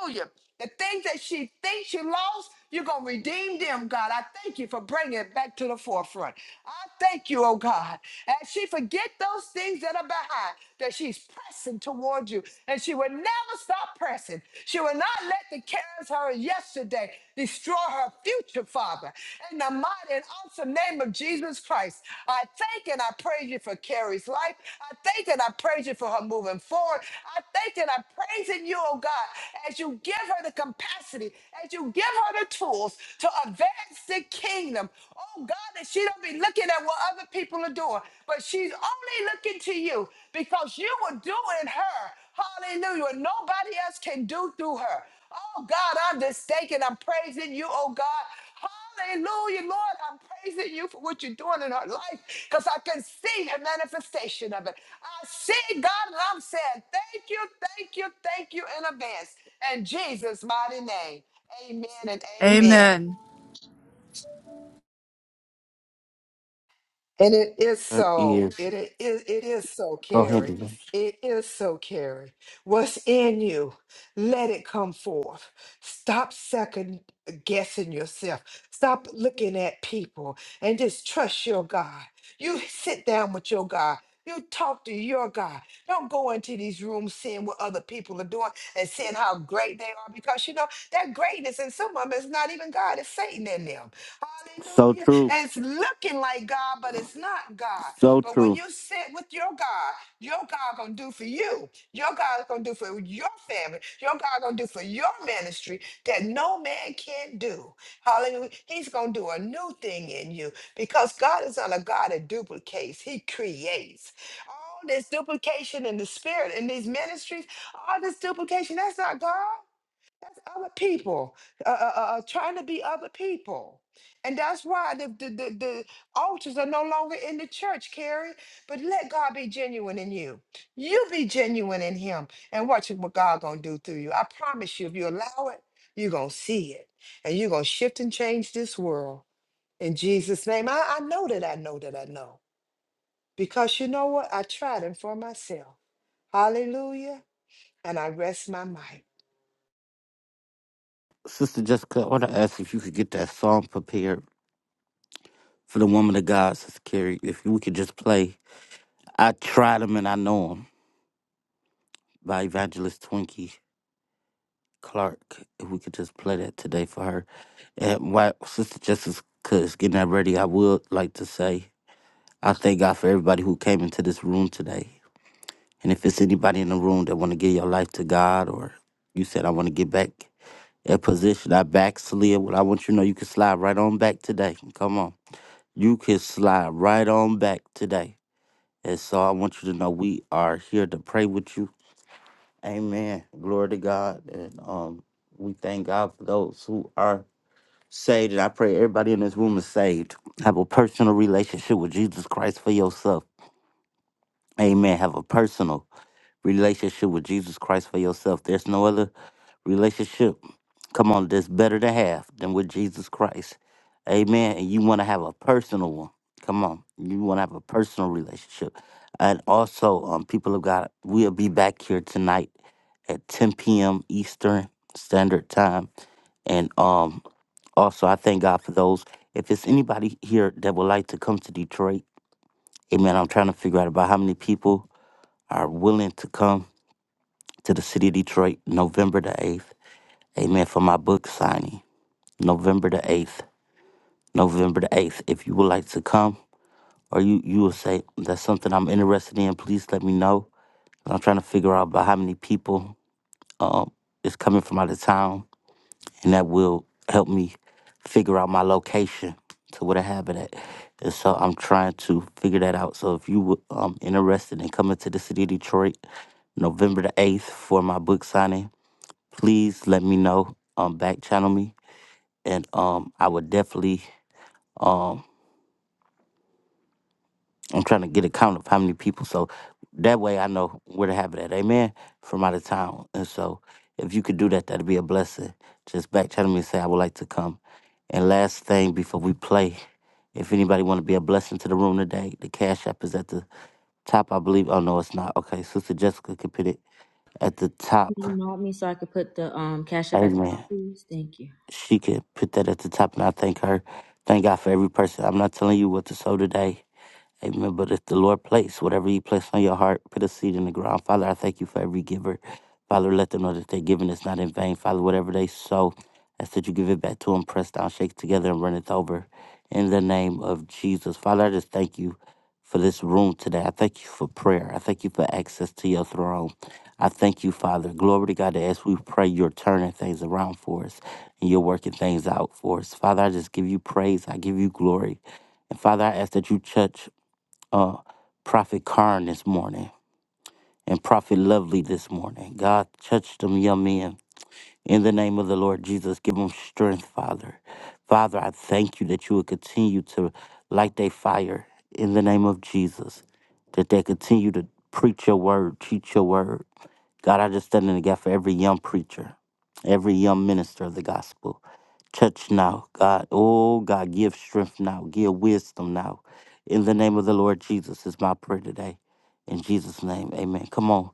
[SPEAKER 3] hallelujah. The things that she thinks she lost, you're going to redeem them, God. I thank you for bringing it back to the forefront. I thank you, oh God. As she forget those things that are behind, that she's pressing towards you, and she will never stop pressing. She will not let the cares her yesterday. Destroy her future, Father. In the mighty and awesome name of Jesus Christ, I thank and I praise you for Carrie's life. I thank and I praise you for her moving forward. I thank and I praise in you, oh God, as you give her the capacity, as you give her the tools to advance the kingdom. Oh God, that she don't be looking at what other people are doing, but she's only looking to you because you will do in her Hallelujah. What nobody else can do through her. Oh God, I'm just thanking. I'm praising you, oh God. Hallelujah, Lord. I'm praising you for what you're doing in her life because I can see the manifestation of it. I see God and I'm saying thank you, thank you, thank you in advance. In Jesus' mighty name. Amen and amen.
[SPEAKER 8] Amen.
[SPEAKER 3] And it is
[SPEAKER 1] Her
[SPEAKER 3] so.
[SPEAKER 1] ears.
[SPEAKER 3] It i- is. It is so,
[SPEAKER 1] Go ahead,
[SPEAKER 3] Carrie.
[SPEAKER 1] Eva.
[SPEAKER 3] It is so, Carrie. What's in you? Let it come forth. Stop second guessing yourself. Stop looking at people and just trust your God. You sit down with your God. You talk to your God. Don't go into these rooms seeing what other people are doing and seeing how great they are because you know that greatness in some of them is not even God, it's Satan in them.
[SPEAKER 1] So
[SPEAKER 3] Hallelujah.
[SPEAKER 1] true.
[SPEAKER 3] And it's looking like God, but it's not God.
[SPEAKER 1] So
[SPEAKER 3] But when
[SPEAKER 1] true.
[SPEAKER 3] you sit with your God, your God gonna do for you. Your God is gonna do for your family. Your God gonna do for your ministry that no man can do. Hallelujah. He's gonna do a new thing in you because God is not a God that duplicates, He creates. All this duplication in the spirit in these ministries, all this duplication, that's not God. That's other people uh, uh, uh, uh, trying to be other people. And that's why the, the, the, the altars are no longer in the church, Carrie. But let God be genuine in you. You be genuine in him and watch what God gonna do through you. I promise you, if you allow it, you're gonna see it. And you're gonna shift and change this world in Jesus' name. I, I know that I know that I know. Because you know what? I tried it for myself. Hallelujah. And I rest my mic.
[SPEAKER 1] Sister Jessica, I want to ask if you could get that song prepared for the woman of God, Sister Carrie. If we could just play I Tried Him and I Know Him by Evangelist Twinkie Clark. If we could just play that today for her. And while Sister Jessica is getting that ready, I would like to say I thank God for everybody who came into this room today. And if it's anybody in the room that want to give your life to God, or you said I want to get back that position, I backslid. Well, I want you to know you can slide right on back today. Come on, you can slide right on back today. And so I want you to know we are here to pray with you. Amen. Glory to God, and um, we thank God for those who are saved. And I pray everybody in this room is saved. Have a personal relationship with Jesus Christ for yourself. Amen. Have a personal relationship with Jesus Christ for yourself. There's no other Relationship, come on, that's better to have than with Jesus Christ. Amen. And you want to have a personal one. Come on. You want to have a personal relationship. And also, um, people of God, we'll be back here tonight at 10 p.m. Eastern Standard Time. And um, also, I thank God for those. If there's anybody here that would like to come to Detroit, amen, I'm trying to figure out about how many people are willing to come to the city of Detroit November the 8th, amen, for my book signing. November the 8th. November the 8th. If you would like to come or you, you will say that's something I'm interested in, please let me know. I'm trying to figure out about how many people um, is coming from out of town, and that will help me figure out my location to where to have it at. And so I'm trying to figure that out. So if you were um, interested in coming to the city of Detroit, November the 8th for my book signing, please let me know. Um, back channel me, and um, I would definitely. um. I'm trying to get a count of how many people. So that way I know where to have it at. Amen. From out of town. And so if you could do that, that'd be a blessing. Just back channel me and say, I would like to come. And last thing before we play, if anybody want to be a blessing to the room today, the Cash App is at the top, I believe. Oh, no, it's not. Okay. Sister Jessica can put it at the
[SPEAKER 2] Can you
[SPEAKER 1] top.
[SPEAKER 2] mod me so I could put the um cash up at the top,
[SPEAKER 1] Amen.
[SPEAKER 2] please? Thank you.
[SPEAKER 1] She can put that at the top, and I thank her. Thank God for every person. I'm not telling you what to sow today Amen. But it's the Lord place, whatever He placed on your heart, put a seed in the ground. Father, I thank you for every giver. Father, let them know that their giving is not in vain. Father, whatever they sow, I said you give it back to them, press down, shake together, and run it over. In the name of Jesus. Father, I just thank you for this room today. I thank you for prayer. I thank you for access to your throne. I thank you, Father. Glory to God that as we pray, you're turning things around for us and you're working things out for us. Father, I just give you praise. I give you glory. And Father, I ask that you touch uh, Prophet Karn this morning and Prophet Lovely this morning. God, touch them young men. In the name of the Lord Jesus, give them strength, Father. Father, I thank you that you will continue to light their fire in the name of Jesus, that they continue to preach your word, teach your word, God, I just stand in the gap for every young preacher, every young minister of the gospel. Touch now, God. Oh, God, give strength now, give wisdom now. In the name of the Lord Jesus is my prayer today. In Jesus' name, amen. Come on,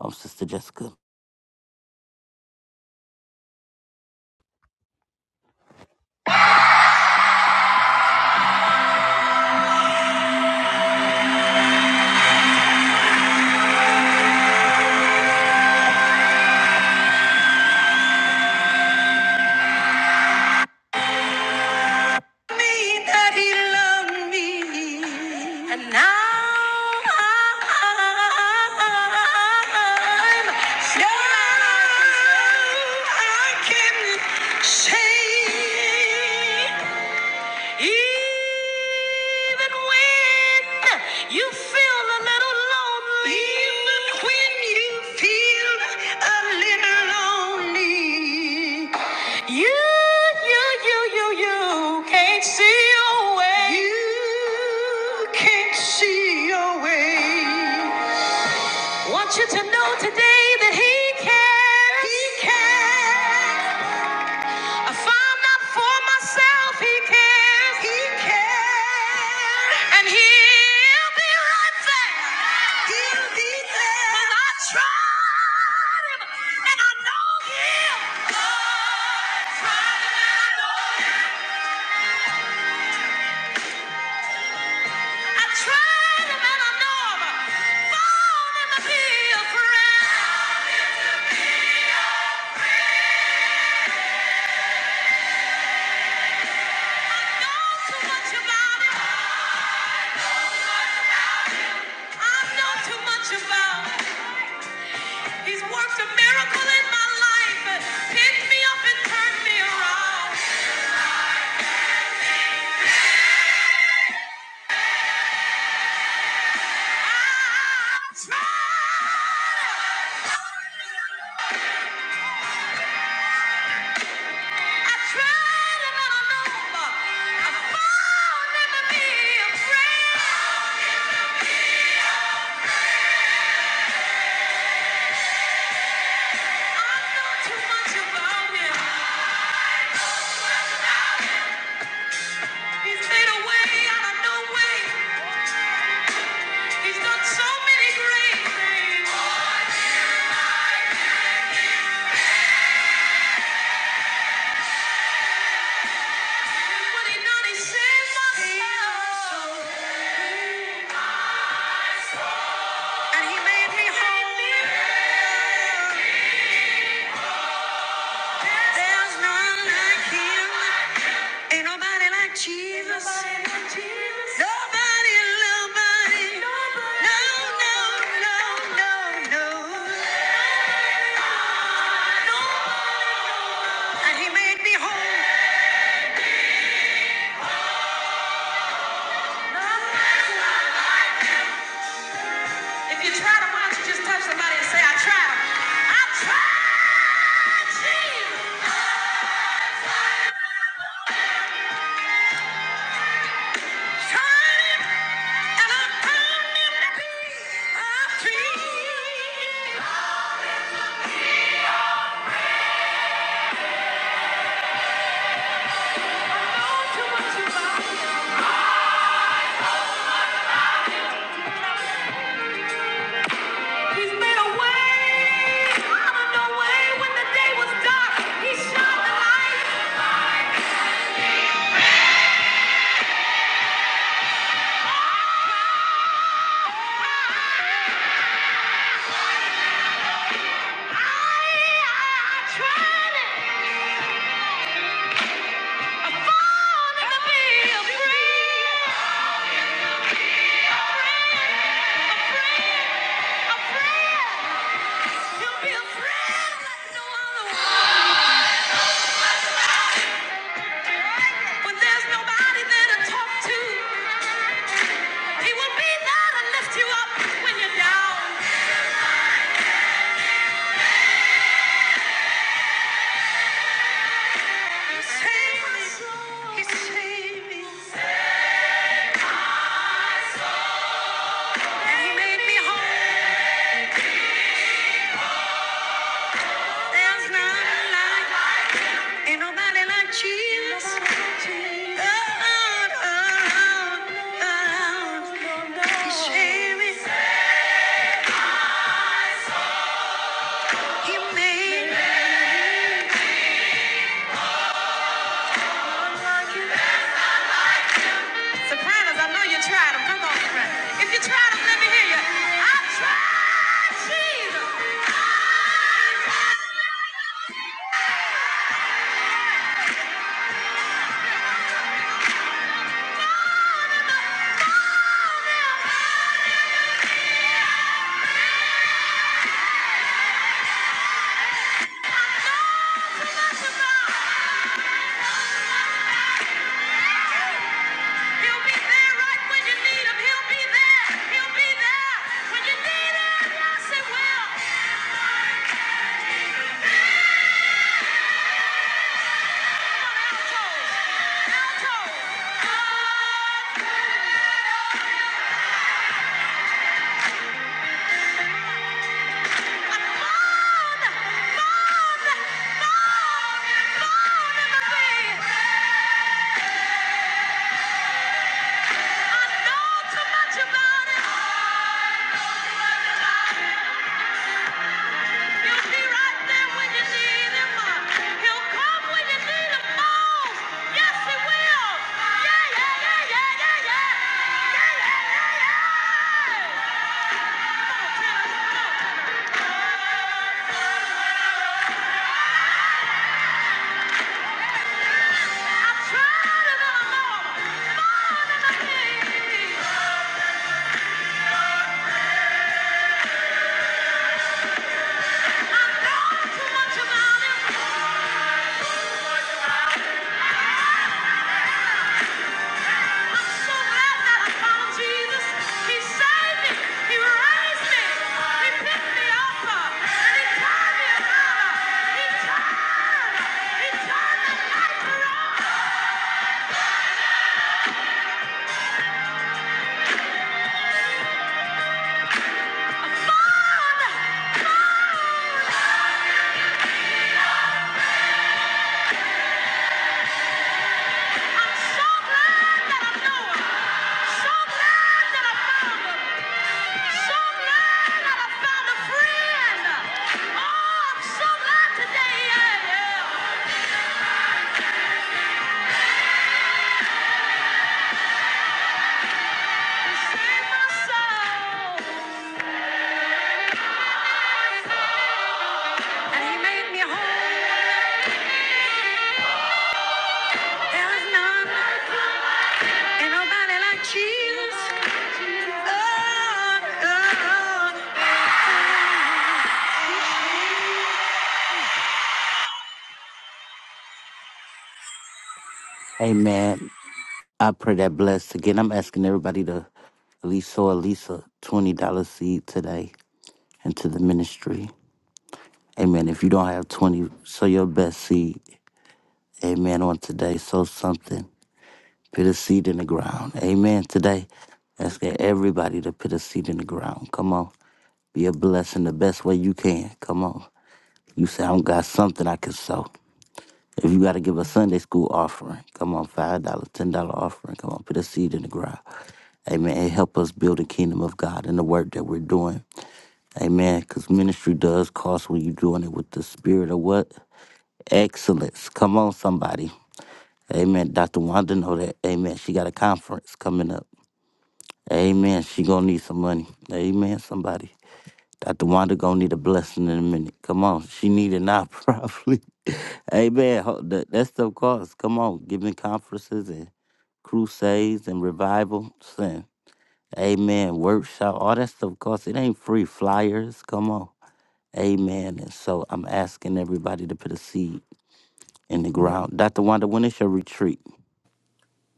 [SPEAKER 1] um, Sister Jessica.
[SPEAKER 2] that he loved me. And I'm sure I can say even when you feel a little lonely. Even when you feel a little lonely. You, you, you, you, you can't see your way. You can't see your way. Want you to know today that he cares. He cares. If I'm not for myself, he cares. He cares. And he'll be right there. He'll be there. 'Cause I tried him and I know him. I tried him and I know him. I tried him and I know him. Found him to be a friend. He's made a way out of no way. He's done so many great things. Jesus. Nobody, nobody, no, no, no, no, no. And he made me whole. If you try to why don't you just touch somebody and say, I tried. I tried, Jesus. You'll Be a friend like no other one. When there's nobody there to talk to, He will be there to lift you up when you're down. He saved me. He saved me. And He made me whole. There's none like, ain't nobody like Jesus. Around, around, around. He saved me. He made Sopranos, I know you tried them. Come on, sopranos. If you tried them, let me hear you. I tried Jesus. He'll be there right when you need him. He'll be there. He'll be there when you need him. Yes, he will. Come on, alto. Alto. Come on. Moan. Moan. Moan. Moan in the wind. Know too much about him. so glad that I found Jesus. He saved me. He raised me. He picked me up. And he turned me He turned. He turned the life around. Found. Found. I'm so glad that I know him. So glad that I found him. So glad that I found a friend. Oh, I'm so glad today. Yeah, yeah. like Oh, oh.
[SPEAKER 1] Amen. I pray that blessed. Again, I'm asking everybody to at least sow at least a $20 seed today into the ministry. Amen. If you don't have 20, sow your best seed. Amen. On today, sow something. Put a seed in the ground. Amen. Today, ask everybody to put a seed in the ground. Come on. Be a blessing the best way you can. Come on. You say, I don't got something I can sow. If you got to give a Sunday school offering, come on, $5, dollars, $10 offering, come on, put a seed in the ground. Amen. And help us build the kingdom of God and the work that we're doing. Amen. Because ministry does cost when you're doing it with the spirit of what? Excellence. Come on, somebody. Amen. Dr. Wanda know that. Amen. She got a conference coming up. Amen. She gonna need some money. Amen. Somebody. Dr. Wanda gonna need a blessing in a minute. Come on. She need it now, probably. Amen. Ho- That, that stuff costs. Come on. Giving conferences and crusades and revival. Sin. Amen. Workshop. All that stuff costs. It ain't free. Flyers. Come on. Amen. And so I'm asking everybody to put a seed in the ground. Dr. Wanda, when is your retreat?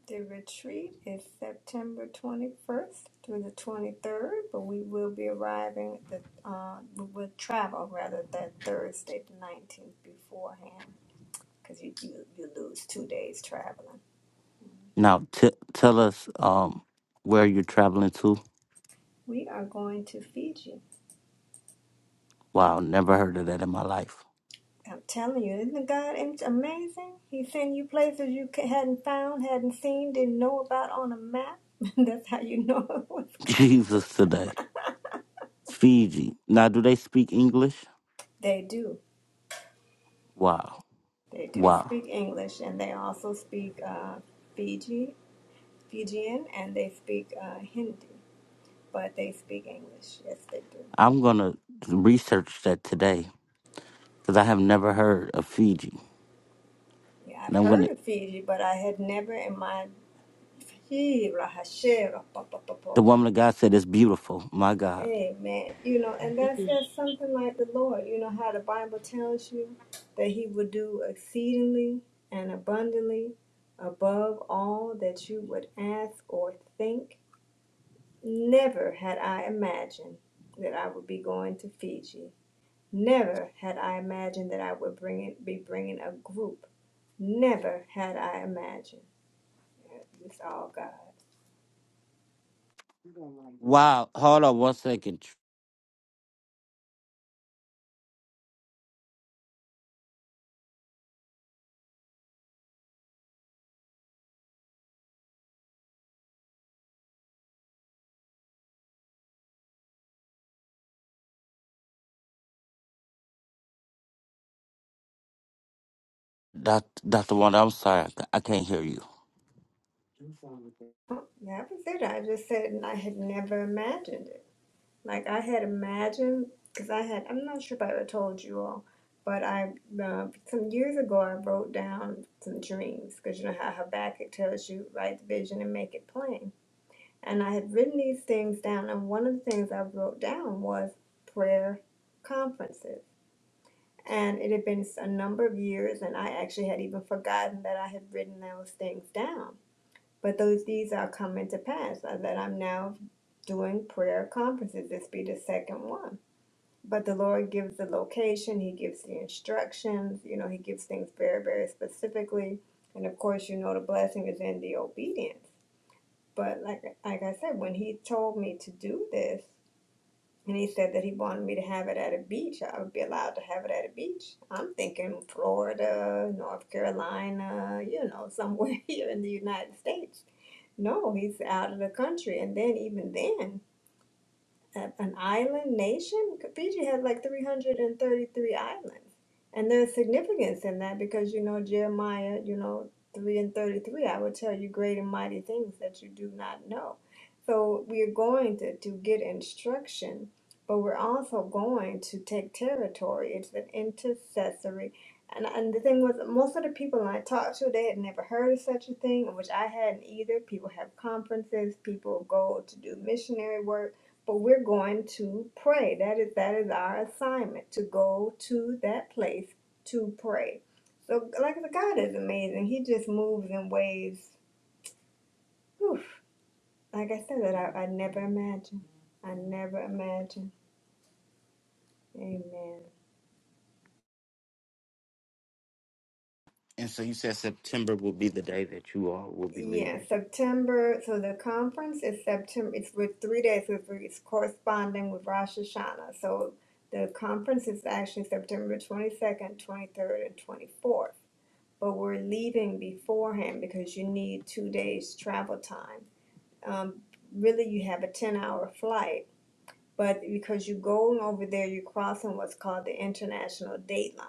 [SPEAKER 6] The retreat is September 21st through the 23rd, but we will be arriving at the, uh, we will travel rather that Thursday, the 19th beforehand, because you, you, you lose two days traveling.
[SPEAKER 1] Now t- tell us um where you're traveling to.
[SPEAKER 6] We are going to Fiji.
[SPEAKER 1] Wow, never heard of that in my life.
[SPEAKER 6] I'm telling you, isn't God amazing? He sent you places you hadn't found, hadn't seen, didn't know about on a map. That's how you know it was God.
[SPEAKER 1] Jesus today. Fiji. Now, do they speak English?
[SPEAKER 6] They do.
[SPEAKER 1] Wow.
[SPEAKER 6] They do
[SPEAKER 1] Wow.
[SPEAKER 6] speak English, and they also speak uh, Fiji. Fijian and they speak uh, Hindi, but they speak English. Yes, they do.
[SPEAKER 1] I'm going to research that today because I have never heard of Fiji.
[SPEAKER 6] Yeah, I've
[SPEAKER 1] And I'm going
[SPEAKER 6] heard
[SPEAKER 1] to,
[SPEAKER 6] of Fiji, but I had never in my Fiji, Rahashira, pa, pa, pa, pa,
[SPEAKER 1] the woman of God said it's beautiful. My God.
[SPEAKER 6] Amen. You know, and that's that's something like the Lord. You know how the Bible tells you that He would do exceedingly and abundantly above all that you would ask or think. Never had I imagined that I would be going to Fiji Never had I imagined that I would bring it, be bringing a group. Never had I imagined. It's all God.
[SPEAKER 1] Wow. Hold on one second. Doc- Dr. Wanda, I'm sorry. I ca- I can't hear you.
[SPEAKER 6] That was it. I just said and I had never imagined it. Like I had imagined, because I had, I'm not sure if I ever told you all, but I, uh, some years ago, I wrote down some dreams, because you know how Habakkuk tells you, write the vision and make it plain. And I had written these things down, and one of the things I wrote down was prayer conferences And it had been a number of years, and I actually had even forgotten that I had written those things down. But those these are coming to pass uh, that I'm now doing prayer conferences. This be the second one. But the Lord gives the location, He gives the instructions, you know, He gives things very, very specifically. And of course, you know, the blessing is in the obedience. But like, like I said, when He told me to do this, and he said that he wanted me to have it at a beach. I would be allowed to have it at a beach. I'm thinking Florida, North Carolina, you know, somewhere here in the United States. No, he's out of the country. And then, even then, a- an island nation. Fiji had like 333 islands. And there's significance in that because, you know, Jeremiah, you know, 3 and 33, I will tell you great and mighty things that you do not know. So we're going to, to get instruction, but we're also going to take territory. It's an intercessory. And, and the thing was, most of the people I talked to, they had never heard of such a thing, which I hadn't either. People have conferences, people go to do missionary work but we're going to pray. That is that is our assignment to go to that place to pray. So, like the God is amazing. He just moves in ways, whew, like I said, that I, I never imagined. I never imagined. Amen.
[SPEAKER 1] And so you said September will be the day that you all will be
[SPEAKER 6] Yeah,
[SPEAKER 1] leaving.
[SPEAKER 6] September. So the conference is September. It's with three days. It's, it's corresponding with Rosh Hashanah. So the conference is actually September twenty second, twenty third, and twenty fourth. but we're leaving beforehand because you need two days travel time. Um, really, you have a 10 hour flight but because you're going over there, you're crossing what's called the international date line.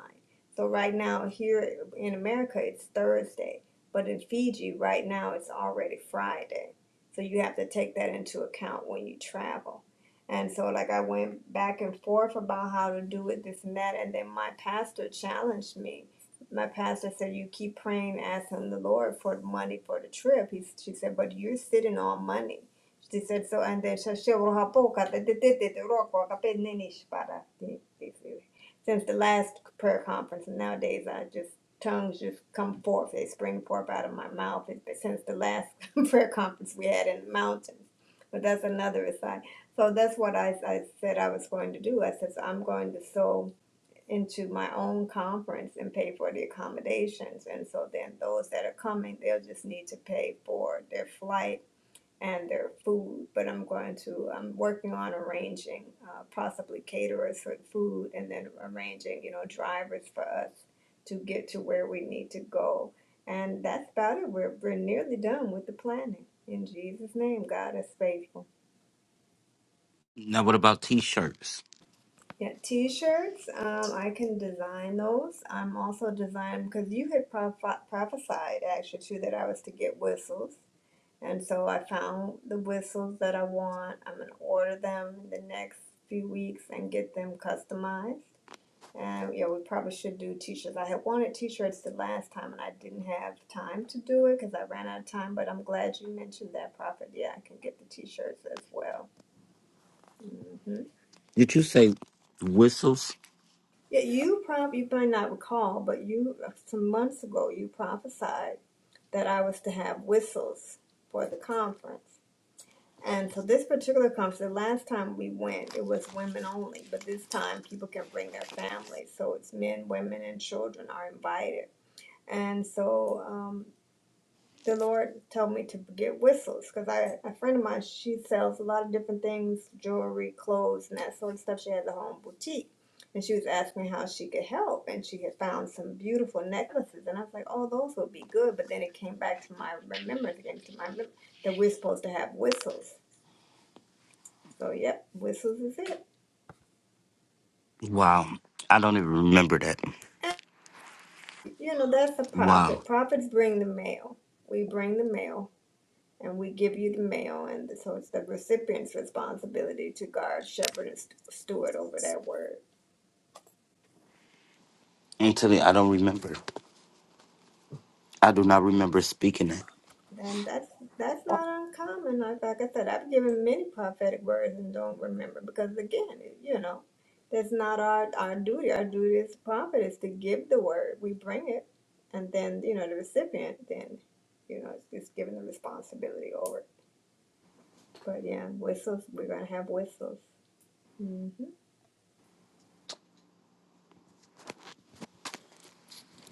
[SPEAKER 6] So right now here in America, it's Thursday, but in Fiji right now it's already Friday. So you have to take that into account when you travel. And so like I went back and forth about how to do it, this and that, and then my pastor challenged me. My pastor said, "You keep praying, asking the Lord for the money for the trip." He, she said, "But you're sitting on money." She said so, and then she she wrote her book, and they did it, rock wrote book, I paid Nini Shibata, they- they say. Since the last prayer conference, and nowadays I just tongues just come forth, they spring forth out of my mouth. It's been since the last prayer conference we had in the mountains, but that's another aside. So that's what I, I said I was going to do. I said so I'm going to sow into my own conference and pay for the accommodations, and so then those that are coming, they'll just need to pay for their flight and their food, but I'm going to, I'm working on arranging uh, possibly caterers for the food and then arranging, you know, drivers for us to get to where we need to go. And that's about it. We're, we're nearly done with the planning. In Jesus' name, God is faithful.
[SPEAKER 1] Now, what about t shirts?
[SPEAKER 6] Yeah, t-shirts. Um, I can design those. I'm also designing because you had proph- prophesied actually too that I was to get whistles. And so I found the whistles that I want. I'm gonna order them in the next few weeks and get them customized. And yeah, we probably should do t-shirts. I had wanted t-shirts the last time and I didn't have time to do it because I ran out of time. But I'm glad you mentioned that, Prophet. Yeah, I can get the t-shirts as well. hmm
[SPEAKER 1] Did you say whistles?
[SPEAKER 6] Yeah, you probably you might not recall, but you some months ago you prophesied that I was to have whistles for the conference. And so this particular conference, the last time we went, it was women only, but this time people can bring their families. So it's men, women, and children are invited. And so um, the Lord told me to get whistles because I a friend of mine she sells a lot of different things, jewelry, clothes, and that sort of stuff. She has a home boutique. And she was asking me how she could help, and she had found some beautiful necklaces, and I was like, "Oh, those would be good." But then it came back to my remembrance, it came to my mem- that we're supposed to have whistles, so, yep, whistles is it.
[SPEAKER 1] Wow. I don't even remember that.
[SPEAKER 6] You know, that's a
[SPEAKER 1] Wow.
[SPEAKER 6] prophet. Prophets bring the mail. We bring the mail and we give you the mail. And so it's the recipient's responsibility to guard, shepherd, and st- steward over that word.
[SPEAKER 1] Anthony, I don't remember. I do not remember speaking it.
[SPEAKER 6] And that's that's not uncommon. Like, like I said, I've given many prophetic words and don't remember because, again, you know, that's not our, our duty. Our duty as a prophet is to give the word. We bring it. And then, you know, the recipient then, you know, is, is given the responsibility over it. But yeah, whistles, we're going to have whistles. hmm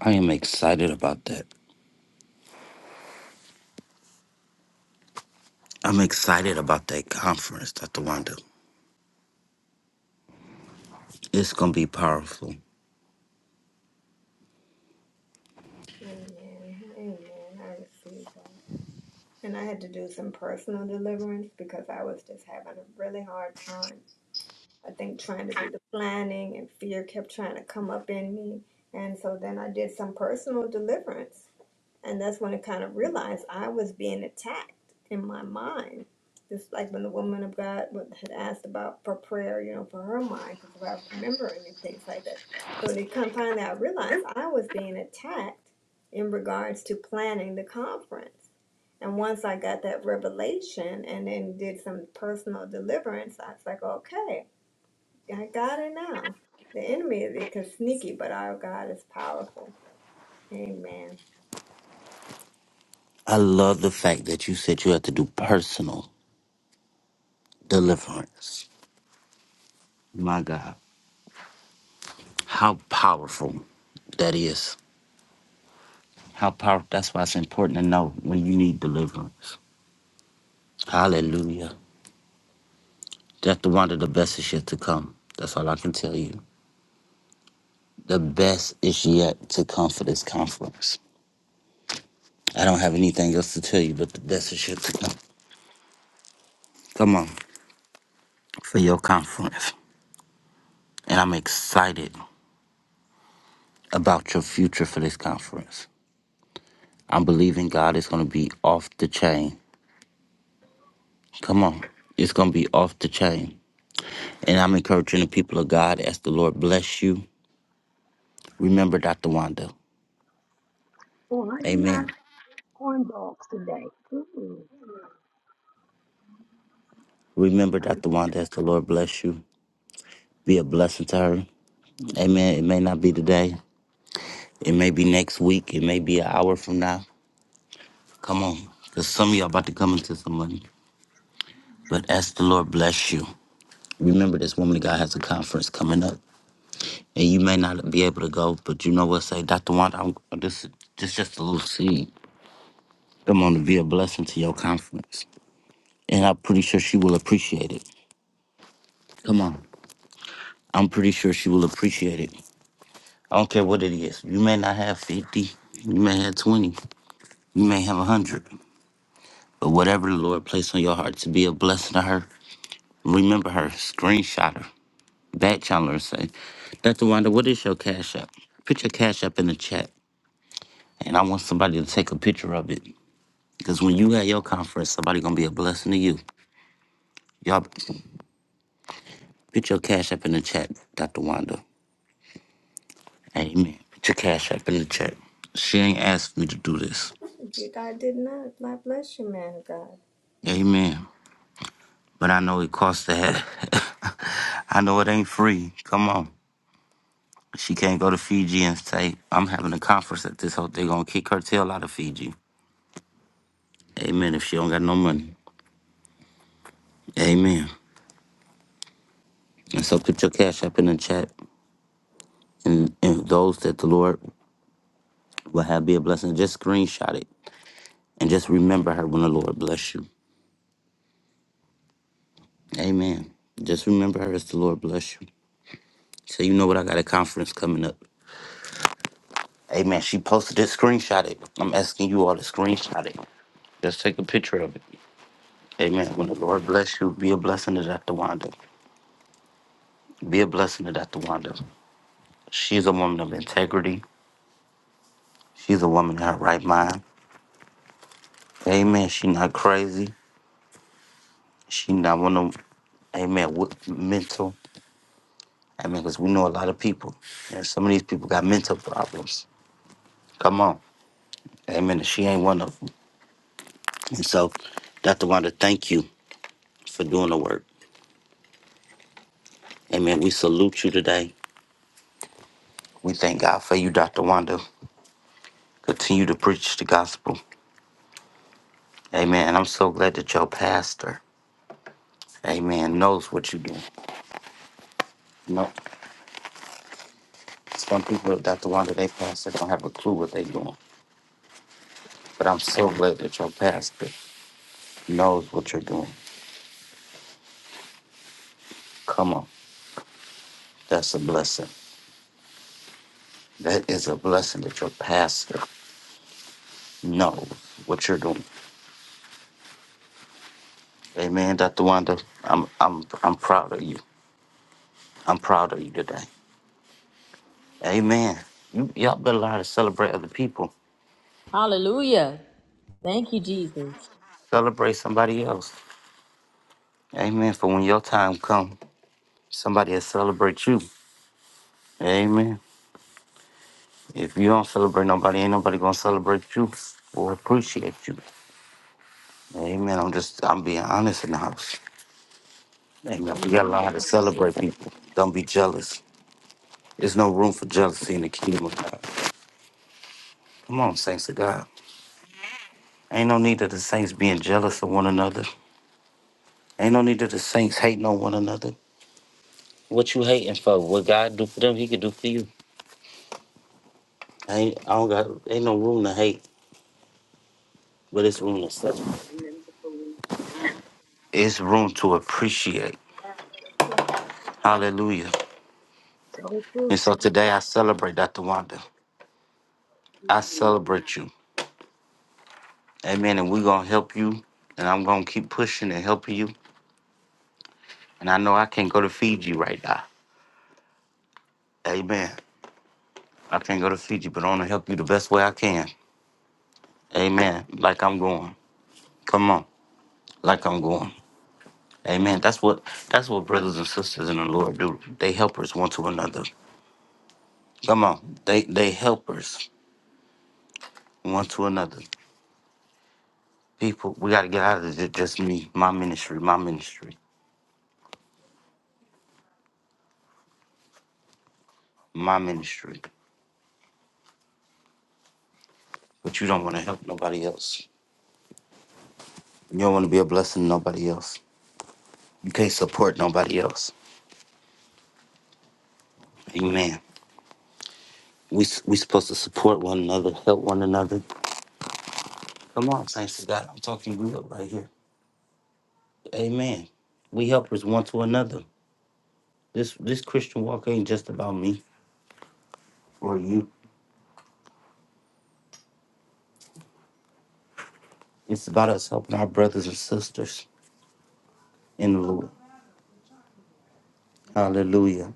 [SPEAKER 1] I am excited about that. I'm excited about that conference, Dr. Wanda. It's going to be powerful.
[SPEAKER 6] Amen. Amen. I received that. And I had to do some personal deliverance because I was just having a really hard time. I think trying to do the planning and fear kept trying to come up in me. And so then I did some personal deliverance. And that's when I kind of realized I was being attacked in my mind. Just like when the woman of God had asked about for prayer, you know, for her mind, because about remembering and things like that. So they come finally, I realized I was being attacked in regards to planning the conference. And once I got that revelation and then did some personal deliverance, I was like, okay, I got it now. The enemy is is sneaky, but our God is powerful. Amen.
[SPEAKER 1] I love the fact that you said you had to do personal deliverance. My God. How powerful that is. How powerful. That's why it's important to know when you need deliverance. Hallelujah. Dr. Wanda, the best is yet to come. That's all I can tell you. The best is yet to come for this conference. I don't have anything else to tell you, but the best is yet to come. Come on, for your conference. And I'm excited about your future for this conference. I'm believing God is going to be off the chain. Come on, it's going to be off the chain. And I'm encouraging the people of God as the Lord bless you. Remember Dr. Wanda. Amen. Remember Dr. Wanda as the Lord bless you. Be a blessing to her. Amen. It may not be today. It may be next week. It may be an hour from now. Come on. Because some of y'all about to come into some money. But as the Lord bless you. Remember,
[SPEAKER 5] Mhm.
[SPEAKER 1] this woman of God has a conference coming up, and you may not be able to go, but you know what? Say, Dr. Wanda, I'm, this is just, just a little seed. Come on, to be a blessing to your conference. And I'm pretty sure she will appreciate it. Come on. I'm pretty sure she will appreciate it. I don't care what it is. You may not have 50, you may have 20, you may have 100, but whatever the Lord placed on your heart to be a blessing to her, remember her, screenshot her, back channel her, and say, Dr. Wanda, what is your cash app? Put your cash app in the chat. and I want somebody to take a picture of it. Because when you at your conference, somebody gonna be a blessing to you. Y'all put your cash up in the chat, Dr. Wanda. Amen. Put your cash up in the chat. She ain't asked me to do this.
[SPEAKER 6] You- I did not. I bless you, man of God.
[SPEAKER 1] Amen. But I know it costs to have. I know it ain't free. Come on. She can't go to Fiji and say, I'm having a conference at this hotel. They're gonna kick her tail out of Fiji. Amen. If she don't got no money. Amen. And so put your cash up in the chat. And, and those that the Lord will have be a blessing. Just screenshot it and just remember her when the Lord bless you. Amen. Just remember her as the Lord bless you. So you know what I got a conference coming up. Amen. She posted it, screenshot it. I'm asking you all to screenshot it. Just take a picture of it. Amen. When the Lord bless you, be a blessing to Dr. Wanda. Be a blessing to Dr. Wanda. She's a woman of integrity. She's a woman in her right mind. Amen. She not crazy. She not one of them, amen, with mental. I mean, because we know a lot of people, and some of these people got mental problems. Come on. Amen. she ain't one of them. And so, Dr. Wanda, thank you for doing the work. Amen. We salute you today. We thank God for you, Dr. Wanda. Continue to preach the gospel. Amen. And I'm so glad that your pastor, amen, knows what you're doing. You know, some people, Dr. Wanda, they pastor don't have a clue what they're doing. But I'm so glad that your pastor knows what you're doing. Come on. That's a blessing. That is a blessing that your pastor know what you're doing. Amen, Dr. Wanda. I'm I'm I'm proud of you. I'm proud of you today. Amen. You y'all better learn to celebrate other people.
[SPEAKER 2] Hallelujah. Thank you, Jesus.
[SPEAKER 1] Celebrate somebody else. Amen. For when your time come, somebody will celebrate you. Amen. If you don't celebrate nobody, ain't nobody gonna celebrate you or appreciate you. Amen. I'm just I'm being honest in the house. Amen. We gotta
[SPEAKER 5] Amen,
[SPEAKER 1] learn how to
[SPEAKER 5] Apostle.
[SPEAKER 1] celebrate people. Don't be jealous. There's no room for jealousy in the kingdom of God. Come on, saints of God. Ain't no need of the saints being jealous of one another. Ain't no need of the saints hating on one another. What you hating for? What God do for them, He could do for you. Ain't I don't got ain't no room to hate, but it's room to celebrate. It's room to appreciate. Hallelujah.
[SPEAKER 5] Tell the truth,
[SPEAKER 1] And so today I celebrate Dr. Wanda. I
[SPEAKER 5] Shayla.
[SPEAKER 1] celebrate you. Amen. And we're gonna help you and I'm gonna keep pushing and helping you. And I know I can't go to Fiji right now. Amen. I can't go to Fiji, but I wanna help you the best way I can. Amen. Like I'm going. Come on. Like I'm going. Amen. That's what that's what brothers and sisters in the Lord do. They helpers one to another. Come on. They they helpers one to another. People, we gotta get out of this. Just me, my ministry, my ministry, my ministry. But you don't wanna help nobody else. You don't wanna be a blessing to nobody else. You can't support nobody else. Amen. We we supposed to support one another, help one another. Come on, saints of God. I'm talking real right here. Amen. We helpers one to another. This this Christian walk ain't just about me or you. It's about us helping our brothers and sisters in the Lord. Hallelujah.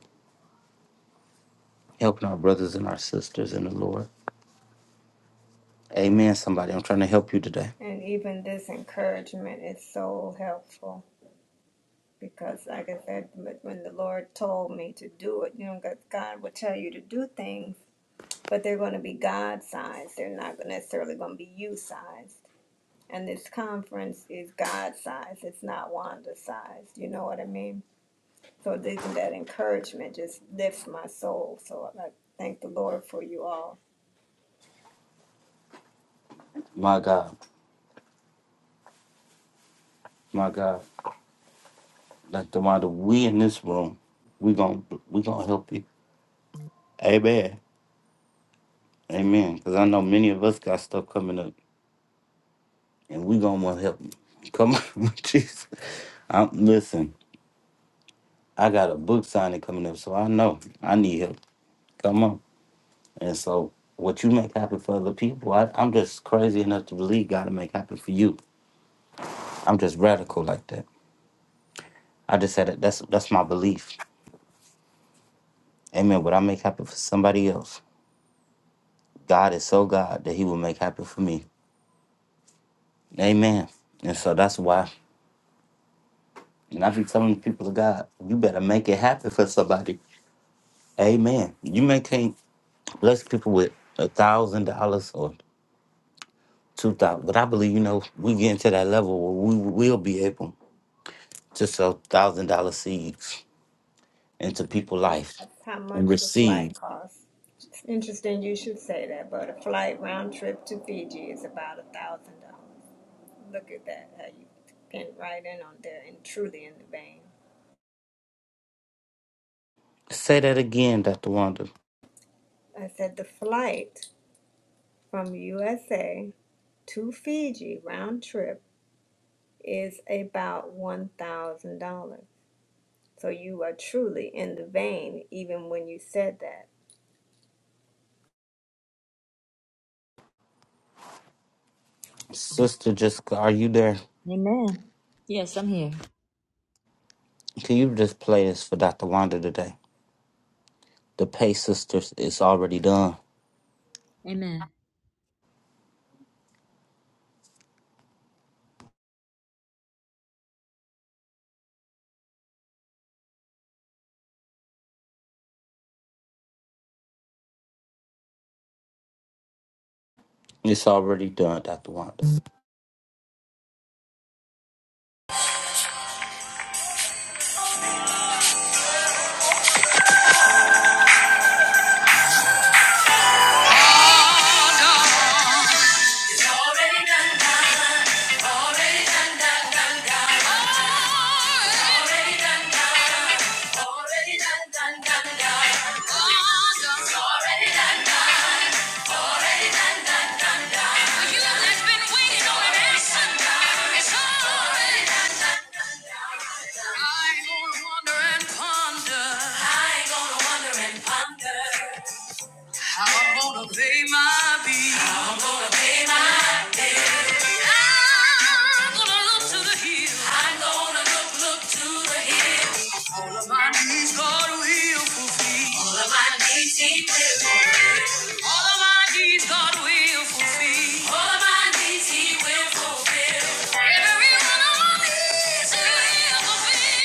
[SPEAKER 1] Helping our brothers and our sisters in the Lord. Amen, somebody. I'm trying to help you today.
[SPEAKER 6] And even this encouragement is so helpful because, like I said, when the Lord told me to do it, you know, God God will tell you to do things, but they're going to be God sized. They're not necessarily going to be you sized. And this conference is God sized, it's not Wanda sized. You know what I mean? So, even that encouragement just lifts my soul. So, I thank the Lord for you all.
[SPEAKER 1] My God. My God. Like the matter, we in this room, we gon' we gonna help you. Amen. Amen. Because I know many of us got stuff coming up and we gonna want to help you. Come on, Jesus. I'm, listen, I got a book signing coming up, so I know I need help. Come on. And so, what you make happen for other people, I, I'm just crazy enough to believe God to make happen for you. I'm just radical like that. I just said that that's that's my belief. Amen. What I make happen for somebody else, God is so God that He will make happen for me. Amen. And so that's why, and I be telling the people of God, you better make it happen for somebody. Amen. You may can't bless people with a thousand dollars or two thousand, but I believe you know we get into that level where we will be able to sow thousand dollar seeds into people's
[SPEAKER 6] And
[SPEAKER 1] life
[SPEAKER 6] that's how
[SPEAKER 1] and
[SPEAKER 6] much the flight
[SPEAKER 1] receive.
[SPEAKER 6] costs. It's interesting you should say that, but a flight round trip to Fiji is about a thousand dollars. Look at that, how you came right in on there and truly in the vein.
[SPEAKER 1] Say that again, Dr. Wanda.
[SPEAKER 6] I said the flight from USA to Fiji round trip is about one thousand dollars. So you are truly in the vein even when you said that.
[SPEAKER 1] Sister Jessica, are you there?
[SPEAKER 2] Amen. Yes, I'm here.
[SPEAKER 1] Can you just play this for Dr. Wanda today? The Pay Sisters is already done.
[SPEAKER 2] Amen.
[SPEAKER 1] It's already done, Dr. Wanda.
[SPEAKER 2] Already done, done. already done, done, done, done. Already done, done, already done, done, done, done. Already done, done. Already done, done, done, done. For you that's been waiting on an answer, already done. Ponder. I ain't gonna wonder and ponder. How I'm gonna pay my bills. How I'm gonna pay my bills. I'm gonna look to the hills. I'm gonna look, look to the hills. All of my needs God will fulfill. All of my needs He will fulfill. All of my needs God will fulfill. All of my needs He will fulfill. Every one of my needs.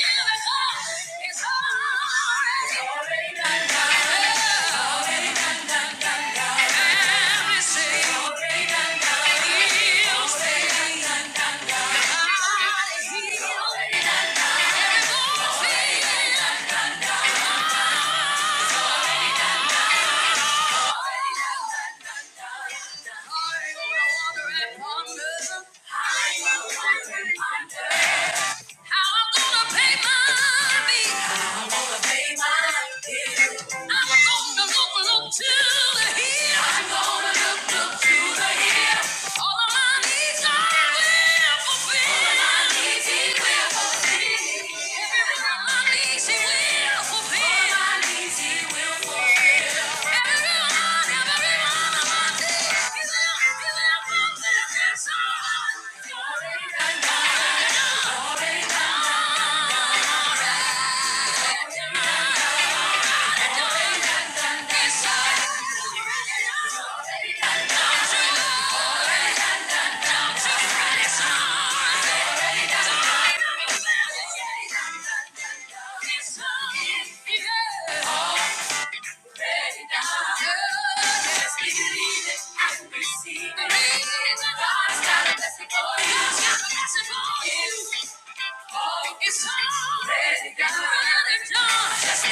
[SPEAKER 2] I will wonder and wonder. I will wonder and wonder. Yeah.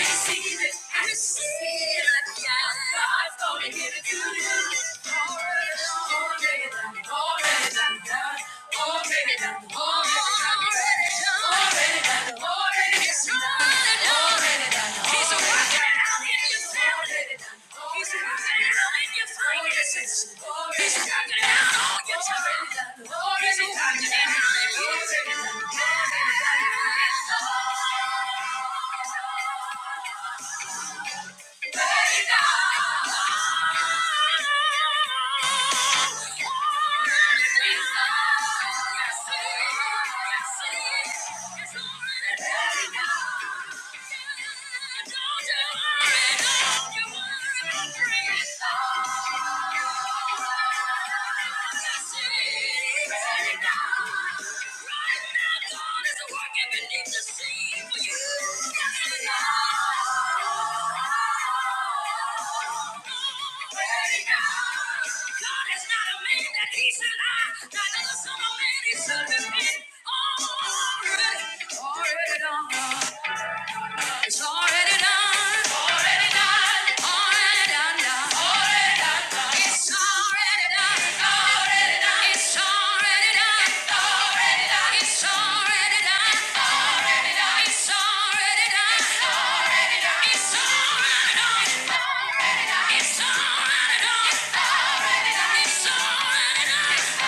[SPEAKER 2] Receive it, I receive it, yeah. God's gonna give it to you. He's Thank you. Already done. It's already done. Already done. Already done. done. Already done. done. It's already done. It's already done. It's already done. It's already done. It's already done. It's already done. It's already done. It's already done. It's already done. It's already done. It's already done. It's already done. It's already done.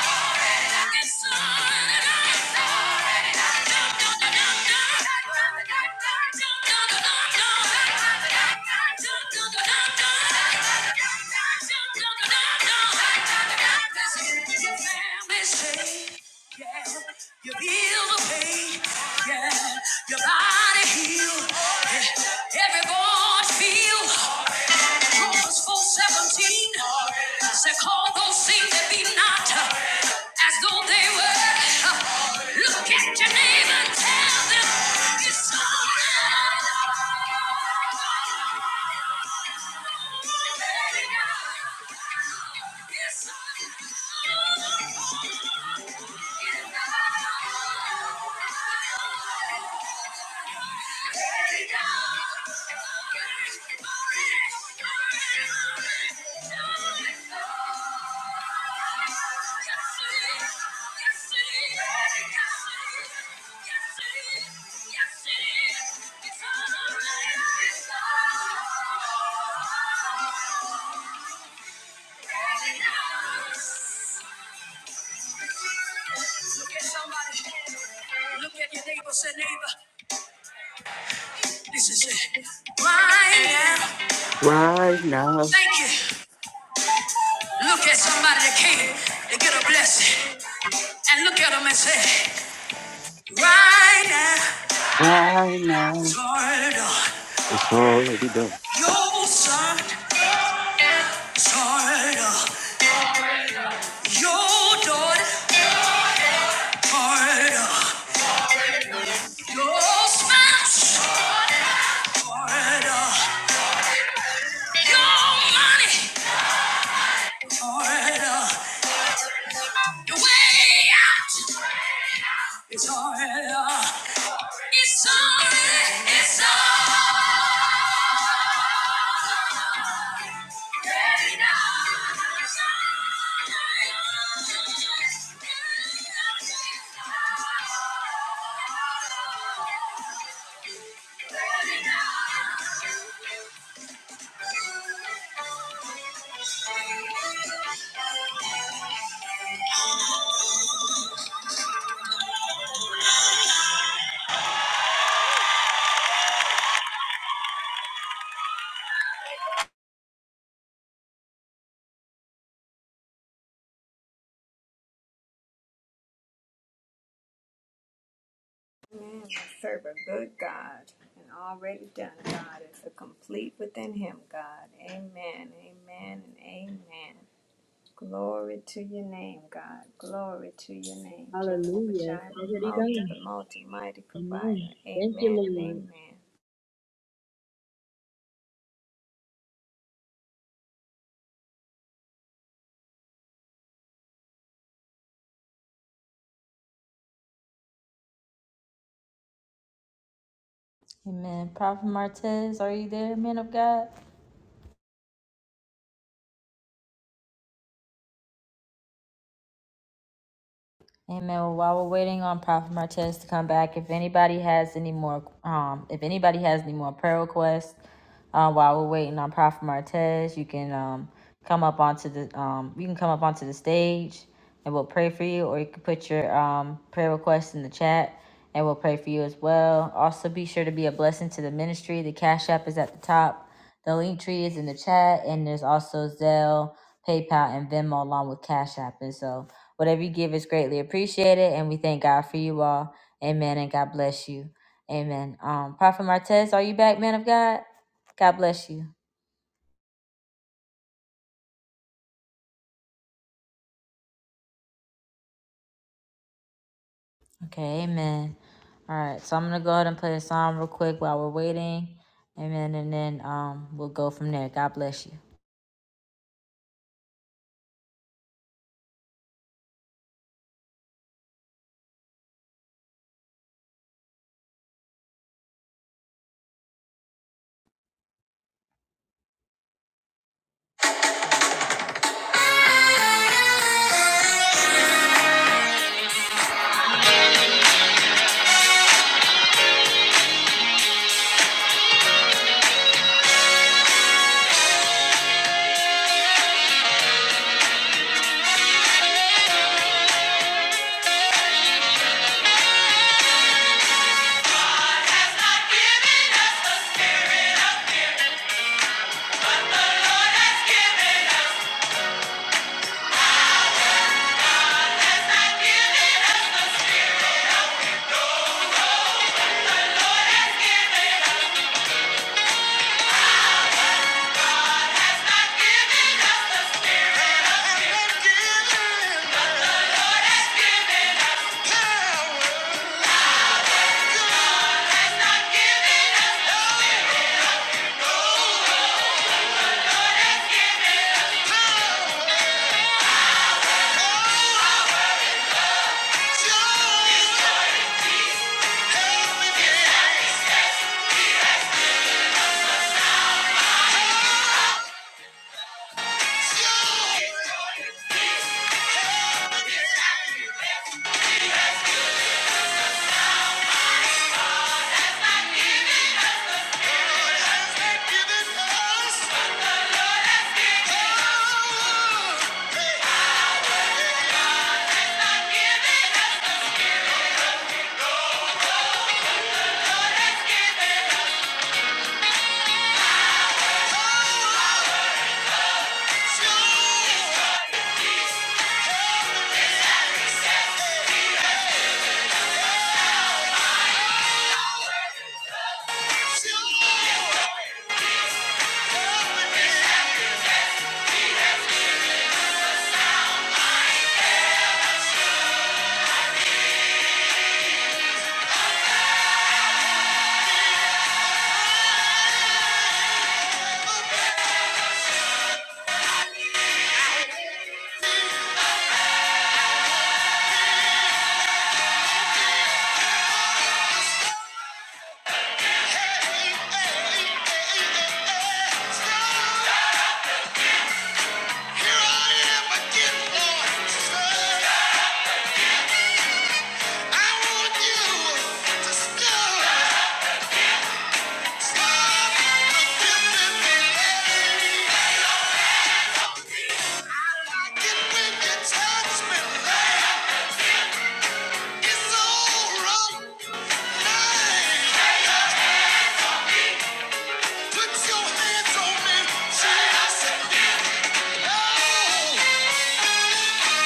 [SPEAKER 2] Say yeah, you feel the pain. Yeah, your body heal. Yeah, everyone feel. Romans 4:17. 17 said, Call those things that be not uh, as though they were. Uh, Look at your neighbor and tell them it's all right. Yes, sir. Look at somebody. Look at your neighbor. Say, neighbor, this is it. Right now.
[SPEAKER 1] Right now,
[SPEAKER 2] Thank you. Look at somebody that came to get a blessing. And look at them and say, right now.
[SPEAKER 1] right now,
[SPEAKER 2] Lord, uh,
[SPEAKER 1] it's already done.
[SPEAKER 2] your son, Lord, uh, your daughter, Lord, uh, your spouse. It's alright. It's alright. It's alright.
[SPEAKER 6] Amen. I serve a good God and already done, God. It's a complete within Him, God. Amen. Amen. And amen. Glory to your name, God. Glory to your name, Jehovah
[SPEAKER 2] Hallelujah. It's
[SPEAKER 6] Jireh,
[SPEAKER 2] already
[SPEAKER 6] multi,
[SPEAKER 2] done.
[SPEAKER 6] multi, mighty provider.
[SPEAKER 2] Thank you,
[SPEAKER 6] Amen and
[SPEAKER 2] Lord.
[SPEAKER 6] amen.
[SPEAKER 2] Amen. Prophet Martez, are you there, man of God? Amen. Well, while we're waiting on Prophet Martez to come back, if anybody has any more, um, if anybody has any more prayer requests, Um, while we're waiting on Prophet Martez, you can um come up onto the um you can come up onto the stage and we'll pray for you, or you can put your um prayer request in the chat and we'll pray for you as well. Also, be sure to be a blessing to the ministry. The cash app is at the top. The link tree is in the chat, and there's also Zelle, PayPal, and Venmo along with Cash App. And so, whatever you give is greatly appreciated, and we thank God for you all. Amen, and God bless you. Amen. Um, Prophet Martez, are you back, man of God? God bless you. Okay, amen. All right, so I'm gonna go ahead and play a song real quick while we're waiting. Amen, and then um we'll go from there. God bless you. I want you to stop, stop the feeling. Like it when you touch me, love. It's all right. Nice. Put your hands on me. Jesus.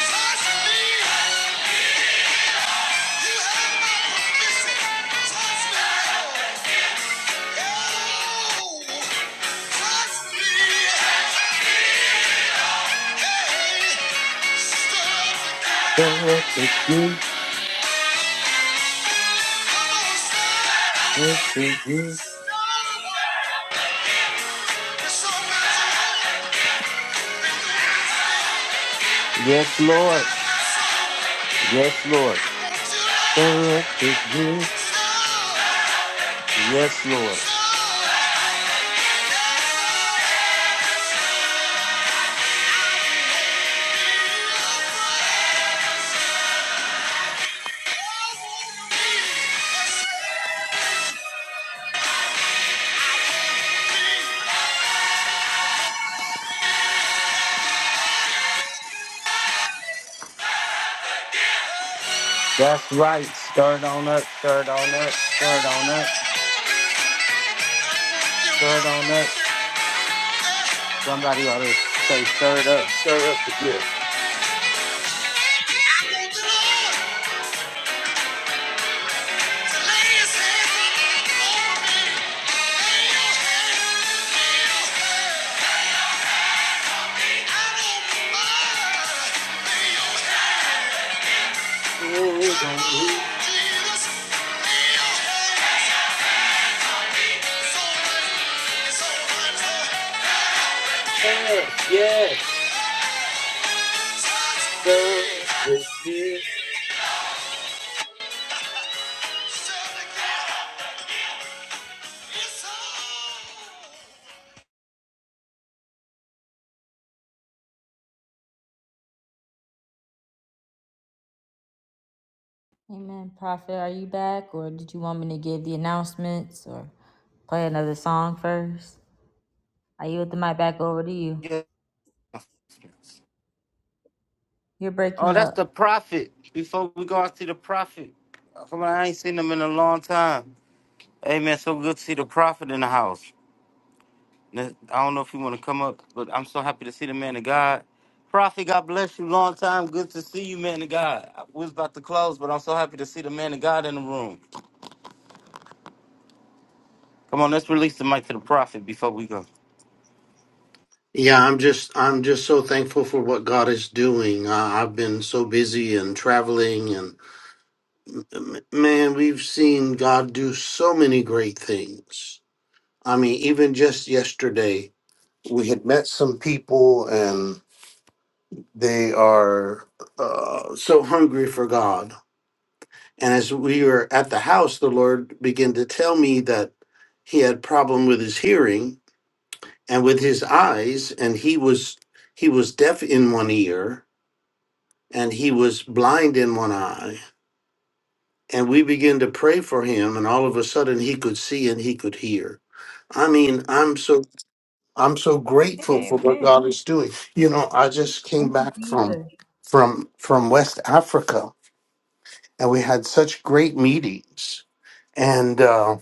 [SPEAKER 2] Touch me! You have my permission! Touch me! Oh, touch me! Hey, stir up the ground.
[SPEAKER 1] Stir up the gift, stir up the gift.
[SPEAKER 2] So much love. You
[SPEAKER 1] Yes,
[SPEAKER 2] can
[SPEAKER 1] Lord.
[SPEAKER 2] have my soul.
[SPEAKER 1] Yes, Lord. Stir up the gift. Yes, Lord.
[SPEAKER 2] Yes, I want me. Yes, I
[SPEAKER 1] That's right. Stir it on up, stir it on up, stir it on up, stir it on up. Somebody ought to say, stir it up, stir up the gift.
[SPEAKER 2] want the Lord to lay his hands on me. Lay your hands, lay
[SPEAKER 1] Hands on me. Yes, yes, stir up the gift.
[SPEAKER 2] Amen. Prophet, are you back or did you want me to give the announcements or play another song first? I yield the mic back over to you.
[SPEAKER 1] Yeah.
[SPEAKER 2] You're
[SPEAKER 1] Oh,
[SPEAKER 2] breaking
[SPEAKER 1] that's
[SPEAKER 2] up.
[SPEAKER 1] the prophet. Before we go out to the prophet, come on, I ain't seen him in a long time. Hey, man, so good to see the prophet in the house. I don't know if you want to come up, but I'm so happy to see the man of God. Prophet, God bless you. Long time. Good to see you, man of God. I was about to close, but I'm so happy to see the man of God in the room. Come on, let's release the mic to the prophet before we go.
[SPEAKER 9] Yeah, I'm just I'm just so thankful for what God is doing. Uh, I've been so busy and traveling, and m- man, we've seen God do so many great things. I mean, even just yesterday, we had met some people, and they are uh, so hungry for God. And as we were at the house, the Lord began to tell me that he had problem with his hearing and with his eyes, and he was he was deaf in one ear and he was blind in one eye. And we began to pray for him, and all of a sudden he could see and he could hear. I mean, I'm so I'm so grateful for what
[SPEAKER 6] Amen.
[SPEAKER 9] God is doing. You know, I just came back from from from West Africa, and we had such great meetings. And uh,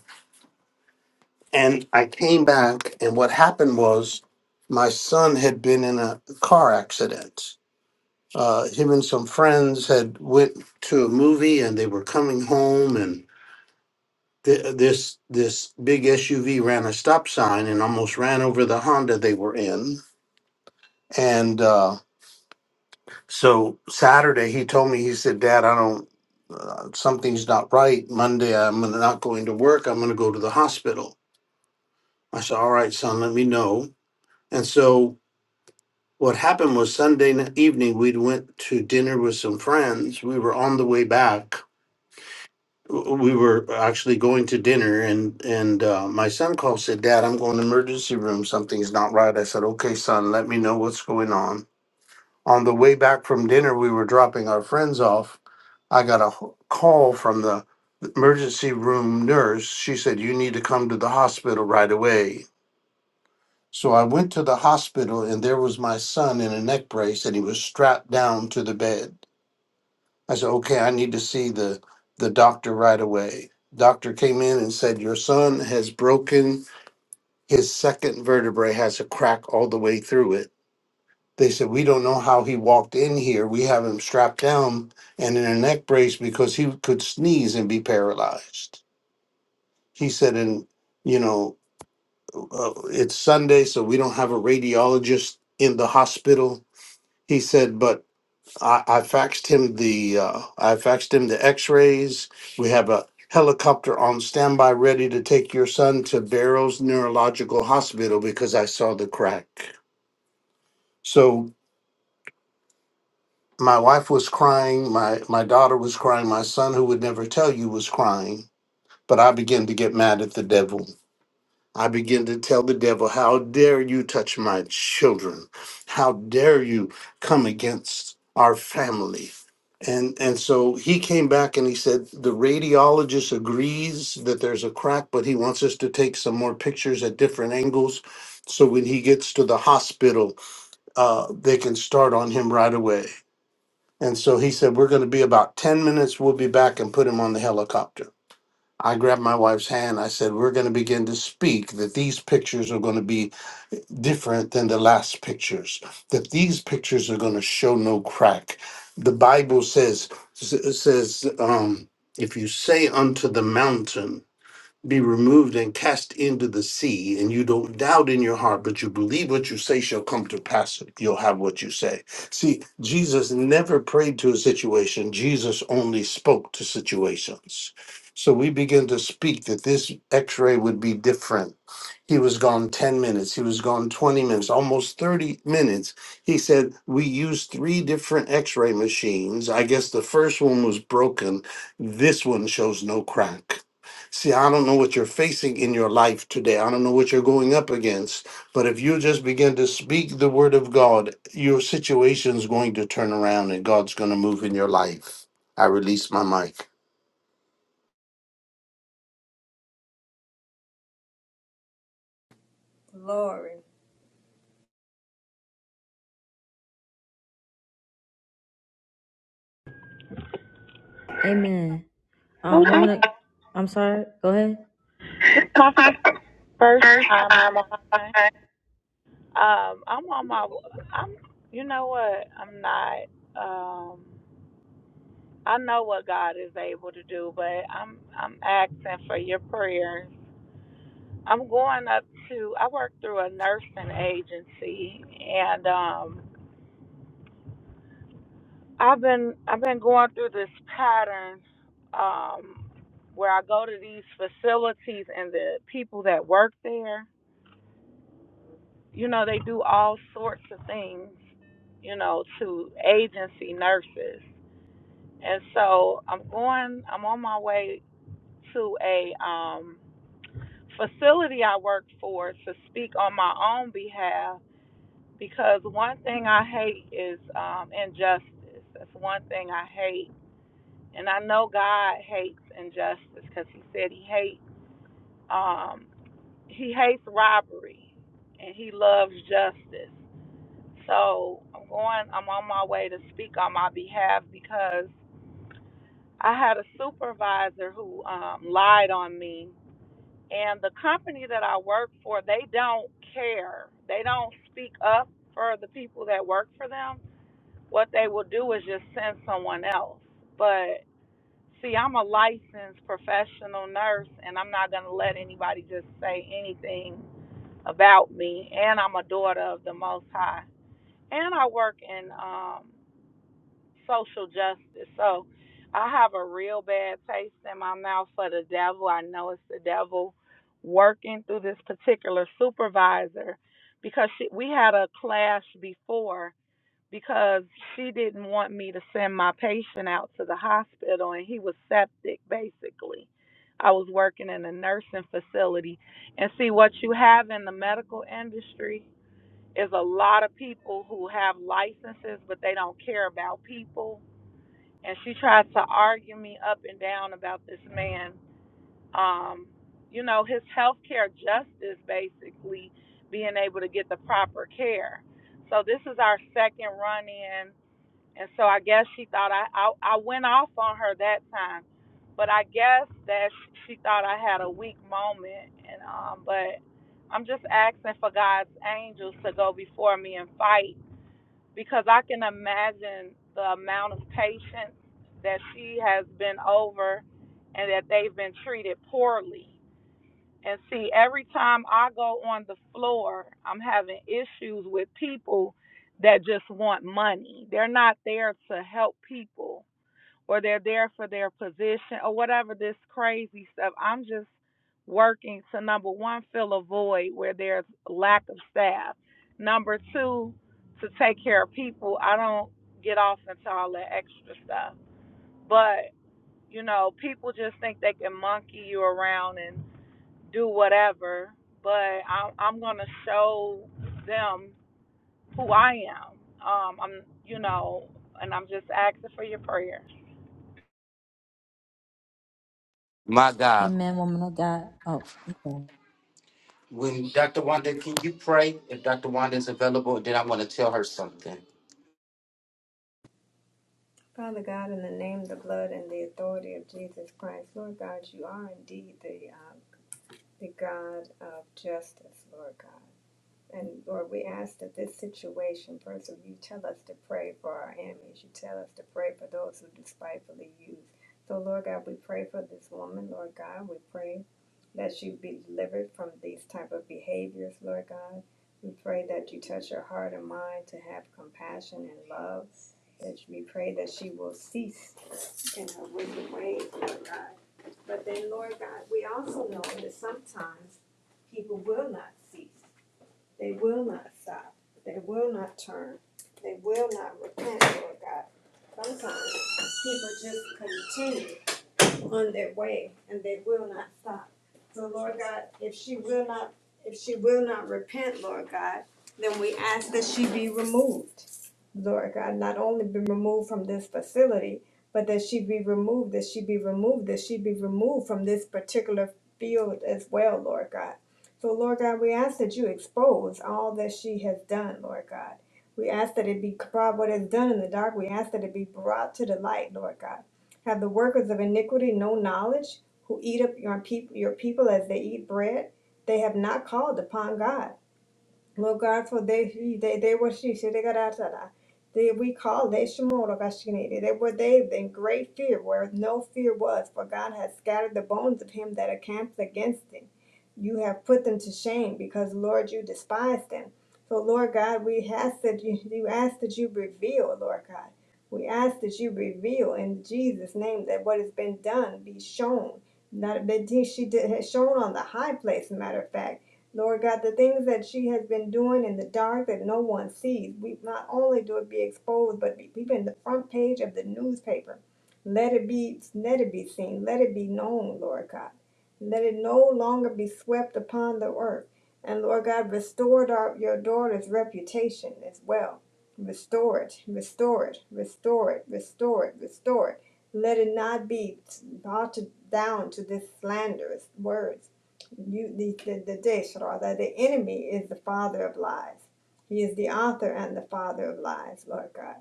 [SPEAKER 9] and I came back, and what happened was my son had been in a car accident. Uh, him and some friends had went to a movie, and they were coming home, and th- this this big SUV ran a stop sign and almost ran over the Honda they were in. And uh, so Saturday he told me he said, "Dad, I don't uh, something's not right. Monday I'm gonna- not going to work. I'm going to go to the hospital." I said, "All right, son, let me know." And so what happened was Sunday n- evening we went to dinner with some friends. We were on the way back we were actually going to dinner and and uh, my son called said dad i'm going to emergency room something's not right i said okay son let me know what's going on on the way back from dinner we were dropping our friends off i got a h- call from the emergency room nurse she said you need to come to the hospital right away so i went to the hospital and there was my son in a neck brace and he was strapped down to the bed I said, okay, I need to see the, the doctor right away. Doctor came in and said, your son has broken his second vertebrae, has a crack all the way through it. They said, we don't know how he walked in here. We have him strapped down and in a neck brace because he could sneeze and be paralyzed. He said, and you know, uh, it's Sunday, so we don't have a radiologist in the hospital. He said, but I, I faxed him the uh, I faxed him the X-rays. We have a helicopter on standby, ready to take your son to Barrows Neurological Hospital because I saw the crack. So my wife was crying, my my daughter was crying, my son, who would never tell you, was crying. But I began to get mad at the devil. I begin to tell the devil, How dare you touch my children? How dare you come against our family? And, and so he came back and he said, The radiologist agrees that there's a crack, but he wants us to take some more pictures at different angles. So when he gets to the hospital, uh, they can start on him right away. And so he said, We're going to be about 10 minutes. We'll be back and put him on the helicopter. I grabbed my wife's hand. I said, We're going to begin to speak that these pictures are going to be different than the last pictures, that these pictures are going to show no crack. The Bible says, s- says, um, if you say unto the mountain, be removed and cast into the sea, and you don't doubt in your heart, but you believe what you say shall come to pass. You'll have what you say. See, Jesus never prayed to a situation, Jesus only spoke to situations. So we begin to speak that this x ray would be different. He was gone 10 minutes, he was gone 20 minutes, almost 30 minutes. He said, We used three different x ray machines. I guess the first one was broken. This one shows no crack See, I don't know what you're facing in your life today. I don't know what you're going up against. But if you just begin to speak the word of God, your situation's going to turn around and God's going to move in your life. I release my mic.
[SPEAKER 6] Glory.
[SPEAKER 2] Amen. Um,
[SPEAKER 10] Hello.
[SPEAKER 2] woman of, I'm sorry. Go ahead.
[SPEAKER 10] This is my f- first time on the line. Um, I'm on my. I'm. You know what? I'm not. Um, I know what God is able to do, but I'm. I'm asking for your prayers. I'm going up to. I work through a nursing agency, and um, I've been. I've been going through this pattern. Um, where I go to these facilities and the people that work there, you know, they do all sorts of things you know, to agency nurses. And so I'm going, I'm on my way to a um, facility I work for to speak on my own behalf because one thing I hate is um, injustice. That's one thing I hate. And I know God hates injustice because he said he hates um, he hates robbery and he loves justice. So I'm going, I'm on my way to speak on my behalf because I had a supervisor who um, lied on me. And the company that I work for, they don't care. They don't speak up for the people that work for them. What they will do is just send someone else. But see, I'm a licensed professional nurse, and I'm not going to let anybody just say anything about me. And I'm a daughter of the Most High. And I work in um, social justice. So I have a real bad taste in my mouth for the devil. I know it's the devil working through this particular supervisor because she, we had a clash before because she didn't want me to send my patient out to the hospital and he was septic basically. I was working in a nursing facility. And see, what you have in the medical industry is a lot of people who have licenses, but they don't care about people and she tried to argue me up and down about this man um you know his health care justice basically being able to get the proper care so this is our second run in and so i guess she thought i i, I went off on her that time but i guess that she thought i had a weak moment and um but i'm just asking for god's angels to go before me and fight because I can imagine the amount of patients that she has been over and that they've been treated poorly. And see, every time I go on the floor, I'm having issues with people that just want money. They're not there to help people or they're there for their position or whatever this crazy stuff. I'm just working to number one, fill a void where there's lack of staff. Number two, to take care of people. I don't get off into all that extra stuff. But, you know, people just think they can monkey you around and do whatever. But I, I'm going to show them who I am. Um, I'm, you know, and I'm just asking for your prayers.
[SPEAKER 1] My God.
[SPEAKER 2] Amen, woman of God. Oh, okay.
[SPEAKER 1] When Dr. Wanda, can you pray if Dr. Wanda is available? Then I want to tell her something.
[SPEAKER 6] Father God, in the name, the blood, and the authority of Jesus Christ, Lord God, you are indeed the, uh, the God of justice, Lord God. And Lord, we ask that this situation, first of all, you tell us to pray for our enemies. You tell us to pray for those who despitefully use. So, Lord God, we pray for this woman, Lord God. We pray that she be delivered from these type of behaviors, Lord God. We pray that you touch her heart and mind to have compassion and love. That we pray that she will cease in her wicked ways, Lord God. But then, Lord God, we also know that sometimes people will not cease. They will not stop. They will not turn. They will not repent, Lord God. Sometimes people just continue on their way and they will not stop. So Lord God, if she will not, if she will not repent, Lord God, then we ask that she be removed. Lord God, not only be removed from this facility, but that she be removed, that she be removed, that she be removed from this particular field as well, Lord God. So Lord God, we ask that you expose all that she has done, Lord God. We ask that it be brought what is done in the dark. We ask that it be brought to the light, Lord God. Have the workers of iniquity no knowledge, who eat up your people, your people as they eat bread? They have not called upon God. Lord God, for they they they were she said they got out of that. They we call they Shemora Gashinade. They were they in great fear where no fear was, for God has scattered the bones of him that are camped against him. You have put them to shame because Lord you despised them. So Lord God, we ask that you you ask that you reveal, Lord God. We ask that you reveal in Jesus' name that what has been done be shown. Not that she did, has shown on the high place, matter of fact. Lord God, the things that she has been doing in the dark that no one sees, we not only do it be exposed, but be, be in the front page of the newspaper. Let it be, let it be seen, let it be known, Lord God. Let it no longer be swept upon the earth. And Lord God, restore our, your daughter's reputation as well. Restore it, restore it, restore it, restore it, restore it. Let it not be brought to, down to this slanderous words you the, the, the Deshra, that the enemy is the father of lies. He is the author and the father of lies, Lord God.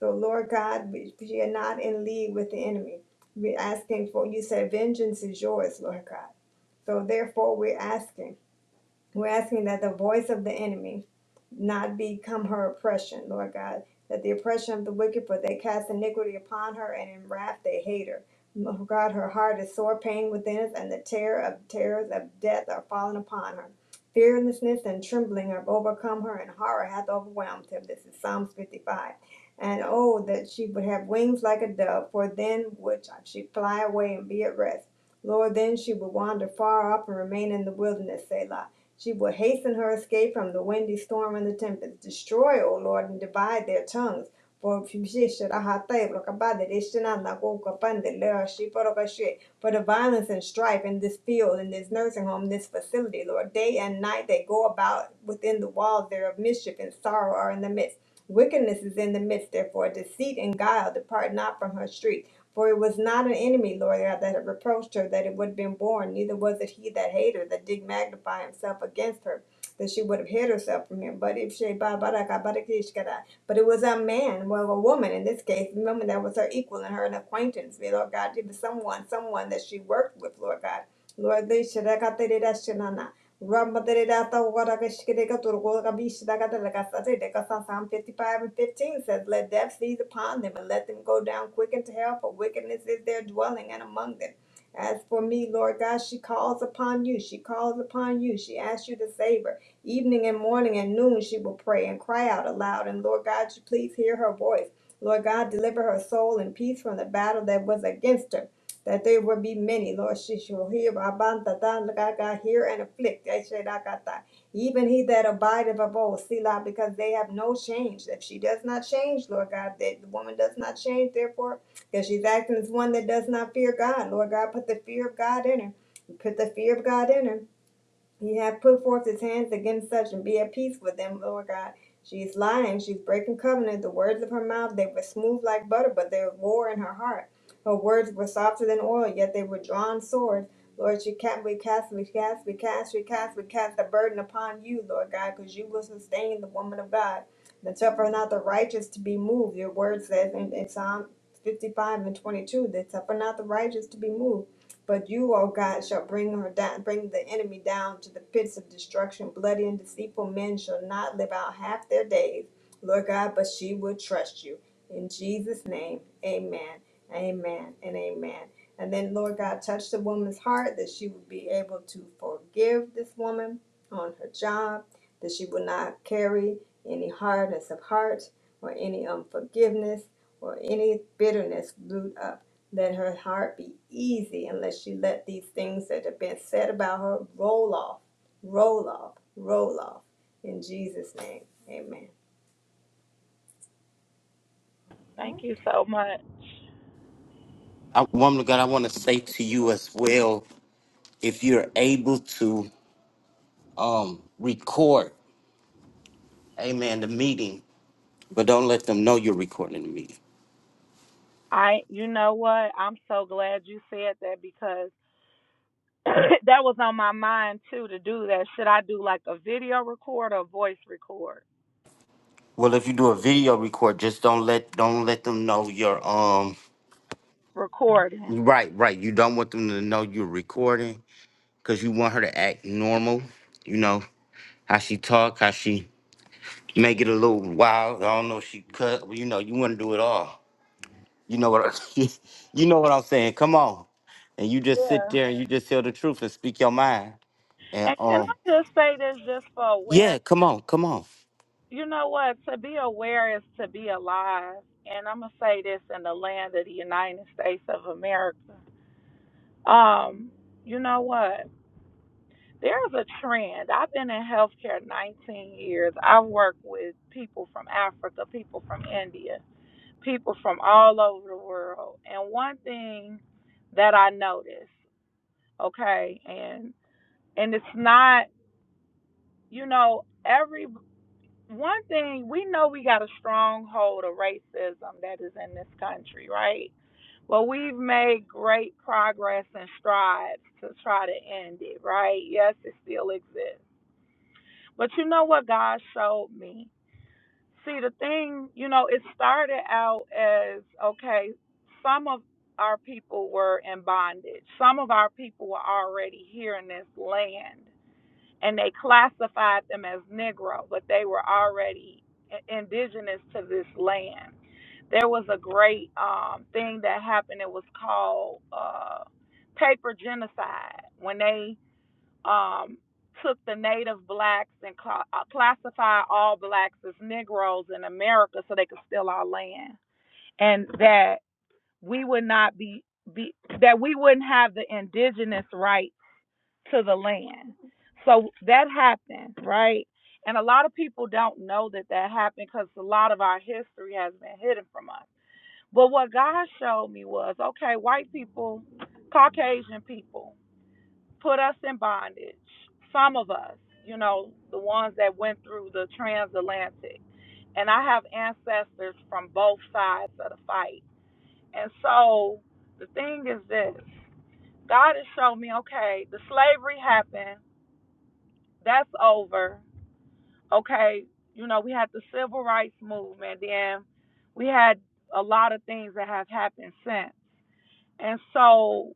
[SPEAKER 6] So, Lord God, we, we are not in league with the enemy. We're asking for, you said, vengeance is yours, Lord God. So, therefore, we're asking. We're asking that the voice of the enemy not become her oppression, Lord God. That the oppression of the wicked, for they cast iniquity upon her, and in wrath they hate her. Lord God, her heart is sore pain within us, and the terror of terrors of death are fallen upon her. Fearlessness and trembling have overcome her, and horror hath overwhelmed him. This is Psalms 55. And oh, that she would have wings like a dove, for then would she fly away and be at rest. Lord, then she would wander far off and remain in the wilderness, Selah. She will hasten her escape from the windy storm and the tempest. Destroy, O Lord, and divide their tongues. Порубежище Рахатаев, Рокабада, Ришина, Нагока, Панда, Лера, Шипа, Рокаши. For the violence and strife in this field, in this nursing home, this facility, Lord, day and night they go about within the walls thereof. Mischief and sorrow are in the midst. Wickedness is in the midst, therefore. Deceit and guile depart not from her street. For it was not an enemy, Lord God, that had reproached her that it would have been born, neither was it he that hated her, that did magnify himself against her, that she would have hid herself from him. But if she ba- ba- da- but it was a man, well a woman in this case, a woman that was her equal and her an acquaintance, Lord God, it was someone, someone that she worked with, Lord God. Lord, they Ramaderata Warakashkireka Turgoga Vishnagatalakasate Dekasa Psalm 55 and 15 says, Let death seize upon them and let them go down quick into hell, for wickedness is their dwelling and among them. As for me, Lord God, she calls upon you. She calls upon you. She asks you to save her. Evening and morning and noon she will pray and cry out aloud. And Lord God, you please hear her voice. Lord God, deliver her soul in peace from the battle that was against her that there will be many, Lord, she shall hear Abantata lagaga, hear and afflict. They shall not got that. Even he that abideth of old, Selah, because they have no change. If she does not change, Lord God, that the woman does not change, therefore, because she's acting as one that does not fear God. Lord God, put the fear of God in her. Put the fear of God in her. He hath put forth his hands against such, and be at peace with them, Lord God. She's lying. She's breaking covenant. The words of her mouth, they were smooth like butter, but there was war in her heart. Her words were softer than oil, yet they were drawn swords. Lord, she cast, we cast, we cast, we cast, we cast, we cast the burden upon you, Lord God, because you will sustain the woman of God. And suffer not the righteous to be moved. Your word says in, in Psalm 55 and 22, that suffer not the righteous to be moved. But you, O God, shall bring her down, bring the enemy down to the pits of destruction. Bloody and deceitful men shall not live out half their days, Lord God, but she will trust you. In Jesus' name, amen, amen, and amen. And then, Lord God, touch the woman's heart that she would be able to forgive this woman on her job, that she will not carry any hardness of heart or any unforgiveness or any bitterness brewed up. Let her heart be easy unless she let these things that have been said about her roll off, roll off, roll off. In Jesus' name, amen. All right.
[SPEAKER 10] Thank you so much.
[SPEAKER 1] I, woman of God, I want to say to you as well, if you're able to um, record, amen, the meeting, but don't let them know you're recording the meeting.
[SPEAKER 10] I, you know what? I'm so glad you said that because that was on my mind too to do that. Should I do like a video record or voice record?
[SPEAKER 1] Well, if you do a video record, just don't let don't let them know you're um
[SPEAKER 10] Recording.
[SPEAKER 1] right, right. You don't want them to know you're recording because you want her to act normal. You know how she talk, how she make it a little wild. I don't know if she cut, but you know, you want to do it all. You know what I, you know what I'm saying? Come on. And you just sit
[SPEAKER 10] Yeah.
[SPEAKER 1] there and you just tell the truth and speak your mind. And
[SPEAKER 10] And can I
[SPEAKER 1] um
[SPEAKER 10] just say this just for awareness?
[SPEAKER 1] yeah, come on, come on.
[SPEAKER 10] You know what? To be aware is to be alive. And I'm gonna say this in the land of the United States of America. Um, you know what? There's a trend. I've been in healthcare 19 years. I've worked with people from Africa, people from India, people from all over the world. And one thing that I noticed, okay, and and it's not, you know, every one thing we know we got a stronghold of racism that is in this country, right? Well, we've made great progress and strides to try to end it, right? Yes, it still exists But you know what God showed me? See, the thing, you know, it started out as okay, some of our people were in bondage. Some of our people were already here in this land, and they classified them as Negro, but they were already i- indigenous to this land. There was a great um, thing that happened. It was called uh, paper genocide when they um, took the native blacks and cla uh, classified all blacks as Negroes in America so they could steal our land, and that we would not be, be that we wouldn't have the indigenous right to the land. So that happened, right? And a lot of people don't know that that happened because a lot of our history has been hidden from us. But what God showed me was okay, white people, Caucasian people, put us in bondage. Some of us, you know, the ones that went through the transatlantic. And I have ancestors from both sides of the fight. And so the thing is this God has shown me, okay, the slavery happened, that's over. Okay, you know, we had the civil rights movement, then we had a lot of things that have happened since. And so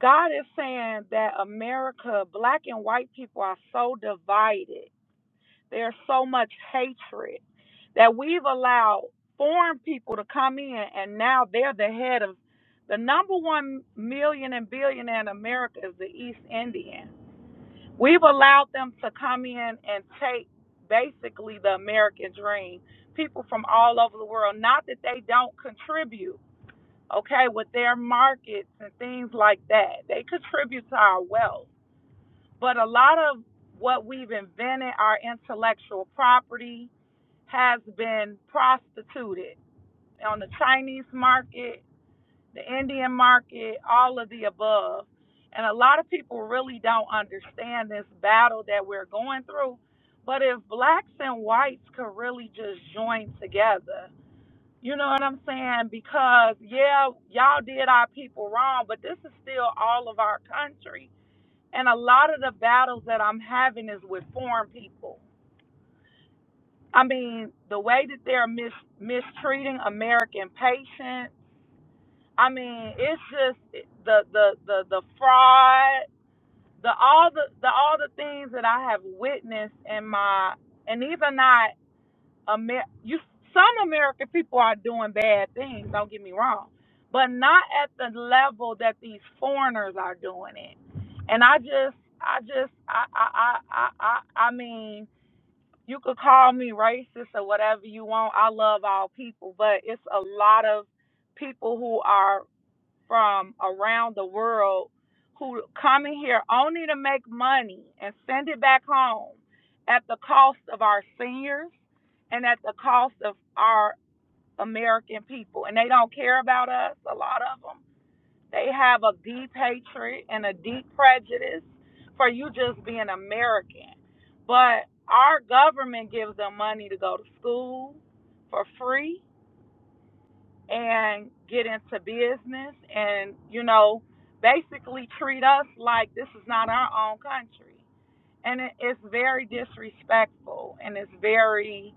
[SPEAKER 10] God is saying that America, black and white people are so divided. There's so much hatred that we've allowed foreign people to come in and now they're the head of the number one million and billionaire in America is the East Indian. We've allowed them to come in and take basically the American dream. People from all over the world, not that they don't contribute, okay, with their markets and things like that. They contribute to our wealth. But a lot of what we've invented, our intellectual property, has been prostituted on the Chinese market, the Indian market, all of the above. And a lot of people really don't understand this battle that we're going through. But if blacks and whites could really just join together, you know what I'm saying? Because yeah, y'all did our people wrong, but this is still all of our country. And a lot of the battles that I'm having is with foreign people. I mean, the way that they're mis- mistreating American patients. I mean, it's just the the the the fraud, the all the the all the things that I have witnessed in my and these are not. Amer- you some American people are doing bad things, don't get me wrong, but not at the level that these foreigners are doing it. And I just I just I I I I I I mean, you could call me racist or whatever you want. I love all people, but it's a lot of people who are from around the world who come in here only to make money and send it back home at the cost of our seniors and at the cost of our American people. And they don't care about us, a lot of them. They have a deep hatred and a deep prejudice for you just being American. But our government gives them money to go to school for free and get into business and, you know, basically treat us like this is not our own country. And it's very disrespectful and it's very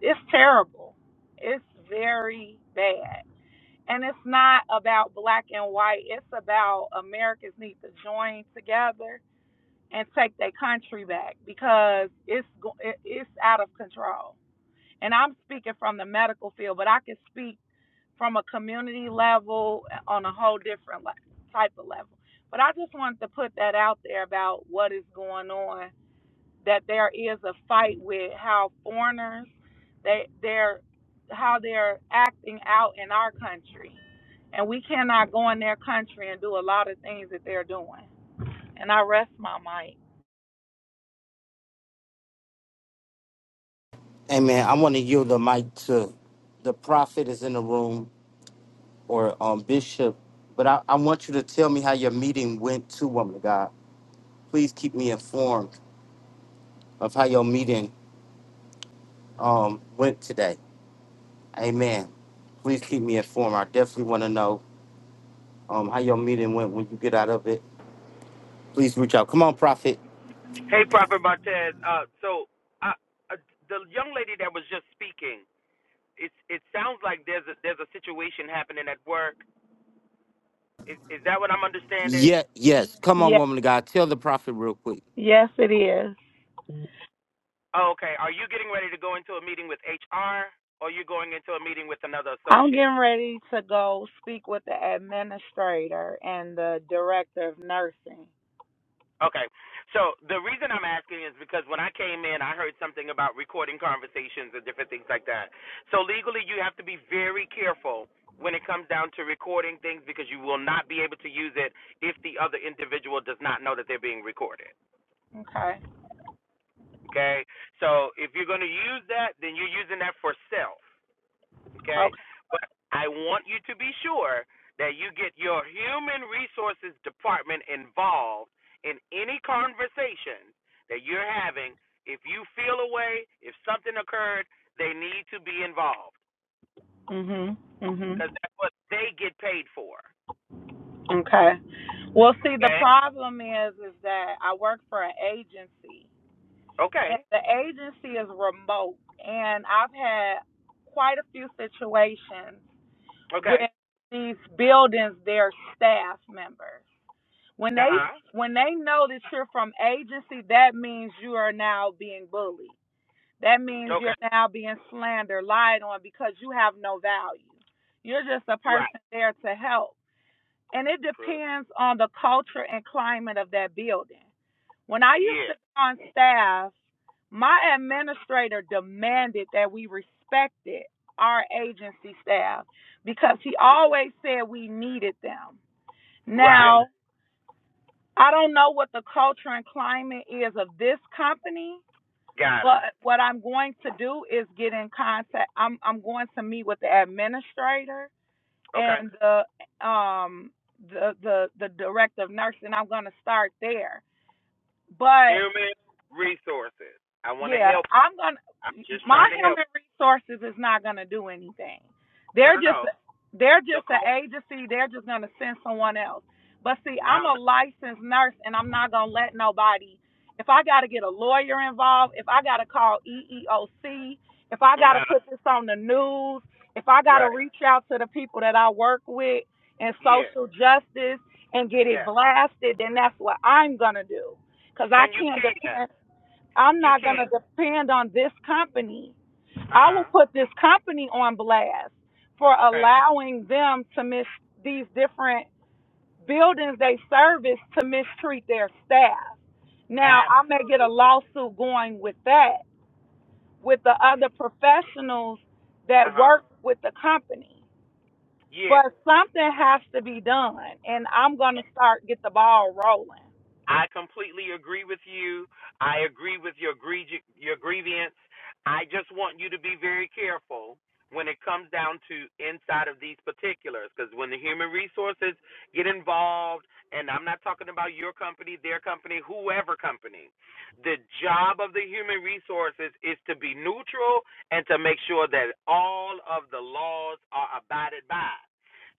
[SPEAKER 10] It's terrible. It's very bad. And it's not about black and white. It's about Americans need to join together and take their country back because it's it's out of control. And I'm speaking from the medical field, but I can speak from a community level on a whole different type of level. But I just wanted to put that out there about what is going on that there is a fight with how foreigners they they're how they're acting out in our country. And we cannot go in their country and do a lot of things that they're doing. And I rest my mic.
[SPEAKER 1] Hey man, I want to yield the mic to the prophet is in the room or um bishop, but I, I want you to tell me how your meeting went to woman of God. Please keep me informed of how your meeting um went today. Amen. Please keep me informed. I definitely want to know um, how your meeting went when you get out of it. Please reach out. Come on, prophet.
[SPEAKER 11] Hey, Prophet Martez. Uh, so uh, uh, the young lady that was just speaking, it it sounds like there's a, there's a situation happening at work. Is is that what I'm
[SPEAKER 1] Yeah,
[SPEAKER 11] understanding?
[SPEAKER 1] yes. Come on,
[SPEAKER 10] Yeah.
[SPEAKER 1] woman of God. Tell the prophet real quick.
[SPEAKER 10] Yes it is.
[SPEAKER 11] Oh, okay. Are you getting ready to go into a meeting with HR, or you going into a meeting with another
[SPEAKER 10] I'm
[SPEAKER 11] associate?
[SPEAKER 10] getting ready to go speak with the administrator and the director of nursing.
[SPEAKER 11] Okay. So the reason I'm asking is because when I came in, I heard something about recording conversations and different things like that. So legally, you have to be very careful when it comes down to recording things because you will not be able to use it if the other individual does not know that they're being recorded.
[SPEAKER 10] Okay.
[SPEAKER 11] Okay? So if you're going to use that, then you're using that for self okay?
[SPEAKER 10] Okay.
[SPEAKER 11] But I want you to be sure that you get your human resources department involved in any conversation that you're having. If you feel a way, if something occurred, they need to be involved
[SPEAKER 10] Mhm.
[SPEAKER 11] because
[SPEAKER 10] Mhm.
[SPEAKER 11] that's what they get paid for.
[SPEAKER 10] Okay. Well, see, the
[SPEAKER 11] Okay.
[SPEAKER 10] problem is, is that I work for an agency, and
[SPEAKER 11] Okay.
[SPEAKER 10] the agency is remote and i've had quite a few situations with
[SPEAKER 11] Okay.
[SPEAKER 10] these buildings their staff members when
[SPEAKER 11] Uh
[SPEAKER 10] they
[SPEAKER 11] huh.
[SPEAKER 10] when they know that you're from agency that means you are now being bullied that means
[SPEAKER 11] Okay.
[SPEAKER 10] you're now being slandered lied on because you have no value you're just a
[SPEAKER 11] Right.
[SPEAKER 10] person there to help and it depends on the culture and climate of that building when I used to
[SPEAKER 11] Yeah.
[SPEAKER 10] be on staff, my administrator demanded that we respected our agency staff because he
[SPEAKER 11] Mhm.
[SPEAKER 10] always said we needed them.
[SPEAKER 11] Right.
[SPEAKER 10] Now, I don't know what the culture and climate is of this company,
[SPEAKER 11] Got
[SPEAKER 10] but
[SPEAKER 11] it.
[SPEAKER 10] what I'm going to do is get in contact. I'm I'm going to meet with the administrator
[SPEAKER 11] Okay.
[SPEAKER 10] and the um the the the director of nursing. I'm going to start there. But
[SPEAKER 11] Human resources. I want to
[SPEAKER 10] yeah,
[SPEAKER 11] help. you.
[SPEAKER 10] I'm gonna.
[SPEAKER 11] I'm just
[SPEAKER 10] My
[SPEAKER 11] trying to help.
[SPEAKER 10] human resources is not gonna do anything.
[SPEAKER 11] you. No,
[SPEAKER 10] They're
[SPEAKER 11] no,
[SPEAKER 10] just
[SPEAKER 11] no.
[SPEAKER 10] they're
[SPEAKER 11] The
[SPEAKER 10] just an
[SPEAKER 11] culture.
[SPEAKER 10] agency. They're just gonna send someone else. But see,
[SPEAKER 11] Now,
[SPEAKER 10] I'm a licensed nurse, and I'm not gonna let nobody. If I gotta get a lawyer involved, if I gotta call EEOC, if I gotta
[SPEAKER 11] now
[SPEAKER 10] put this on the news, if I gotta
[SPEAKER 11] right.
[SPEAKER 10] reach out to the people that I work with in
[SPEAKER 11] Yeah.
[SPEAKER 10] social justice and get it
[SPEAKER 11] Yeah.
[SPEAKER 10] blasted, then that's what I'm gonna do. Cause I
[SPEAKER 11] And you
[SPEAKER 10] can't
[SPEAKER 11] can.
[SPEAKER 10] depend. I'm
[SPEAKER 11] You
[SPEAKER 10] not going
[SPEAKER 11] can.
[SPEAKER 10] to depend on this company.
[SPEAKER 11] Uh
[SPEAKER 10] I will
[SPEAKER 11] huh.
[SPEAKER 10] put this company on blast for
[SPEAKER 11] Okay.
[SPEAKER 10] allowing them to miss these different buildings they service to mistreat their staff. Now, I may
[SPEAKER 11] Absolutely.
[SPEAKER 10] get a lawsuit going with that, with the other professionals
[SPEAKER 11] Uh
[SPEAKER 10] that
[SPEAKER 11] huh.
[SPEAKER 10] work with the company.
[SPEAKER 11] Yeah.
[SPEAKER 10] But something has to be done, and I'm going to start get the ball rolling.
[SPEAKER 11] I completely agree with you. I agree with your griev- your grievance. I just want you to be very careful when it comes down to inside of these particulars because when the human resources get involved and I'm not talking about your company, their company, whoever company. The job of the human resources is to be neutral and to make sure that all of the laws are abided by.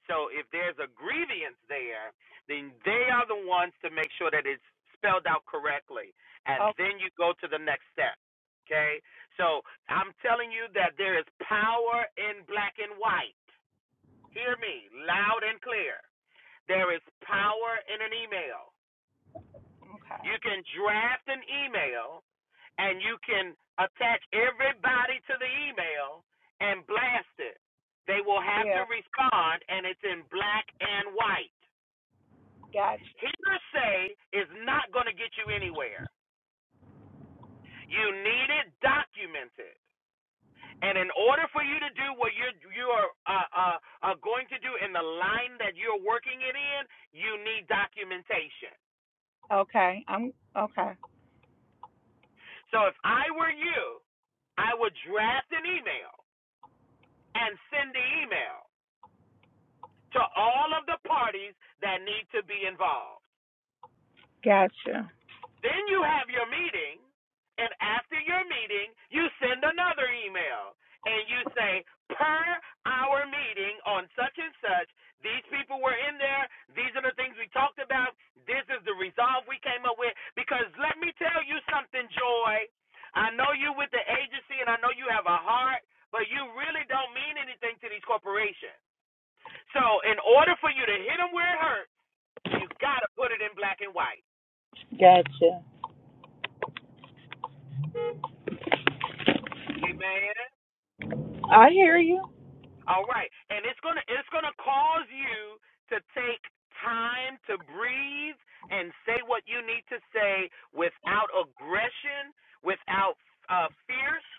[SPEAKER 11] So if there's a grievance there, then they are the ones to make sure that it's spelled out correctly. And
[SPEAKER 10] Oh,
[SPEAKER 11] then you go to the next step. Okay? So I'm telling you that there is power in black and white. Hear me loud and clear. There is power in an email.
[SPEAKER 10] okay.
[SPEAKER 11] You can draft an email and you can attach everybody to the email and blast it. They will have to
[SPEAKER 10] Yeah,
[SPEAKER 11] respond, and it's in black and white.
[SPEAKER 10] gotcha.
[SPEAKER 11] Hearsay is not going to get you anywhere. You need it documented. And in order for you to do what you're you are uh, uh, uh, going to do in the line that you're working it in, you need documentation.
[SPEAKER 10] Okay, I'm okay.
[SPEAKER 11] So if I were you, I would draft an email and send the email to all of the parties that need to be involved.
[SPEAKER 10] Gotcha.
[SPEAKER 11] Then you have your meeting, and after your meeting, you send another email and you say, per our meeting on such and such, these people were in there, these are the things we talked about, this is the resolve we came up with. Because let me tell you something, Joy. I know you with the agency and I know you have a heart, but you really don't mean anything to these corporations. So, in order for you to hit them where it hurts, you got to put it in black and white.
[SPEAKER 10] Gotcha.
[SPEAKER 11] Amen.
[SPEAKER 10] I hear you.
[SPEAKER 11] All right. And it's gonna it's gonna cause you to take time to breathe and say what you need to say without aggression, without uh, fierce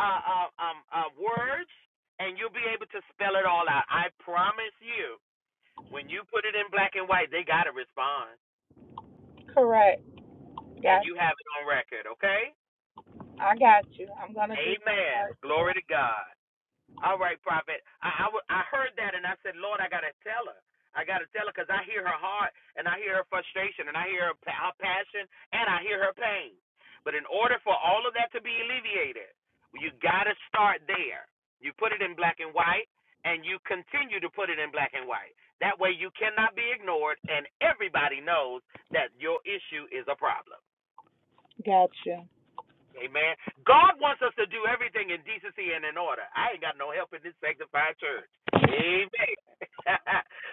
[SPEAKER 11] uh, uh, um, uh, words, and you'll be able to spell it all out. I promise you, when you put it in black and white, they gotta respond,
[SPEAKER 10] Correct.
[SPEAKER 11] and
[SPEAKER 10] Gotcha.
[SPEAKER 11] you have it on record. Okay?
[SPEAKER 10] I got you. I'm gonna do the
[SPEAKER 11] Amen.
[SPEAKER 10] part two.
[SPEAKER 11] Glory to God. All right, prophet. I, I, w- I heard that and I said, Lord, I got to tell her. I got to tell her because I hear her heart and I hear her frustration and I hear her, pa- her passion and I hear her pain. But in order for all of that to be alleviated, you got to start there. You put it in black and white and you continue to put it in black and white. That way you cannot be ignored and everybody knows that your issue is a problem.
[SPEAKER 10] Gotcha.
[SPEAKER 11] Amen. God wants us to do everything in decency and in order. I ain't got no help in this sanctified church. Amen.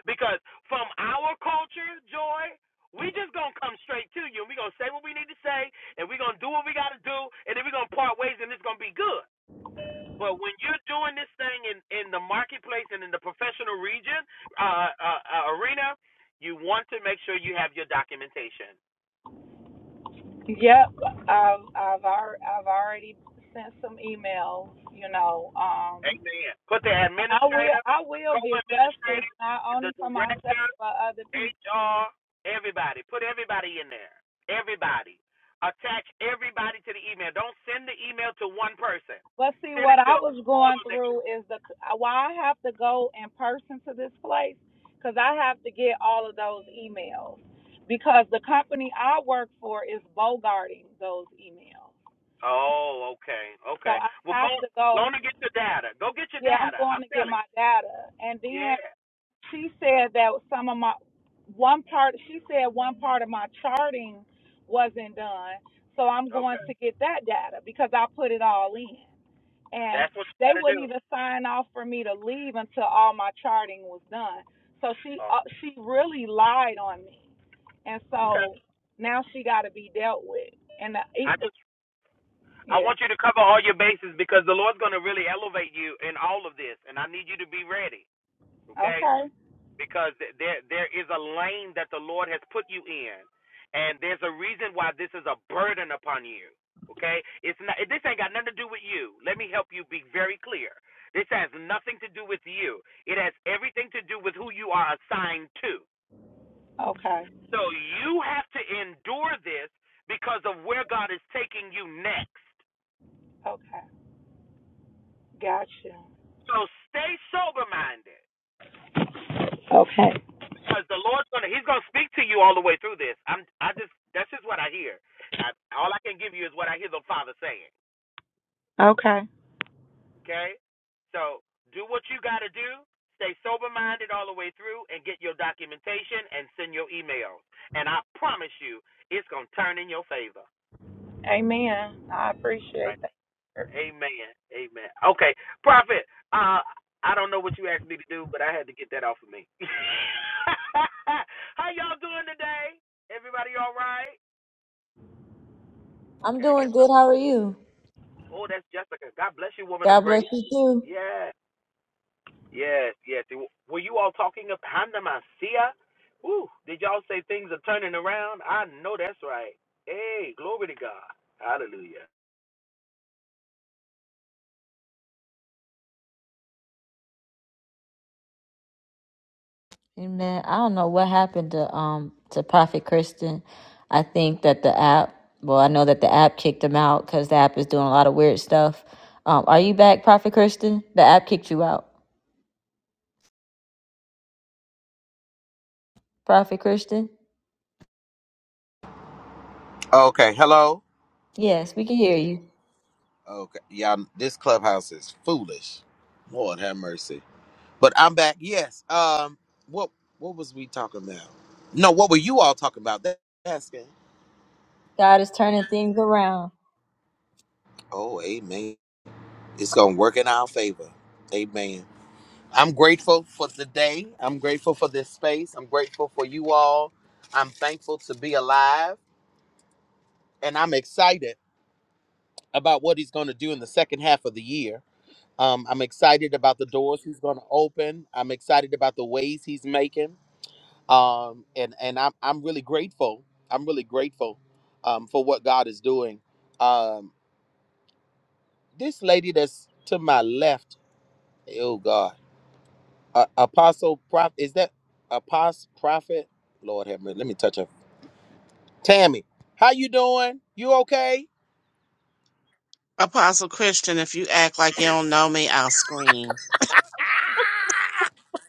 [SPEAKER 11] because from our culture, Joy, we just gonna come straight to you and we gonna say what we need to say and we gonna do what we gotta do and then we gonna part ways and it's gonna be good. But when you're doing this thing in, in the marketplace and in the professional region, uh, uh, uh, arena, you want to make sure you have your documentation.
[SPEAKER 10] Yep. I've I've already I've already sent some emails. You know. Um.
[SPEAKER 11] Amen. Put the
[SPEAKER 10] And I will
[SPEAKER 11] administrator,
[SPEAKER 10] I will get justice
[SPEAKER 11] co-administrator,
[SPEAKER 10] not
[SPEAKER 11] the
[SPEAKER 10] only for myself
[SPEAKER 11] director,
[SPEAKER 10] but other people.
[SPEAKER 11] HR, everybody. Put everybody in there. Everybody. Attach everybody to the email. Don't send the email to one person.
[SPEAKER 10] But see,
[SPEAKER 11] Send it
[SPEAKER 10] what
[SPEAKER 11] to
[SPEAKER 10] I was
[SPEAKER 11] all
[SPEAKER 10] going
[SPEAKER 11] of the.
[SPEAKER 10] through
[SPEAKER 11] email.
[SPEAKER 10] is the why I have to go in person to this place because I have to get all of those emails because the company I work for is bogarting those emails.
[SPEAKER 11] Oh, okay,
[SPEAKER 10] So
[SPEAKER 11] okay.
[SPEAKER 10] I
[SPEAKER 11] Well, go
[SPEAKER 10] have to
[SPEAKER 11] go
[SPEAKER 10] go.
[SPEAKER 11] on and get your data. Go get your
[SPEAKER 10] Yeah, I'm
[SPEAKER 11] data.
[SPEAKER 10] going
[SPEAKER 11] I'm
[SPEAKER 10] to get
[SPEAKER 11] telling
[SPEAKER 10] my
[SPEAKER 11] you.
[SPEAKER 10] data. And then
[SPEAKER 11] Yeah.
[SPEAKER 10] she said that some of my one part. She said one part of my charting wasn't done. So I'm going
[SPEAKER 11] Okay.
[SPEAKER 10] to get that data because I put it all in. and
[SPEAKER 11] That's what you
[SPEAKER 10] they
[SPEAKER 11] gotta do.
[SPEAKER 10] wouldn't even sign off for me to leave until all my charting was done. So she
[SPEAKER 11] Oh,
[SPEAKER 10] uh, she really lied on me, and
[SPEAKER 11] okay.
[SPEAKER 10] so now she got to be dealt with. And the
[SPEAKER 11] I
[SPEAKER 10] it,
[SPEAKER 11] just I
[SPEAKER 10] yeah,
[SPEAKER 11] want you to cover all your bases because the Lord's going to really elevate you in all of this, and I need you to be ready, okay?
[SPEAKER 10] okay,
[SPEAKER 11] Because there there is a lane that the Lord has put you in, and there's a reason why this is a burden upon you, okay? It's not this ain't got nothing to do with you. Let me help you be very clear. This has nothing to do with you. It has everything to do with who you are assigned to.
[SPEAKER 10] okay,
[SPEAKER 11] So you have to endure this because of where God is taking you next.
[SPEAKER 10] okay, gotcha.
[SPEAKER 11] So stay sober minded
[SPEAKER 10] Okay,
[SPEAKER 11] because the Lord's gonna He's gonna speak to you all the way through this. I'm I just that's just what I hear. I, all I can give you is what I hear the Father saying.
[SPEAKER 10] okay,
[SPEAKER 11] Okay, so do what you got to do. Stay sober minded all the way through and get your documentation and send your emails. And I promise you, it's gonna turn in your favor.
[SPEAKER 10] amen. I appreciate that.
[SPEAKER 11] Amen. Amen. Okay, Prophet. Uh, I don't know what you asked me to do, but I had to get that off of me. How y'all doing today? Everybody all right?
[SPEAKER 2] I'm
[SPEAKER 11] Okay, I
[SPEAKER 2] doing
[SPEAKER 11] guess.
[SPEAKER 2] good.
[SPEAKER 11] I'm,
[SPEAKER 2] How are you?
[SPEAKER 11] oh, that's Jessica. God bless you, woman of
[SPEAKER 2] God bless
[SPEAKER 11] grace.
[SPEAKER 2] you too.
[SPEAKER 11] Yeah. Yes. Yes. It- Were you all talking of Handamasia? Ooh, did y'all say things are turning around? I know that's right. Hey, glory to God. Hallelujah.
[SPEAKER 2] Amen. I don't know what happened to um to Prophet Kristen. I think that the app. Well, I know that the app kicked him out because the app is doing a lot of weird stuff. Um, are you back, Prophet Kristen? The app kicked you out, Prophet Kristen.
[SPEAKER 11] Okay, hello.
[SPEAKER 2] Yes, we can hear you.
[SPEAKER 11] Okay, y'all, this clubhouse is foolish. Lord have mercy. But I'm back. Yes. Um. What What was we talking about? No. What were you all talking about? That asking.
[SPEAKER 2] God is turning things around.
[SPEAKER 11] Oh, amen. It's gonna work in our favor. Amen. I'm grateful for today. I'm grateful for this space. I'm grateful for you all. I'm thankful to be alive, and I'm excited about what he's gonna do in the second half of the year. Um, I'm excited about the doors he's going to open. I'm excited about the ways he's making. um, and and I'm I'm really grateful. I'm really grateful um, for what God is doing. Um, this lady that's to my left, oh God, uh, Apostle Prophet, is that Apostle Prophet? Lord have mercy. Let me touch her. Tammy, how you doing? You okay?
[SPEAKER 12] Apostle Christian, if you act like you don't know me, I'll scream.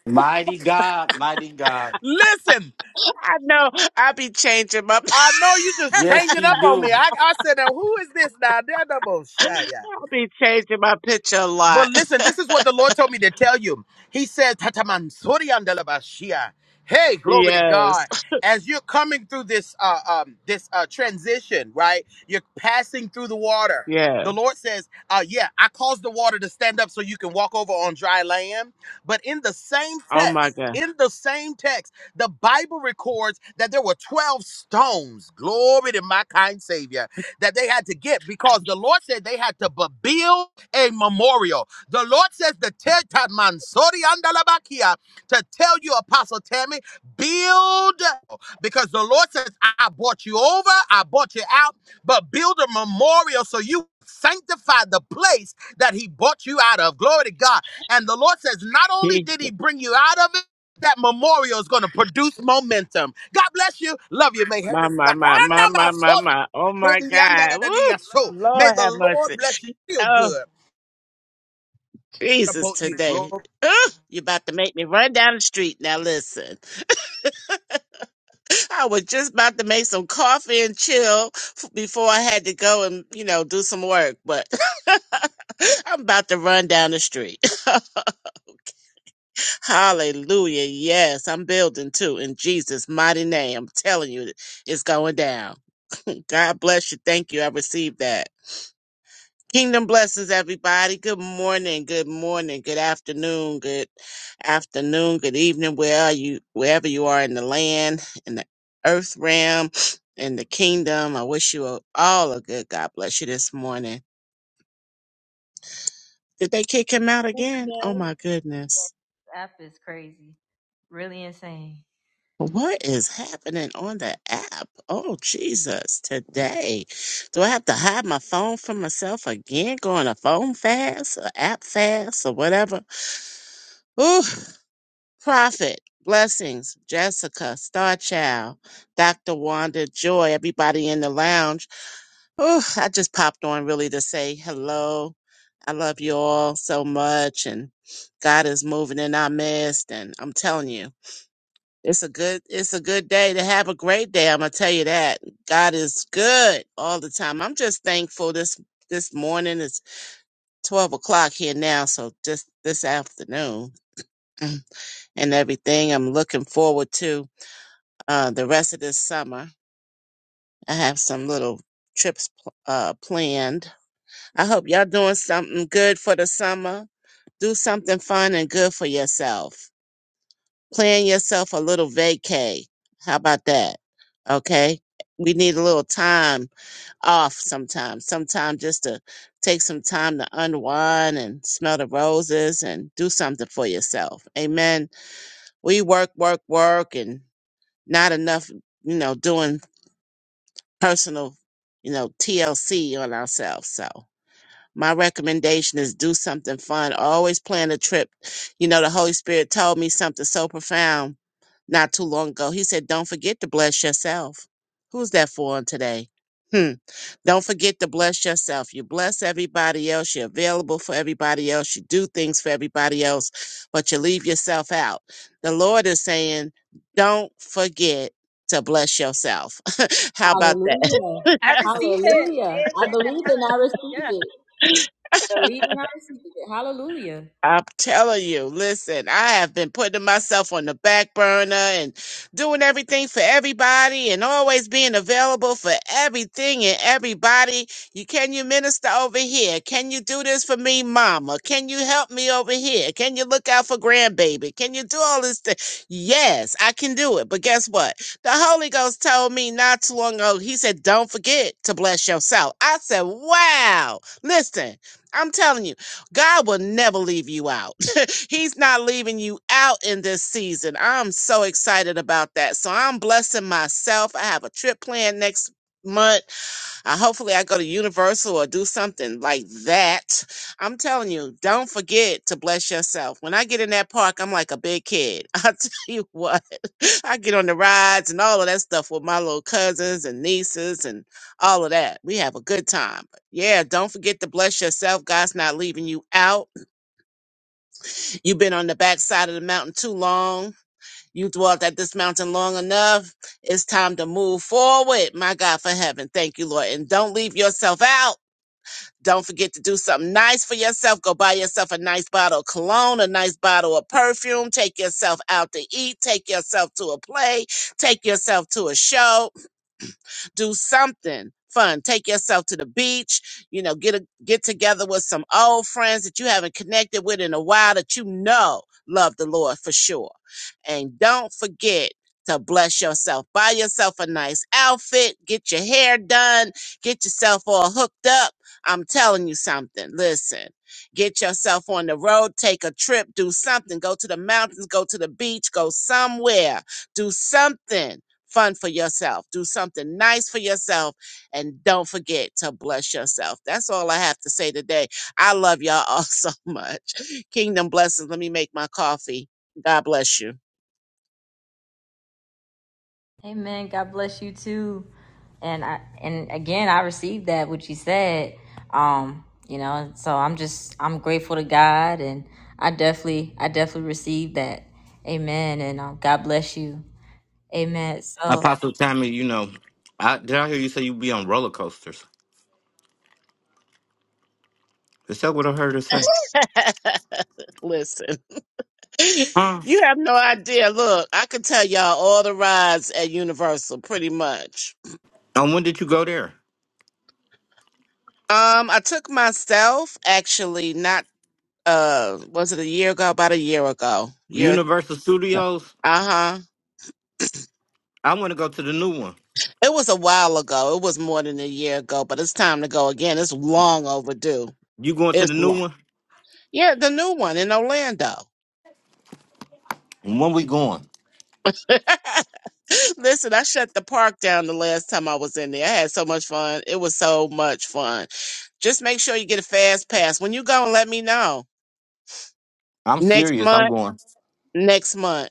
[SPEAKER 1] Mighty God, mighty God.
[SPEAKER 11] Listen,
[SPEAKER 12] I know. I be changing my
[SPEAKER 11] I know you just
[SPEAKER 1] Yes,
[SPEAKER 11] changing
[SPEAKER 1] she
[SPEAKER 11] up on
[SPEAKER 1] do.
[SPEAKER 11] me. I, I said, now who is this now? They're double shy. yeah.
[SPEAKER 12] I'll be changing my picture a
[SPEAKER 11] But
[SPEAKER 12] lot.
[SPEAKER 11] listen, this is what the Lord told me to tell you. He says, "Hataman sori andalabashia." Hey, glory to
[SPEAKER 12] yes.
[SPEAKER 11] God. As you're coming through this uh, um, this uh, transition, right? You're passing through the water.
[SPEAKER 12] Yeah.
[SPEAKER 11] The Lord says, uh, yeah, I caused the water to stand up so you can walk over on dry land. But in the same
[SPEAKER 12] Oh my
[SPEAKER 11] text,
[SPEAKER 12] god.
[SPEAKER 11] in the same text, the Bible records that there were 12 stones. Glory to my kind Savior that they had to get because the Lord said they had to bu- build a memorial. The Lord says the Teta Mansori Andalabakia to tell you, Apostle Tammy, build because the Lord says, I I bought you over, I bought you out, but build a memorial so you sanctify the place that He bought you out of. Glory to God. And the Lord says, not only
[SPEAKER 12] He-
[SPEAKER 11] did He bring you out of it, that memorial is going to produce momentum. God bless you. Love you. May
[SPEAKER 12] My
[SPEAKER 11] heaven
[SPEAKER 12] my my my my my
[SPEAKER 11] smile.
[SPEAKER 12] my. Oh
[SPEAKER 11] May
[SPEAKER 12] my
[SPEAKER 11] the yanda da
[SPEAKER 12] god.
[SPEAKER 11] da
[SPEAKER 12] Woo!
[SPEAKER 11] so. May
[SPEAKER 12] Lord
[SPEAKER 11] the
[SPEAKER 12] have
[SPEAKER 11] Lord
[SPEAKER 12] mercy.
[SPEAKER 11] bless you. Feel
[SPEAKER 12] Oh
[SPEAKER 11] good.
[SPEAKER 12] Jesus
[SPEAKER 11] Support you. Glory.
[SPEAKER 12] today. Ugh, you about to make me run down the street. Now listen. I was just about to make some coffee and chill f- before I had to go and, you know, do some work, but I'm about to run down the street. Hallelujah. Yes, I'm building too in Jesus' mighty name. I'm telling you, it's going down. God bless you. Thank you. I received that. Kingdom blessings, everybody. Good morning, good morning, good afternoon, good afternoon, good evening, where are you, wherever you are in the land, in the earth realm, in the kingdom. I wish you all a good God bless you this morning. Did they kick him out
[SPEAKER 2] Yes, she
[SPEAKER 12] again? Oh
[SPEAKER 2] does.
[SPEAKER 12] my goodness.
[SPEAKER 2] The app is crazy, really insane.
[SPEAKER 12] What is happening on the app? Oh Jesus, today. Do I have to hide my phone from myself again? Going a phone fast, or app fast, or whatever? Ooh, Prophet, blessings, Jessica, Star Child, Dr. Wanda, Joy, everybody in the lounge. Oh, I just popped on really to say hello. I love you all so much and God is moving in our midst and I'm telling you, it's a good it's a good day to have a great day. I'm gonna tell you that. God is good all the time. I'm just thankful this this morning it's twelve o'clock here now, so just this afternoon and everything I'm looking forward to. uh, the rest of this summer. I have some little trips pl- uh, planned. I hope y'all doing something good for the summer. Do something fun and good for yourself. Plan yourself a little vacay. How about that? Okay. We need a little time off sometimes. Sometimes just to take some time to unwind and smell the roses and do something for yourself. Amen. We work, work, work and not enough, you know, doing personal, you know, TLC on ourselves. So my recommendation is do something fun. Always plan a trip. You know, the Holy Spirit told me something so profound not too long ago. He said, Don't forget to bless yourself. Who's that for on today? Hmm. Don't forget to bless yourself. You bless everybody else. You're available for everybody else. You do things for everybody else, but you leave yourself out. The Lord is saying, don't forget to bless yourself. How about that?
[SPEAKER 2] Hallelujah.
[SPEAKER 13] I receive it.
[SPEAKER 2] Hallelujah. I
[SPEAKER 13] Amen.
[SPEAKER 2] believe and I receive
[SPEAKER 13] Hallelujah.
[SPEAKER 2] it. I believe and I receive it. Hallelujah.
[SPEAKER 12] I'm telling you, listen, I have been putting myself on the back burner and doing everything for everybody and always being available for everything and everybody. You can you minister over here? Can you do this for me, mama? Can you help me over here? Can you look out for grandbaby? Can you do all this stuff? Yes, I can do it. But guess what? The Holy Ghost told me not too long ago, he said, Don't forget to bless yourself. I said, Wow. Listen. I'm telling you. God will never leave you out. He's not leaving you out in this season. I'm so excited about that. So I'm blessing myself. I have a trip planned next month uh, hopefully, I go to Universal or do something like that. I'm telling you, don't forget to bless yourself. When I get in that park, I'm like a big kid. I tell you what, I get on the rides and all of that stuff with my little cousins and nieces and all of that. We have a good time. But yeah, don't forget to bless yourself. God's not leaving you out. You've been on the backside of the mountain too long. You dwelt at this mountain long enough. It's time to move forward, my God, for heaven. Thank you, Lord. And don't leave yourself out. Don't forget to do something nice for yourself. Go buy yourself a nice bottle of cologne, a nice bottle of perfume. Take yourself out to eat. Take yourself to a play. Take yourself to a show do something fun. Take yourself to the beach, you know, get a, get together with some old friends that you haven't connected with in a while that you know love the Lord for sure. And don't forget to bless yourself. Buy yourself a nice outfit, get your hair done, get yourself all hooked up. I'm telling you something. Listen, get yourself on the road, take a trip, do something, go to the mountains, go to the beach, go somewhere, do something fun for yourself. Do something nice for yourself and don't forget to bless yourself. That's all I have to say today. I love y'all all so much. Kingdom blessings. Let me make my coffee. God bless you.
[SPEAKER 2] Amen. God bless you too. And I and again I received that what you said. Um, you know, so I'm just I'm grateful to God and I definitely I definitely received that. Amen. And um, God bless you. Amen. So
[SPEAKER 1] Apostle Tammy, you know, I, did I hear you say you be on roller coasters? Is that what I heard her say?
[SPEAKER 12] Listen,
[SPEAKER 1] Huh?
[SPEAKER 12] you have no idea. Look, I can tell y'all all the rides at Universal pretty much.
[SPEAKER 1] And when did you go there?
[SPEAKER 12] Um, I took myself actually not uh was it a year ago? About a year ago. Year
[SPEAKER 1] Universal
[SPEAKER 12] uh
[SPEAKER 1] Studios?
[SPEAKER 12] huh.
[SPEAKER 1] I want to go to the new one.
[SPEAKER 12] It was a while ago. It was more than a year ago, but it's time to go again. It's long overdue.
[SPEAKER 1] You going to
[SPEAKER 12] It's
[SPEAKER 1] the new
[SPEAKER 12] long.
[SPEAKER 1] one?
[SPEAKER 12] Yeah, the new one in Orlando.
[SPEAKER 1] When we going?
[SPEAKER 12] Listen, I shut the park down the last time I was in there. I had so much fun. It was so much fun. Just make sure you get a fast pass. When you go, let me know.
[SPEAKER 1] I'm
[SPEAKER 12] Next
[SPEAKER 1] serious. I'm
[SPEAKER 12] month,
[SPEAKER 1] going.
[SPEAKER 12] next month,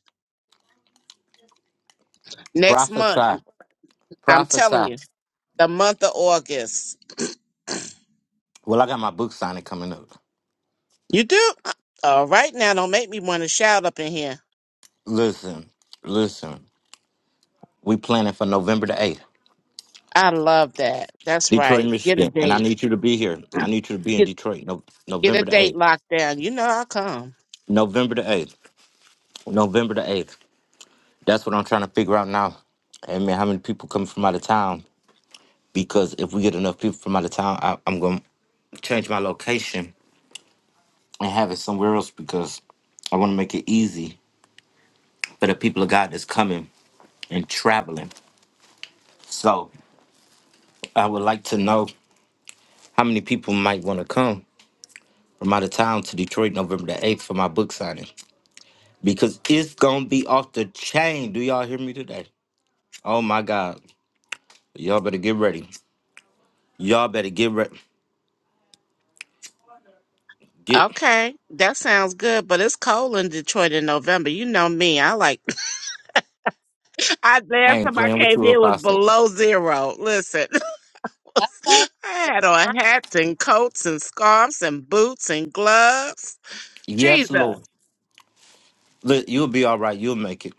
[SPEAKER 12] next month.
[SPEAKER 1] Prophesy.
[SPEAKER 12] I'm, I'm telling
[SPEAKER 1] Prophesy.
[SPEAKER 12] you, the month of August.
[SPEAKER 1] Well, I got my book signing coming up.
[SPEAKER 12] You do? All right, now don't make me want to shout up in here.
[SPEAKER 1] Listen, listen. We planning for November the eighth,
[SPEAKER 12] I love that. That's
[SPEAKER 1] Detroit,
[SPEAKER 12] right. Get a
[SPEAKER 1] Michigan, and
[SPEAKER 12] date.
[SPEAKER 1] I need you to be here. I need you to be in
[SPEAKER 12] Get
[SPEAKER 1] Detroit, no,
[SPEAKER 12] get a
[SPEAKER 1] November the
[SPEAKER 12] date
[SPEAKER 1] eighth.
[SPEAKER 12] locked down. You know I'll come.
[SPEAKER 1] November the eighth. November the eighth. That's what I'm trying to figure out now. Hey man, how many people coming from out of town? Because if we get enough people from out of town, I, I'm gonna change my location and have it somewhere else because I want to make it easy for the people of God that's coming and traveling. So I would like to know how many people might want to come from out of town to Detroit November the 8th for my book signing because it's going to be off the chain. Do y'all hear me today? Oh my God. Y'all better get ready. Y'all better get ready. Get.
[SPEAKER 12] Okay, that sounds good. But it's cold in Detroit in November. You know me. I like. I
[SPEAKER 1] I
[SPEAKER 12] last
[SPEAKER 1] ain't
[SPEAKER 12] time I
[SPEAKER 1] playing with
[SPEAKER 12] came
[SPEAKER 1] you if
[SPEAKER 12] there was
[SPEAKER 1] I so.
[SPEAKER 12] below zero. Listen, I had
[SPEAKER 13] Right.
[SPEAKER 12] on hats and coats and scarves and boots and gloves.
[SPEAKER 1] Yes,
[SPEAKER 12] Jesus,
[SPEAKER 1] Lord. Look, you'll be all right. You'll make it.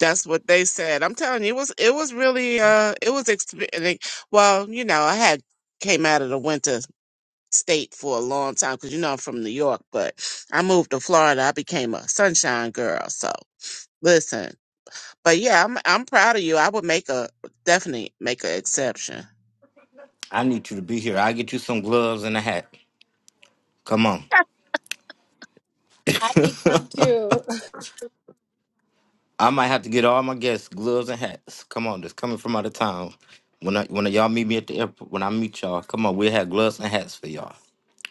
[SPEAKER 12] that's what they said. I'm telling you, it was it was really uh it was exp- well, you know, I had came out of the winter state for a long time because you know I'm from New York, but I moved to Florida. I became a sunshine girl. So listen, but yeah, I'm I'm proud of you. I would make a definitely make an exception.
[SPEAKER 1] I need you to be here. I'll get you some gloves and a hat. Come on.
[SPEAKER 13] I need some too.
[SPEAKER 1] I might have to get all my guests gloves and hats. Come on, that's coming from out of town. When I when y'all meet me at the airport, when I meet y'all, come on, we'll have gloves and hats for y'all.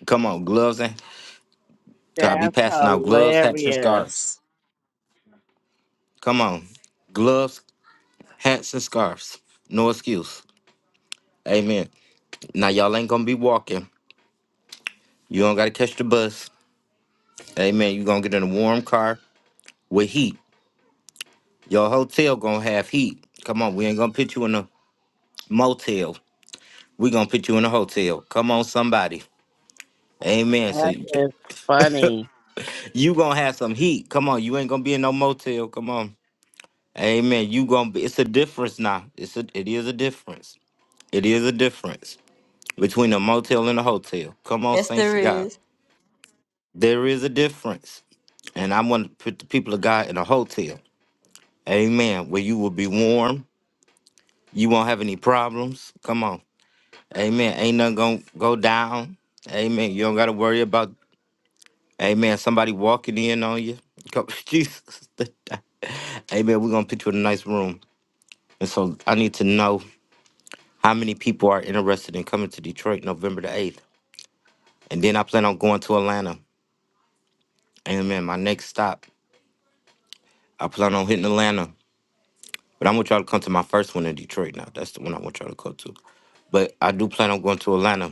[SPEAKER 1] Come on, gloves and So I be
[SPEAKER 12] That's
[SPEAKER 1] passing out gloves, hats, and scarves.
[SPEAKER 12] hilarious.
[SPEAKER 1] Come on. Gloves, hats, and scarves. No excuse. Amen. Now y'all ain't gonna be walking. You don't gotta catch the bus. Amen. You gonna get in a warm car with heat. Your hotel gonna have heat. Come on, we ain't gonna put you in a motel. We gonna put you in a hotel. Come on, somebody. Amen. So
[SPEAKER 12] That
[SPEAKER 1] you
[SPEAKER 12] is funny.
[SPEAKER 1] you gonna have some heat. Come on, you ain't gonna be in no motel. Come on. Amen. You gonna be it's a difference now. It's a it is a difference. It is a difference. between a motel and a hotel. Come on,
[SPEAKER 2] yes
[SPEAKER 1] saints
[SPEAKER 2] there
[SPEAKER 1] of God.
[SPEAKER 2] is.
[SPEAKER 1] There is a difference. And I want to put the people of God in a hotel. Amen. Where you will be warm. You won't have any problems. Come on. Amen. Ain't nothing going to go down. Amen. You don't got to worry about, amen, somebody walking in on you. Come- Jesus. Amen. We're going to put you in a nice room. And so I need to know how many people are interested in coming to Detroit November the 8th. And then I plan on going to Atlanta. Amen. My next stop. I plan on hitting Atlanta, but I want y'all to come to my first one in Detroit now. That's the one I want y'all to go to. But I do plan on going to Atlanta,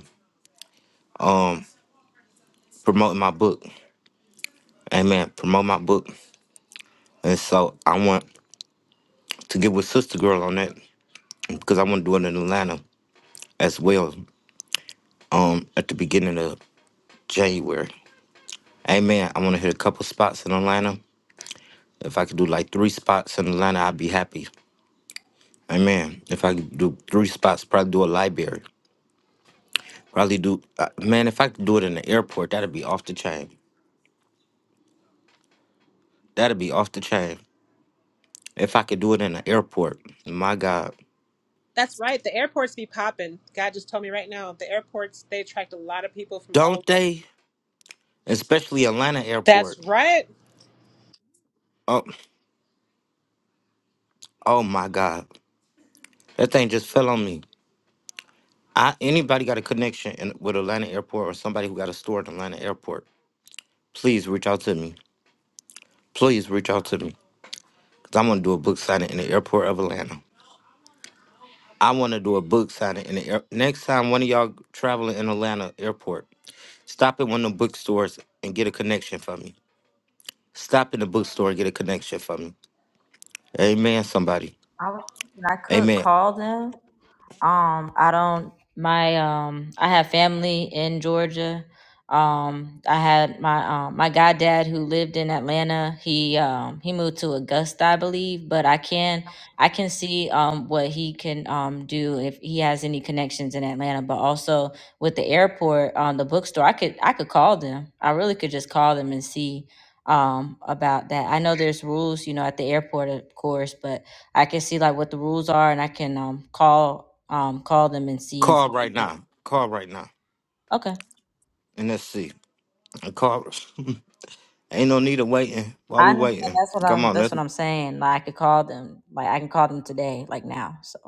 [SPEAKER 1] promoting my book. Amen. Promote my book. And so I want to get with Sister Girl on that because I want to do it in Atlanta as well um, at the beginning of January. Amen. I want to hit a couple spots in Atlanta. If I could do like three spots in Atlanta, I'd be happy. Amen. If I could do three spots, probably do a library. Probably do, uh, man, if I could do it in the airport, that'd be off the chain. That'd be off the chain. If I could do it in an airport, my God.
[SPEAKER 13] That's right. The airports be popping. God just told me right now. The airports they attract a lot of people from all.
[SPEAKER 1] Don't they? Especially Atlanta
[SPEAKER 13] That's
[SPEAKER 1] airport.
[SPEAKER 13] right.
[SPEAKER 1] Oh, oh my God. That thing just fell on me. I, anybody got a connection in, with Atlanta airport or somebody who got a store at Atlanta airport, please reach out to me. Please reach out to me. Because I'm going to do a book signing in the airport of Atlanta. I want to do a book signing in the air. Next time one of y'all traveling in Atlanta airport, stop at one of the bookstores and get a connection for me. Stop in the bookstore and get a connection for me. Amen, somebody.
[SPEAKER 2] I was thinking I could
[SPEAKER 1] Amen.
[SPEAKER 2] call them Um, I don't my um I have family in Georgia. Um, I had my um my goddad who lived in Atlanta. He um he moved to Augusta, I believe, but I can I can see um what he can um do if he has any connections in Atlanta, but also with the airport, um the bookstore, I could I could call them. I really could just call them and see um about that. I know there's rules, you know, at the airport of course, but I can see like what the rules are, and I can um call um call them and see and
[SPEAKER 1] Call
[SPEAKER 2] stuff
[SPEAKER 1] right
[SPEAKER 2] like
[SPEAKER 1] now. Call right now.
[SPEAKER 2] Okay,
[SPEAKER 1] And let's see. Call. Ain't no need of waiting. Why
[SPEAKER 2] I
[SPEAKER 1] we
[SPEAKER 2] understand.
[SPEAKER 1] waiting?
[SPEAKER 2] That's what
[SPEAKER 1] Come
[SPEAKER 2] I'm.
[SPEAKER 1] on,
[SPEAKER 2] That's
[SPEAKER 1] let's
[SPEAKER 2] what I'm saying. Like I could call them. Like I can call them today, like now. So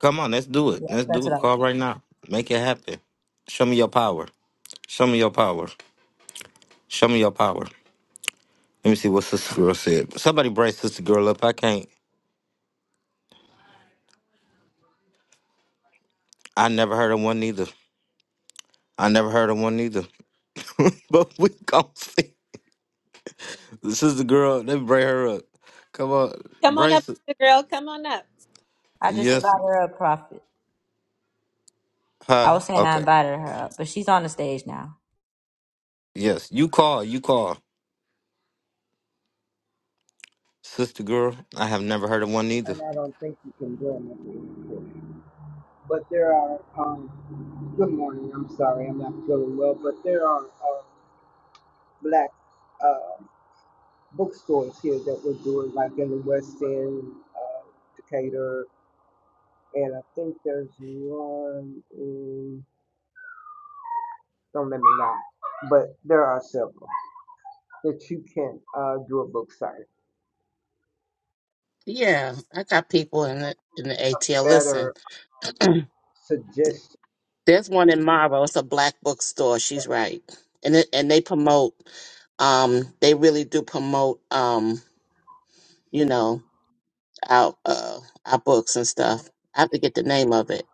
[SPEAKER 1] come on, let's do it.
[SPEAKER 2] yeah,
[SPEAKER 1] Let's
[SPEAKER 2] that's
[SPEAKER 1] do
[SPEAKER 2] what I
[SPEAKER 1] it.
[SPEAKER 2] was
[SPEAKER 1] Call
[SPEAKER 2] saying.
[SPEAKER 1] right now. Make it happen. Show me your power. Show me your power. Show me your power. Let me see what Sister Girl said. Somebody brace Sister Girl up. I can't. I never heard of one neither. I never heard of one neither. but we gon' see. Sister Girl, let me bring her up. Come on.
[SPEAKER 13] Come on up,
[SPEAKER 1] Brace it.
[SPEAKER 13] girl. Come on up.
[SPEAKER 2] I just
[SPEAKER 1] Yes.
[SPEAKER 2] invited her up, Prophet.
[SPEAKER 1] Huh?
[SPEAKER 2] I was saying I
[SPEAKER 1] Okay.
[SPEAKER 2] invited her up, but she's on the stage now.
[SPEAKER 1] Yes, you call, you call. Sister girl, I have never heard of one either.
[SPEAKER 14] and I don't think you can blame it. But there are, um, good morning, I'm sorry, I'm not feeling well, but there are uh, black uh, bookstores here that we're doing, like in the West End, uh, Decatur, and I think there's one in, don't let me lie, but there are several that you can uh, do a book site.
[SPEAKER 12] Yeah, I got people in the in the
[SPEAKER 14] A
[SPEAKER 12] ATL. Listen,
[SPEAKER 14] better um, suggestion
[SPEAKER 12] there's one in Marlboro. It's a black bookstore. She's right, and it, and they promote. Um, they really do promote. Um, you know. our uh our books and stuff. I have to get the name of it,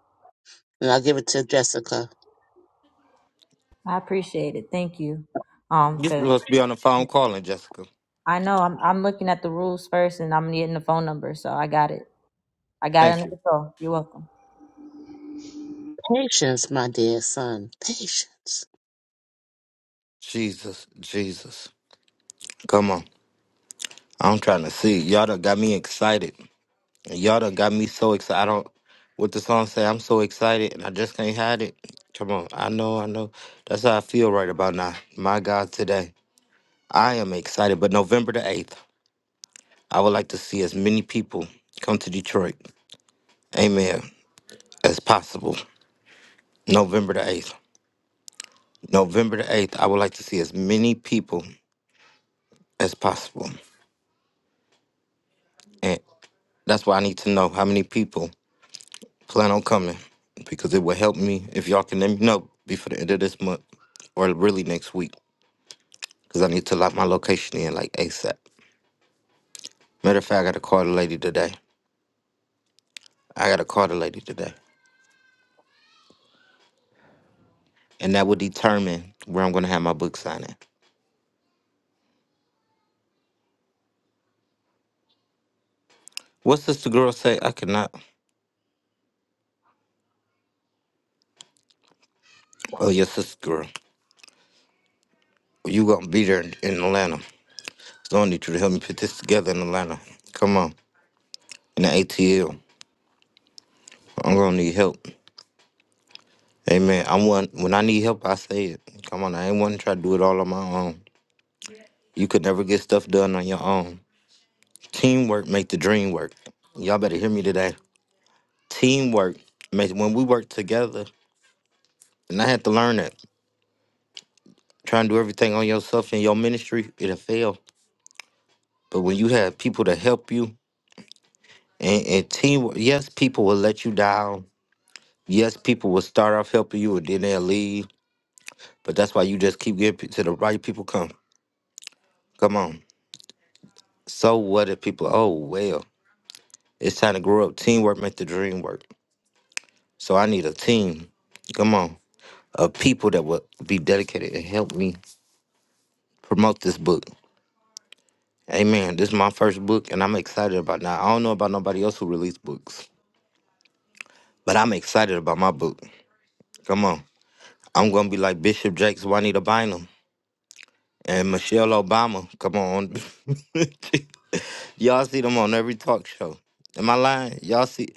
[SPEAKER 12] and I'll give it to Jessica.
[SPEAKER 2] I appreciate it. Thank you. Um,
[SPEAKER 1] You
[SPEAKER 2] cause
[SPEAKER 1] must be on the phone
[SPEAKER 2] yeah,
[SPEAKER 1] calling, Jessica.
[SPEAKER 2] I know I'm I'm looking at the rules first, and I'm getting the phone number, so I got it. I got it
[SPEAKER 1] Thank
[SPEAKER 2] under
[SPEAKER 1] you.
[SPEAKER 2] control. You're welcome.
[SPEAKER 12] Patience, my dear son, patience.
[SPEAKER 1] Jesus, Jesus. Come on. I'm trying to see. Y'all done got me excited. Y'all done got me so excited. I don't, what the song say, I'm so excited and I just can't hide it. Come on. I know, I know. That's how I feel right about now. My God, today. I am excited, but November the 8th, I would like to see as many people come to Detroit. Amen. As possible. November the 8th. November the 8th, I would like to see as many people as possible. And that's why I need to know how many people plan on coming because it will help me if y'all can let me know before the end of this month or really next week because I need to lock my location in like ASAP. Matter of fact, I got to call the lady today. I got to call the lady today. And that will determine where I'm going to have my book signing. What sister girl say? I cannot. Oh, your sister girl. You going to be there in in Atlanta. So I need you to help me put this together in Atlanta. Come on. In the ATL. I'm gonna need help. Amen. I'm one when I need help I say it. Come on, I ain't wanna try to do it all on my own. You could never get stuff done on your own. Teamwork make the dream work. Y'all better hear me today. Teamwork makes when we work together, and I had to learn that. Trying to do everything on yourself in your ministry, it'll fail. But when you have people to help you and, and teamwork, yes, people will let you down. Yes, people will start off helping you and then they'll leave. But that's why you just keep getting to the right people come. Come on. So what if people? Oh well, it's time to grow up. Teamwork make the dream work. So I need a team. Come on, of people that will be dedicated and help me promote this book. Amen. This is my first book, and I'm excited about it. Now I don't know about nobody else who released books, but I'm excited about my book. Come on, I'm gonna be like Bishop Jakes, Juanita Bynum, and Michelle Obama. Come on, y'all see them on every talk show. Am I lying? Y'all see?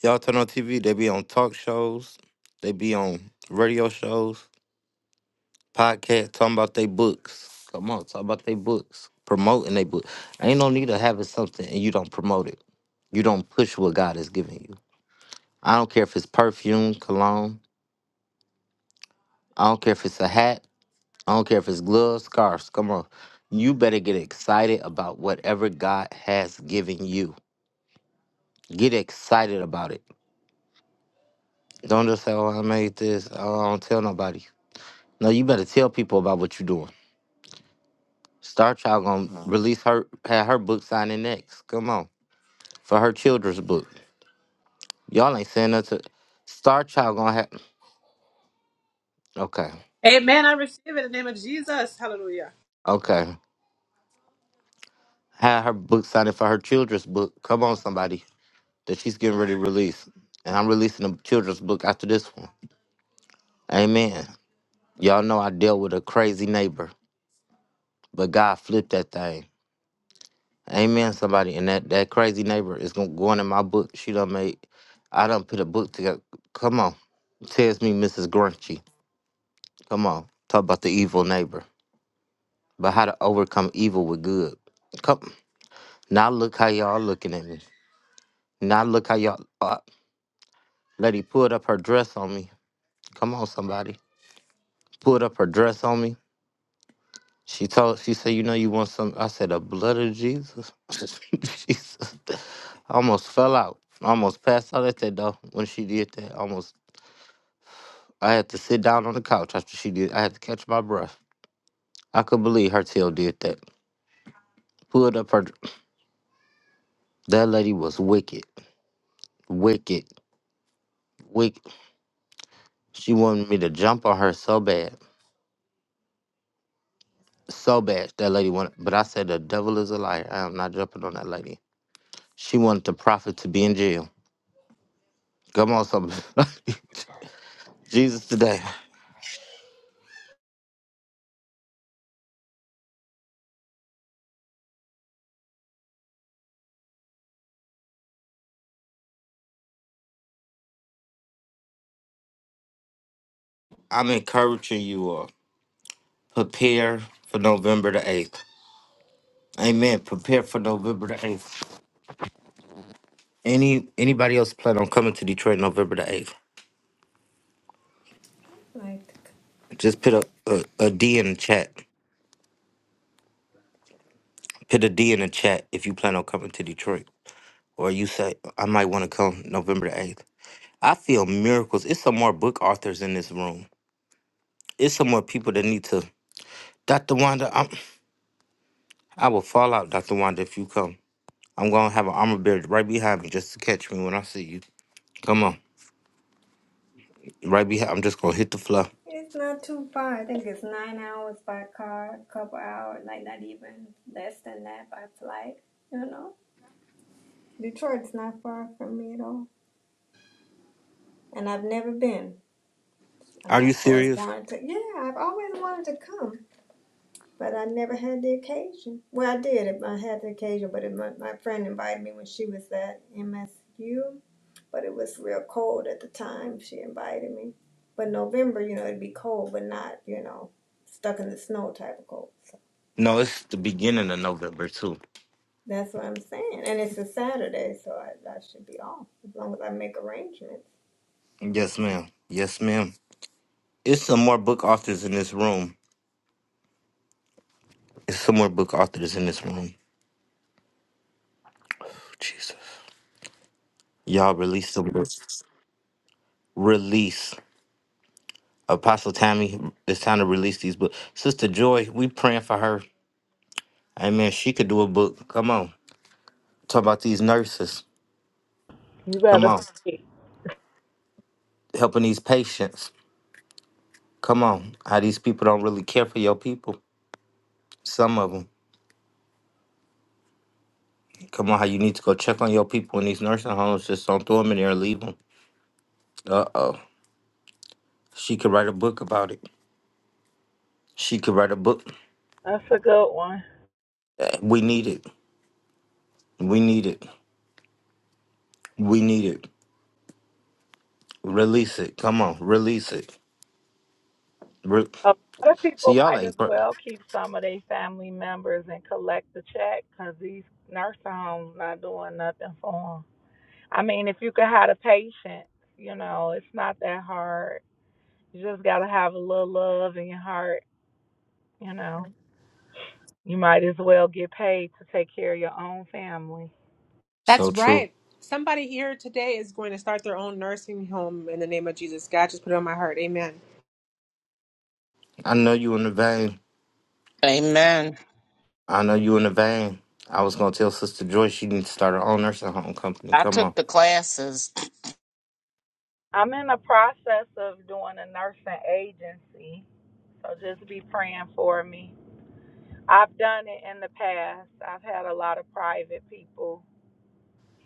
[SPEAKER 1] Y'all turn on TV, they be on talk shows, they be on radio shows, podcasts, talking about their books. Come on, talk about their books, promoting their book. Ain't no need of having something and you don't promote it. You don't push what God is giving you. I don't care if it's perfume, cologne. I don't care if it's a hat. I don't care if it's gloves, scarves. Come on. You better get excited about whatever God has given you. Get excited about it. Don't just say, oh, I made this. Oh, I don't tell nobody. No, you better tell people about what you're doing. Star Child gonna Mm. release her have her book signing next. Come on. For her children's book. Y'all ain't saying nothing to Star Child gonna have okay.
[SPEAKER 13] Amen. I receive it in the name of Jesus. Hallelujah.
[SPEAKER 1] Okay. Have her book signing for her children's book. Come on, somebody. That she's getting ready to release. And I'm releasing a children's book after this one. Amen. Y'all know I dealt with a crazy neighbor, but God flipped that thing. Amen, somebody. And that, that crazy neighbor is gonna go on in my book. She done made I done put a book together. Come on. Tells me Mrs. Grunchy. Come on. Talk about the evil neighbor. But how to overcome evil with good. Come. Now look how y'all looking at me. Now look how y'all. Uh, lady pulled up her dress on me. Come on, somebody. Pulled up her dress on me. She told. She said, "You know, you want some." I said, "The blood of Jesus." Jesus. I almost fell out. I almost passed out at that though when she did that. I Almost. I had to sit down on the couch after she did. I had to catch my breath. I could believe her tail did that. Pulled up her. That lady was wicked. Wicked, wicked. She wanted me to jump on her so bad, so bad. That lady wanted, but I said the devil is a liar. I am not jumping on that lady. She wanted the prophet to be in jail. Come on, somebody. Jesus today. I'm encouraging you all. Prepare for November the eighth. Amen. Prepare for November the eighth. Any anybody else plan on coming to Detroit November the eighth?
[SPEAKER 6] Like,
[SPEAKER 1] Just put a, a, a D in the chat. Put a D in the chat if you plan on coming to Detroit. or you say I might want to come November the eighth. I feel miracles. It's some more book authors in this room. It's some more people that need to. Dr. Wanda, I'm, I will fall out, Dr. Wanda, if you come. I'm gonna have an armor bear right behind me just to catch me when I see you. Come on, right behind. I'm just gonna hit the floor.
[SPEAKER 6] it's not too far. I think it's nine hours by car, a couple hours, like not even less than that by flight, you know? Detroit's not far from me at all. And I've never been. And
[SPEAKER 1] Are
[SPEAKER 6] I've
[SPEAKER 1] you
[SPEAKER 6] always
[SPEAKER 1] serious?
[SPEAKER 6] wanted to, yeah, I've always wanted to come. but I never had the occasion. Well, I did. I had the occasion, but it, my, my friend invited me when she was at MSU, but it was real cold at the time she invited me. But November, you know, it'd be cold, but not, you know, stuck in the snow type of cold. So
[SPEAKER 1] No, it's the beginning of November too.
[SPEAKER 6] that's what I'm saying. And it's a Saturday, so I, I should be off as long as I make arrangements.
[SPEAKER 1] Yes, ma'am. Yes, ma'am. It's some more book authors in this room. It's some more book authors in this room. Jesus, y'all release the books. Release. Apostle Tammy, it's time to release these books. Sister Joy, we praying for her. Amen. She could do a book. Come on. Talk about these nurses.
[SPEAKER 10] You
[SPEAKER 1] Come
[SPEAKER 10] better.
[SPEAKER 1] on. Helping these patients. Come on. How these people don't really care for your people. Some of them. Come on. How you need to go check on your people in these nursing homes. Just don't throw them in there and leave them. Uh oh. She could write a book about it. She could write a book.
[SPEAKER 10] That's a good one.
[SPEAKER 1] Eh, We need it. We need it. We need it. Release it. Come on. Release it. Re-
[SPEAKER 10] A lot of people
[SPEAKER 1] See, y'all
[SPEAKER 10] might as
[SPEAKER 1] ain't. Pr-
[SPEAKER 10] well keep some of their family members and collect the check, cause these nursing homes not doing nothing for 'em. I mean, if you could have the patience, you know, it's not that hard. You just gotta have a little love in your heart, you know. You might as well get paid to take care of your own family.
[SPEAKER 13] That's
[SPEAKER 1] so true.
[SPEAKER 13] right. Somebody here today is going to start their own nursing home in the name of Jesus. God just put it on my heart. Amen.
[SPEAKER 1] I know you in the vein.
[SPEAKER 12] Amen.
[SPEAKER 1] I know you in the vein. I was gonna tell Sister Joy she needs to start her own nursing home company.
[SPEAKER 12] I
[SPEAKER 1] Come on.
[SPEAKER 12] took the classes.
[SPEAKER 10] I'm in the process of doing a nursing agency, so just be praying for me. I've done it in the past. I've had a lot of private people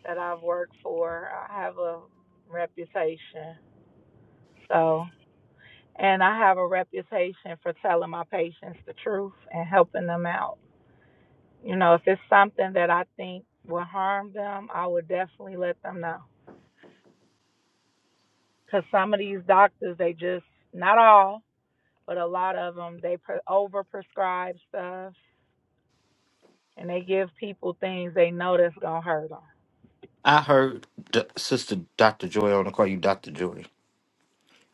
[SPEAKER 10] that I've worked for, I have a reputation. So, and I have a reputation for telling my patients the truth and helping them out. You know, if it's something that I think will harm them, I would definitely let them know. Because some of these doctors, they just, not all, but a lot of them, they over prescribe stuff and they give people things they know that's going to hurt them.
[SPEAKER 1] I heard D- Sister Doctor Joy. I want to call you Doctor Joy.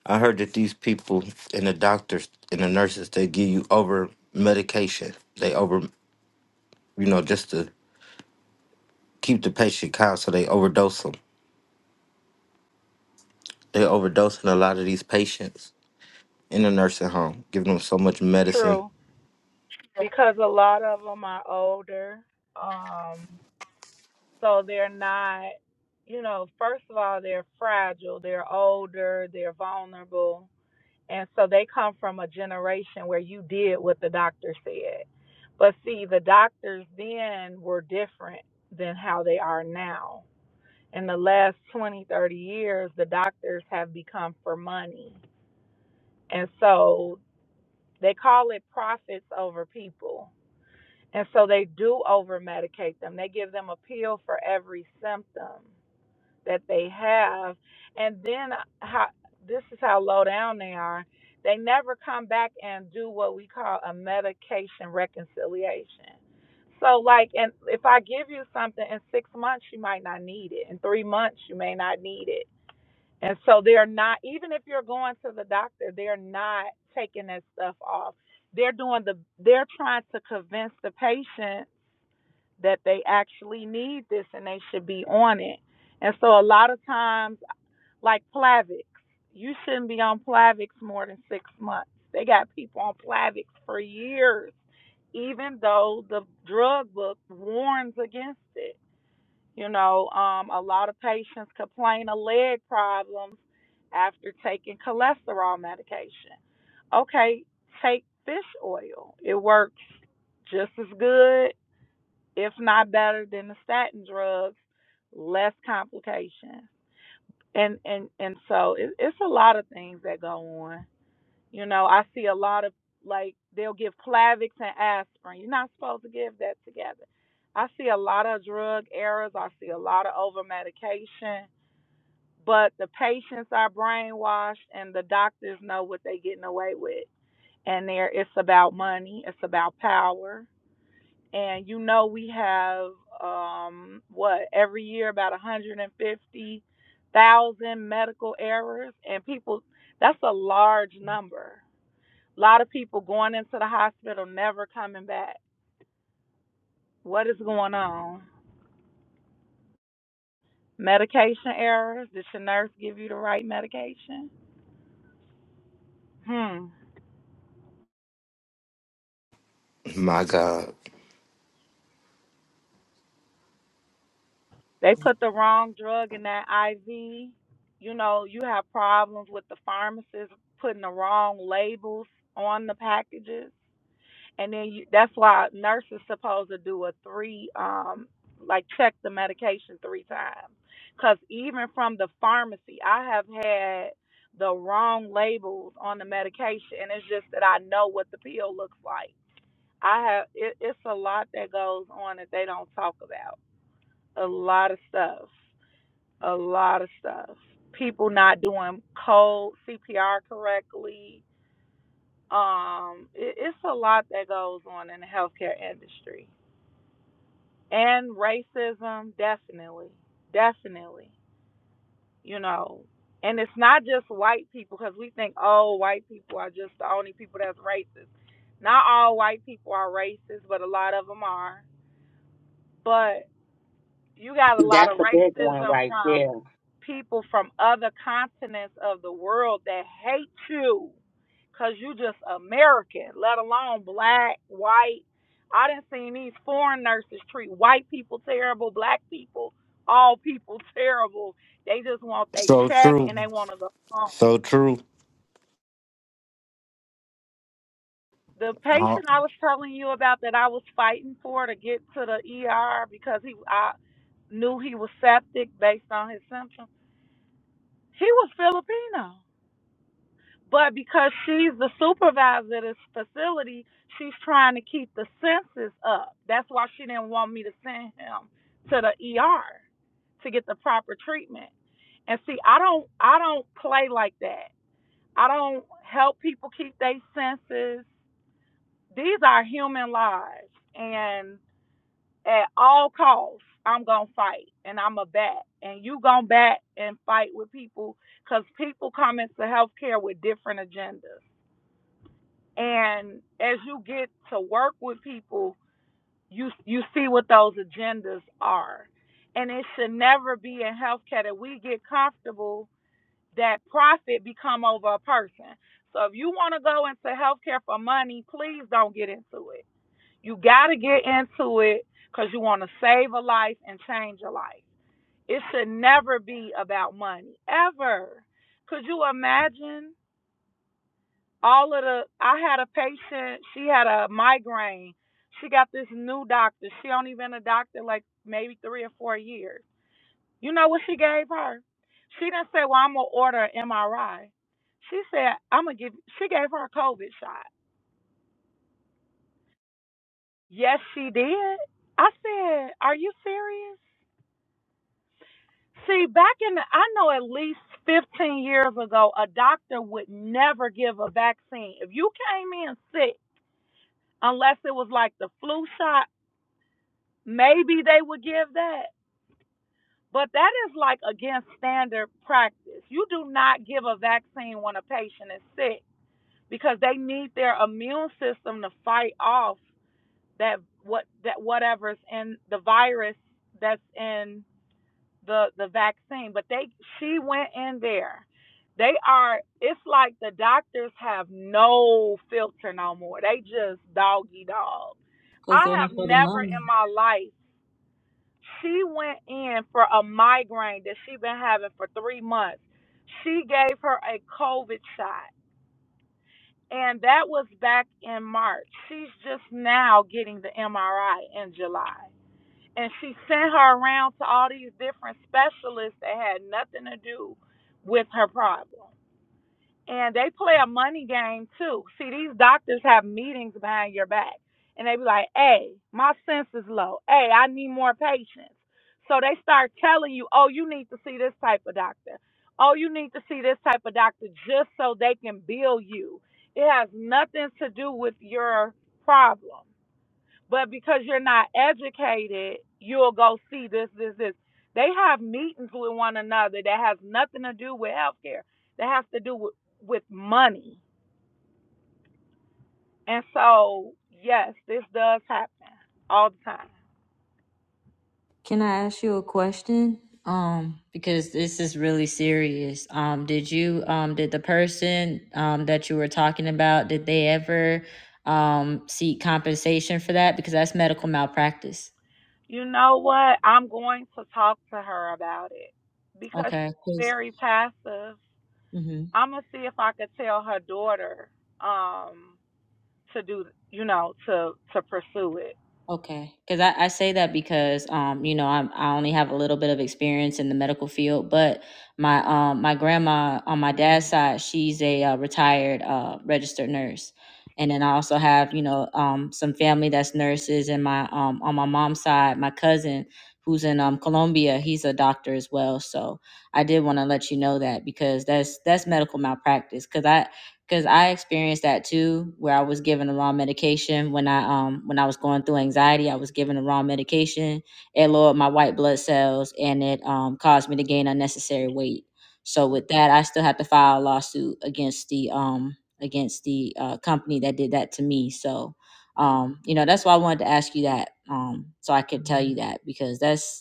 [SPEAKER 1] I heard that these people and the doctors and the nurses they give you over medication. They over, you know, just to keep the patient calm, so they overdose them. They overdosing a lot of these patients in the nursing home, giving them so much medicine.
[SPEAKER 10] True. Because a lot of them are older. Um, So they're not, you know, first of all, they're fragile, they're older, they're vulnerable. And so they come from a generation where you did what the doctor said. But see, the doctors then were different than how they are now. In the last 20, 30 years, the doctors have become for money. And so they call it profits over people. And so they do over medicate them. They give them a pill for every symptom that they have. And then how this is how low down they are. They never come back and do what we call a medication reconciliation. So like and if I give you something in 6 months you might not need it. In 3 months you may not need it. And so they're not even if you're going to the doctor, they're not taking that stuff off. They're doing the they're trying to convince the patient that they actually need this and they should be on it. And so a lot of times, like Plavix, you shouldn't be on Plavix more than six months. They got people on Plavix for years, even though the drug book warns against it. You know, um, a lot of patients complain of leg problems after taking cholesterol medication. Okay, take fish oil. It works just as good if not better than the statin drugs, less complications. And and and so it, it's a lot of things that go on. You know, I see a lot of like they'll give Plavix and aspirin. You're not supposed to give that together. I see a lot of drug errors. I see a lot of over medication, but the patients are brainwashed and the doctors know what they're getting away with. And there, it's about money, it's about power, and you know we have um what every year about 150,000 medical errors and people that's a large number. A lot of people going into the hospital never coming back. What is going on? Medication errors? Did your nurse give you the right medication? Hmm.
[SPEAKER 1] My God,
[SPEAKER 10] They put the wrong drug in that IV. You know, you have problems with the pharmacist putting the wrong labels on the packages and then you, that's why a nurse is supposed to do a three um like check the medication three times because even from the pharmacy i have had the wrong labels on the medication and it's just that i know what the pill looks like i have it, it's a lot that goes on that they don't talk about a lot of stuff a lot of stuff people not doing cold cpr correctly um, it, it's a lot that goes on in the healthcare industry, and racism definitely, definitely, you know. And it's not just white people because we think, oh, white people are just the only people that's racist. Not all white people are racist, but a lot of them are. But you got a lot
[SPEAKER 12] That's
[SPEAKER 10] of
[SPEAKER 12] a big one
[SPEAKER 10] racism
[SPEAKER 12] right there.
[SPEAKER 10] from people from other continents of the world that hate you because you just American, let alone black, white. I didn't see these foreign nurses treat white people terrible, black people, all people terrible. They just want they
[SPEAKER 1] so
[SPEAKER 10] check
[SPEAKER 1] true,
[SPEAKER 10] and they want to go home.
[SPEAKER 1] so true.
[SPEAKER 10] The patient I was telling you about that I was fighting for to get to the ER because he I knew he was septic based on his symptoms She was Filipino. But because she's the supervisor of this facility, she's trying to keep the census up. That's why she didn't want me to send him to the ER to get the proper treatment. And see, I don't I don't play like that. I don't help people keep their senses. These are human lives. and at all costs, I'm gonna fight and I'm a bat, and you gonna bat and fight with people because people come into healthcare with different agendas. And as you get to work with people, you you see what those agendas are, and it should never be in healthcare that we get comfortable that profit become over a person. So if you want to go into healthcare for money, please don't get into it you got to get into it because you want to save a life and change a life. It should never be about money, ever. Could you imagine all of the? I had a patient, she had a migraine. She got this new doctor. She only been a doctor like maybe three or four years. You know what she gave her? She didn't say, Well, I'm going to order an MRI. She said, I'm going to give, she gave her a COVID shot. Yes, she did. I said, Are you serious? See, back in the, I know at least 15 years ago, a doctor would never give a vaccine. If you came in sick, unless it was like the flu shot, maybe they would give that. But that is like against standard practice. You do not give a vaccine when a patient is sick because they need their immune system to fight off that what that whatever's in the virus that's in the the vaccine but they she went in there they are it's like the doctors have no filter no more they just doggy dog
[SPEAKER 2] Cause they're
[SPEAKER 10] i have
[SPEAKER 2] for the
[SPEAKER 10] never
[SPEAKER 2] money.
[SPEAKER 10] in my life she went in for a migraine that she been having for three months she gave her a covid shot and that was back in march she's just now getting the mri in july and she sent her around to all these different specialists that had nothing to do with her problem. And they play a money game too. See, these doctors have meetings behind your back, and they be like, "Hey, my sense is low. Hey, I need more patients." So they start telling you, "Oh, you need to see this type of doctor. Oh, you need to see this type of doctor," just so they can bill you. It has nothing to do with your problem but because you're not educated, you'll go see this, this, this. They have meetings with one another that has nothing to do with healthcare. That has to do with, with money. And so, yes, this does happen all the time.
[SPEAKER 2] Can I ask you a question? Um, because this is really serious. Um, did you um did the person um that you were talking about, did they ever um seek compensation for that? Because that's medical malpractice.
[SPEAKER 10] You know what? I'm going to talk to her about it because
[SPEAKER 2] Okay.
[SPEAKER 10] she's
[SPEAKER 2] 'Cause-
[SPEAKER 10] very passive.
[SPEAKER 2] mhm.
[SPEAKER 10] I'm gonna see if I could tell her daughter um to do, you know, to to pursue it.
[SPEAKER 2] Okay, because I, I say that because um you know I'm I only have a little bit of experience in the medical field, but my um my grandma on my dad's side she's a uh, retired uh registered nurse, and then I also have you know um some family that's nurses, and my um on my mom's side my cousin who's in um Colombia he's a doctor as well. So I did want to let you know that because that's that's medical malpractice because I because I experienced that too, where I was given the wrong medication when I um when I was going through anxiety, I was given the wrong medication. It lowered my white blood cells and it um caused me to gain unnecessary weight. So with that, I still had to file a lawsuit against the um against the uh, company that did that to me. So um you know that's why I wanted to ask you that um so I could tell you that because that's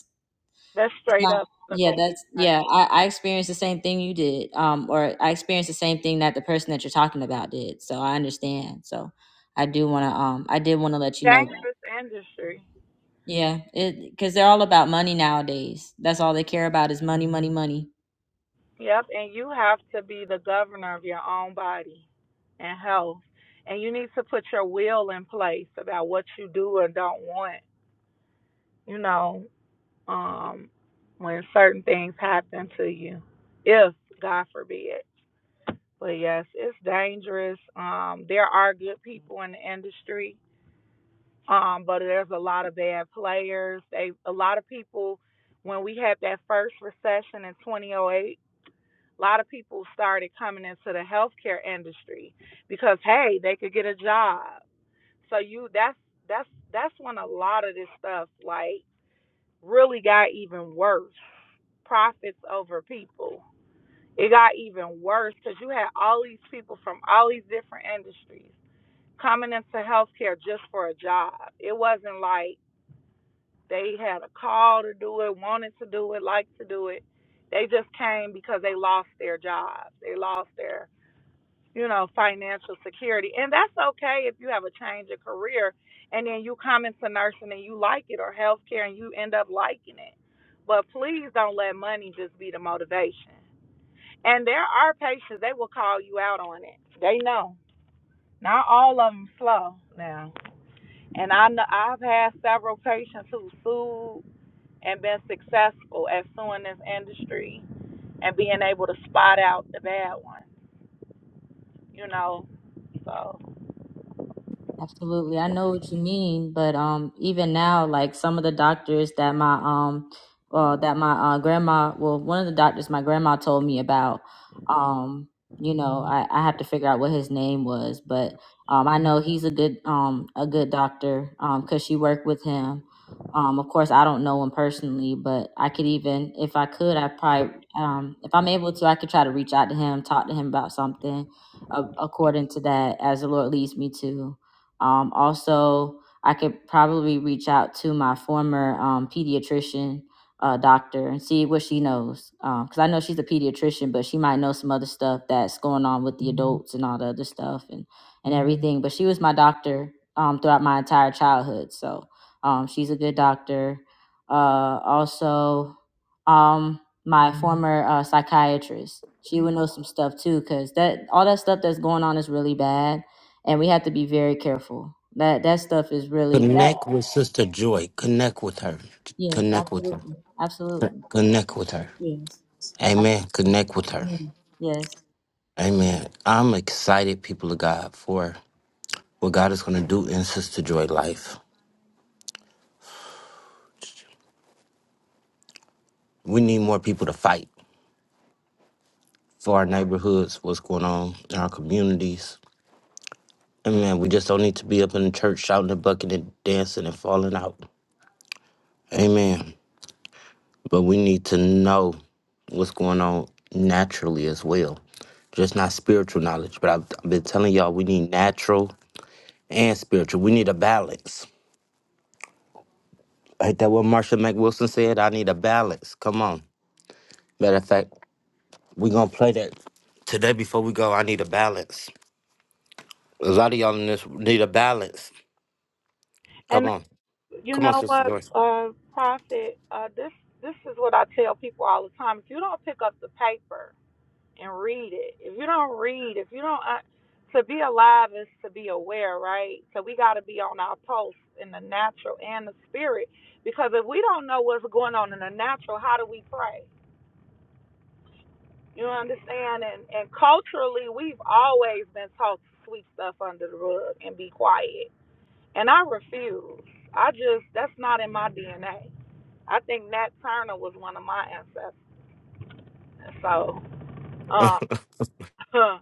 [SPEAKER 10] That's straight
[SPEAKER 2] no.
[SPEAKER 10] up
[SPEAKER 2] Yeah,
[SPEAKER 10] political.
[SPEAKER 2] that's
[SPEAKER 10] Like,
[SPEAKER 2] yeah. I, I experienced the same thing you did, um, or I experienced the same thing that the person that you're talking about did. So I understand. So I do want to, um, I did want to let you know that.
[SPEAKER 10] dangerous industry.
[SPEAKER 2] Yeah, it because they're all about money nowadays. That's all they care about is money, money, money.
[SPEAKER 10] Yep, and you have to be the governor of your own body and health. And you need to put your will in place about what you do or don't want, you know, um, when certain things happen to you, if God forbid. But yes, it's dangerous. Um, there are good people in the industry, um, but there's a lot of bad players. They a lot of people when we had that first recession in 2008 a lot of people started coming into the healthcare industry because hey, they could get a job. So you that's that's that's when a lot of this stuff like really got even worse. Profits over people. It got even worse because you had all these people from all these different industries coming into healthcare just for a job. It wasn't like they had a call to do it, wanted to do it, liked to do it. They just came because they lost their jobs. They lost their you know, financial security. And that's okay if you have a change of career and then you come into nursing and you like it or healthcare and you end up liking it. But please don't let money just be the motivation. And there are patients, they will call you out on it. They know. Not all of them slow now. And I know I've had several patients who sued and been successful at suing this industry and being able to spot out the bad ones, you know. So
[SPEAKER 2] Absolutely. I know what you mean, but um even now like some of the doctors that my um well that my uh, grandma well one of the doctors my grandma told me about um you know I, I have to figure out what his name was, but um I know he's a good um a good doctor um cuz she worked with him. Um of course I don't know him personally, but I could even if I could I probably um if I'm able to I could try to reach out to him, talk to him about something uh, according to that as the Lord leads me to. Um, also, I could probably reach out to my former um, pediatrician uh, doctor and see what she knows. Because I know she's a pediatrician, but she might know some other stuff that's going on with the adults and all the other stuff and, and everything. But she was my doctor um, throughout my entire childhood. So um, she's a good doctor. Uh, also, um, my former uh, psychiatrist, she would know some stuff too, because that all that stuff that's going on is really bad and we have to be very careful. That that stuff is really that.
[SPEAKER 1] Connect with Sister Joy. Connect with her.
[SPEAKER 2] Yes,
[SPEAKER 1] Connect with
[SPEAKER 2] absolutely,
[SPEAKER 1] her.
[SPEAKER 2] absolutely.
[SPEAKER 1] Connect with her.
[SPEAKER 2] Yes, I-
[SPEAKER 1] Amen. Connect with her.
[SPEAKER 2] Mhm. yes.
[SPEAKER 1] Amen. I'm excited, people of God, for what God is going to do in Sister Joy life. We need more people to fight for our neighborhoods, what's going on in our communities. Amen. We just don't need to be up in the church shouting and bucking and dancing and falling out. Amen. but we need to know what's going on naturally as well. Just not spiritual knowledge, but I've, I've been telling y'all we need natural and spiritual. We need a balance. Ain't that what Marsha McWilson said? I need a balance. Come on. Matter of fact, we going to play that today before we go. I need a balance. A lot of y'all in this need a balance.
[SPEAKER 10] and.
[SPEAKER 1] Come on.
[SPEAKER 10] You
[SPEAKER 1] Come on,
[SPEAKER 10] know
[SPEAKER 1] Sister
[SPEAKER 10] what,
[SPEAKER 1] Joyce.
[SPEAKER 10] um, Prophet? Uh, this this is what I tell people all the time. If you don't pick up the paper and read it, if you don't read, if you don't, uh, to be alive is to be aware, right? So we got to be on our pulse in the natural and the spirit, because if we don't know what's going on in the natural, how do we pray? You understand? And and culturally, we've always been taught to sweep stuff under the rug and be quiet, and I refuse. I just that's not in my DNA. I think Nat Turner was one of my ancestors. And so, uh,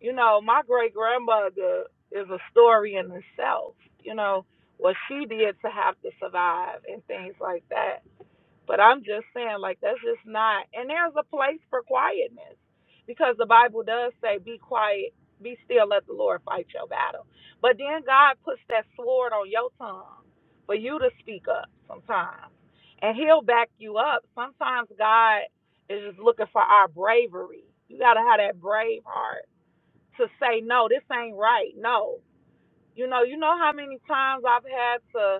[SPEAKER 10] you know, my great grandmother is a story in itself. You know what she did to have to survive and things like that. But I'm just saying, like, that's just not. And there's a place for quietness because the Bible does say, be quiet, be still, let the Lord fight your battle. But then God puts that sword on your tongue for you to speak up sometimes. And He'll back you up. Sometimes God is just looking for our bravery. You got to have that brave heart to say, no, this ain't right. No. You know, you know how many times I've had to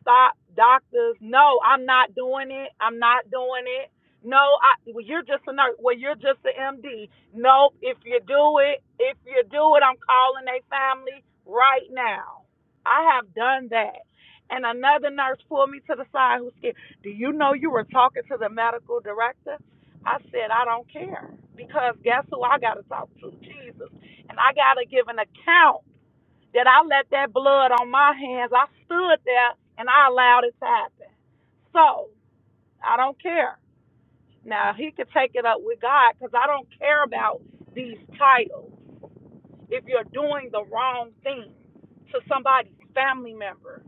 [SPEAKER 10] stop doctors. No, I'm not doing it. I'm not doing it. No, I, well, you're just a nurse. Well, you're just an MD. No, if you do it, if you do it, I'm calling a family right now. I have done that. And another nurse pulled me to the side who scared? Do you know you were talking to the medical director? I said, I don't care. Because guess who I got to talk to? Jesus. And I got to give an account that I let that blood on my hands. I stood there and I allowed it to happen. So I don't care. Now he could take it up with God because I don't care about these titles. If you're doing the wrong thing to somebody's family member,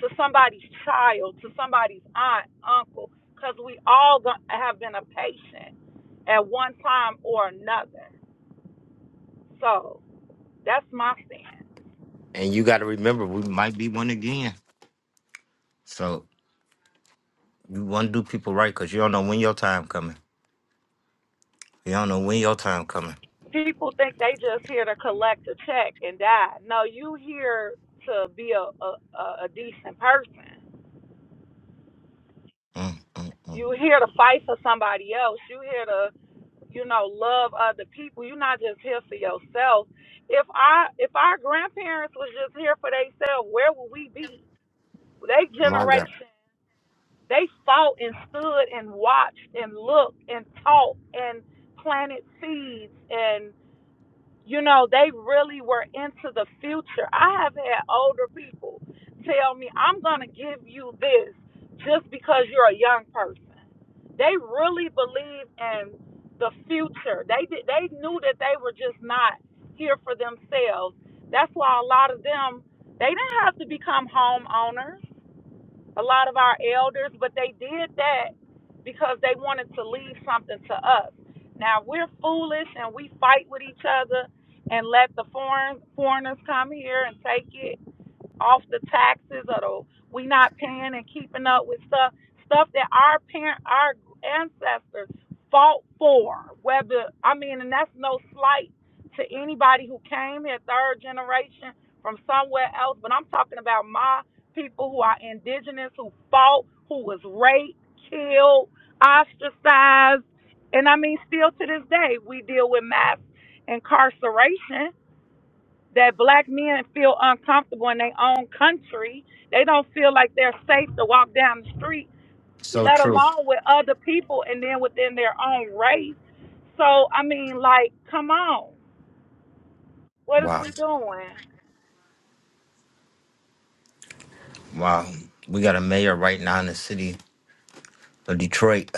[SPEAKER 10] to somebody's child, to somebody's aunt, uncle, because we all go- have been a patient at one time or another. So that's my stand.
[SPEAKER 1] and you got to remember, we might be one again. So you want to do people right because you don't know when your time coming. You don't know when your time coming.
[SPEAKER 10] people think they just here to collect a check and die. No, you here to be a a, a a decent person.
[SPEAKER 1] Mm, mm, mm.
[SPEAKER 10] You here to fight for somebody else. You here to you know love other people. You're not just here for yourself. If I if our grandparents was just here for themselves, where would we be? They
[SPEAKER 1] My God.
[SPEAKER 10] generation they fought and stood and watched and looked and taught and planted seeds and. you know, they really were into the future. I have had older people tell me, I'm going to give you this just because you're a young person. They really believe in the future. They did, they knew that they were just not here for themselves. That's why a lot of them they didn't have to become homeowners a lot of our elders, but they did that because they wanted to leave something to us. Now we're foolish and we fight with each other and let the foreign foreigners come here and take it off the taxes or the, we not paying and keeping up with stuff stuff that our parent our ancestors fought for whether i mean and that's no slight to anybody who came here third generation from somewhere else but i'm talking about my people who are indigenous who fought who was raped killed ostracized and i mean still to this day we deal with mass incarceration that black men feel uncomfortable in their own country. They don't feel like they're safe to walk down the street,
[SPEAKER 1] So
[SPEAKER 10] let
[SPEAKER 1] true.
[SPEAKER 10] alone with other people and then within their own race. So, I mean, like, come on. What is
[SPEAKER 1] Wow.
[SPEAKER 10] we doing?
[SPEAKER 1] Wow. We got a mayor right now in the city of Detroit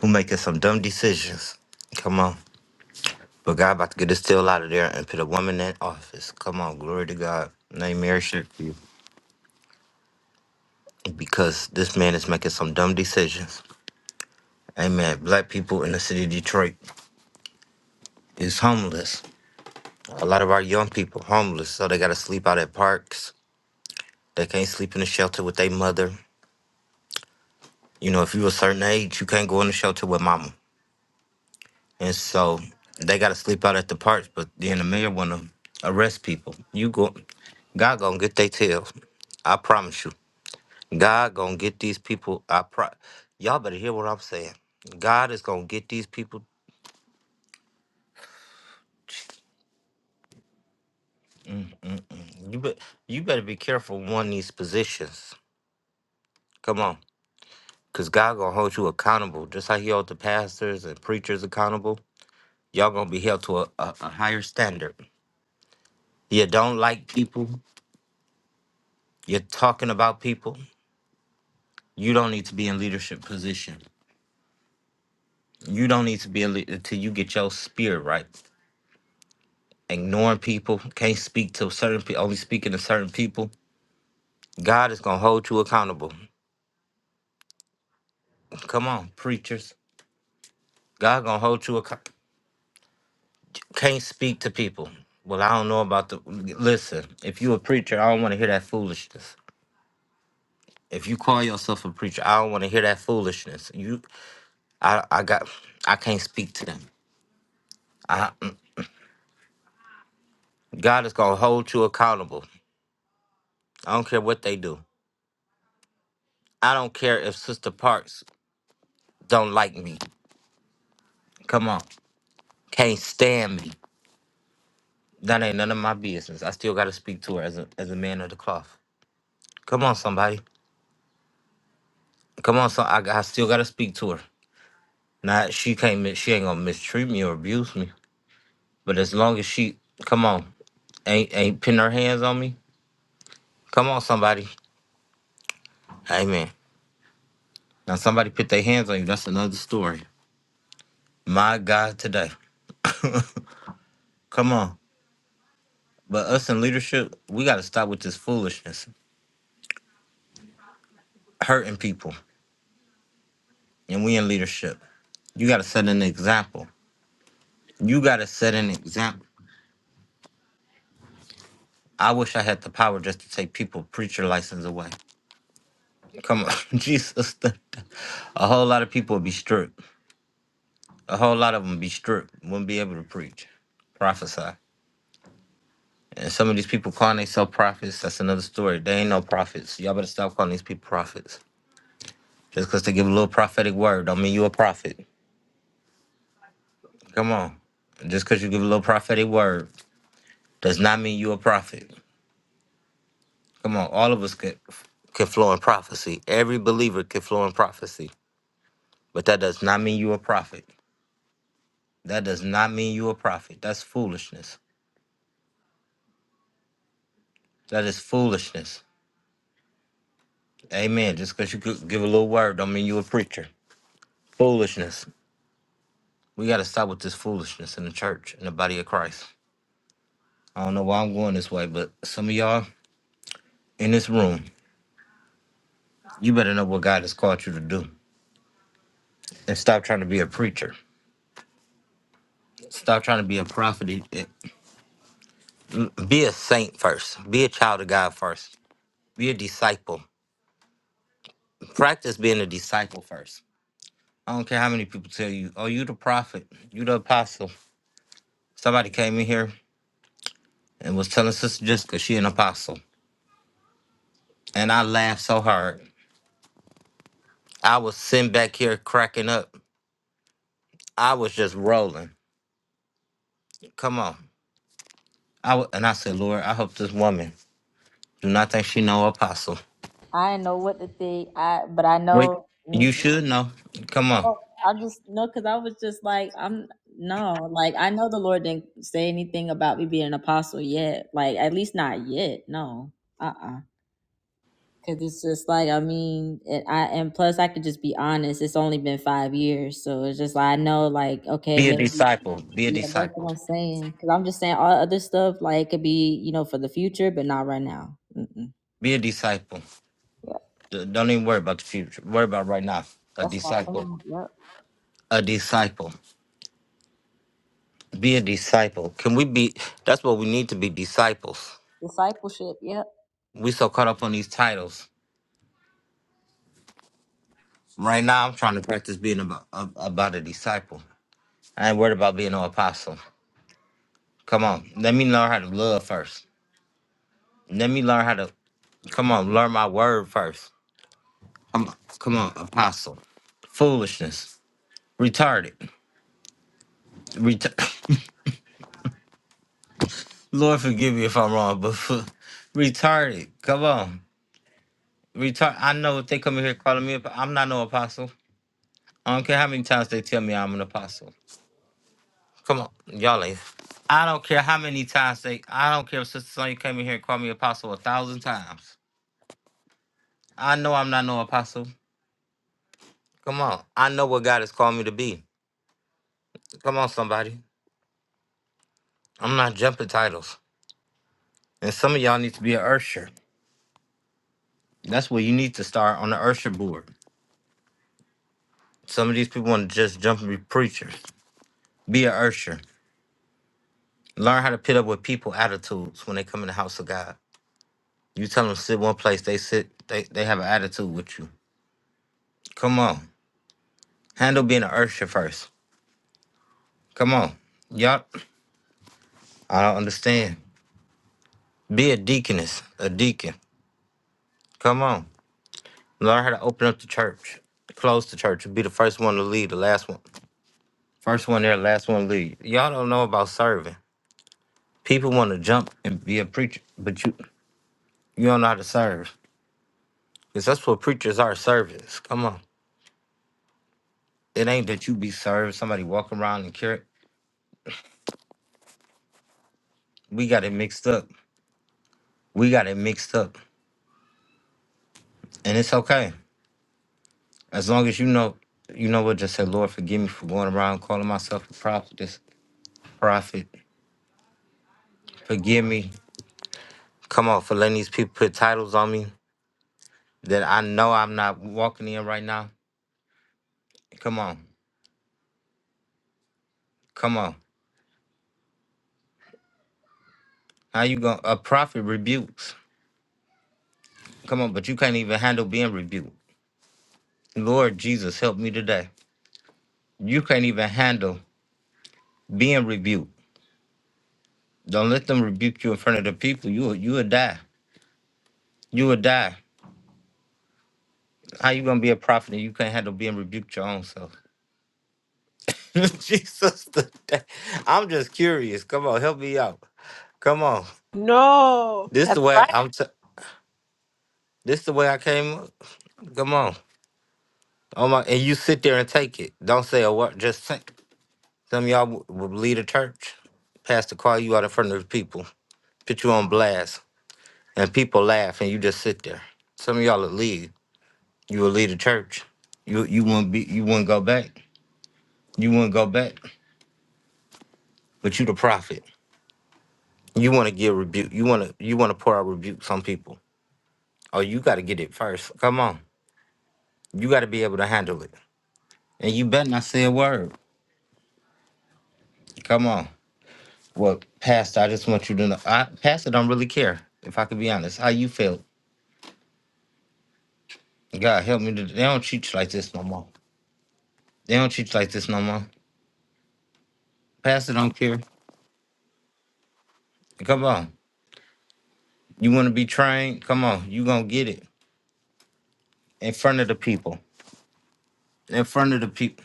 [SPEAKER 1] who making some dumb decisions. Come on. But God about to get this still out of there and put a woman in office. Come on. Glory to God. Name Mary shit for you. Because this man is making some dumb decisions. Amen. Black people in the city of Detroit is homeless. A lot of our young people homeless. So they gotta sleep out at parks. They can't sleep in the shelter with their mother. You know, if you a certain age, you can't go in the shelter with mama. And so they got to sleep out at the parks, but then the mayor want to arrest people. You go, God gonna get their tails. I promise you. God gonna get these people. I pro. Y'all better hear what I'm saying. God is gonna get these people. Mm-mm. You bet. You better be careful on these positions. Come on, cause God gonna hold you accountable, just like He held the pastors and preachers accountable. Y'all gonna be held to a, a, a higher standard. You don't like people. You're talking about people. You don't need to be in leadership position. You don't need to be a leader until you get your spirit right. Ignoring people, can't speak to certain people, only speaking to certain people. God is gonna hold you accountable. Come on, preachers. God gonna hold you accountable. Can't speak to people. Well, I don't know about the. Listen, if you a preacher, I don't want to hear that foolishness. If you call yourself a preacher, I don't want to hear that foolishness. You, I, I got, I can't speak to them. I, mm, God is gonna hold you accountable. I don't care what they do. I don't care if Sister Parks don't like me. Come on, can't stand me. That ain't none of my business. I still gotta speak to her as a as a man of the cloth. Come on, somebody. Come on, so I, I still gotta speak to her. Now she can't. mi- She ain't gonna mistreat me or abuse me. But as long as she, come on, ain't ain't putting her hands on me. Come on, somebody. Amen. Now somebody put their hands on you. That's another story. My God, today. Come on. But us in leadership, we gotta stop with this foolishness, hurting people. and we in leadership. You gotta set an example. You gotta set an example. I wish I had the power just to take people preacher license away. Come on, Jesus. A whole lot of people would be stripped. A whole lot of them be stripped. Wouldn't be able to preach, prophesy. And some of these people calling themselves prophets, that's another story. They ain't no prophets. Y'all better stop calling these people prophets. Just because they give a little prophetic word don't mean you a prophet. Come on. Just because you give a little prophetic word does not mean you a prophet. Come on, all of us could could flow in prophecy. Every believer could flow in prophecy. But that does not mean you a prophet. That does not mean you a prophet. That's foolishness. That is foolishness. Amen. Just because you could give a little word don't mean you a preacher. Foolishness. We gotta stop with this foolishness in the church, in the body of Christ. I don't know why I'm going this way, but some of y'all in this room, you better know what God has called you to do. And stop trying to be a preacher. Stop trying to be a prophet. Be a saint first. Be a child of God first Be a disciple. Practice being a disciple first. I don't care how many people tell you, oh, you the prophet, you the apostle. Somebody came in here and was telling Sister Jessica she an apostle. And I laughed so hard. I was sitting back here cracking up. I was just rolling. Come on. I w- and I said, Lord, I hope this woman do not think she know apostle.
[SPEAKER 2] I didn't know what to think. I but I
[SPEAKER 1] Wait,
[SPEAKER 2] know. mm,
[SPEAKER 1] you should know. Come on.
[SPEAKER 2] oh, I just no, because I was just like, I'm no, like I know the Lord didn't say anything about me being an apostle yet. Like at least not yet. No, uh, uh Because it's just like I mean, and I and plus I could just be honest. It's only been five years, so it's just like I know, like okay,
[SPEAKER 1] Be a
[SPEAKER 2] maybe.
[SPEAKER 1] disciple. Be a
[SPEAKER 2] Yeah, that's what
[SPEAKER 1] disciple.
[SPEAKER 2] I'm saying. Because I'm just saying all other stuff, like it could be, you know, for the future, but not right now. Mm-mm.
[SPEAKER 1] Be a disciple.
[SPEAKER 2] Yeah,
[SPEAKER 1] D- Don't even worry about the future. Worry about right now. A
[SPEAKER 2] that's my
[SPEAKER 1] disciple.
[SPEAKER 2] thing. Yep.
[SPEAKER 1] a disciple. Be a disciple. Can we be? That's what we need to be disciples.
[SPEAKER 2] Discipleship. Yep.
[SPEAKER 1] We so caught up on these titles. Right now, I'm trying to practice being about, about a disciple. I ain't worried about being no apostle. Come on, let me learn how to love first. Let me learn how to come on, learn my word first. Come on, come on, apostle. Foolishness, retarded. Ret- Lord, forgive me if I'm wrong, but retarded. Come on, retard. I know if they come in here calling me, a- I'm not no apostle. I don't care how many times they tell me I'm an apostle. Come on, y'all ain't. I don't care how many times they. I don't care if Sister Sonya came in here and called me apostle a thousand times. I know I'm not no apostle. Come on, I know what God has called me to be. Come on, somebody. I'm not jumping titles. And some of y'all need to be an usher. That's where you need to start on the usher board. Some of these people want to just jump and be preachers. Be an usher. Learn how to pit up with people attitudes when they come in the house of God. You tell them sit one place, they sit. They they have an attitude with you. Come on. Handle being an usher first. Come on. Yup. I don't understand. Be a deaconess, a deacon. Come on. Learn how to open up the church. Close the church. Be the first one to lead, the last one. First one there, last one to lead. Y'all don't know about serving. People want to jump and be a preacher, but you you don't know how to serve. Because that's what preachers are, servants. Come on. It ain't that you be served, somebody walking around and carry. We got it mixed up. We got it mixed up. And it's okay. As long as you know, you know what, just say, Lord, forgive me for going around calling myself a prophet. This prophet, forgive me. Come on, for letting these people put titles on me that I know I'm not walking in right now. Come on, come on. How you going? to A prophet rebukes. Come on, but you can't even handle being rebuked. Lord Jesus, help me today. You can't even handle being rebuked. Don't let them rebuke you in front of the people. You will- you will die. You will die. How you gonna be a prophet and you can't handle being rebuked your own self? Jesus, the da- I'm just curious. Come on, help me out. Come on,
[SPEAKER 13] No.
[SPEAKER 1] this the
[SPEAKER 13] That's
[SPEAKER 1] way
[SPEAKER 13] right.
[SPEAKER 1] I'm. T- this the way I came. up. Come on, oh my! And you sit there and take it. Don't say a word. Just think. Some of y'all w- would lead a church, pastor call you out in front of the people, put you on blast, and people laugh, and you just sit there. Some of y'all would leave. You will lead a church. You you wouldn't be. You wouldn't go back. You wouldn't go back. But you the prophet. You want to give rebuke. You want to you want to pour out rebuke on people. Oh, you got to get it first. Come on. You got to be able to handle it. And you better not say a word. Come on. Well, Pastor, I just want you to know. I, Pastor don't really care, if I could be honest. How you feel? God help me. To, they don't teach like this no more. They don't teach like this no more. Pastor don't care. Come on. You want to be trained? Come on. You going to get it in front of the people. In front of the people.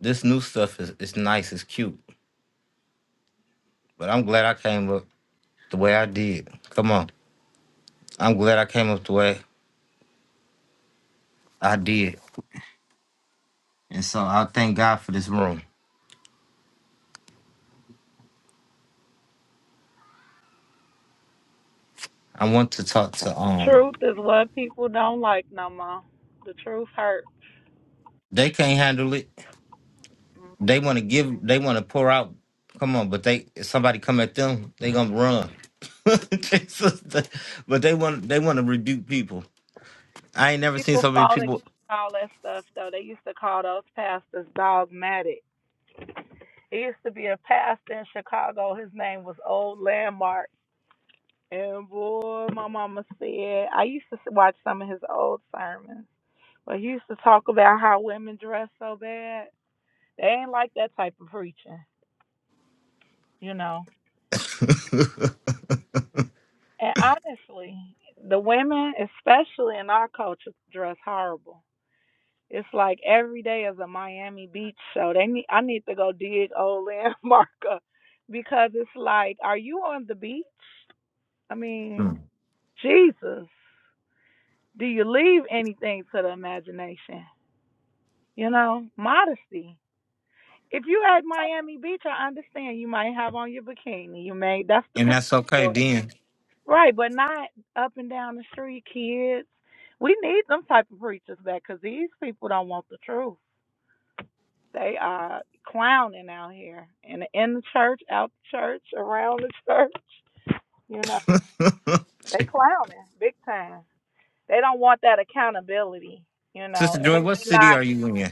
[SPEAKER 1] This new stuff is it's nice. It's cute. But I'm glad I came up the way I did. Come on. I'm glad I came up the way I did And so I thank God for this room. I want to talk to um
[SPEAKER 10] Truth is what people don't like no more. The truth hurts.
[SPEAKER 1] they can't handle it. They wanna give they wanna pour out. Come on, but they if somebody come at them, they gonna run. Jesus, they- but they want they wanna rebuke people. I ain't never seen
[SPEAKER 10] People
[SPEAKER 1] so many
[SPEAKER 10] fought against
[SPEAKER 1] people
[SPEAKER 10] all that stuff, though. They used to call those pastors dogmatic. It used to be a pastor in Chicago. His name was Old Landmark And boy, my mama said I used to watch some of his old sermons, but he used to talk about how women dress so bad. They ain't like that type of preaching, you know. And honestly, the women, especially in our culture, dress horrible. It's like every day is a Miami Beach show. They need I need to go dig old Landmarker because it's like, are you on the beach? I
[SPEAKER 1] Hmm.
[SPEAKER 10] mean, Jesus, do you leave anything to the imagination? You know, modesty. If you at Miami Beach, I understand you might have on your bikini. You may that's the
[SPEAKER 1] and
[SPEAKER 10] place
[SPEAKER 1] that's okay
[SPEAKER 10] for it.
[SPEAKER 1] then.
[SPEAKER 10] Right, but not up and down the street, kids. We need them type of preachers back, cause these people don't want the truth. They are clowning out here and in in the church, out the church, around the church. You know, they clowning big time. They don't want that accountability. You know,
[SPEAKER 1] Sister
[SPEAKER 10] and it
[SPEAKER 1] Joy, what
[SPEAKER 10] may
[SPEAKER 1] city
[SPEAKER 10] not.
[SPEAKER 1] are you in?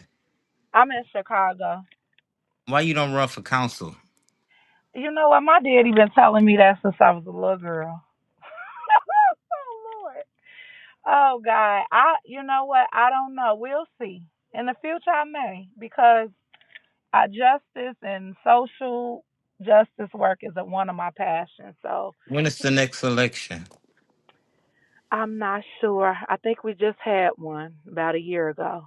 [SPEAKER 10] I'm in Chicago,
[SPEAKER 1] Why you don't run for council?
[SPEAKER 10] You know what? My daddy been telling me that since I was a little girl. oh Lord. Oh God. I you know what? I don't know. We'll see. In the future I may because I justice and social justice work is a, one of my passions. So
[SPEAKER 1] When is the next election?
[SPEAKER 10] I'm not sure. I think we just had one about a year ago.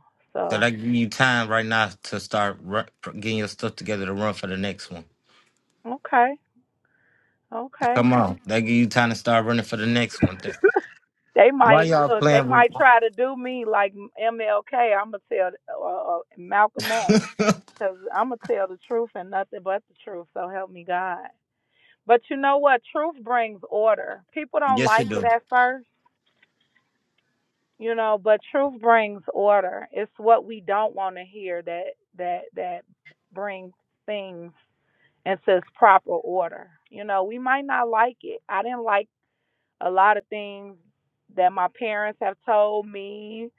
[SPEAKER 1] So that
[SPEAKER 10] So
[SPEAKER 1] give you time right now to start ru- getting your stuff together to run for the next one.
[SPEAKER 10] okay. Okay.
[SPEAKER 1] Come on, that give you time to start running for the next one. Th-
[SPEAKER 10] They
[SPEAKER 1] Why
[SPEAKER 10] might
[SPEAKER 1] y'all
[SPEAKER 10] look. They
[SPEAKER 1] playing
[SPEAKER 10] might try to do me like MLK. I'm gonna tell uh, uh, Malcolm X
[SPEAKER 1] with?
[SPEAKER 10] because I'm gonna tell the truth and nothing but the truth. So help me God. But you know what? Truth brings order. People don't
[SPEAKER 1] yes, you
[SPEAKER 10] like it
[SPEAKER 1] do.
[SPEAKER 10] at first, you know, but truth brings order. It's what we don't want to hear that that that brings things into its proper order. You know, we might not like it. I didn't like a lot of things that my parents have told me,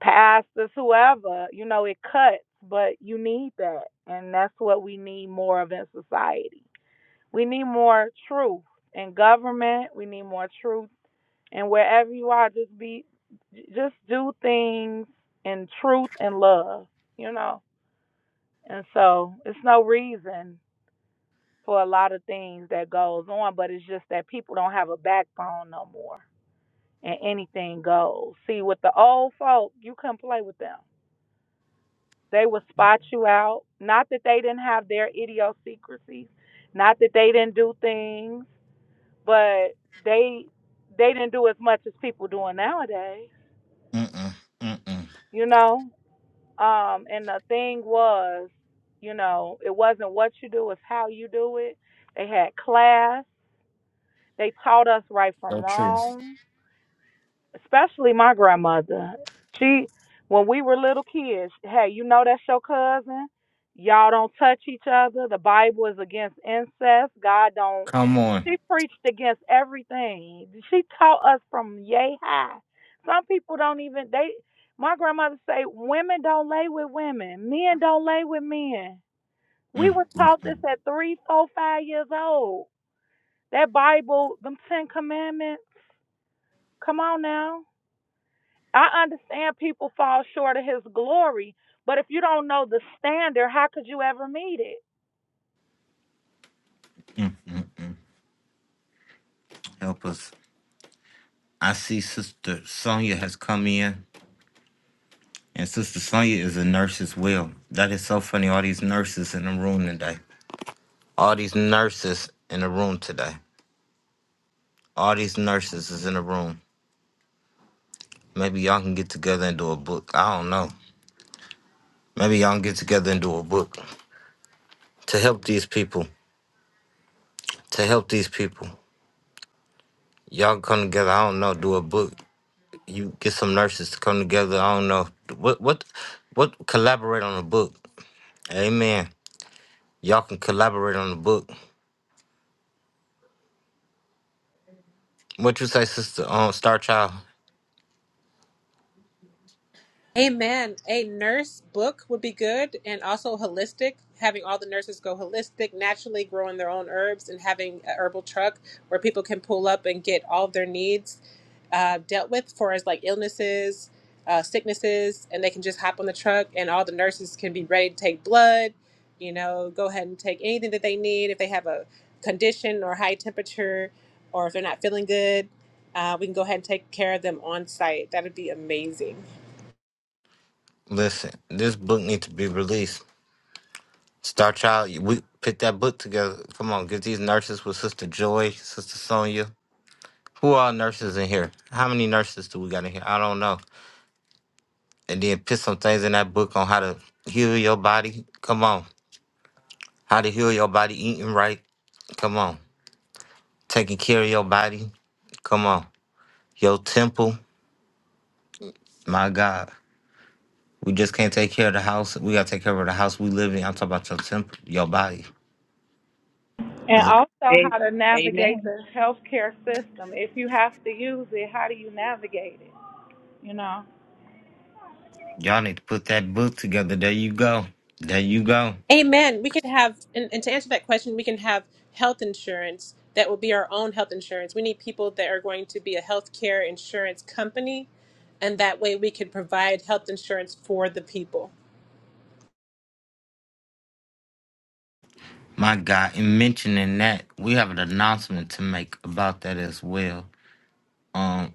[SPEAKER 10] pastors, whoever, you know, it cuts, but you need that. And that's what we need more of in society. We need more truth in government. We need more truth. And wherever you are, just be, just do things in truth and love, you know? And so it's no reason for a lot of things that goes on, but it's just that people don't have a backbone no more. and anything goes. See, with the old folk, you couldn't play with them. They would spot you out. Not that they didn't have their idiosyncrasies, not that they didn't do things, but they they didn't do as much as people doing nowadays.
[SPEAKER 1] Mm-mm, mm-mm.
[SPEAKER 10] You know, um, and the thing was, you know, it wasn't what you do, it's how you do it. They had class. They taught us right from
[SPEAKER 1] So true.
[SPEAKER 10] wrong especially my grandmother. She, when we were little kids, hey, you know that's your cousin. Y'all don't touch each other. The Bible is against incest. God don't.
[SPEAKER 1] Come on,
[SPEAKER 10] She preached against everything. She taught us from yay high. Some people don't even they. My grandmother say women don't lay with women, men don't lay with men. We
[SPEAKER 1] Mm,
[SPEAKER 10] were taught this
[SPEAKER 1] mm-mm.
[SPEAKER 10] at three, four, five years old. That Bible, them Ten Commandments. Come on now I understand people fall short of his glory, but if you don't know the standard, how could you ever meet it?
[SPEAKER 1] help us. I see Sister Sonia has come in, and Sister Sonia is a nurse as well. That is so funny. All these nurses in the room today. All these nurses in the room today. All these nurses is in the room. Maybe y'all can get together and do a book. I don't know. Maybe y'all can get together and do a book to help these people. To help these people. Y'all come together. I don't know. Do a book. You get some nurses to come together. I don't know. What what what? Collaborate on a book. Amen. Y'all can collaborate on the book. What you say, sister? Um, Star Child.
[SPEAKER 13] Amen. A nurse book would be good and also holistic, having all the nurses go holistic, naturally growing their own herbs and having a herbal truck where people can pull up and get all of their needs uh, dealt with for as like illnesses, uh, sicknesses, and they can just hop on the truck and all the nurses can be ready to take blood, you know, go ahead and take anything that they need if they have a condition or high temperature or if they're not feeling good. Uh, we can go ahead and take care of them on site. That would be amazing.
[SPEAKER 1] Listen, this book needs to be released. Star Child, we put that book together. Come on, get these nurses with Sister Joy, Sister Sonia. Who are nurses in here? How many nurses do we got in here? I don't know. And then put some things in that book on how to heal your body. Come on. How to heal your body, eating right. Come on. Taking care of your body. Come on. Your temple. My God. We just can't take care of the house. We gotta take care of the house we live in. I'm talking about your temple, your body.
[SPEAKER 10] And
[SPEAKER 1] Cause it,
[SPEAKER 10] also
[SPEAKER 15] A-
[SPEAKER 10] how to navigate
[SPEAKER 15] Amen.
[SPEAKER 10] the healthcare system. If you have to use it, how do you navigate it? You know.
[SPEAKER 1] y'all need to put that book together. There you go. There you go.
[SPEAKER 13] Amen. We could have, and, and to answer that question, we can have health insurance that will be our own health insurance. We need people that are going to be a healthcare insurance company, and that way we can provide health insurance for the people.
[SPEAKER 1] My God. In mentioning that, we have an announcement to make about that as well. Um.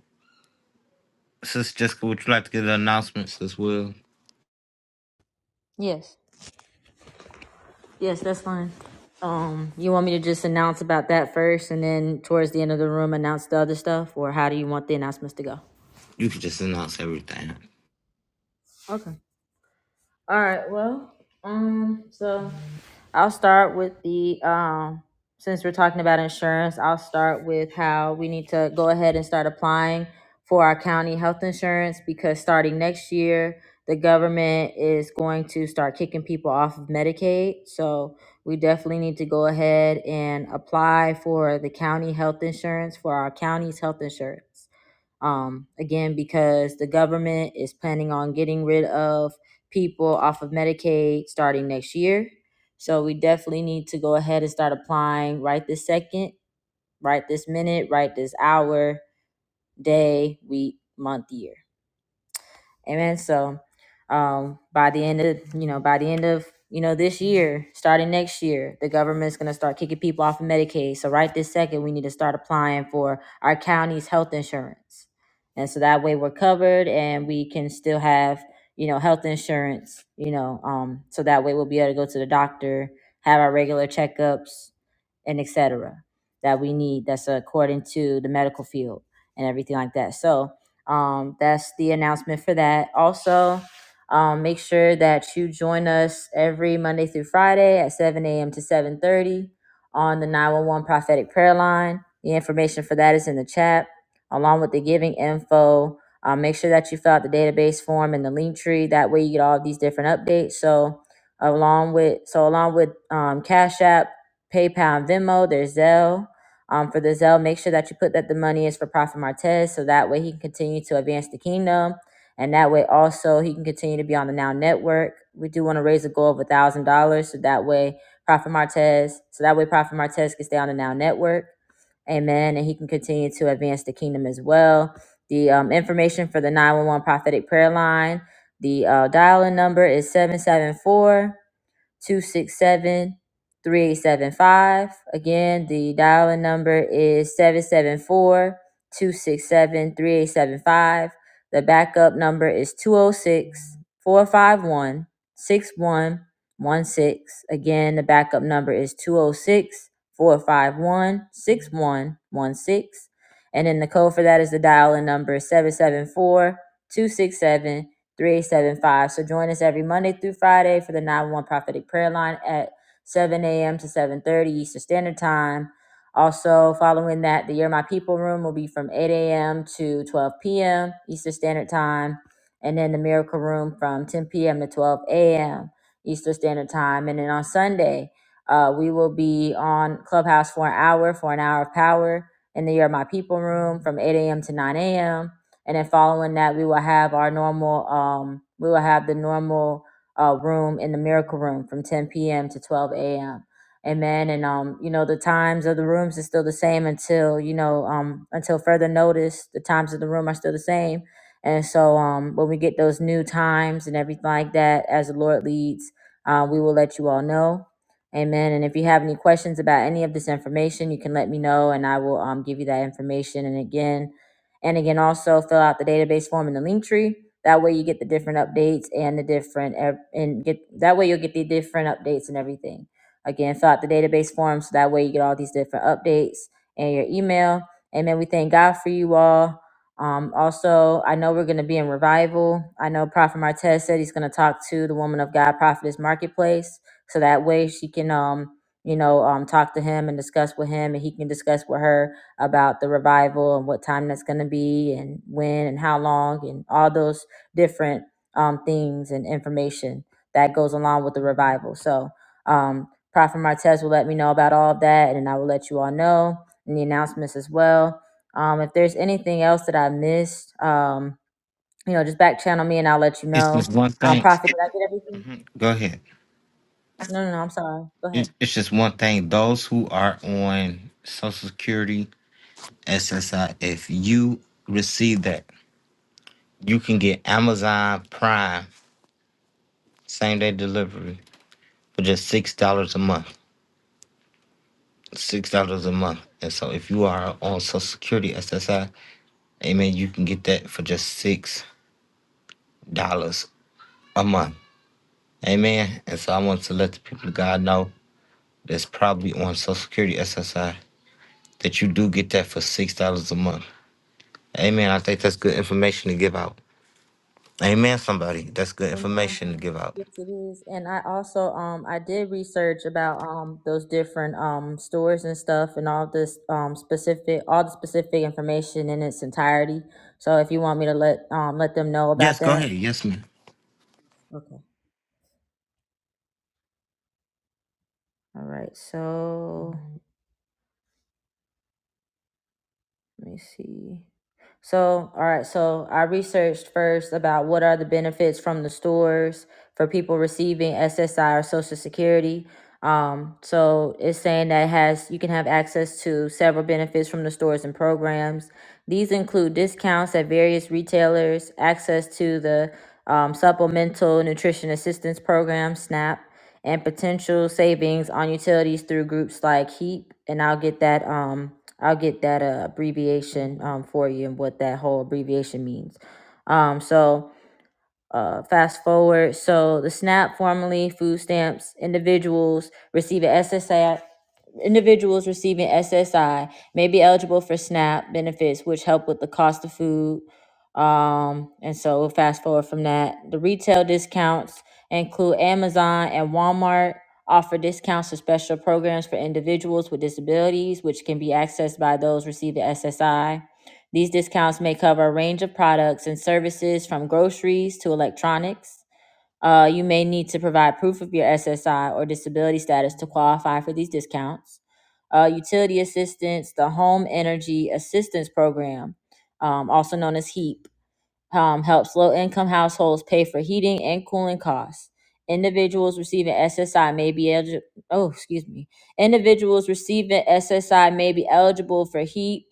[SPEAKER 1] Sister Jessica, would you like to give the announcements as well?
[SPEAKER 2] Yes. Yes, that's fine. Um, you want me to just announce about that first and then towards the end of the room announce the other stuff, or how do you want the announcements to go?
[SPEAKER 1] You could just announce everything.
[SPEAKER 2] Okay. All right. Well, um, so I'll start with the um since we're talking about insurance, I'll start with how we need to go ahead and start applying for our county health insurance because starting next year, the government is going to start kicking people off of Medicaid. So we definitely need to go ahead and apply for the county health insurance for our county's health insurance um, again because the government is planning on getting rid of people off of Medicaid starting next year. So we definitely need to go ahead and start applying right this second, right this minute, right this hour, day, week, month, year. Amen. So, um, by the end of you know, by the end of you know this year, starting next year, the government's gonna start kicking people off of Medicaid. So right this second, we need to start applying for our county's health insurance, and so that way we're covered and we can still have you know health insurance. You know, um, so that way we'll be able to go to the doctor, have our regular checkups, and et cetera that we need that's according to the medical field and everything like that. So um, that's the announcement for that. Also, um, make sure that you join us every Monday through Friday at 7 a.m. to 7.30 on the 911 prophetic prayer line. The information for that is in the chat along with the giving info. Um, make sure that you fill out the database form and the link tree. That way you get all of these different updates. So along with so along with um, Cash App, PayPal and Venmo. There's Zelle. Um, for the Zelle, make sure that you put that the money is for Prophet Martez so that way he can continue to advance the kingdom. And that way also he can continue to be on the Now Network. We do want to raise a goal of a thousand dollars so that way Prophet Martez, so that way Prophet Martez can stay on the Now Network. Amen. And he can continue to advance the kingdom as well. The um, information for the 911 prophetic prayer line, the uh, dial in number is 774 267, 3875. Again, the dial in number is 774 267 3875. The backup number is two zero six four five one six one one six. Again, the backup number is 206 451 6116. And then the code for that is the dial in number 774 375. So join us every Monday through Friday for the nine one Prophetic Prayer Line at 7 a.m. to 7.30 Eastern Standard Time. Also, following that, the Year My People room will be from 8 a.m. to 12 p.m. Eastern Standard Time. And then the Miracle Room from 10 p.m. to 12 a.m. Eastern Standard Time. And then on Sunday, uh, we will be on Clubhouse for an hour, for an hour of power in the Year My People room from 8 a.m. to 9 a.m and then following that we will have our normal um we will have the normal uh room in the miracle room from 10 p.m to 12 a.m amen and um you know the times of the rooms is still the same until you know um until further notice the times of the room are still the same and so um when we get those new times and everything like that as the lord leads uh, we will let you all know Amen. And if you have any questions about any of this information, you can let me know and I will um, give you that information. And again, and again, also fill out the database form in the link tree. That way you get the different updates and the different ev- and get that way you'll get the different updates and everything. Again, fill out the database form so that way you get all these different updates and your email. And then we thank God for you all. Um, also, I know we're going to be in revival. I know Prophet Martez said he's going to talk to the woman of God, Prophetess Marketplace, so that way she can, um, you know, um, talk to him and discuss with him, and he can discuss with her about the revival and what time that's going to be and when and how long and all those different um, things and information that goes along with the revival. So, um, Prophet Martez will let me know about all of that, and I will let you all know and the announcements as well. Um, if there's anything else that I missed, um, you know, just back channel me and I'll let you
[SPEAKER 1] It's
[SPEAKER 2] know.
[SPEAKER 1] just one
[SPEAKER 2] Um,
[SPEAKER 1] thing.
[SPEAKER 2] Prophet, did I get everything?
[SPEAKER 1] Go ahead.
[SPEAKER 2] No, no, no, I'm sorry. Go
[SPEAKER 1] It, it's just one thing. Those who are on Social Security, SSI, if you receive that, you can get Amazon Prime same day delivery for just six dollars a month. Six dollars a month. And so if you are on Social Security, SSI, amen, you can get that for just six dollars a month. Amen. And so I want to let the people of God know. that's probably on Social Security SSI that you do get that for six dollars a month. Amen. I think that's good information to give out. Amen. Somebody, that's good
[SPEAKER 2] ahead.
[SPEAKER 1] information to give out.
[SPEAKER 2] Yes, it is. And I also um I did research about um those different um stores and stuff and all this um specific all the specific information in its entirety. So if you want me to let um let them know about
[SPEAKER 1] Yes, go ahead.
[SPEAKER 2] that.
[SPEAKER 1] Yes, ma'am.
[SPEAKER 2] Okay. All right. So Let me see. So, all right. So, I researched first about what are the benefits from the stores for people receiving SSI or Social Security. Um, so it's saying that it has you can have access to several benefits from the stores and programs. These include discounts at various retailers, access to the um, Supplemental Nutrition Assistance Program (SNAP), and potential savings on utilities through groups like HEAP. And I'll get that. Um, I'll get that uh, abbreviation um, for you and what that whole abbreviation means. Um, so, uh, fast forward. So, the SNAP, formerly food stamps, individuals receiving SSI, individuals receiving SSI may be eligible for SNAP benefits, which help with the cost of food, um, and so we'll fast forward from that. The retail discounts include Amazon and Walmart offer discounts for special programs for individuals with disabilities, which can be accessed by those receiving SSI. These discounts may cover a range of products and services from groceries to electronics. Uh, you may need to provide proof of your SSI or disability status to qualify for these discounts. Uh, utility assistance, the Home Energy Assistance Program, um, also known as HEAP, um, helps low income households pay for heating and cooling costs. Individuals receiving SSI may be eligible. Oh, excuse me. Individuals receiving SSI may be eligible for HEAP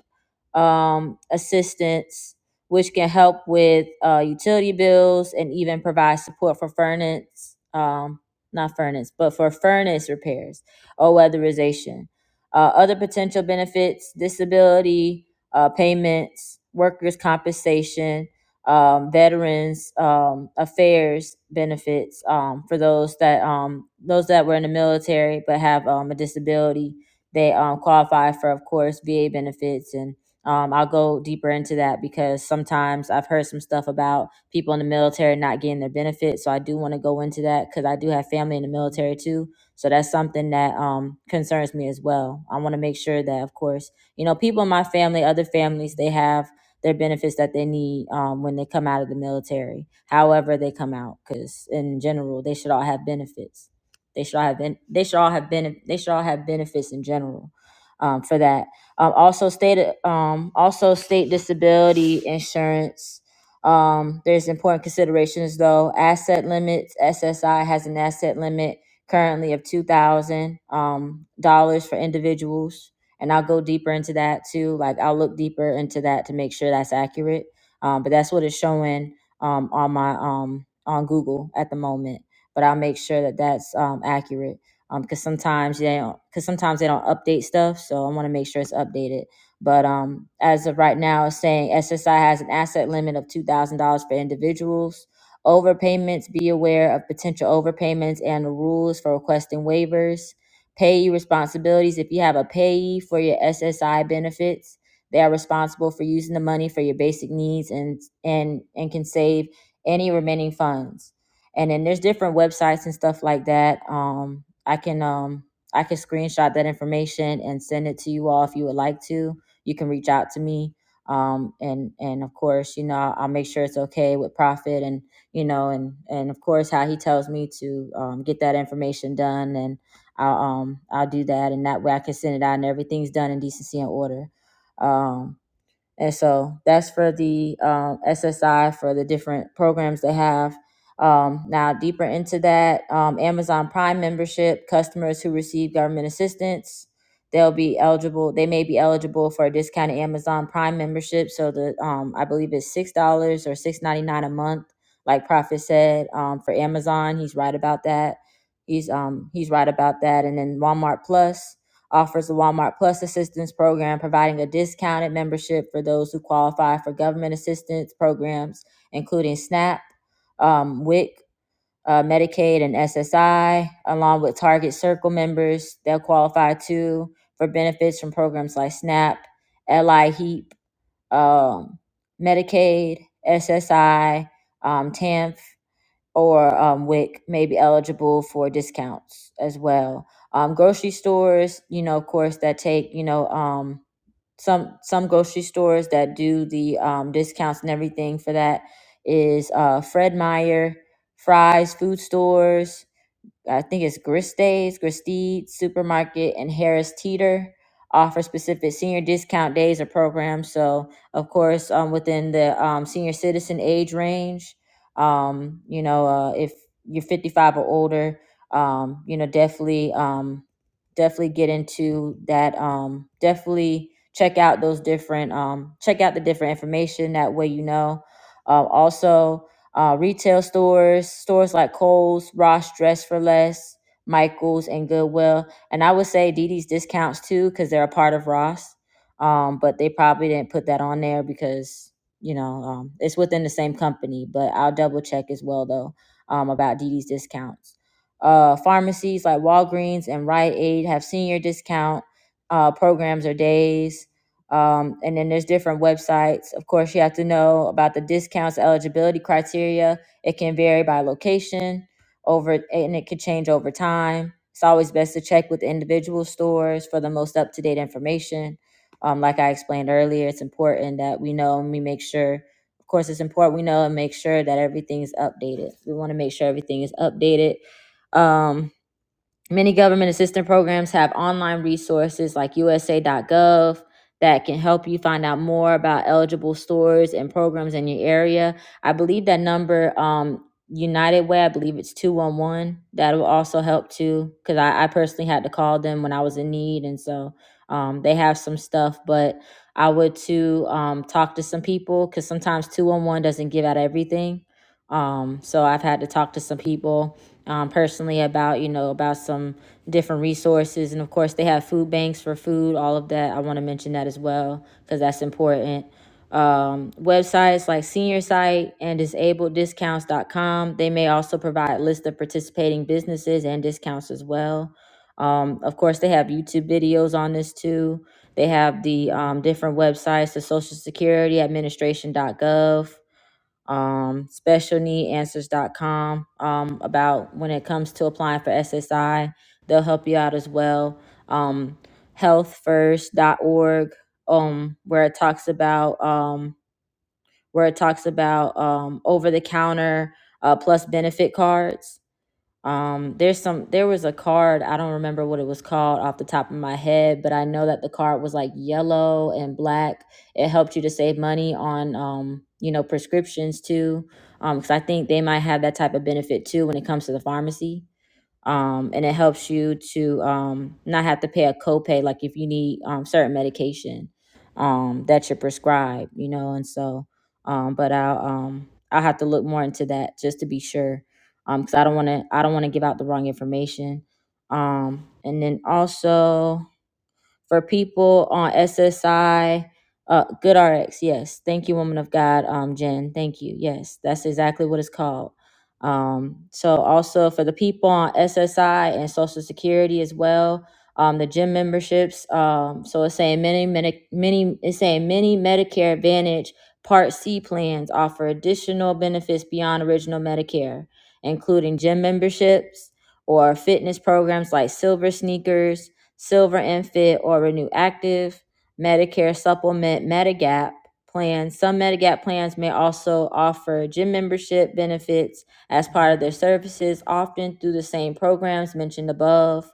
[SPEAKER 2] um, assistance, which can help with uh, utility bills and even provide support for furnace, um, not furnace, but for furnace repairs or weatherization. Uh, other potential benefits, disability uh, payments, workers' compensation, um, veterans um, affairs benefits um, for those that um, those that were in the military but have um, a disability. They um, qualify for, of course, VA benefits and um, I'll go deeper into that because sometimes I've heard some stuff about people in the military not getting their benefits. So I do want to go into that because I do have family in the military too. So that's something that um, concerns me as well. I want to make sure that, of course, you know, people in my family, other families, they have their benefits that they need um, when they come out of the military, however they come out, because in general, they should all have benefits. They should all have been. They should all have been. They should all have benefits in general um, for that um, also state um, also state disability insurance. Um, there's important considerations though. Asset limits. SSI has an asset limit currently of two thousand um, dollars for individuals, and I'll go deeper into that too. Like I'll look deeper into that to make sure that's accurate. Um, but that's what it's showing um, on my um, on Google at the moment. But I'll make sure that that's um, accurate um because sometimes they don't because sometimes they don't update stuff so i want to make sure it's updated but um as of right now it's saying ssi has an asset limit of $2000 for individuals overpayments be aware of potential overpayments and the rules for requesting waivers payee responsibilities if you have a payee for your ssi benefits they are responsible for using the money for your basic needs and and and can save any remaining funds and then there's different websites and stuff like that um i can um i can screenshot that information and send it to you all if you would like to you can reach out to me um and and of course you know i'll make sure it's okay with Prophet and you know and and of course how he tells me to um, get that information done and i'll um i'll do that and that way i can send it out and everything's done in decency and order um and so that's for the um, SSI for the different programs they have. Um, now, deeper into that, um, Amazon Prime membership customers who receive government assistance, they'll be eligible. They may be eligible for a discounted Amazon Prime membership. So the um, I believe it's six dollars or six ninety nine a month, like Prophet said um, for Amazon. He's right about that. He's um, he's right about that. And then Walmart Plus offers a Walmart Plus Assistance Program, providing a discounted membership for those who qualify for government assistance programs, including SNAP, um, WIC, uh, Medicaid, and SSI, along with Target Circle members. They'll qualify too for benefits from programs like SNAP, LI HEAP, um, Medicaid, SSI, um, TAMF or um, WIC may be eligible for discounts as well. Um, grocery stores, you know, of course, that take you know um, some some grocery stores that do the um, discounts and everything for that is uh, Fred Meyer, Fry's food stores. I think it's Gristays, Gristede Supermarket, and Harris Teeter offer specific senior discount days or programs. So, of course, um, within the um, senior citizen age range, um, you know, uh, if you're 55 or older, um, you know, definitely, um, definitely get into that. Um, definitely check out those different, um, check out the different information. That way, you know. Um, also, uh, retail stores, stores like Kohl's, Ross Dress for Less, Michaels, and Goodwill. And I would say Didi's discounts too, because they're a part of Ross. Um, but they probably didn't put that on there because, you know, um, it's within the same company. But I'll double check as well, though, um, about Didi's discounts. Uh, pharmacies like Walgreens and Rite Aid have senior discount uh, programs or days um, and then there's different websites. Of course, you have to know about the discounts eligibility criteria. It can vary by location over and it could change over time. It's always best to check with individual stores for the most up-to-date information. Um, like I explained earlier, it's important that we know and we make sure. Of course, it's important we know and make sure that everything's updated. We want to make sure everything is updated. Um, Many government assistance programs have online resources like USA.gov that can help you find out more about eligible stores and programs in your area. I believe that number, um, United Way, I believe it's 211. That'll also help too, because I, I personally had to call them when I was in need. And so um, they have some stuff, but I would to um, talk to some people because sometimes 211 doesn't give out everything. Um, so I've had to talk to some people um, personally about you know about some different resources and of course they have food banks for food all of that i want to mention that as well because that's important um, websites like senior site and disableddiscounts.com they may also provide lists of participating businesses and discounts as well um, of course they have youtube videos on this too they have the um, different websites the social security administration.gov um, specialneedanswers.com um, about when it comes to applying for SSI. They'll help you out as well. Um, healthfirst.org, um, where it talks about um, where it talks about um, over the counter uh, plus benefit cards. Um, there's some there was a card, I don't remember what it was called off the top of my head, but I know that the card was like yellow and black. It helped you to save money on um, you know, prescriptions too. Um, 'cause I think they might have that type of benefit too when it comes to the pharmacy um, and it helps you to um, not have to pay a copay like if you need um, certain medication um, that you're prescribed you know and so um, but i'll um, i'll have to look more into that just to be sure because i don't want to i don't want to give out the wrong information um, and then also for people on SSI. Uh, Good RX, yes. Thank you, woman of God, um, Jen. Thank you. Yes, that's exactly what it's called. Um, so also for the people on SSI and Social Security as well, um, the gym memberships. Um, so it's saying many, many, many. It's saying many Medicare Advantage Part C plans offer additional benefits beyond original Medicare, including gym memberships or fitness programs like Silver Sneakers Silver Infant or Renew Active, Medicare Supplement, Medigap plans. Some Medigap plans may also offer gym membership benefits as part of their services, often through the same programs mentioned above.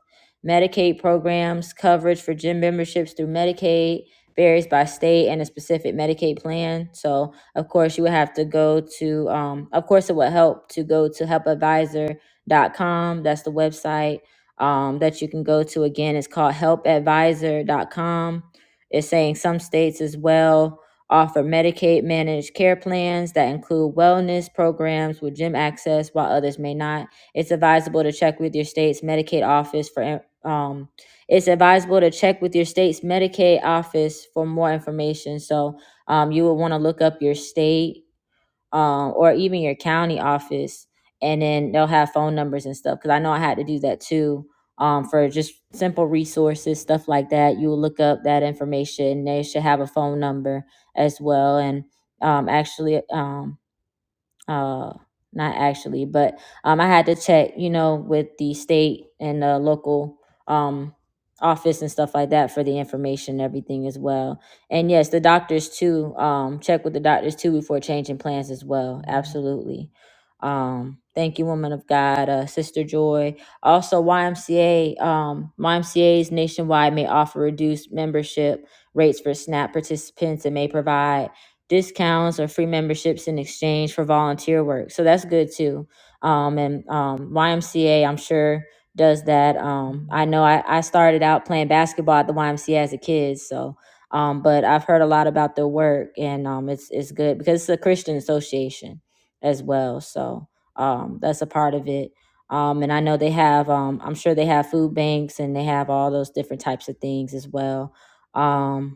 [SPEAKER 2] Medicaid programs coverage for gym memberships through Medicaid varies by state and a specific Medicaid plan. So, of course, you would have to go to, um, of course, it would help to go to help advisor dot com. That's the website um, that you can go to again it's called help advisor dot com. it's saying some states as well offer medicaid managed care plans that include wellness programs with gym access while others may not it's advisable to check with your state's medicaid office for um, it's advisable to check with your state's medicaid office for more information so um, you would want to look up your state um, or even your county office, and then they'll have phone numbers and stuff. Because I know I had to do that too um, for just simple resources, stuff like that. You will look up that information. They should have a phone number as well. And um, actually, um, uh not actually but um i had to check you know with the state and the local um office and stuff like that for the information and everything as well and yes the doctors too um check with the doctors too before changing plans as well absolutely um thank you woman of god uh sister joy also ymca um ymca's nationwide may offer reduced membership rates for snap participants and may provide discounts or free memberships in exchange for volunteer work. So that's good too. Um, and um, YMCA, I'm sure, does that. Um, I know I, I started out playing basketball at the YMCA as a kid, so. Um, but I've heard a lot about their work, and um, it's it's good because it's a Christian association as well. So um, that's a part of it. Um, and I know they have, um, I'm sure they have food banks and they have all those different types of things as well. Um,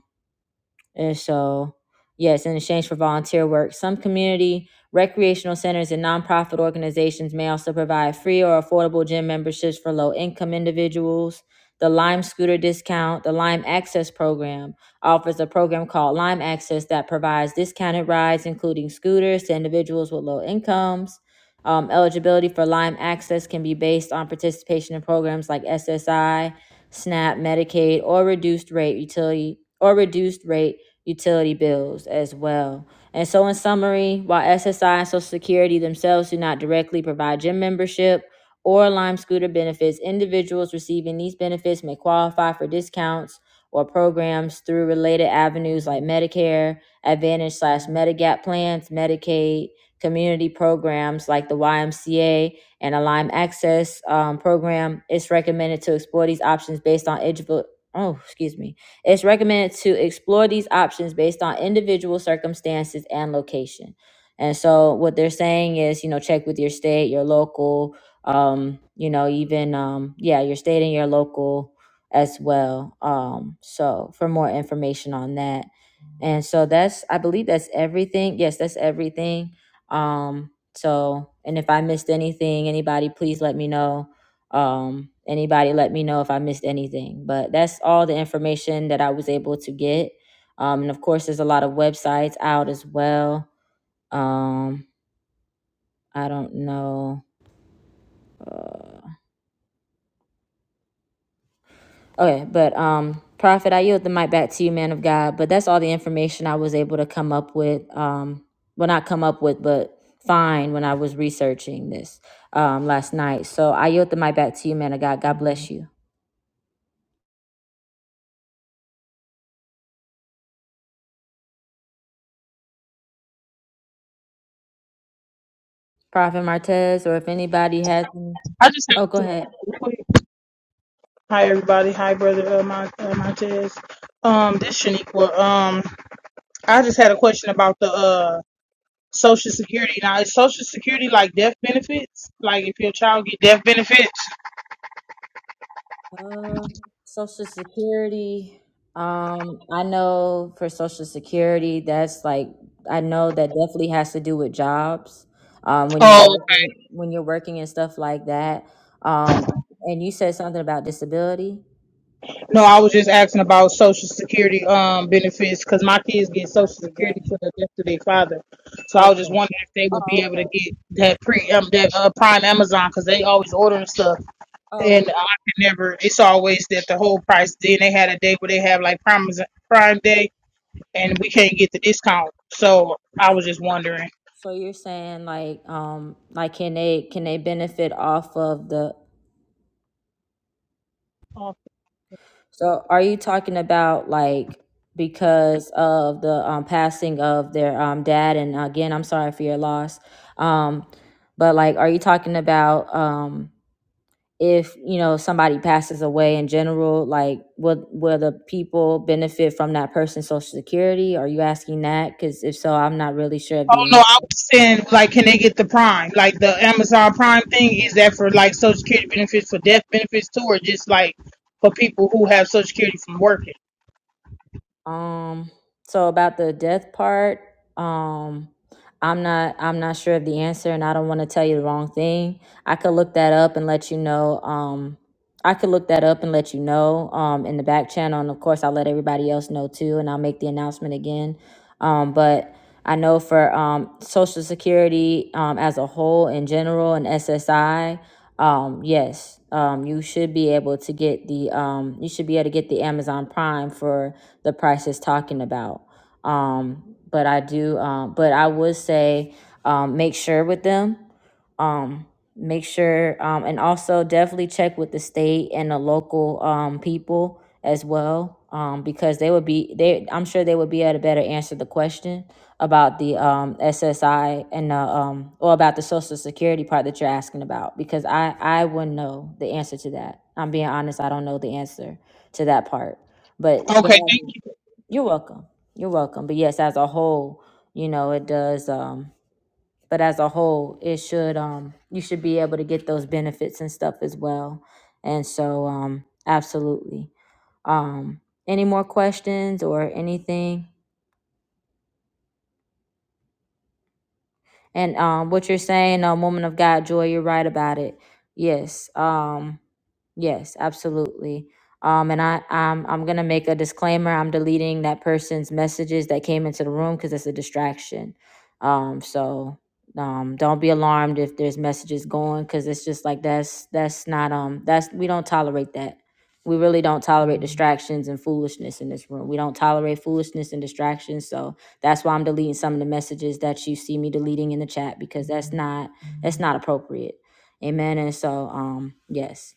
[SPEAKER 2] and so, yes, in exchange for volunteer work, some community recreational centers and nonprofit organizations may also provide free or affordable gym memberships for low income individuals. The Lime Scooter Discount, the Lime Access Program, offers a program called Lime Access that provides discounted rides, including scooters, to individuals with low incomes. Um, eligibility for Lime Access can be based on participation in programs like SSI, SNAP, Medicaid, or reduced rate utility or reduced rate utility bills as well. And so, in summary, while SSI and Social Security themselves do not directly provide gym membership or Lime Scooter benefits, individuals receiving these benefits may qualify for discounts or programs through related avenues like Medicare, Advantage slash Medigap plans, Medicaid, community programs like the YMCA and a Lyme Access um, program. It's recommended to explore these options based on eligible. Oh, excuse me it's recommended to explore these options based on individual circumstances and location. And so, what they're saying is, you know, check with your state, your local, um, you know, even, um, yeah, your state and your local as well. Um, so, for more information on that. And so, that's, I believe that's everything. Yes, that's everything. Um, so, and if I missed anything, anybody, please let me know um anybody let me know if i missed anything but that's all the information that i was able to get um and of course there's a lot of websites out as well um i don't know okay but um prophet i yield the mic back to you man of god but that's all the information i was able to come up with um well not come up with but find when i was researching this um last night so i yield the mic back to you man of god god bless you prophet martez or if anybody has
[SPEAKER 16] I just have
[SPEAKER 2] oh go
[SPEAKER 16] to
[SPEAKER 2] ahead
[SPEAKER 16] quick. Hi everybody. Hi brother uh, Mon- uh, Montez. Um, this Shaniqua. Um, I just had a question about the uh Social Security. Now, is Social Security like death benefits? Like if your child get death benefits?
[SPEAKER 2] Uh, Social Security. Um, I know for Social Security, that's like I know that definitely has to do with jobs. Um, when you're
[SPEAKER 16] Oh
[SPEAKER 2] working, when you're working and stuff like that. Um, and you said something about disability,
[SPEAKER 16] no, I was just asking about Social Security um benefits because my kids get
[SPEAKER 2] like
[SPEAKER 16] Social
[SPEAKER 2] your debt.
[SPEAKER 16] Security for the death of their father. So I was just
[SPEAKER 2] Okay.
[SPEAKER 16] wondering if they
[SPEAKER 2] Oh,
[SPEAKER 16] would be able to
[SPEAKER 2] okay.
[SPEAKER 16] get that pre
[SPEAKER 2] Oh,
[SPEAKER 16] um that uh, Prime Amazon because they always ordering stuff.
[SPEAKER 2] oh,
[SPEAKER 16] and I
[SPEAKER 2] wh-
[SPEAKER 16] can never. It's always that the whole price. Then they had a day where they have like Prime Prime Day, and we can't get the discount. So I was just wondering.
[SPEAKER 2] so you're saying like, um, like can they can they benefit off of the
[SPEAKER 16] Oh
[SPEAKER 2] So are you talking about like because of the um, passing of their um, dad? And again, I'm sorry for your loss. Um, but like, are you talking about um, if you know somebody passes away in general? Like, will will the people benefit from that person's social security? Are you asking that? Because if so, I'm not really sure of the.
[SPEAKER 16] no, I was saying like, can they get the Prime, like the Amazon Prime thing? Is that for like Social Security benefits, for death benefits too, or just like for people who have Social Security from working?
[SPEAKER 2] Um, so about the death part, um, I'm not I'm not sure of the answer and I don't want to tell you the wrong thing. I could look that up and let you know. Um I could look that up and let you know um in the back channel and of course I'll let everybody else know too and I'll make the announcement again. Um but I know for um social security um as a whole in general and SSI um yes um you should be able to get the um you should be able to get the Amazon Prime for the price is talking about. Um, but I do, um, but I would say um, make sure with them. Um, make sure, um, and also definitely check with the state and the local um, people as well, um, because they would be they. I'm sure they would be able to better answer the question about the um, SSI and the um, or about the Social Security part that you're asking about, because I I wouldn't know the answer to that. I'm being honest, I don't know the answer to that part, but
[SPEAKER 16] Okay,
[SPEAKER 2] but.
[SPEAKER 16] thank you.
[SPEAKER 2] You're welcome. You're welcome. But yes, as a whole, you know, it does um but as a whole, it should um you should be able to get those benefits and stuff as well. And so um absolutely. Um any more questions or anything? And um what you're saying, um woman of God, joy, you're right about it. Yes. Um. Yes, absolutely. Um, and I, I'm, I'm gonna make a disclaimer. I'm deleting that person's messages that came into the room because it's a distraction. Um, so um, don't be alarmed if there's messages going because it's just like that's that's not um that's we don't tolerate that. We really don't tolerate distractions and foolishness in this room. We don't tolerate foolishness and distractions. So that's why I'm deleting some of the messages that you see me deleting in the chat because that's not that's not appropriate. Amen. And so um yes.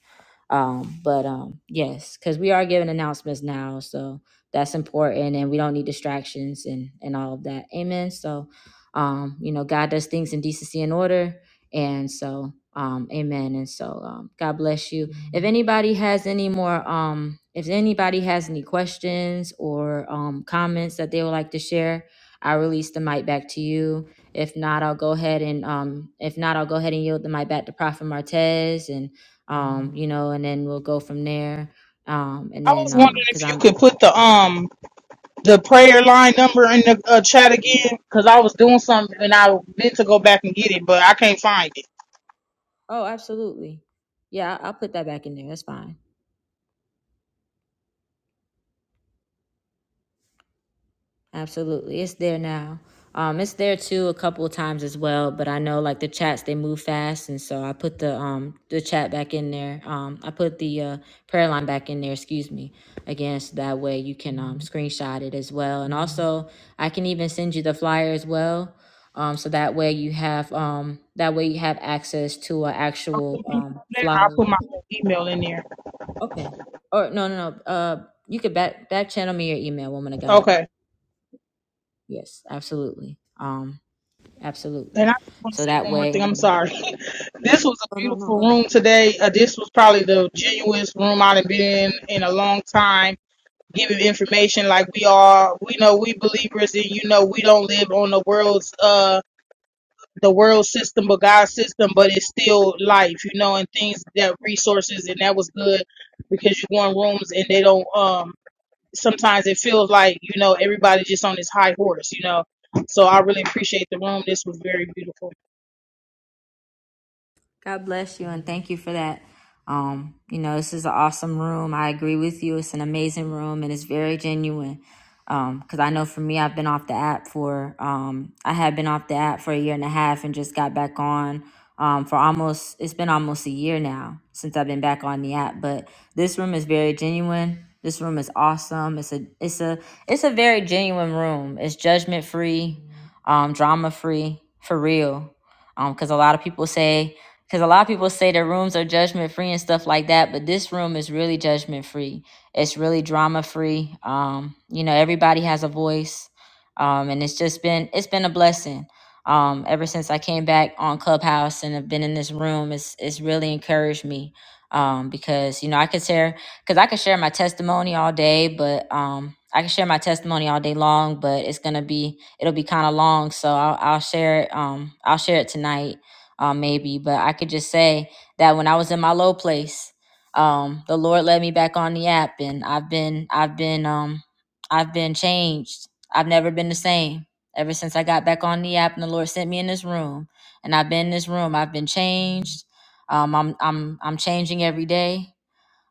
[SPEAKER 2] Um, but um, yes, because we are giving announcements now, so that's important, and we don't need distractions and and all of that. Amen. So, um, you know, God does things in decency and order, and so. Um, amen. And so, um, God bless you. If anybody has any more, um, if anybody has any questions or um, comments that they would like to share, I release the mic back to you. If not, I'll go ahead and um, if not, I'll go ahead and yield the mic back to Prophet Martez and um, you know, and then we'll go from there. Um, and
[SPEAKER 16] I was
[SPEAKER 2] then,
[SPEAKER 16] wondering
[SPEAKER 2] um, cause
[SPEAKER 16] if you
[SPEAKER 2] I'm,
[SPEAKER 16] could put the um the prayer line number in the uh, chat again, cause I was doing something and I meant to go back and get it, but I can't find it.
[SPEAKER 2] oh, absolutely. Yeah, I- I'll put that back in there. That's fine. Absolutely. It's there now. Um, it's there too a couple of times as well, but I know like the chats they move fast and so I put the um the chat back in there. Um I put the uh prayer line back in there, excuse me, again so that way you can um screenshot it as well. And also I can even send you the flyer as well. Um so that way you have um that way you have access to an actual um
[SPEAKER 16] I
[SPEAKER 2] flyer.
[SPEAKER 16] put my whole email in there.
[SPEAKER 2] Okay. Or no no no uh you could back back channel me your email, woman of God.
[SPEAKER 16] Okay.
[SPEAKER 2] Yes, absolutely. Um Absolutely.
[SPEAKER 16] And I just want to
[SPEAKER 2] So
[SPEAKER 16] say
[SPEAKER 2] that
[SPEAKER 16] one more
[SPEAKER 2] way,
[SPEAKER 16] thing. I'm sorry. this was a beautiful room today. Uh, this was probably the genuinest room I've been in in a long time. Giving information like we are, we know we believers, and you know we don't live on the world's uh the world system, but God's system. But it's still life, you know, and things that resources, and that was good because you go in rooms and they don't um sometimes it feels like you know everybody's just on this high horse, you know. So I really appreciate the room. This was very beautiful.
[SPEAKER 2] God bless you and thank you for that. Um, you know, this is an awesome room. I agree with you. It's an amazing room and it's very genuine. Um, cause I know for me, I've been off the app for, um, I had been off the app for a year and a half and just got back on, um, for almost, it's been almost a year now since I've been back on the app, but this room is very genuine. This room is awesome. It's a, it's a, it's a very genuine room. It's judgment free, um, drama free for real. Um, 'cause because a lot of people say because a lot of people say the rooms are judgment free and stuff like that but this room is really judgment free it's really drama free um you know everybody has a voice um and it's just been it's been a blessing um ever since i came back on clubhouse and have been in this room it's it's really encouraged me um because you know i could share because i could share my testimony all day but um i can share my testimony all day long but it's gonna be it'll be kind of long so i'll, I'll share it um i'll share it tonight um, maybe. But I could just say that when I was in my low place, um, the Lord led me back on the app, and I've been, I've been, um, I've been changed. I've never been the same ever since I got back on the app, and the Lord sent me in this room, and I've been in this room. I've been changed. Um, I'm, I'm, I'm changing every day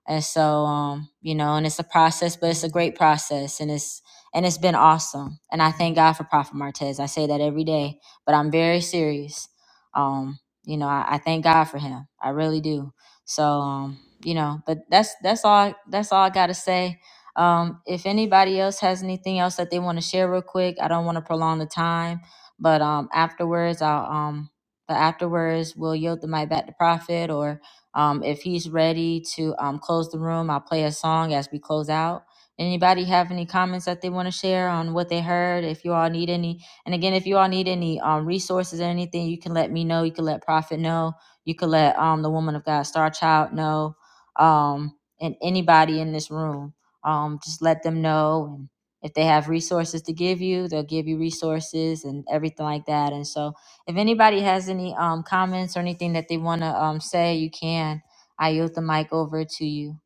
[SPEAKER 2] and so um you know and it's a process but it's a great process and it's and it's been awesome and i thank god for prophet martez i say that every day but i'm very serious um you know i, I thank god for him i really do so um you know but that's that's all that's all i gotta say um if anybody else has anything else that they want to share real quick i don't want to prolong the time but um afterwards i'll um but afterwards we'll yield the mic back to prophet or. Um, if he's ready to um, close the room, I'll play a song as we close out. Anybody have any comments that they want to share on what they heard? If you all need any, and again, if you all need any um, resources or anything, you can let me know. You can let Prophet know. You can let um, the woman of God, Star Child, know. Um, and anybody in this room, um, just let them know. And if they have resources to give you, they'll give you resources and everything like that. And so, if anybody has any um, comments or anything that they want to um, say, you can. I yield the mic over to you.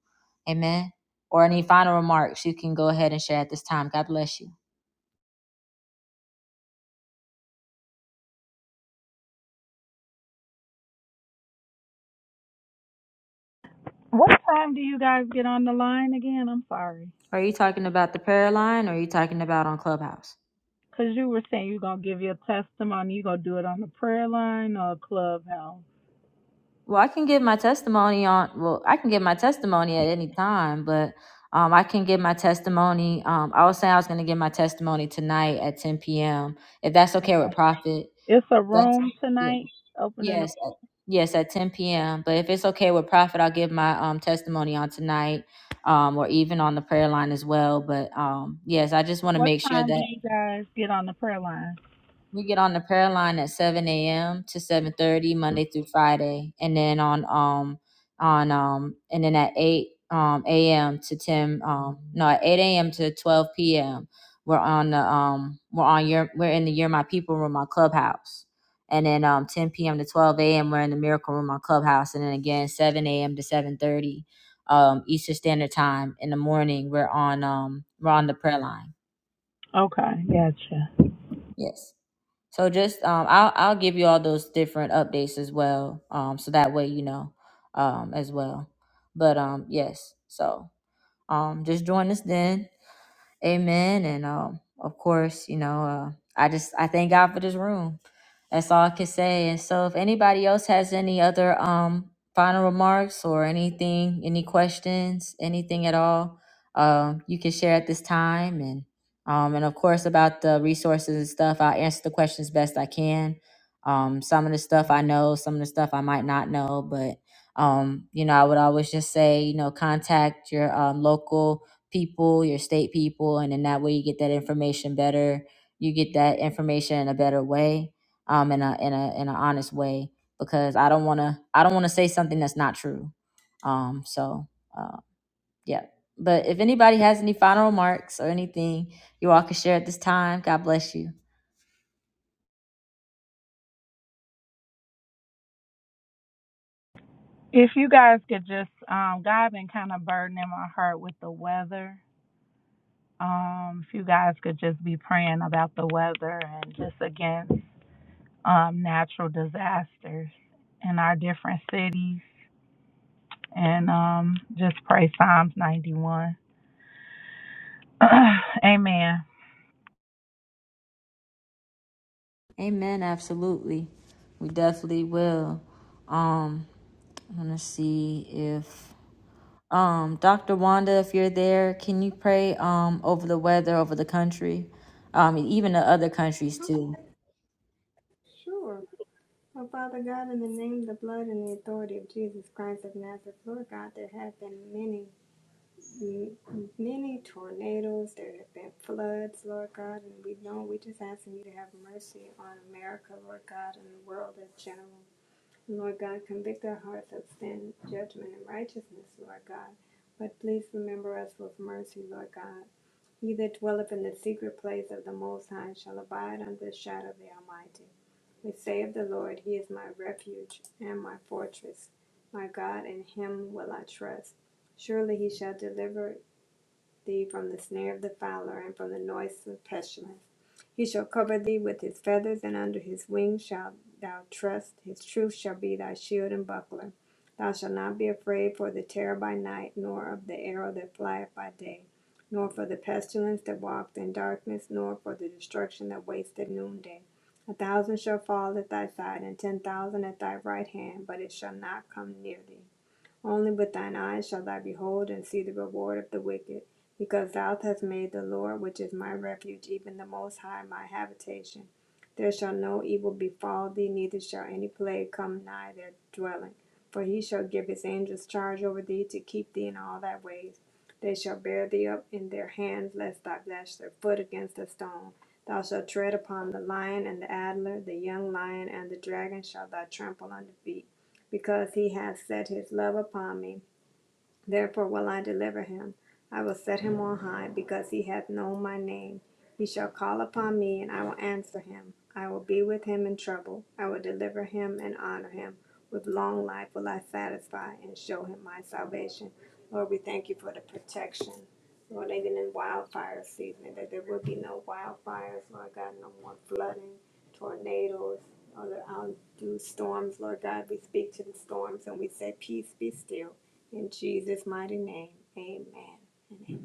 [SPEAKER 2] Amen. Or any final remarks, you can go ahead and share at this time. God bless you.
[SPEAKER 10] What time do you guys get on the line again? I'm sorry.
[SPEAKER 2] Are you talking about the prayer line or are you talking about on Clubhouse?
[SPEAKER 10] Cause you were saying you're gonna give your testimony, you're gonna do it on the prayer line or a clubhouse.
[SPEAKER 2] Well, I can give my testimony on, well, I can give my testimony at any time, but um, I can give my testimony. Um, I was saying I was going to give my testimony tonight at 10 p.m. If that's okay with Prophet.
[SPEAKER 10] It's a
[SPEAKER 2] That's,
[SPEAKER 10] room
[SPEAKER 2] yeah.
[SPEAKER 10] tonight opening up.
[SPEAKER 2] Yes, at- yes, at 10 p.m. But if it's okay with Prophet, I'll give my um testimony on tonight, um, or even on the prayer line as well. But um, yes, I just want to
[SPEAKER 10] What
[SPEAKER 2] make sure
[SPEAKER 10] time
[SPEAKER 2] that
[SPEAKER 10] do you guys get on the prayer line?
[SPEAKER 2] we get on the prayer line at seven a.m. to seven thirty Monday through Friday, and then on um on um and then at eight um a.m. to ten um no at eight a.m. to twelve p.m. We're on the um we're on your we're in the Year My People room on Clubhouse, and then um ten p.m. to twelve a.m. we're in the Miracle Room on Clubhouse, and then again seven a.m. to seven thirty um Eastern Standard Time in the morning we're on um we're on the prayer line.
[SPEAKER 10] Okay, gotcha.
[SPEAKER 2] Yes. So just um, I'll I'll give you all those different updates as well. Um, so that way you know, um, as well. But um, yes. So um, just join us then. Amen. And um, of course, you know, uh, I just I thank God for this room. That's all I can say. And so, if anybody else has any other um final remarks or anything, any questions, anything at all, um, you can share at this time. And um, and of course about the resources and stuff, I answer the questions best I can. Um, some of the stuff I know, some of the stuff I might not know, but um, you know, I would always just say, you know, contact your um, local people, your state people, and in that way you get that information better. You get that information in a better way, um, in a in a in an honest way. Because I don't want to I don't want to say something that's not true. Um, so uh, yeah. But if anybody has any final remarks or anything you all can share at this time, God bless you.
[SPEAKER 10] If you guys could just, um, God been kind of burdening my heart with the weather. Um, if you guys could just be praying about the weather and just against um, natural disasters in our different cities, and um, just pray Psalms 91. Amen.
[SPEAKER 2] Amen. Absolutely. We definitely will. Um, I'm gonna see if um Dr. Wanda, if you're there, can you pray um over the weather over the country? Um, even the other countries too.
[SPEAKER 6] Sure. Oh, Father God, in the name, the blood, and the authority of Jesus Christ of Nazareth, Lord God, there have been many many tornadoes. There have been floods, Lord God, and we know we just asking you to have mercy on America, Lord God, and the world in general. Lord God, convict our hearts of sin, judgment, and righteousness, Lord God. But please remember us with mercy, Lord God. He that dwelleth in the secret place of the Most High shall abide under the shadow of the Almighty. We say of the Lord, He is my refuge and my fortress, my God, in Him will I trust. Surely He shall deliver thee from the snare of the fowler and from the noisome pestilence. He shall cover thee with his feathers, and under his wings shalt thou trust. His truth shall be thy shield and buckler. Thou shalt not be afraid for the terror by night, nor of the arrow that flieth by day, nor for the pestilence that walketh in darkness, nor for the destruction that wasteth at noonday. A thousand shall fall at thy side, and ten thousand at thy right hand, but it shall not come near thee. Only with thine eyes shalt thou behold and see the reward of the wicked, because thou hast made the Lord, which is my refuge, even the Most High, my habitation. There shall no evil befall thee, neither shall any plague come nigh their dwelling. For he shall give his angels charge over thee to keep thee in all thy ways. They shall bear thee up in their hands, lest thou dash thy foot against a stone. Thou shalt tread upon the lion and the adder, the young lion and the dragon shall thou trample under feet because he hath set his love upon me. Therefore will I deliver him. I will set him on high, because he hath known my name. He shall call upon me, and I will answer him. I will be with him in trouble. I will deliver him and honor him. With long life will I satisfy and show him my salvation. Lord, we thank you for the protection. Lord, even in wildfire season, that there will be no wildfires, Lord God, no more flooding, tornadoes, or the outdue storms, Lord God. We speak to the storms and we say, Peace be still in Jesus' mighty name, amen. amen.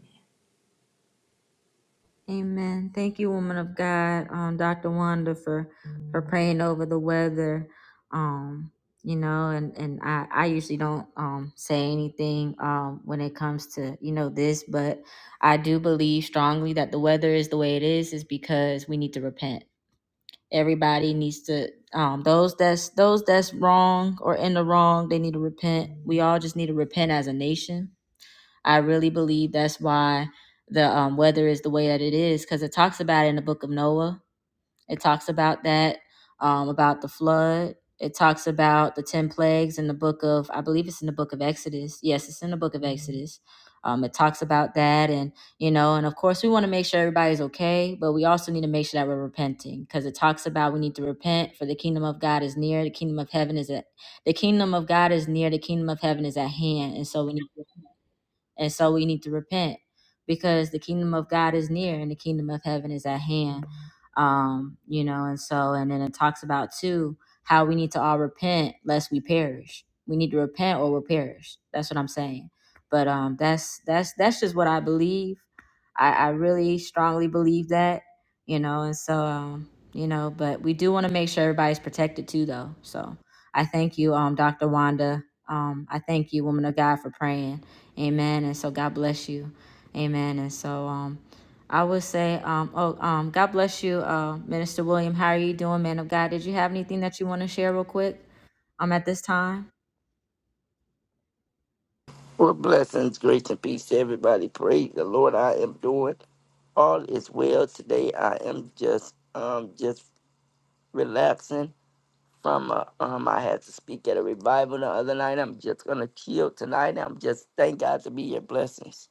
[SPEAKER 2] Amen. Thank you, woman of God, um, Dr. Wanda, for for praying over the weather. Um, you know, and and I I usually don't um say anything um when it comes to you know this, but I do believe strongly that the weather is the way it is is because we need to repent. Everybody needs to um those that's those that's wrong or in the wrong, they need to repent. We all just need to repent as a nation I really believe that's why the um, weather is the way that it is because it talks about it in the book of Noah. It talks about that, um, about the flood. It talks about the 10 plagues in the book of, I believe it's in the book of Exodus. Yes, it's in the book of Exodus. Um, it talks about that. And, you know, and of course, we want to make sure everybody's okay, but we also need to make sure that we're repenting because it talks about we need to repent for the kingdom of God is near, the kingdom of heaven is at, the kingdom of God is near, the kingdom of heaven is at hand. And so we need to and so we need to repent because the kingdom of God is near and the kingdom of heaven is at hand. Um, you know, and so, and then it talks about too how we need to all repent lest we perish. We need to repent or we'll perish. That's what I'm saying. But um, that's that's that's just what I believe. I, I really strongly believe that, you know, and so um, you know, but we do want to make sure everybody's protected too, though. So I thank you, um, Dr. Wanda. Um, I thank you, woman of God, for praying Amen. And so God bless you. Amen. And so um I would say um oh um God bless you, uh Minister William. How are you doing, man of God? Did you have anything that you want to share real quick? Um at this time?
[SPEAKER 17] Well, blessings, grace, and peace to everybody. Praise the Lord. I am doing all is well today. I am just um just relaxing from uh, um I had to speak at a revival the other night. I'm just gonna chill tonight. I'm just thank God to be your blessings.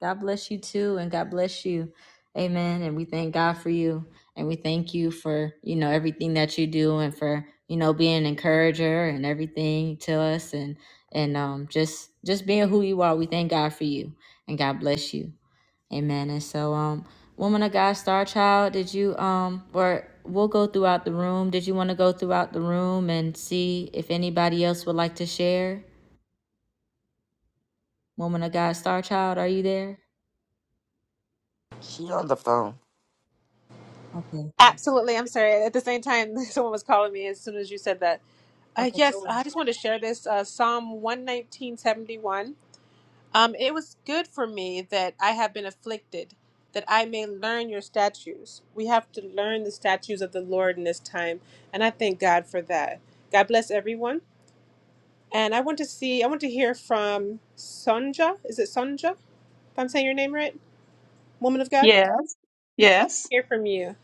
[SPEAKER 2] God bless you too, and God bless you. Amen. And we thank God for you. And we thank you for, you know, everything that you do and for, you know, being an encourager and everything to us and and um just just being who you are. We thank God for you and God bless you. Amen. And so, um, woman of God, star child, did you um, or we'll go throughout the room. Did you want to go throughout the room and see if anybody else would like to share? Woman of God, star child, are you there?
[SPEAKER 17] She on the phone.
[SPEAKER 2] Okay.
[SPEAKER 13] Absolutely. I'm sorry. At the same time, someone was calling me as soon as you said that. Uh,
[SPEAKER 2] Okay.
[SPEAKER 13] yes,
[SPEAKER 2] go ahead.
[SPEAKER 13] I just wanted to share this uh, Psalm 119.71. Um, it was good for me that I have been afflicted, that I may learn your statutes. We have to learn the statutes of the Lord in this time, and I thank God for that. God bless everyone. And I want to see, I want to hear from Sonja. Is it Sonja? If I'm saying your name right, woman of God,
[SPEAKER 15] Yes. Yes.
[SPEAKER 13] hear from you.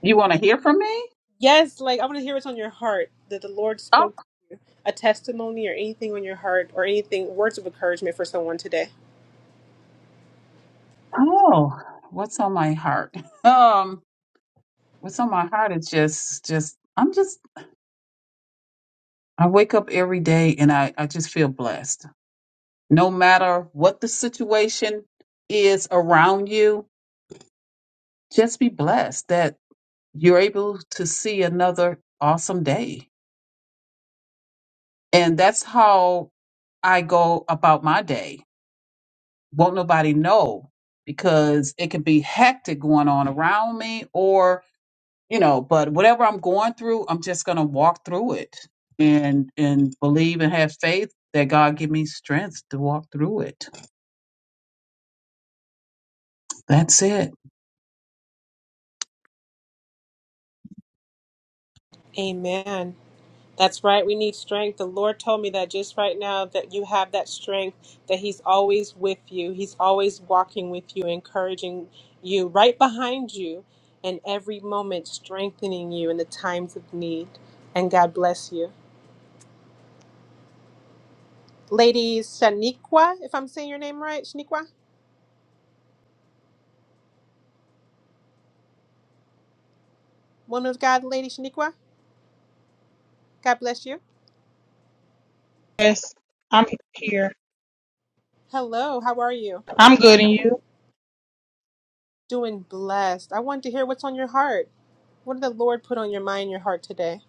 [SPEAKER 15] You want to hear from me?
[SPEAKER 13] Yes, like I want to hear what's on your heart that the Lord
[SPEAKER 15] Oh,
[SPEAKER 13] spoke a testimony or anything on your heart or anything words of encouragement for someone today.
[SPEAKER 15] oh, what's on my heart? Um, what's on my heart is just, just, I'm just, I wake up every day and I, I just feel blessed. No matter what the situation is around you, just be blessed that you're able to see another awesome day. And that's how I go about my day. won't nobody know because it can be hectic going on around me or you know but whatever i'm going through i'm just going to walk through it and and believe and have faith that god give me strength to walk through it that's it
[SPEAKER 13] Amen. That's right. We need strength. The Lord told me that just right now that you have that strength, that He's always with you. He's always walking with you, encouraging you, right behind you, and every moment strengthening you in the times of need. And God bless you. Lady Shaniqua, if I'm saying your name right, Shaniqua, woman of God, Lady Shaniqua, God bless you.
[SPEAKER 16] Yes, I'm here.
[SPEAKER 13] Hello, how are you?
[SPEAKER 16] I'm good, and you?
[SPEAKER 13] Doing blessed. I wanted to hear what's on your heart. What did the Lord put on your mind, your heart today?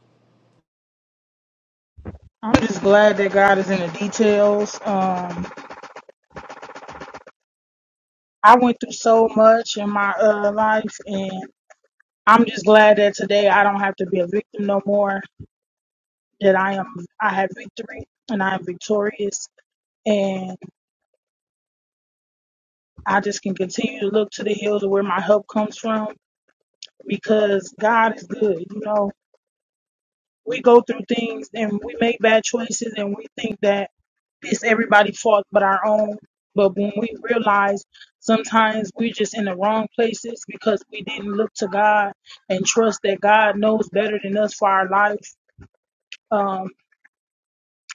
[SPEAKER 16] I'm just glad that God is in the details. Um, I went through so much in my uh, life, and I'm just glad that today I don't have to be a victim no more. That I am, I have victory, and I am victorious, and I just can continue to look to the hills of where my help comes from because God is good, you know we go through things and we make bad choices and we think that it's everybody's fault but our own. But when we realize sometimes we're just in the wrong places because we didn't look to God and trust that God knows better than us for our life. Um,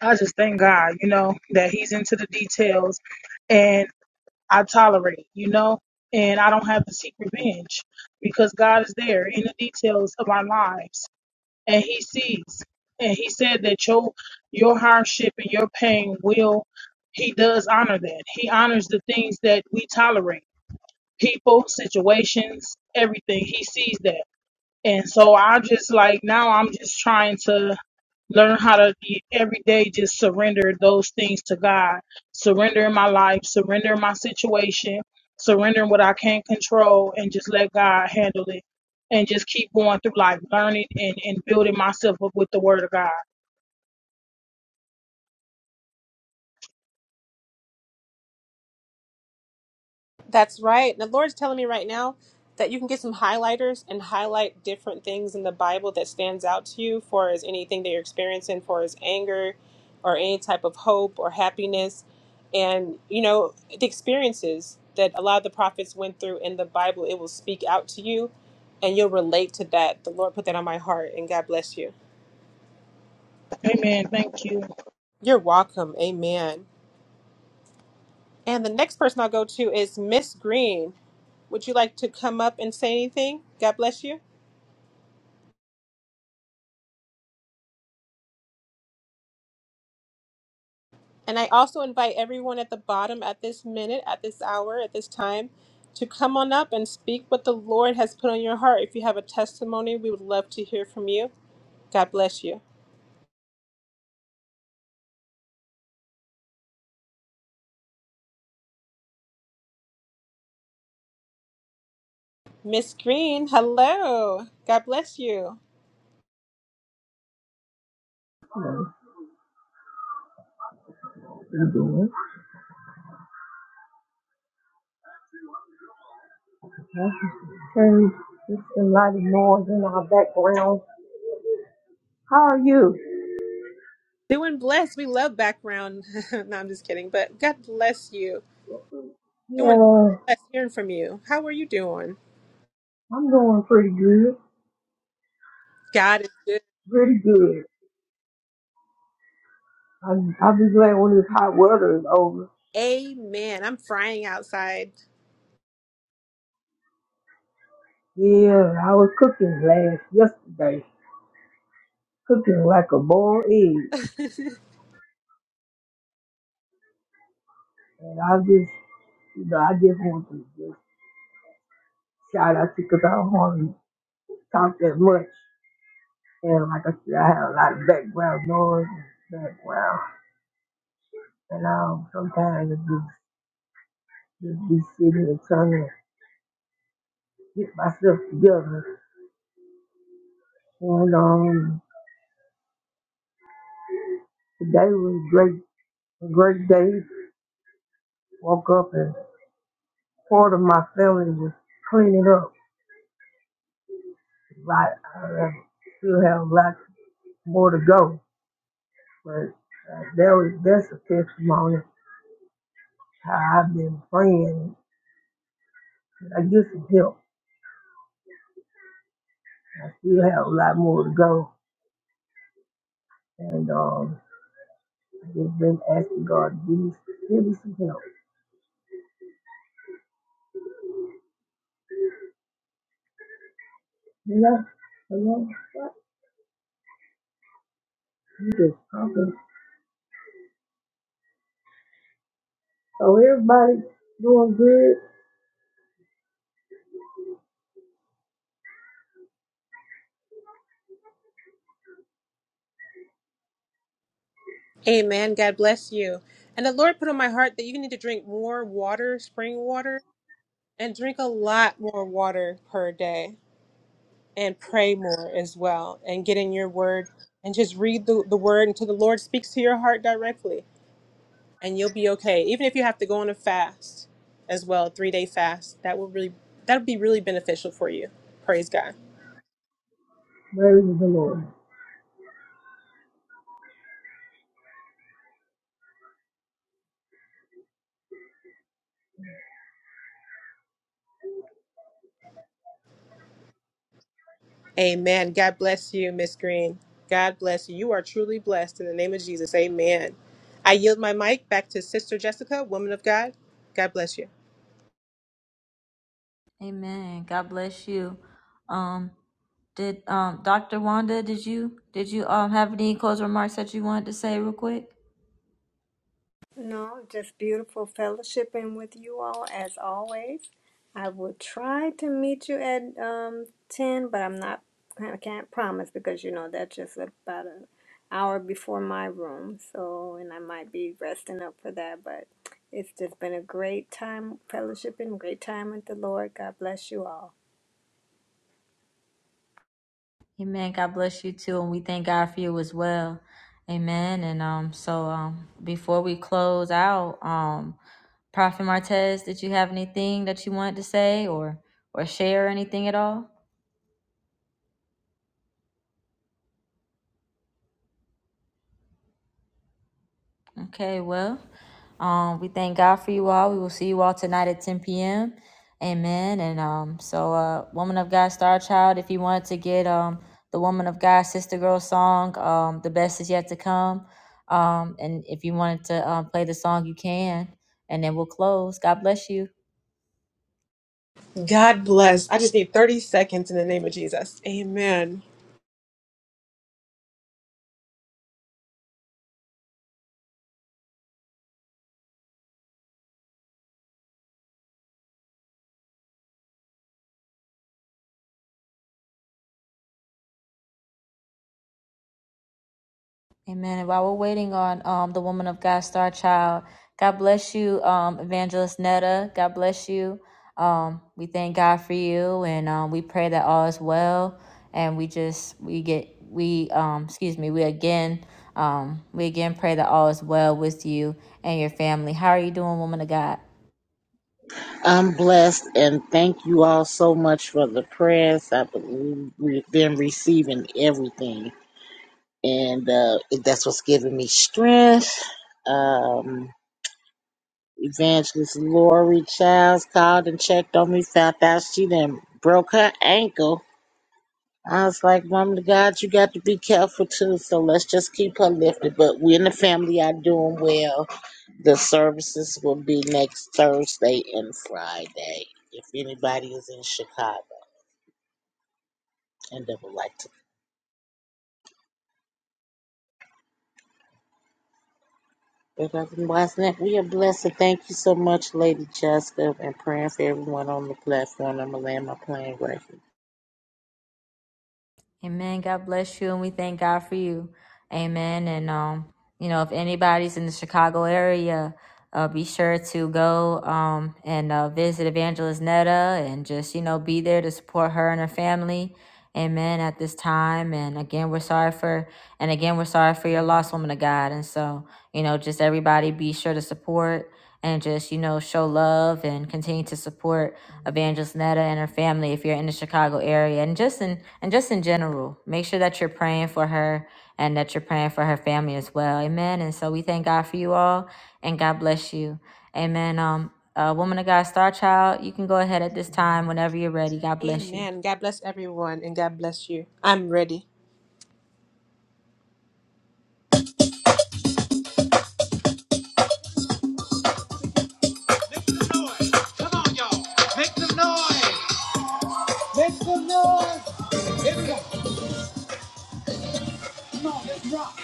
[SPEAKER 16] I just thank God, you know, that He's into the details and I tolerate, you know, and I don't have to seek revenge because God is there in the details of our lives and he sees. And he said that your your hardship and your pain will he does honor that. He honors the things that we tolerate. People, situations, everything. He sees that. And so I just like now I'm just trying to learn how to be every day just surrender those things to God. Surrender my life, surrender my situation, surrender what I can't control, and just let God handle it. And just keep going through life, learning and, and building myself up with the word of God.
[SPEAKER 13] That's right. And The Lord's telling me right now that you can get some highlighters and highlight different things in the Bible that stands out to you for as anything that you're experiencing for as anger or any type of hope or happiness and you know the experiences that a lot of the prophets went through in the Bible it will speak out to you and you'll relate to that. The Lord put that on my heart and God bless you.
[SPEAKER 16] Amen. Thank you.
[SPEAKER 13] You're welcome. Amen. And the next person I'll go to is Miss Green. Would you like to come up and say anything? God bless you. And I also invite everyone at the bottom at this minute, at this hour, at this time to come on up and speak what the Lord has put on your heart. If you have a testimony, we would love to hear from you. God bless you. Miss Green, hello. God bless you.
[SPEAKER 18] Good. And it's a lot of noise in our background. How are you?
[SPEAKER 13] Doing blessed. We love background. no, I'm just kidding. But God bless you. Doing
[SPEAKER 18] Yeah,
[SPEAKER 13] blessed hearing from you. How are you doing?
[SPEAKER 18] I'm doing pretty good.
[SPEAKER 13] God is good.
[SPEAKER 18] Pretty good. I, I'll be glad when this hot weather is over.
[SPEAKER 13] Amen. I'm frying outside.
[SPEAKER 18] Yeah, I was cooking last yesterday, cooking like a boiled egg, and I just, you know, I just want to just shout out to you because I don't want to talk that much. And like I said, I have a lot of background noise, and background, and um, sometimes it just just be sitting and turning. get myself together. And um, today was a great, a great day. Woke up and part of my family was cleaning up. Like I still have a lot more to go, but uh, that was that's a testimony how I've been praying. I get some help. I still have a lot more to go, and um, I just been asking God to give me, give me some help. You know, you know what? You just talking. So everybody doing good.
[SPEAKER 13] Amen. God bless you. And the Lord put on my heart that you need to drink more water, spring water, and drink a lot more water per day and pray more as well and get in your word and just read the, the word until the Lord speaks to your heart directly and you'll be okay. Even if you have to go on a fast as well, a three day fast, that will really that'll be really beneficial for you. Praise God.
[SPEAKER 18] Praise the Lord.
[SPEAKER 13] Amen. God bless you, Miss Green. God bless you. You are truly blessed in the name of Jesus. Amen. I yield my mic back to Sister Jessica, woman of God. God bless you.
[SPEAKER 2] Amen. God bless you. Um, did um, Dr. Wanda, did you did you um have any closing remarks that you wanted to say real quick?
[SPEAKER 6] No, just beautiful fellowshipping with you all as always. I will try to meet you at um ten, but I'm not. I can't promise because you know that's just about an hour before my room. So, and I might be resting up for that, but it's just been a great time fellowshipping, great time with the Lord. God bless you all.
[SPEAKER 2] Amen. God bless you too, and we thank God for you as well. Amen. And um, so um, before we close out, um, Prophet Martez, did you have anything that you wanted to say or or share anything at all? Okay, well. Um, we thank God for you all. We will see you all tonight at 10 p.m. Amen. And um, so, uh, Woman of God, Star Child, if you want to get um, the Woman of God, Sister Girl song, um, The Best Is Yet to Come. Um, and if you wanted to um, play the song, you can. And then we'll close. God bless you.
[SPEAKER 13] God bless. I just need 30 seconds in the name of Jesus. Amen.
[SPEAKER 2] Amen. While we're waiting on um, the woman of God, Star Child, God bless you, um, Evangelist Netta. God bless you. Um, we thank God for you, and um, we pray that all is well. And we just we get we um, excuse me we again um, we again pray that all is well with you and your family. How are you doing, woman of God?
[SPEAKER 19] I'm blessed and thank you all so much for the prayers. I believe we've been receiving everything, and uh, that's what's giving me strength. Um, Evangelist Lori Childs called and checked on me, found out she done broke her ankle. I was like, Mom to God, you got to be careful too, so let's just keep her lifted. But we in the family are doing well the services will be next Thursday and Friday. If anybody is in Chicago and they would like to. But other than that, we are blessed. And thank you so much, Lady Jessica, and praying for everyone on the platform. I'm going to land my plane right here.
[SPEAKER 2] Amen. God bless you, and we thank God for you. Amen. And um, you know, if anybody's in the Chicago area, uh, be sure to go um and uh, visit Evangelist Netta, and just you know, be there to support her and her family. Amen. At this time, and again, we're sorry for, and again, we're sorry for your lost woman of God. And so, you know, just everybody, be sure to support and just you know show love and continue to support evangelist netta and her family if you're in the chicago area and just in and just in general make sure that you're praying for her and that you're praying for her family as well amen and so we thank god for you all and god bless you amen um uh, woman of god star child you can go ahead at this time whenever you're ready god bless you
[SPEAKER 13] Amen. God bless everyone and God bless you. I'm ready. Make some noise. Come on, y'all. Make some noise. Make some noise. Everybody. Come on, let's rock.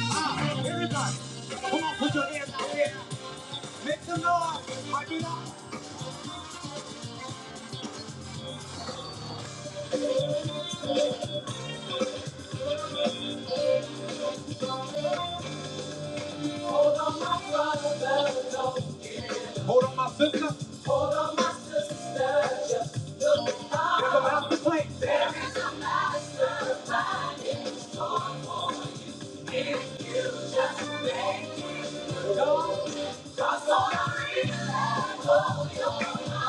[SPEAKER 13] Ah, everybody. Come on, put your hands out there. Make some noise. Pipe it up. Hold on, my sister. There's a mountain place.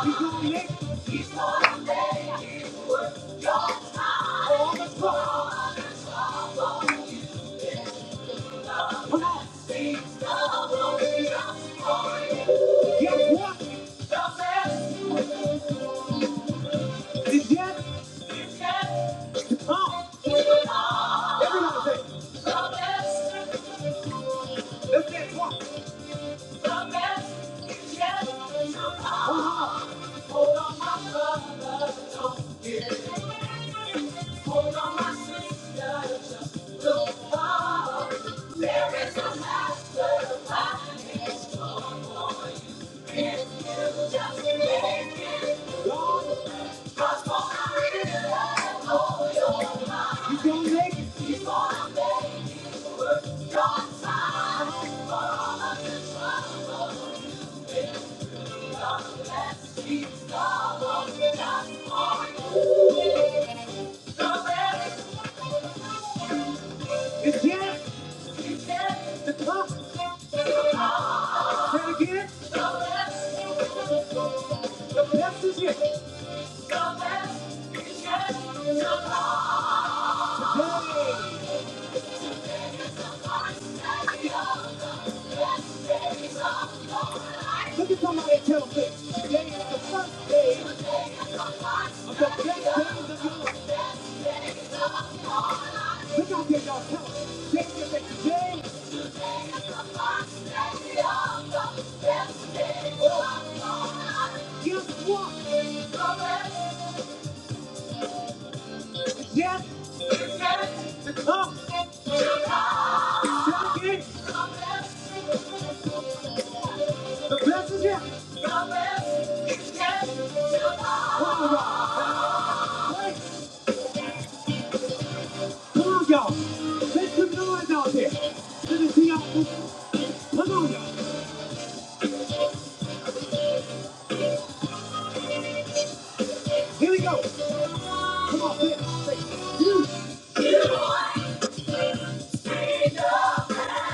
[SPEAKER 13] He's gonna make it. Guess what? It's yes. Come. Everybody say, it. let's say it once. Hold on, my sister, just look up. There is a mastermind in store for you. If you just make it move, transform our lives, oh, you're- You gonna make it. for all of the things God bless you. God wants it just for you. So it- It's yes. Look at somebody and tell them this. Today is the first day of the best days of your life. Look out there, y'all. Tell them. James, James, James. Guess what? It's Yes. To come. The best is yet. Come on, y'all. Wait. Come on, y'all. Make some noise out there. Let me see y'all. Come on, y'all. Here we go. Come on, Flip. You.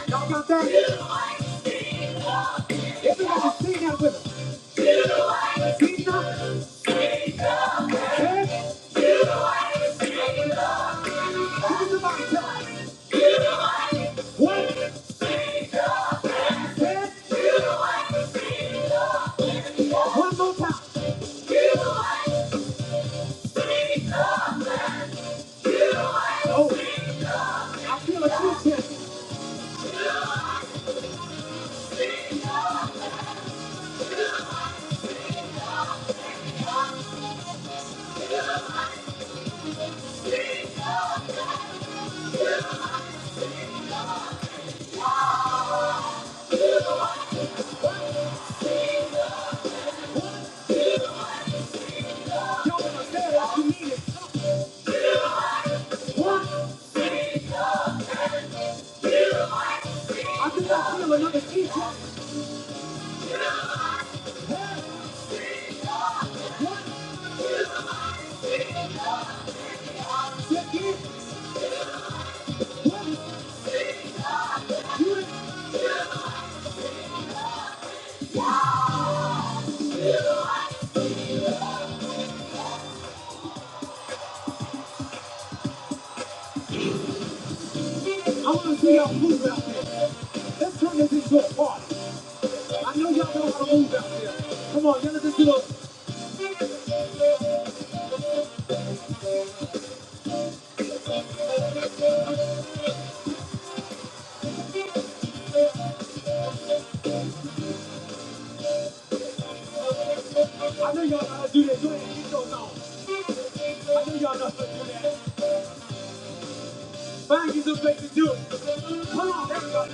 [SPEAKER 13] Y'all got that? Yeah. Everybody sing that with us. Pizza. Ted. Look at somebody tell us. One. Ted. One more time. Oh, I feel a shoe test. Y'all gonna say it like you mean it. One. I think I feel another shoe test. Check in. Let us do it. I wanna see y'all move out there. Let's turn this into a party. I know y'all know how to move out there. Come on, y'all just do it. I know y'all know how to do this. Go ahead and get those on. I knew y'all know how to do that. Find you some place to do it. Come on, let's go.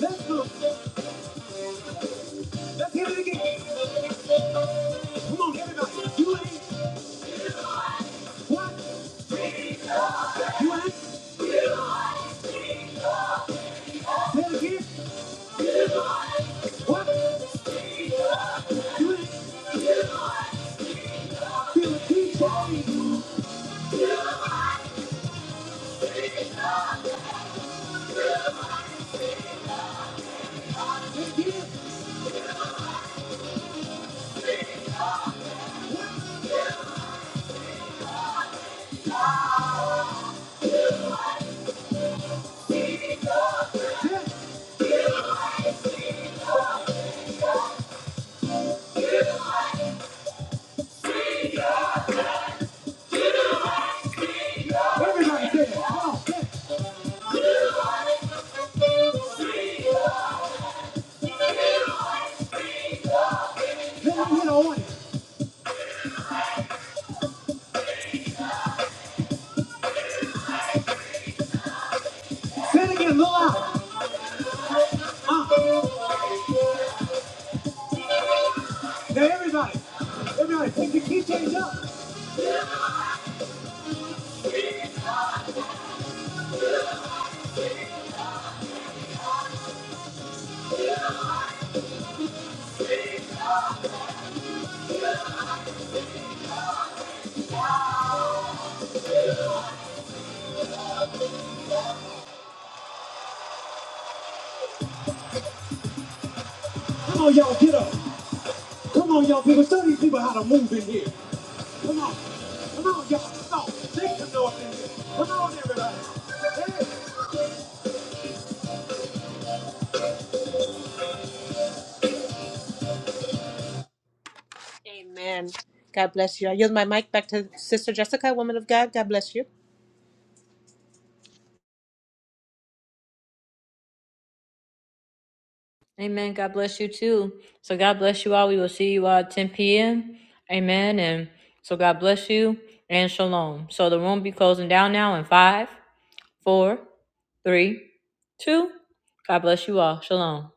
[SPEAKER 13] Let's go. Let's hit it again. Come on, everybody. You ain't what? You ain't say it again. What? You ain't feel a DJ. Let's get Everybody say it. Come on. Let me hit on it. Say it again, a little loud. Uh, now everybody. Everybody, pick the key change up. Come on, y'all, get up. Come on, y'all people. Show these people how to move in here. Come on. Come on, y'all. Come Make some noise in here. Come on, everybody. Hey. Amen. God bless you. I yield my mic back to Sister Jessica, woman of God. God bless you.
[SPEAKER 2] Amen. God bless you too. So God bless you all. We will see you all at 10 p.m. Amen. And so God bless you and shalom. So the room be closing down now in five, four, three, two. God bless you all. Shalom.